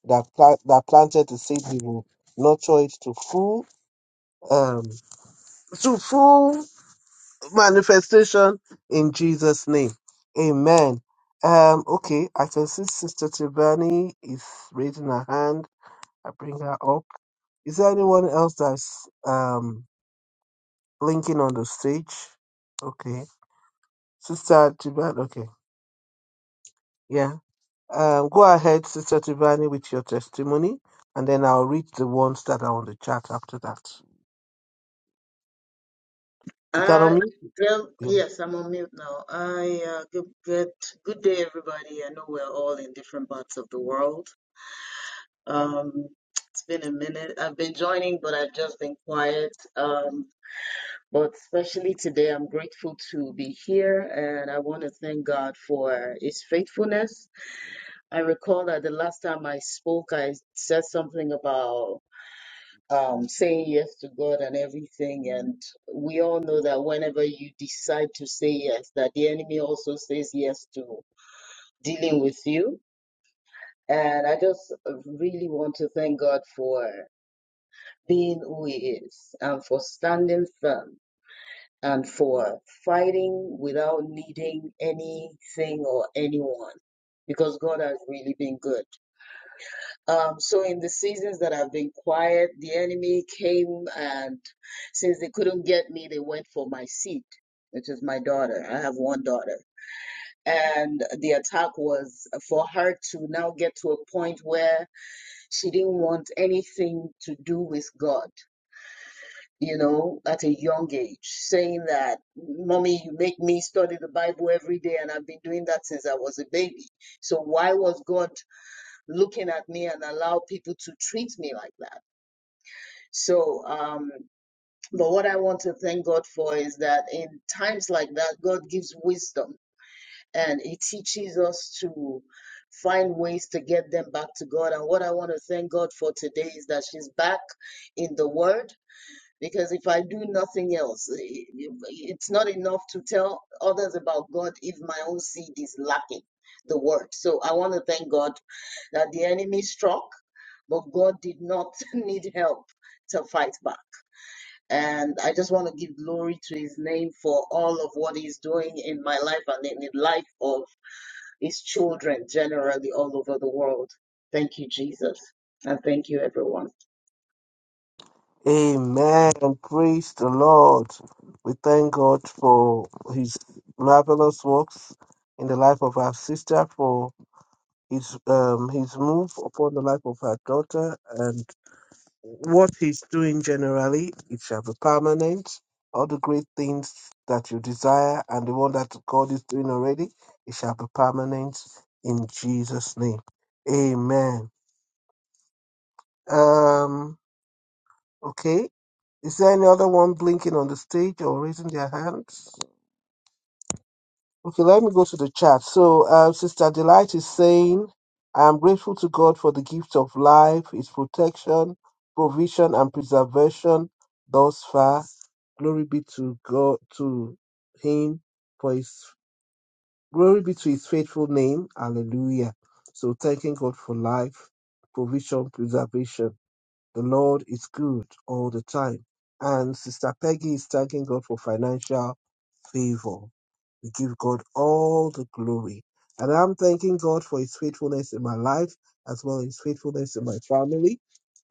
S2: that, pla- that planted the seed, he will nurture it to full, um, to full manifestation in Jesus' name. Amen. Um, okay, I can see Sister Tibani is raising her hand. I bring her up. Is there anyone else that's um blinking on the stage? Okay. Sister Tibani, okay. Yeah. Um, go ahead, Sister Tibani, with your testimony, and then I'll read the ones that are on the chat after that. You can
S10: Uh,
S2: unmute.
S10: well,
S2: Yeah.
S10: yes, I'm on mute now. I uh, good, good good day, everybody. I know we're all in different parts of the world. Um, it's been a minute. I've been joining, but I've just been quiet. Um, but especially today, I'm grateful to be here, and I want to thank God for His faithfulness. I recall that the last time I spoke, I said something about um, saying yes to God and everything. And we all know that whenever you decide to say yes, that the enemy also says yes to dealing with you. And I just really want to thank God for being who He is and for standing firm and for fighting without needing anything or anyone because God has really been good. Um, so in the seasons that I've been quiet, the enemy came and since they couldn't get me, they went for my seed, which is my daughter. I have one daughter. And the attack was for her to now get to a point where she didn't want anything to do with God, you know, at a young age, saying that, Mommy, you make me study the Bible every day, and I've been doing that since I was a baby. So why was God looking at me and allow people to treat me like that? So, um, but what I want to thank God for is that in times like that, God gives wisdom and He teaches us to find ways to get them back to God. And what I want to thank God for today is that she's back in the Word. Because if I do nothing else, i- i- it's not enough to tell others about God if my own seed is lacking the word. So I want to thank God that the enemy struck, but God did not need help to fight back. And I just want to give glory to his name for all of what he's doing in my life and in the life of his children generally all over the world. Thank you, Jesus. And thank you, everyone.
S2: Amen. Praise the Lord. We thank God for His marvelous works in the life of our sister, for His um His move upon the life of her daughter, and. what he's doing generally, it shall be permanent. All the great things that you desire and the one that God is doing already, it shall be permanent in Jesus' name. Amen. Um, okay. Is there any other one blinking on the stage or raising their hands? Okay, let me go to the chat. So, uh, Sister Delight is saying, I am grateful to God for the gift of life, its protection, provision, and preservation thus far. Glory be to God, to Him, for His glory be to His faithful name. Hallelujah. So, thanking God for life, provision, preservation. The Lord is good all the time. And Sister Peggy is thanking God for financial favor. We give God all the glory. And I'm thanking God for his faithfulness in my life as well as his faithfulness in my family.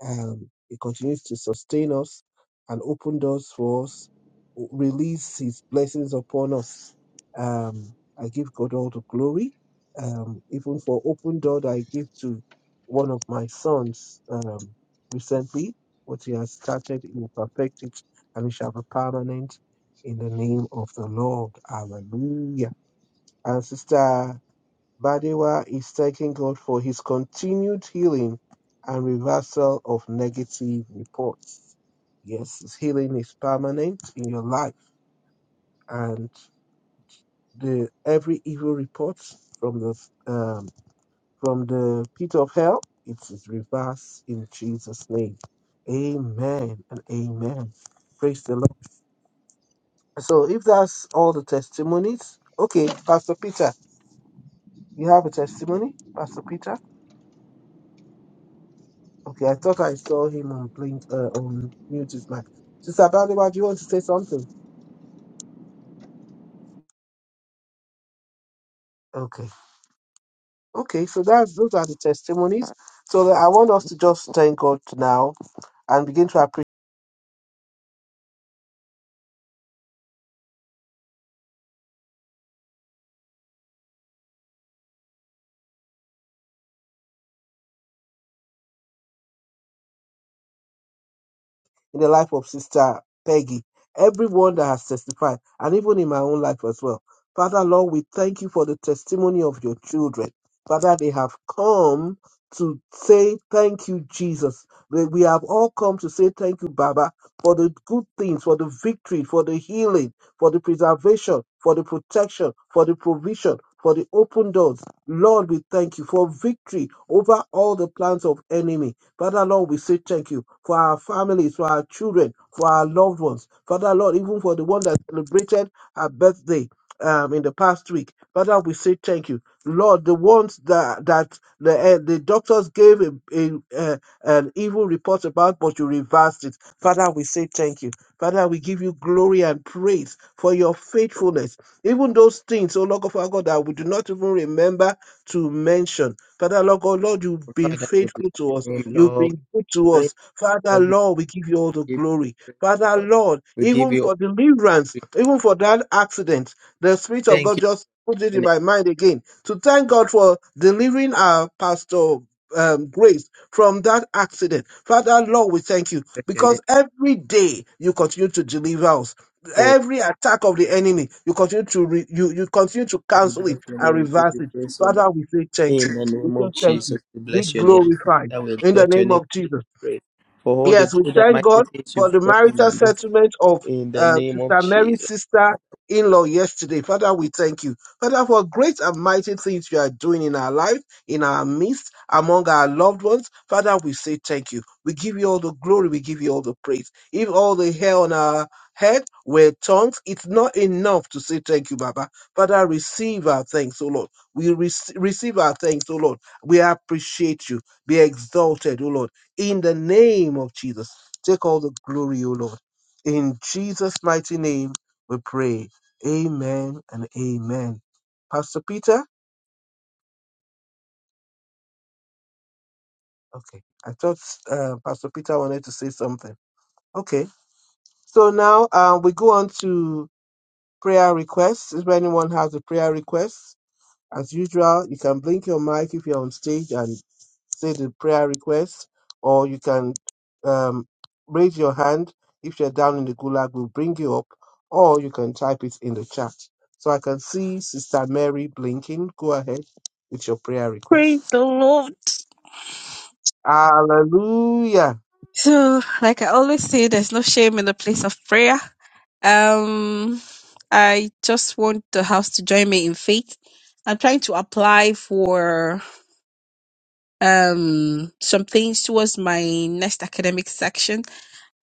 S2: Um, he continues to sustain us and open doors for us, o- release His blessings upon us. Um, I give God all the glory, um, even for open door that I give to one of my sons um, recently. What he has started, he will perfect it, and it shall be permanent in the name of the Lord. Hallelujah. And sister Badewa is thanking God for his continued healing and reversal of negative reports. Yes, his healing is permanent in your life, and the every evil report from the um, from the pit of hell it is reversed in Jesus' name. Amen and amen. Praise the Lord. So, if that's all the testimonies, okay, Pastor Peter, you have a testimony, Pastor Peter. Okay, I thought I saw him on blink uh, on mute his mic. Sister Baliwa, do you want to say something? Okay. Okay, so that's those are the testimonies. So uh, I want us to just thank God now and begin to in the life of Sister Peggy, everyone that has testified, and even in my own life as well. Father, Lord, we thank you for the testimony of your children. Father, they have come to say thank you, Jesus. We we have all come to say thank you, Baba, for the good things, for the victory, for the healing, for the preservation, for the protection, for the provision, for the open doors. Lord, we thank you for victory over all the plans of enemy. Father Lord, we say thank you for our families, for our children, for our loved ones. Father Lord, even for the one that celebrated her birthday um, in the past week. Father, we say thank you. Lord, the ones that that the eh, the doctors gave a, a, eh, an evil report about, but you reversed it. Father, we say thank you. Father, we give you glory and praise for your faithfulness. Even those things, oh Lord of our God, that we do not even remember to mention. Father, Lord God, Lord, you've been
S1: Father, we
S2: faithful to
S1: bless
S2: us.
S1: your name,
S2: You've
S1: Lord.
S2: been good to
S1: Praise
S2: us. Father,
S1: God.
S2: Lord, we give you all the
S1: We give you
S2: glory.
S1: praise,
S2: Father,
S1: Lord.
S2: Lord,
S1: We give
S2: even
S1: you
S2: for
S1: all.
S2: deliverance,
S1: We
S2: even for that accident, the Spirit of
S1: thank
S2: God just put it
S1: you.
S2: in my mind again to thank God for delivering our pastor. Um, grace from that accident. Father, Lord, we thank you
S1: bless your name.
S2: because every day you continue to deliver us
S1: Oh,
S2: every attack of the enemy you continue to re- you you continue to
S1: Father, we
S2: cancel
S1: bless
S2: it
S1: your
S2: and
S1: name. We give
S2: reverse
S1: you
S2: it
S1: praise, O Lord.
S2: father we say
S1: In
S2: thank you
S1: the
S2: we
S1: name
S2: say
S1: of
S2: thank you
S1: Jesus, we
S2: be
S1: bless your name.
S2: glorified
S1: Father, we
S2: in the
S1: exalt your
S2: name
S1: name.
S2: of
S1: We give you
S2: Jesus.
S1: praise for all the
S2: Yes, we
S1: good and
S2: thank
S1: mighty
S2: God
S1: things
S2: for
S1: you've
S2: the
S1: done in
S2: marital
S1: our midst.
S2: settlement of
S1: In the
S2: uh,
S1: name of
S2: Sister
S1: Jesus.
S2: Mary's sister in law yesterday. Father, we thank you. Father, for great and mighty things you are doing in our life, in our midst, among our loved ones. Father, we say thank you. We give you all the glory, we give you all the praise. If all the hair on our head were tongues, it's not enough to say thank you, Baba. Father, receive our thanks, O Lord. We rec- receive our thanks, O Lord. We appreciate you. Be exalted, O Lord in the name of Jesus. Take all the glory, O Lord. In Jesus' mighty name, we pray. Amen and amen. Pastor Peter? Okay. I thought uh, Pastor Peter wanted to say something. Okay. So now uh, we go on to prayer requests. If anyone has a prayer request, As usual, you can blink your mic if you're on stage and say the prayer request, or you can um, raise your hand if you're down in the gulag, we'll bring you up, or you can type it in the chat. So I can see Sister Mary blinking. Go ahead with your prayer
S3: Praise the
S2: request.
S3: Lord.
S2: Hallelujah.
S3: So, like I always say, there's no shame in the place of prayer. Um, I just want the house to join me in faith. I'm trying to apply for um some things towards my next academic section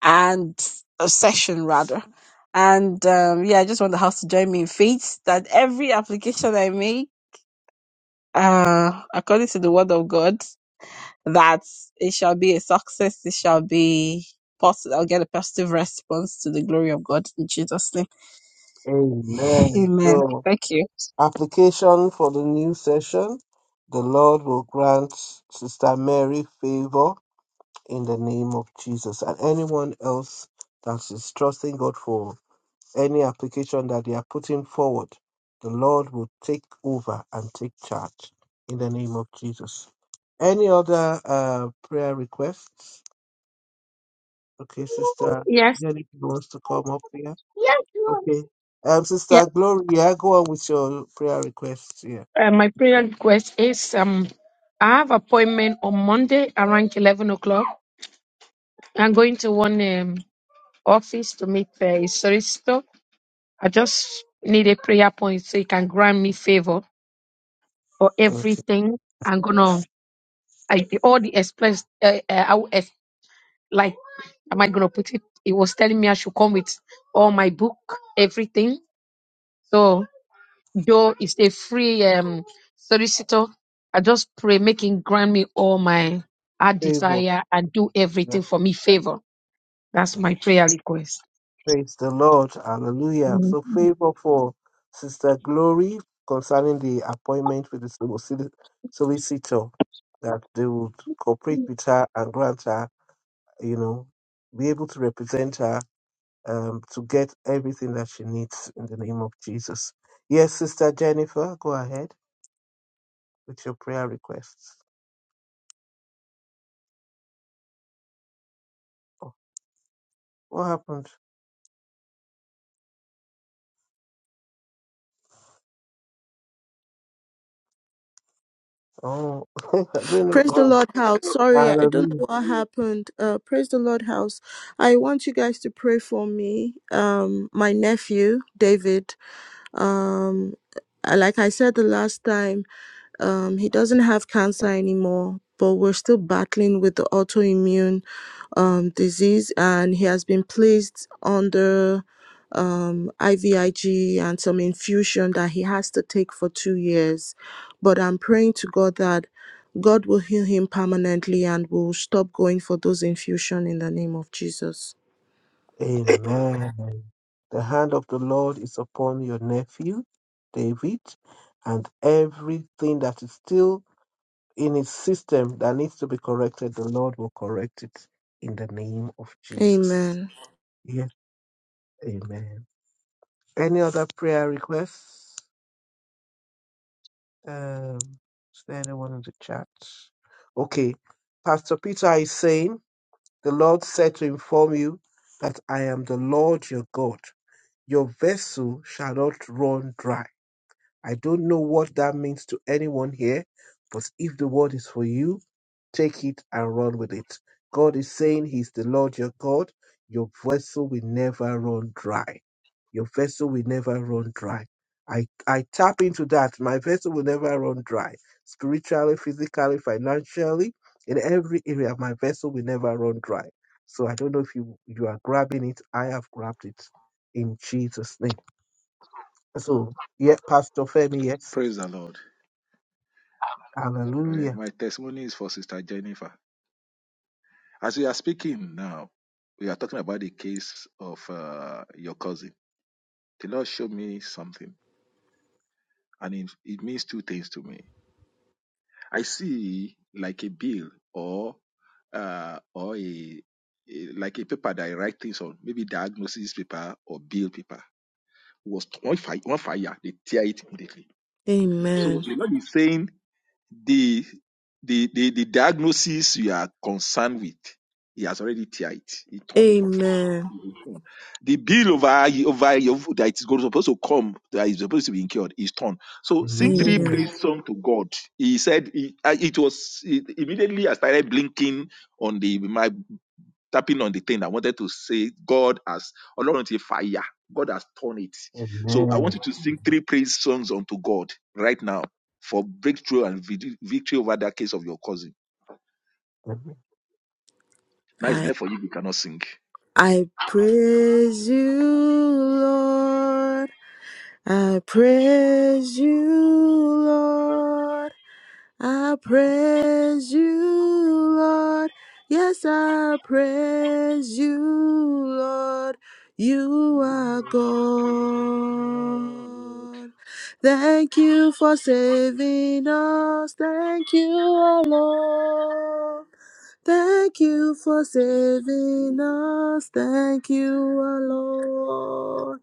S3: and uh, session rather. And um, yeah, I just want the house to join me in faith that every application I make. uh, according to the word of God, that it shall be a success. It shall be positive. I'll get a positive response to the glory of God in Jesus' name.
S2: Amen.
S3: Amen.
S2: So,
S3: Thank you.
S2: application for the new session. The Lord will grant Sister Mary favor in the name of Jesus. And anyone else that is trusting God for any application that they are putting forward, the Lord will take over and take charge in the name of Jesus. Any other uh, prayer requests? Okay, Sister
S9: Yes.
S2: Jennifer wants to come up here.
S9: Yes. Lord.
S2: Okay. Um,
S9: Yeah.
S2: Sister Gloria, go on with your prayer requests here.
S9: Uh, my prayer request is um, I have appointment on Monday around 11 o'clock. I'm going to one um, office to meet the solicitor. I just need a prayer point so you can grant me favor for
S2: Okay.
S9: everything. I'm gonna I, all the expense. Uh, uh, I, will ex- like, am I gonna put it? It was telling me I should come with all my book, everything. So though it's a free um solicitor, I just pray, make him grant me all my heart
S2: Favor.
S9: desire and do
S2: Yeah.
S9: everything for me favor. That's my prayer request.
S2: Praise the Lord. Hallelujah. So, favor for Sister Glory concerning the appointment with the solici- solicitor that they would cooperate with her and grant her, you know, be able to represent her um, to get everything that she needs in the name of Jesus. Yes, Sister Jennifer, go ahead with your prayer requests. Oh, what happened? Oh, I don't
S11: Praise
S2: know.
S11: the Lord house. Sorry, I don't
S2: Hallelujah.
S11: know what happened. Uh praise the Lord house. I want you guys to pray for me. Um my nephew, David. Um uh, like I said the last time. Um, he doesn't have cancer anymore, but we're still battling with the autoimmune um, disease, and he has been placed under um, IVIG and some infusion that he has to take for two years. But I'm praying to God that God will heal him permanently and will stop going for those infusion in the name of Jesus.
S2: Amen. The hand of the Lord is upon your nephew, David, and everything that is still in his system that needs to be corrected, the Lord will correct it in the name of Jesus.
S11: Amen.
S2: Yes, amen. Any other prayer requests? Um, is there anyone in the chat? Okay, Pastor Peter is saying, The Lord said to inform you that I am the Lord your God. Your vessel shall not run dry. I don't know what that means to anyone here, but if the word is for you, take it and run with it. God is saying He's the Lord your God. Your vessel will never run dry. Your vessel will never run dry. I, I tap into that. My vessel will never run dry. Spiritually, physically, financially, in every area, my vessel will never run dry. So I don't know if you, you are grabbing it. I have grabbed it in Jesus' name. So, yeah, Pastor Femi, yes.
S4: Praise the Lord. Eh,
S2: Hallelujah.
S4: My testimony is for Sister Jennifer. As we are speaking now, we are talking about the case of uh, your cousin. The Lord showed me something, and it, it means two things to me. I see like a bill or uh, or a, a- like a paper that I write things on, maybe diagnosis paper or bill paper. Was on fire, on fire, they tear it immediately. So
S11: Amen.
S4: the Lord is saying The, the, the, the diagnosis you are concerned with, he has already tear it. He turned it off.
S11: Amen.
S4: The bill over, over over that is supposed to come, that is supposed to be incurred, is torn. So sing three
S2: Amen.
S11: Amen.
S4: praise song to God. He said he, uh, it was it, immediately I started blinking on the my tapping on the thing. I wanted to say God has Ọlọ́run ti fire. God has torn it. So I want you
S2: Amen.
S4: to sing three praise songs unto God right now for breakthrough and vid- victory over that case of your cousin.
S2: Amen.
S4: Now it's
S11: I
S4: there for you. You cannot sing.
S11: I praise you, Lord. I praise you, Lord. I praise you, Lord. Yes, I praise you, Lord. You are God. Thank you for saving us. Thank you, O Lord. Thank you for saving us. Thank you, O Lord.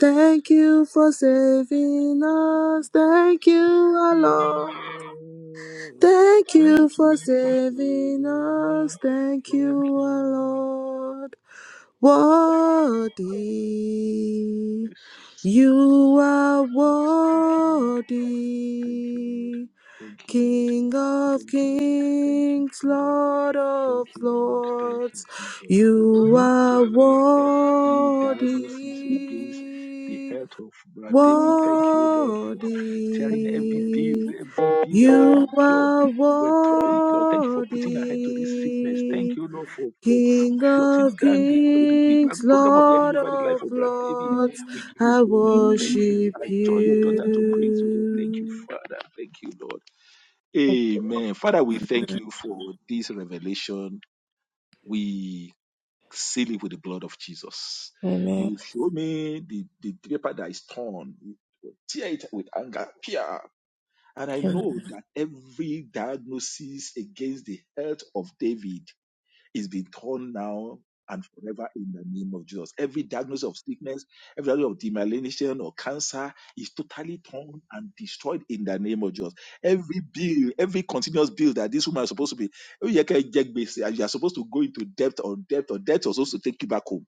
S11: Thank you for saving us. Thank you, our Lord.
S4: Thank
S11: Thank you
S4: you
S11: for
S4: for
S11: saving
S4: saving
S11: us.
S4: us.
S11: Thank
S4: Thank
S11: you,
S4: you.
S11: our Lord. Worthy.
S4: Yes.
S11: You are
S4: Yes. Thank you, Lord. Thank you, Lord.
S11: worthy.
S4: Thank you, Lord.
S11: King of
S4: Thank you, Lord. Thank you,
S11: kings,
S4: Father.
S11: Lord
S4: Thank
S11: of
S4: you, Lord. Thank you,
S11: lords.
S4: Jesus. Thank you
S11: You
S4: for
S11: are
S4: tearing every
S11: worthy.
S4: diagnosis against the health of Brother David. Thank you, Lord, for tearing every bill,
S11: Worthy,
S4: every bill that was being
S11: you
S4: cured.
S11: are
S4: We tore it, Lord. Thank you for putting a head to this sickness.
S11: worthy,
S4: Thank you, Lord, for, for
S11: King of
S4: shutting down the, the, the
S11: kings,
S4: program of the
S11: Lord
S4: enemy over the
S11: of
S4: life of Brad David.
S3: Go
S11: lords,
S4: We give you
S11: I
S4: glory, Lord. Thank you.
S11: worship
S4: I join your daughter to praise you, Lord. Thank you,
S11: you.
S4: Father. Thank you, Lord. Amen. Father, we thank you for this revelation we seal it with the blood of Jesus.
S11: Amen.
S4: You show me the, the paper that is torn, you tear it with anger, tear. And I
S11: Amen.
S4: know that every diagnosis against the health of David is being torn now and forever in the name of Jesus. Every diagnosis of sickness, every diagnosis of demyelination or cancer is totally torn and destroyed in the name of Jesus. Every bill, every continuous bill that this woman is supposed to be, you are supposed to go into debt on debt or debt was supposed to take you back home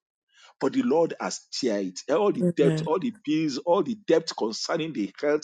S4: but the Lord has tear it. All the debt, all the bills, all the debt concerning the health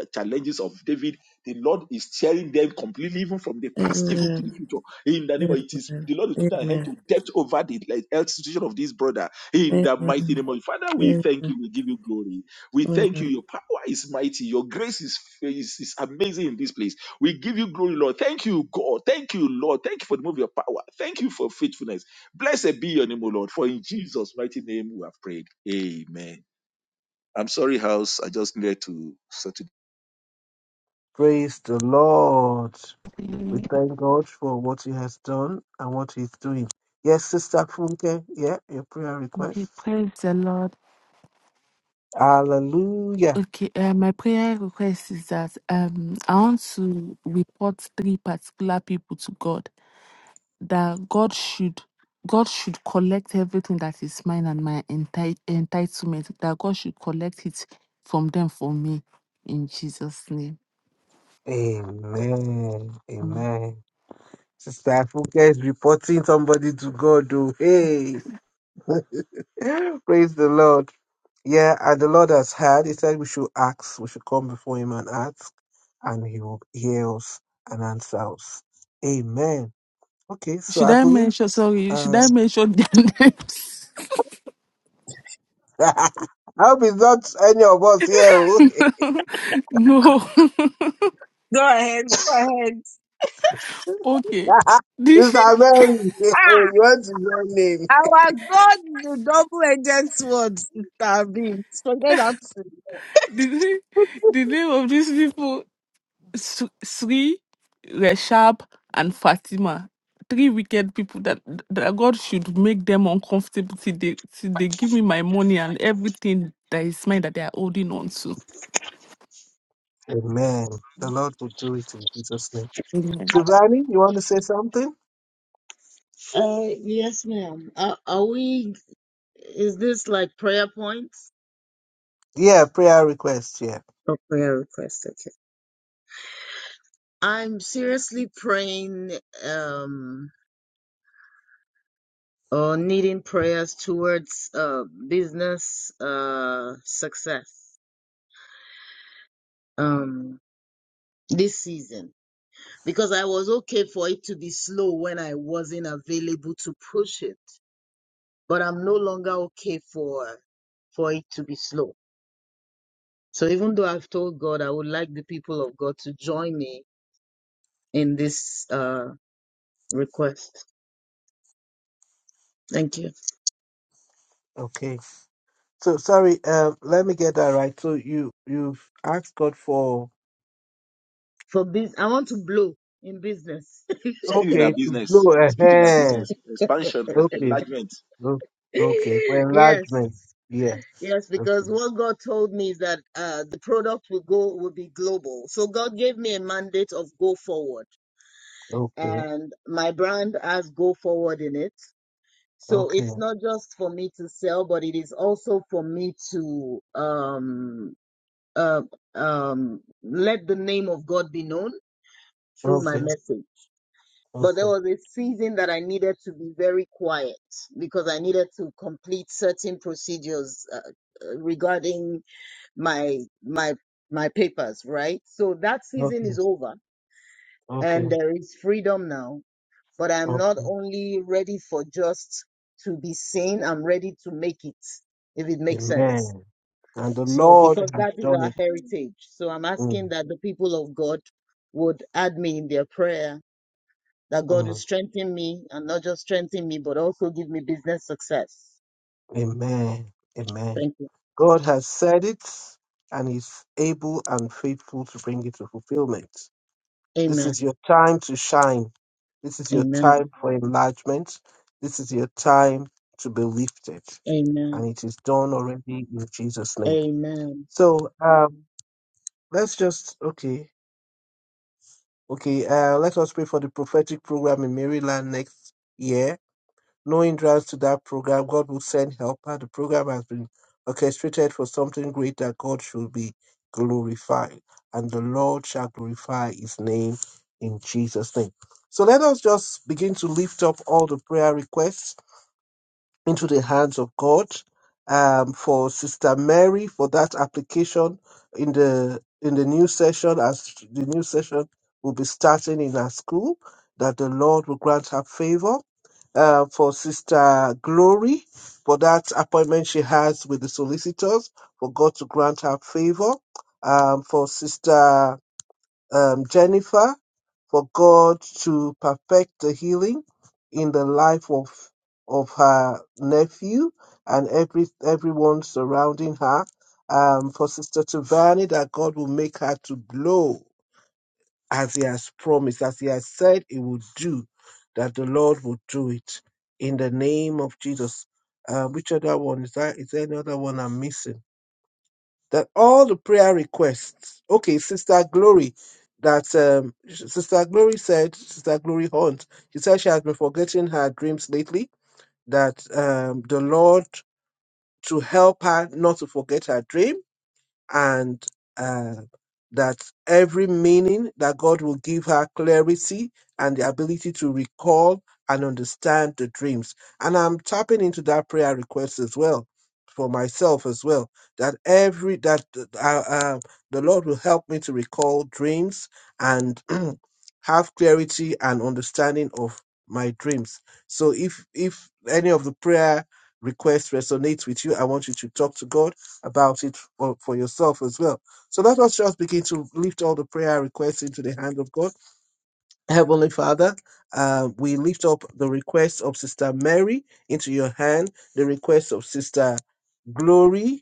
S4: uh, challenges of David, the Lord is tearing them completely, even from the past, even to the future. In the name of
S11: Amen.
S4: it is the Lord is putting a hand to debt over the like, health situation of this brother. In
S11: Amen.
S4: the mighty name of Father, we
S11: Amen.
S4: thank you. We give you glory. We thank you. Your power is mighty. Your grace is, is, is amazing in this place. We give you glory, Lord. Thank you, God. Thank you, Lord. Thank you for the move of your power. Thank you for faithfulness. Blessed be your name, O Lord, for in Jesus' mighty name we have prayed. Amen. I'm sorry, house. I just needed to sort of
S2: Praise the Lord. We thank God for what He has done and what He's doing. Yes, Sister Funke. Yeah, your prayer
S12: Okay,
S2: request.
S12: praise the Lord.
S2: Hallelujah.
S12: Okay, uh, my prayer request is that um, I want to report three particular people to God. That God should God should collect everything that is mine and my enti- entitlement. That God should collect it from them for me, in Jesus' name.
S2: Amen.
S12: Mm.
S2: Amen. Sister Funke is reporting somebody to God. Oh, hey. Praise the Lord. Yeah, as the Lord has heard, He said we should ask, we should come before Him and ask, and He will hear us and answer us. Amen. Okay, so
S12: Should
S2: I
S12: I
S2: believe,
S12: mention? Sorry, should
S2: um,
S12: I mention their names?
S2: I hope it's not any of us here. oh.
S12: no.
S3: ahead. Go ahead.
S12: okay. The,
S2: Mr. Mary, you
S3: Ah,
S2: want his own name.
S3: our God is a double-edged sword. sister B. Forget that.
S12: the, the name of these people Su- Sri, Reshab, and Fatima. Three wicked people that, that God should make them uncomfortable till they, till they give me my money and everything that is mine that they are holding on
S2: Amen. The Lord will do it in Jesus' name.
S12: to.
S2: Sivani, you want to say something?
S10: Uh, yes, ma'am. Are, are we, is this like prayer points?
S2: Yeah, prayer request. Yeah.
S10: Oh, prayer request. Okay. I'm seriously praying. Um, or needing prayers towards uh, business uh, success um, this season because I was okay for it to be slow when I wasn't available to push it, but I'm no longer okay for for it to be slow. So even though I've told God I would like the people of God to join me in this uh, request. Thank you
S2: Okay. So sorry. Um, let me get that right. So you you've asked God for
S10: for this. I want to blow in business.
S4: speed in our
S2: Okay, to
S4: business,
S2: blow a
S4: speed in our
S2: hair.
S4: business, expansion, en-
S2: Okay,
S4: enlargement.
S2: o- okay, for enlargement.
S10: yes.
S2: Yeah,
S10: Yes,
S2: okay,
S10: because what God told me is that uh, the product will go will be global. So God gave me a mandate of go forward,
S2: okay,
S10: and my brand has go forward in it. So
S2: okay,
S10: it's not just for me to sell, but it is also for me to um uh, um let the name of God be known through my
S2: okay,
S10: message. But there
S2: okay,
S10: was a season that I needed to be very quiet because I needed to complete certain procedures uh, uh, regarding my my my papers, right? So that season
S2: okay,
S10: is over
S2: okay,
S10: and there is freedom now. But I'm not
S2: okay.
S10: only ready for just to be seen, I'm ready to make it, if it makes sense.
S2: Amen. And the
S10: So
S2: Lord
S10: because
S2: has
S10: that is
S2: done
S10: our
S2: it.
S10: heritage. So I'm
S2: Mm,
S10: asking that the people of God would add me in their prayer, that God will
S2: mm.
S10: strengthen me and not just strengthen me, but also give me business success.
S2: Amen. Amen.
S10: Thank you.
S2: God has said it and is able and faithful to bring it to fulfillment. This
S10: Amen.
S2: is your time to shine. This is your
S10: Amen.
S2: time for enlargement. This is your time to be lifted.
S10: Amen.
S2: and it is done already in Jesus' name.
S10: Amen.
S2: So um, let's just okay, okay. Uh, let us pray for the prophetic program in Maryland next year. No hindrance to that program. God will send helper. The program has been orchestrated for something great that God should be glorified, and the Lord shall glorify His name in Jesus' name. So let us just begin to lift up all the prayer requests into the hands of God. Um, for Sister Mary for that application in the in the new session as the new session will be starting in her school, that the Lord will grant her favor. Uh, for Sister Glory for that appointment she has with the solicitors, for God to grant her favor. Um, for Sister um, Jennifer for God to perfect the healing in the life of of her nephew and every everyone surrounding her. Um, for Sister Tivani, that God will make her to glow as He has promised, as He has said He would do, that the Lord will do it in the name of Jesus. Uh, which other one is that? Is there any other one I'm missing? that all the prayer requests, okay, Sister Glory, that um, Sister Glory said, Sister Glory Hunt, she said she has been forgetting her dreams lately, that um, the Lord to help her not to forget her dream and uh, that every meaning that God will give her clarity and the ability to recall and understand the dreams. And I'm tapping into that prayer request as well for myself as well that every that uh, uh, uh, the lord will help me to recall dreams and have clarity and understanding of my dreams so if if any of the prayer requests resonates with you i want you to talk to god about it for, for yourself as well. So let us just begin to lift all the prayer requests into the hand of God. Heavenly Father, uh, we lift up the request of Sister Mary into your hand, the request of Sister Glory,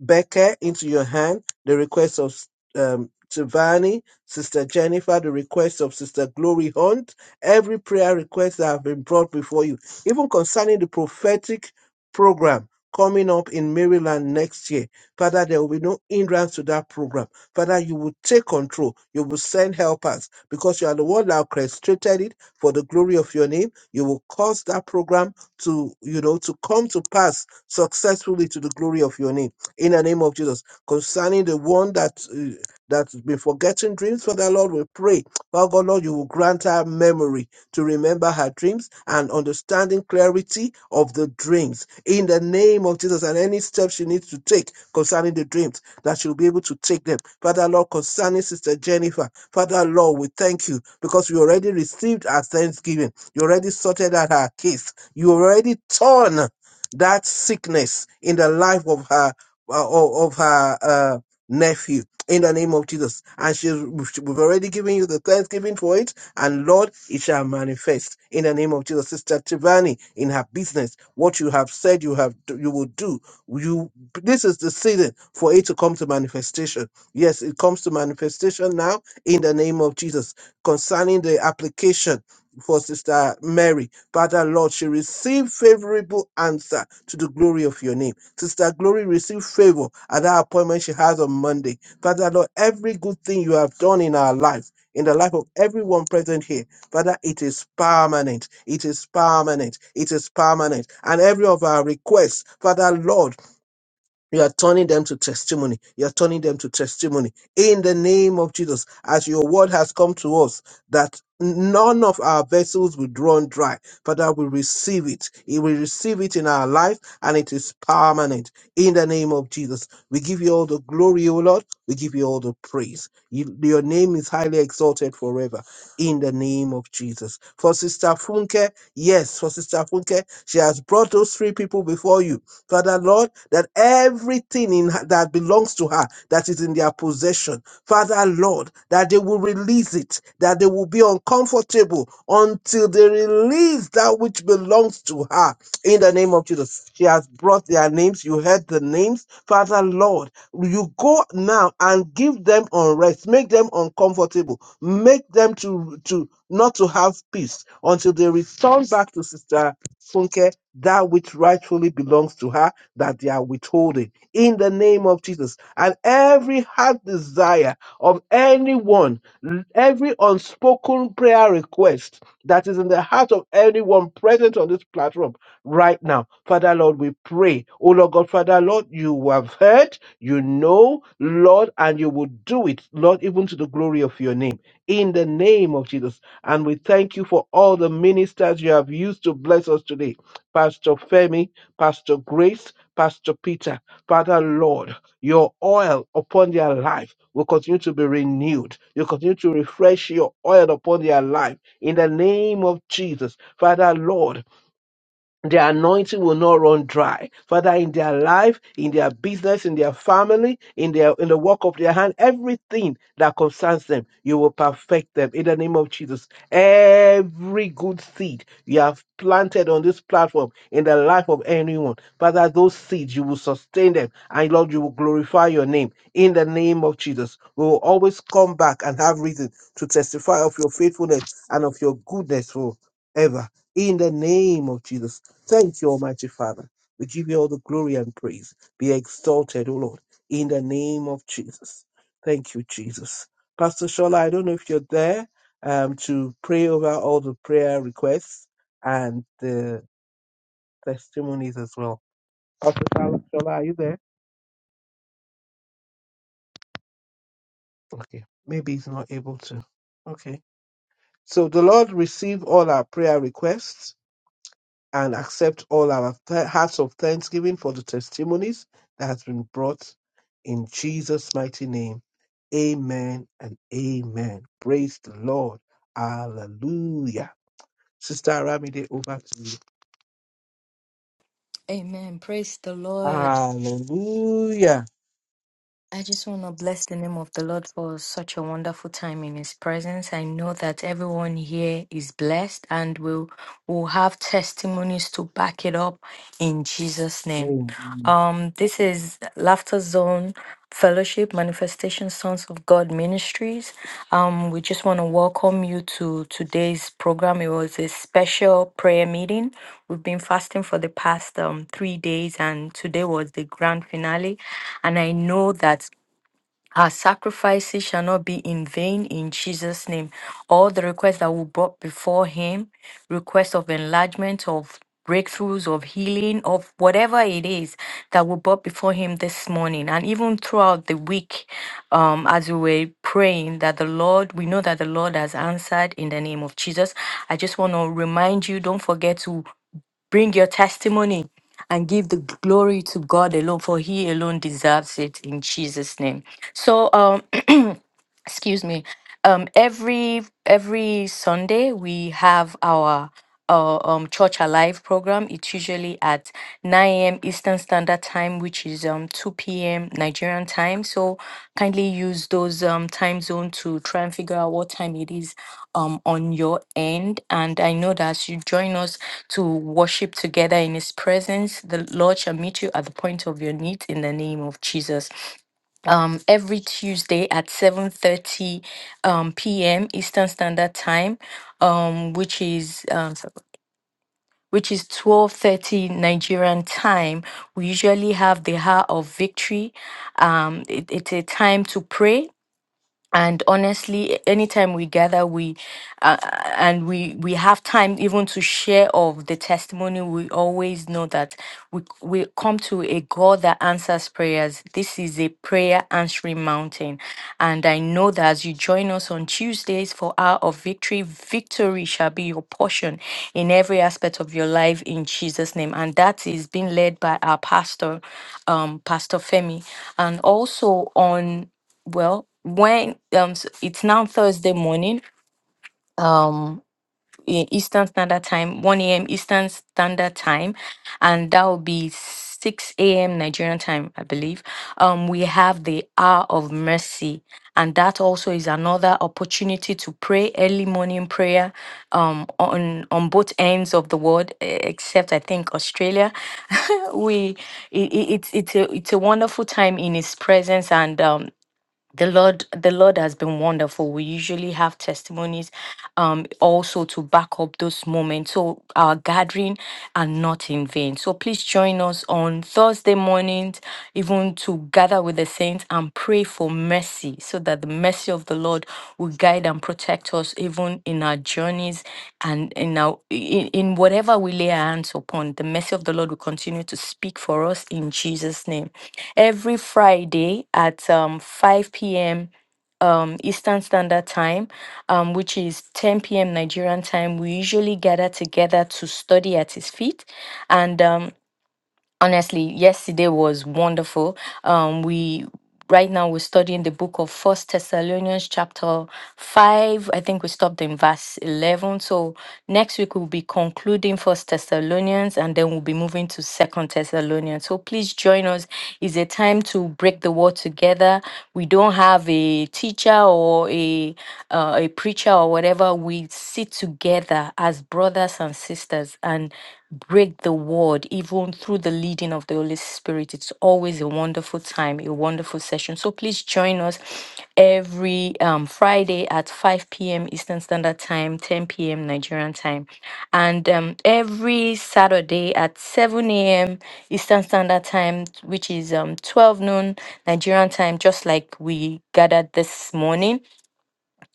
S2: Becker into your hand, the request of um, Tivani, Sister Jennifer, the request of Sister Glory Hunt, every prayer request that have been brought before you, even concerning the prophetic program coming up in Maryland next year. Father, there will be no hindrance to that program. Father, you will take control. You will send helpers because you are the one that orchestrated it for the glory of your name. You will cause that program to, you know, to come to pass successfully to the glory of your name in the name of Jesus. Concerning the one that uh, that's been forgetting dreams, Father Lord, we pray, Father God, Lord, you will grant her memory to remember her dreams and understanding clarity of the dreams in the name of Jesus. And any steps she needs to take concerning the dreams, that she'll be able to take them. Father Lord, concerning Sister Jennifer, Father Lord, we thank you because you already received our thanksgiving. You already sorted out her case. You already torn that sickness in the life of her o- of her uh, nephew in the name of Jesus. And she's, we've already given you the thanksgiving for it. And Lord, it shall manifest in the name of Jesus. Sister Tivani, in her business, what you have said you have you will do. You this is the season for it to come to manifestation. Yes, it comes to manifestation now in the name of Jesus. Concerning the application for Sister Mary, Father Lord, she received favorable answer to the glory of your name Sister Glory received favor at that appointment she has on Monday. Father Lord, every good thing you have done in our life, in the life of everyone present here, Father, it is permanent. It is permanent. It is permanent. And every of our requests, Father Lord, you are turning them to testimony. You are turning them to testimony. In the name of Jesus, as your word has come to us, that none of our vessels will run dry. Father, we receive it. We will receive it in our life and it is permanent. In the name of Jesus, we give you all the glory, O Lord. We give you all the praise. You- your name is highly exalted forever. In the name of Jesus. For Sister Funke, yes, for Sister Funke, she has brought those three people before you Father Lord, that everything in her, that belongs to her that is in their possession, Father Lord, that they will release it, that they will be uncomfortable until they release that which belongs to her. In the name of Jesus, she has brought their names. You heard the names, Father Lord. You go now and give them unrest, make them uncomfortable, make them to to not to have peace until they return back to Sister Funke that which rightfully belongs to her that they are withholding in the name of Jesus. And every heart desire of anyone, every unspoken prayer request that is in the heart of anyone present on this platform right now, Father Lord, we pray. Oh Lord God, Father Lord, you have heard, you know, Lord, and you will do it, Lord, even to the glory of your name. In the name of Jesus. And we thank you for all the ministers you have used to bless us today. Pastor Femi, Pastor Grace, Pastor Peter. Father, Lord, your oil upon their life will continue to be renewed. You continue to refresh your oil upon their life in the name of Jesus. Father, Lord, their anointing will not run dry. Father, in their life, in their business, in their family, in their in the work of their hand, everything that concerns them, you will perfect them in the name of Jesus. Every good seed you have planted on this platform in the life of anyone, Father, those seeds you will sustain them, and Lord, you will glorify your name in the name of Jesus. We will always come back and have reason to testify of your faithfulness and of your goodness forever. In the name of Jesus. Thank you, Almighty Father. We give you all the glory and praise. Be exalted, O Lord, in the name of Jesus. Thank you, Jesus. Pastor Shola, I don't know if you're there um, to pray over all the prayer requests and the testimonies as well. Pastor Shola, Shola, are you there? Okay. Maybe he's not able to. Okay. So the Lord receive all our prayer requests and accept all our th- hearts of thanksgiving for the testimonies that has been brought in Jesus' mighty name. Amen and amen. Praise the Lord. Hallelujah. Sister Aramide, over to you.
S13: Amen. Praise the Lord.
S2: Hallelujah.
S13: I just want to bless the name of the Lord for such a wonderful time in His presence. I know that everyone here is blessed and will will have testimonies to back it up in Jesus' name.
S2: Amen.
S13: Um, this is Laughter Zone Fellowship Manifestation Sons of God Ministries. Um, we just want to welcome you to today's program. It was a special prayer meeting. We've been fasting for the past um, three days, and today was the grand finale. And I know that our sacrifices shall not be in vain in Jesus' name. All the requests that we brought before Him, requests of enlargement, of breakthroughs, of healing, of whatever it is that we brought before Him this morning, and even throughout the week, um, as we were praying, that the Lord, we know that the Lord has answered in the name of Jesus. I just want to remind you don't forget to Bring your testimony and give the glory to God alone, for He alone deserves it in Jesus' name. So, um, excuse me. Um, every every Sunday we have our uh, um Church Alive program. It's usually at 9 a.m. Eastern Standard Time, which is um 2 p.m. Nigerian time. So kindly use those um time zone to try and figure out what time it is um on your end and i know that as you join us to worship together in his presence the lord shall meet you at the point of your need in the name of jesus um every tuesday at 7 30, um, p.m eastern standard time um which is um so- which is 12:30 Nigerian time. We usually have the hour of victory. Um, it- it's a time to pray and honestly anytime we gather we uh, uh, and we we have time even to share of the testimony we always know that we we come to a god that answers prayers this is a prayer answering mountain and i know that as you join us on tuesdays for hour of victory victory shall be your portion in every aspect of your life in jesus name and that is being led by our pastor um pastor femi and also on well, when um s- it's now Thursday morning, um in Eastern Standard Time, 1 a.m. Eastern Standard Time, and that will be 6 a.m. Nigerian time, I believe. Um, we have the hour of mercy, and that also is another opportunity to pray early morning prayer um on on both ends of the world, e- except I think Australia. we it, it, it's it's a it's a wonderful time in his presence and um the lord the lord has been wonderful we usually have testimonies um also to back up those moments so our gathering are not in vain so please join us on thursday mornings even to gather with the saints and pray for mercy mercy, so that the mercy of the Lord will guide and protect us even in our journeys and in our in, in whatever we lay our hands upon. The mercy of the Lord will continue to speak for us in Jesus' name. Every Friday at um, 5 p.m um, Eastern Standard Time, um, which is 10 p.m. Nigerian time, we usually gather together to study at his feet. And um, honestly yesterday was wonderful um we right now we're studying the book of first thessalonians chapter 5 i think we stopped in verse 11 so next week we'll be concluding first thessalonians and then we'll be moving to second thessalonians so please join us it's a time to break the word together we don't have a teacher or a uh, a preacher or whatever we sit together as brothers and sisters and break the word even through the leading of the Holy Spirit. It's always a wonderful time, a wonderful session. So please join us every um, Friday at 5 p.m. Eastern Standard Time, 10 p.m. Nigerian time, and um, every Saturday at 7 a.m. Eastern Standard Time, which is um, 12 noon Nigerian time, just like we gathered this morning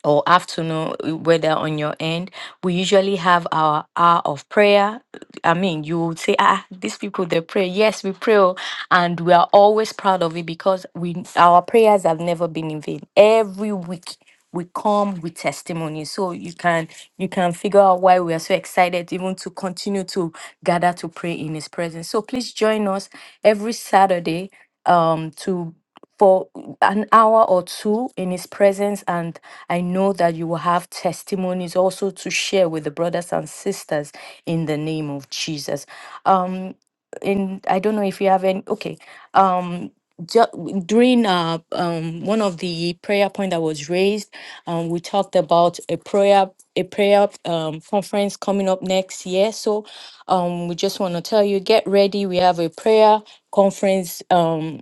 S13: or afternoon, uh, whether on your end, we usually have our hour of prayer. I mean, you would say, ah, these people they pray. Yes, we pray, oh, and we are always proud of it because we our prayers have never been in vain. Every week we come with testimony, so you can you can figure out why we are so excited even to continue to gather to pray in His presence. So please join us every Saturday um to for an hour or two in his presence and I know that you will have testimonies also to share with the brothers and sisters in the name of Jesus. Um, and I don't know if you have any. Okay. Um, ju- during uh, um, one of the prayer point that was raised, um, we talked about a prayer a prayer um, conference coming up next year. So um, we just want to tell you, get ready. We have a prayer conference. Um,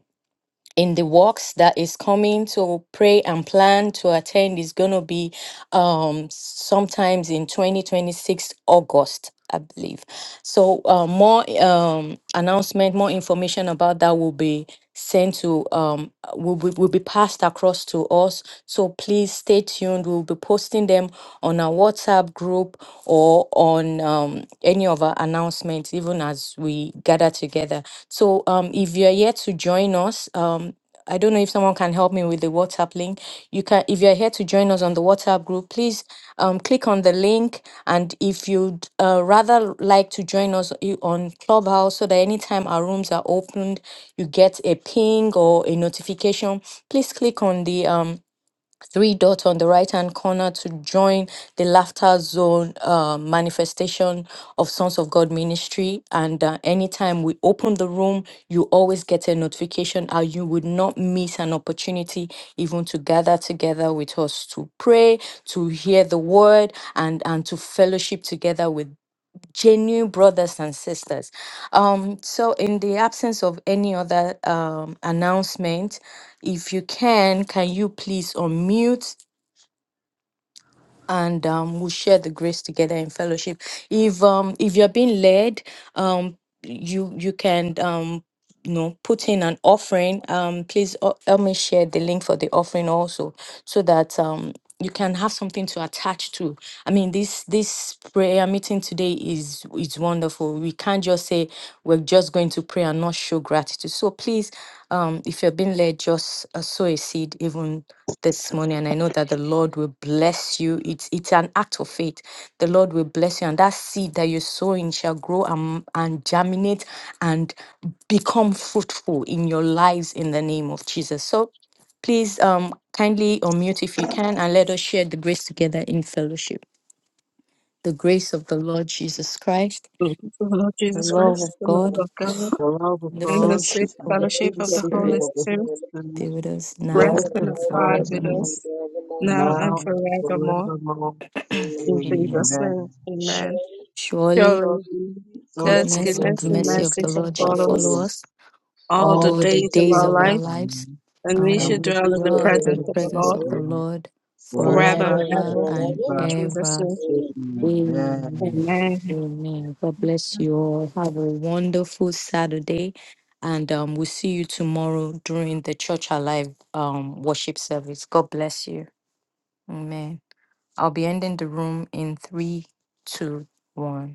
S13: in the works that is coming to pray and plan to attend is going to be um sometimes in 2026 august i believe so uh, more um announcement more information about that will be sent to um will be, will be passed across to us so please stay tuned we'll be posting them on our WhatsApp group or on um, any of our announcements, even as we gather together. So um, if you're here to join us, um, I don't know if someone can help me with the WhatsApp link. You can, if you're here to join us on the WhatsApp group, please um, click on the link. And if you'd uh, rather like to join us i- on Clubhouse, so that anytime our rooms are opened, you get a ping or a notification. Please click on the um, three dots on the right hand corner to join the laughter zone uh, manifestation of sons of god ministry and uh, anytime we open the room you always get a notification and you would not miss an opportunity even to gather together with us to pray to hear the word and and to fellowship together with genuine brothers and sisters. Um, so, in the absence of any other um, announcement, if you can, can you please unmute? and um, we'll share the grace together in fellowship. If um if you're being led, um you you can um you know put in an offering. Um please uh, help me share the link for the offering also so that um you can have something to attach to. I mean this this prayer meeting today is is wonderful. We can't just say we're just going to pray and not show gratitude. So please um if you're being led just uh, sow a seed even this morning and I know that the Lord will bless you. It's it's an act of faith. The Lord will bless you and that seed that you're sowing shall grow and, and germinate and become fruitful in your lives in the name of Jesus. So please um kindly unmute if you can and let us share the grace together in fellowship. The grace of the Lord Jesus Christ,
S3: Praise The Lord
S13: the
S3: Jesus
S13: love
S3: Christ,
S13: of
S3: the love
S13: God,
S3: of God,
S2: The love of
S13: the
S3: and the
S2: God
S13: fellowship
S3: sweet
S2: and
S13: of the
S2: the
S3: fellowship
S2: sweet
S13: Holy
S3: of the Holy
S13: Spirit
S2: fellowship of the
S3: Spirit
S2: Holy Spirit
S13: be with us now
S3: rest
S2: rest
S3: and
S2: and
S13: and
S3: abide
S2: abide
S3: with
S2: with us
S13: forevermore.
S3: us now and
S2: now
S13: Amen.
S2: and
S3: forevermore.
S2: forevermore.
S10: Amen.
S3: In
S13: Amen.
S3: Jesus'
S2: Amen.
S3: name, amen.
S10: Surely
S13: Surely
S2: So
S3: Surely,
S2: he, God's
S3: God's
S10: God's
S13: Goodness
S2: goodness
S13: and
S3: goodness
S10: goodness
S13: the
S2: and
S3: and
S10: and
S13: mercy of
S3: mercy
S10: mercy
S13: the
S2: mercy
S10: shall
S3: shall
S13: Lord
S2: shall
S13: shall
S3: follow
S10: follow
S3: us
S2: follow
S13: follow
S2: us
S10: us
S13: us
S3: all the
S10: all
S13: all
S10: the
S2: all
S13: the
S3: days
S10: days
S2: the
S3: of
S10: of
S13: days
S2: days
S3: our
S10: our
S13: of
S2: of
S13: our
S3: life,
S2: the
S10: life,
S13: lives,
S2: man,
S3: and we
S13: and we
S3: shall
S2: and
S13: will
S10: as
S2: we
S3: dwell
S10: we
S3: in the
S2: shall
S10: dwell
S13: dwell
S10: in
S2: dwell
S10: the
S13: in
S2: in
S3: presence
S13: the
S3: of
S2: the
S10: house
S3: the
S10: of
S2: house
S10: the
S13: presence
S2: of
S3: Lord
S13: of the
S10: Lord
S2: the
S13: Lord
S2: Lord
S3: forever
S10: forever
S2: forever
S3: and
S10: and
S13: forever
S3: ever.
S10: ever and
S2: and
S13: and
S10: ever.
S3: In
S2: ever.
S3: Jesus'
S13: ever.
S3: name,
S10: Amen.
S2: Amen.
S13: Amen.
S3: amen.
S13: Amen. God bless you all. Have a wonderful Saturday, and um, we'll see you tomorrow during the Church Alive um, worship service. God bless you. Amen. I'll be ending the room in three, two, one.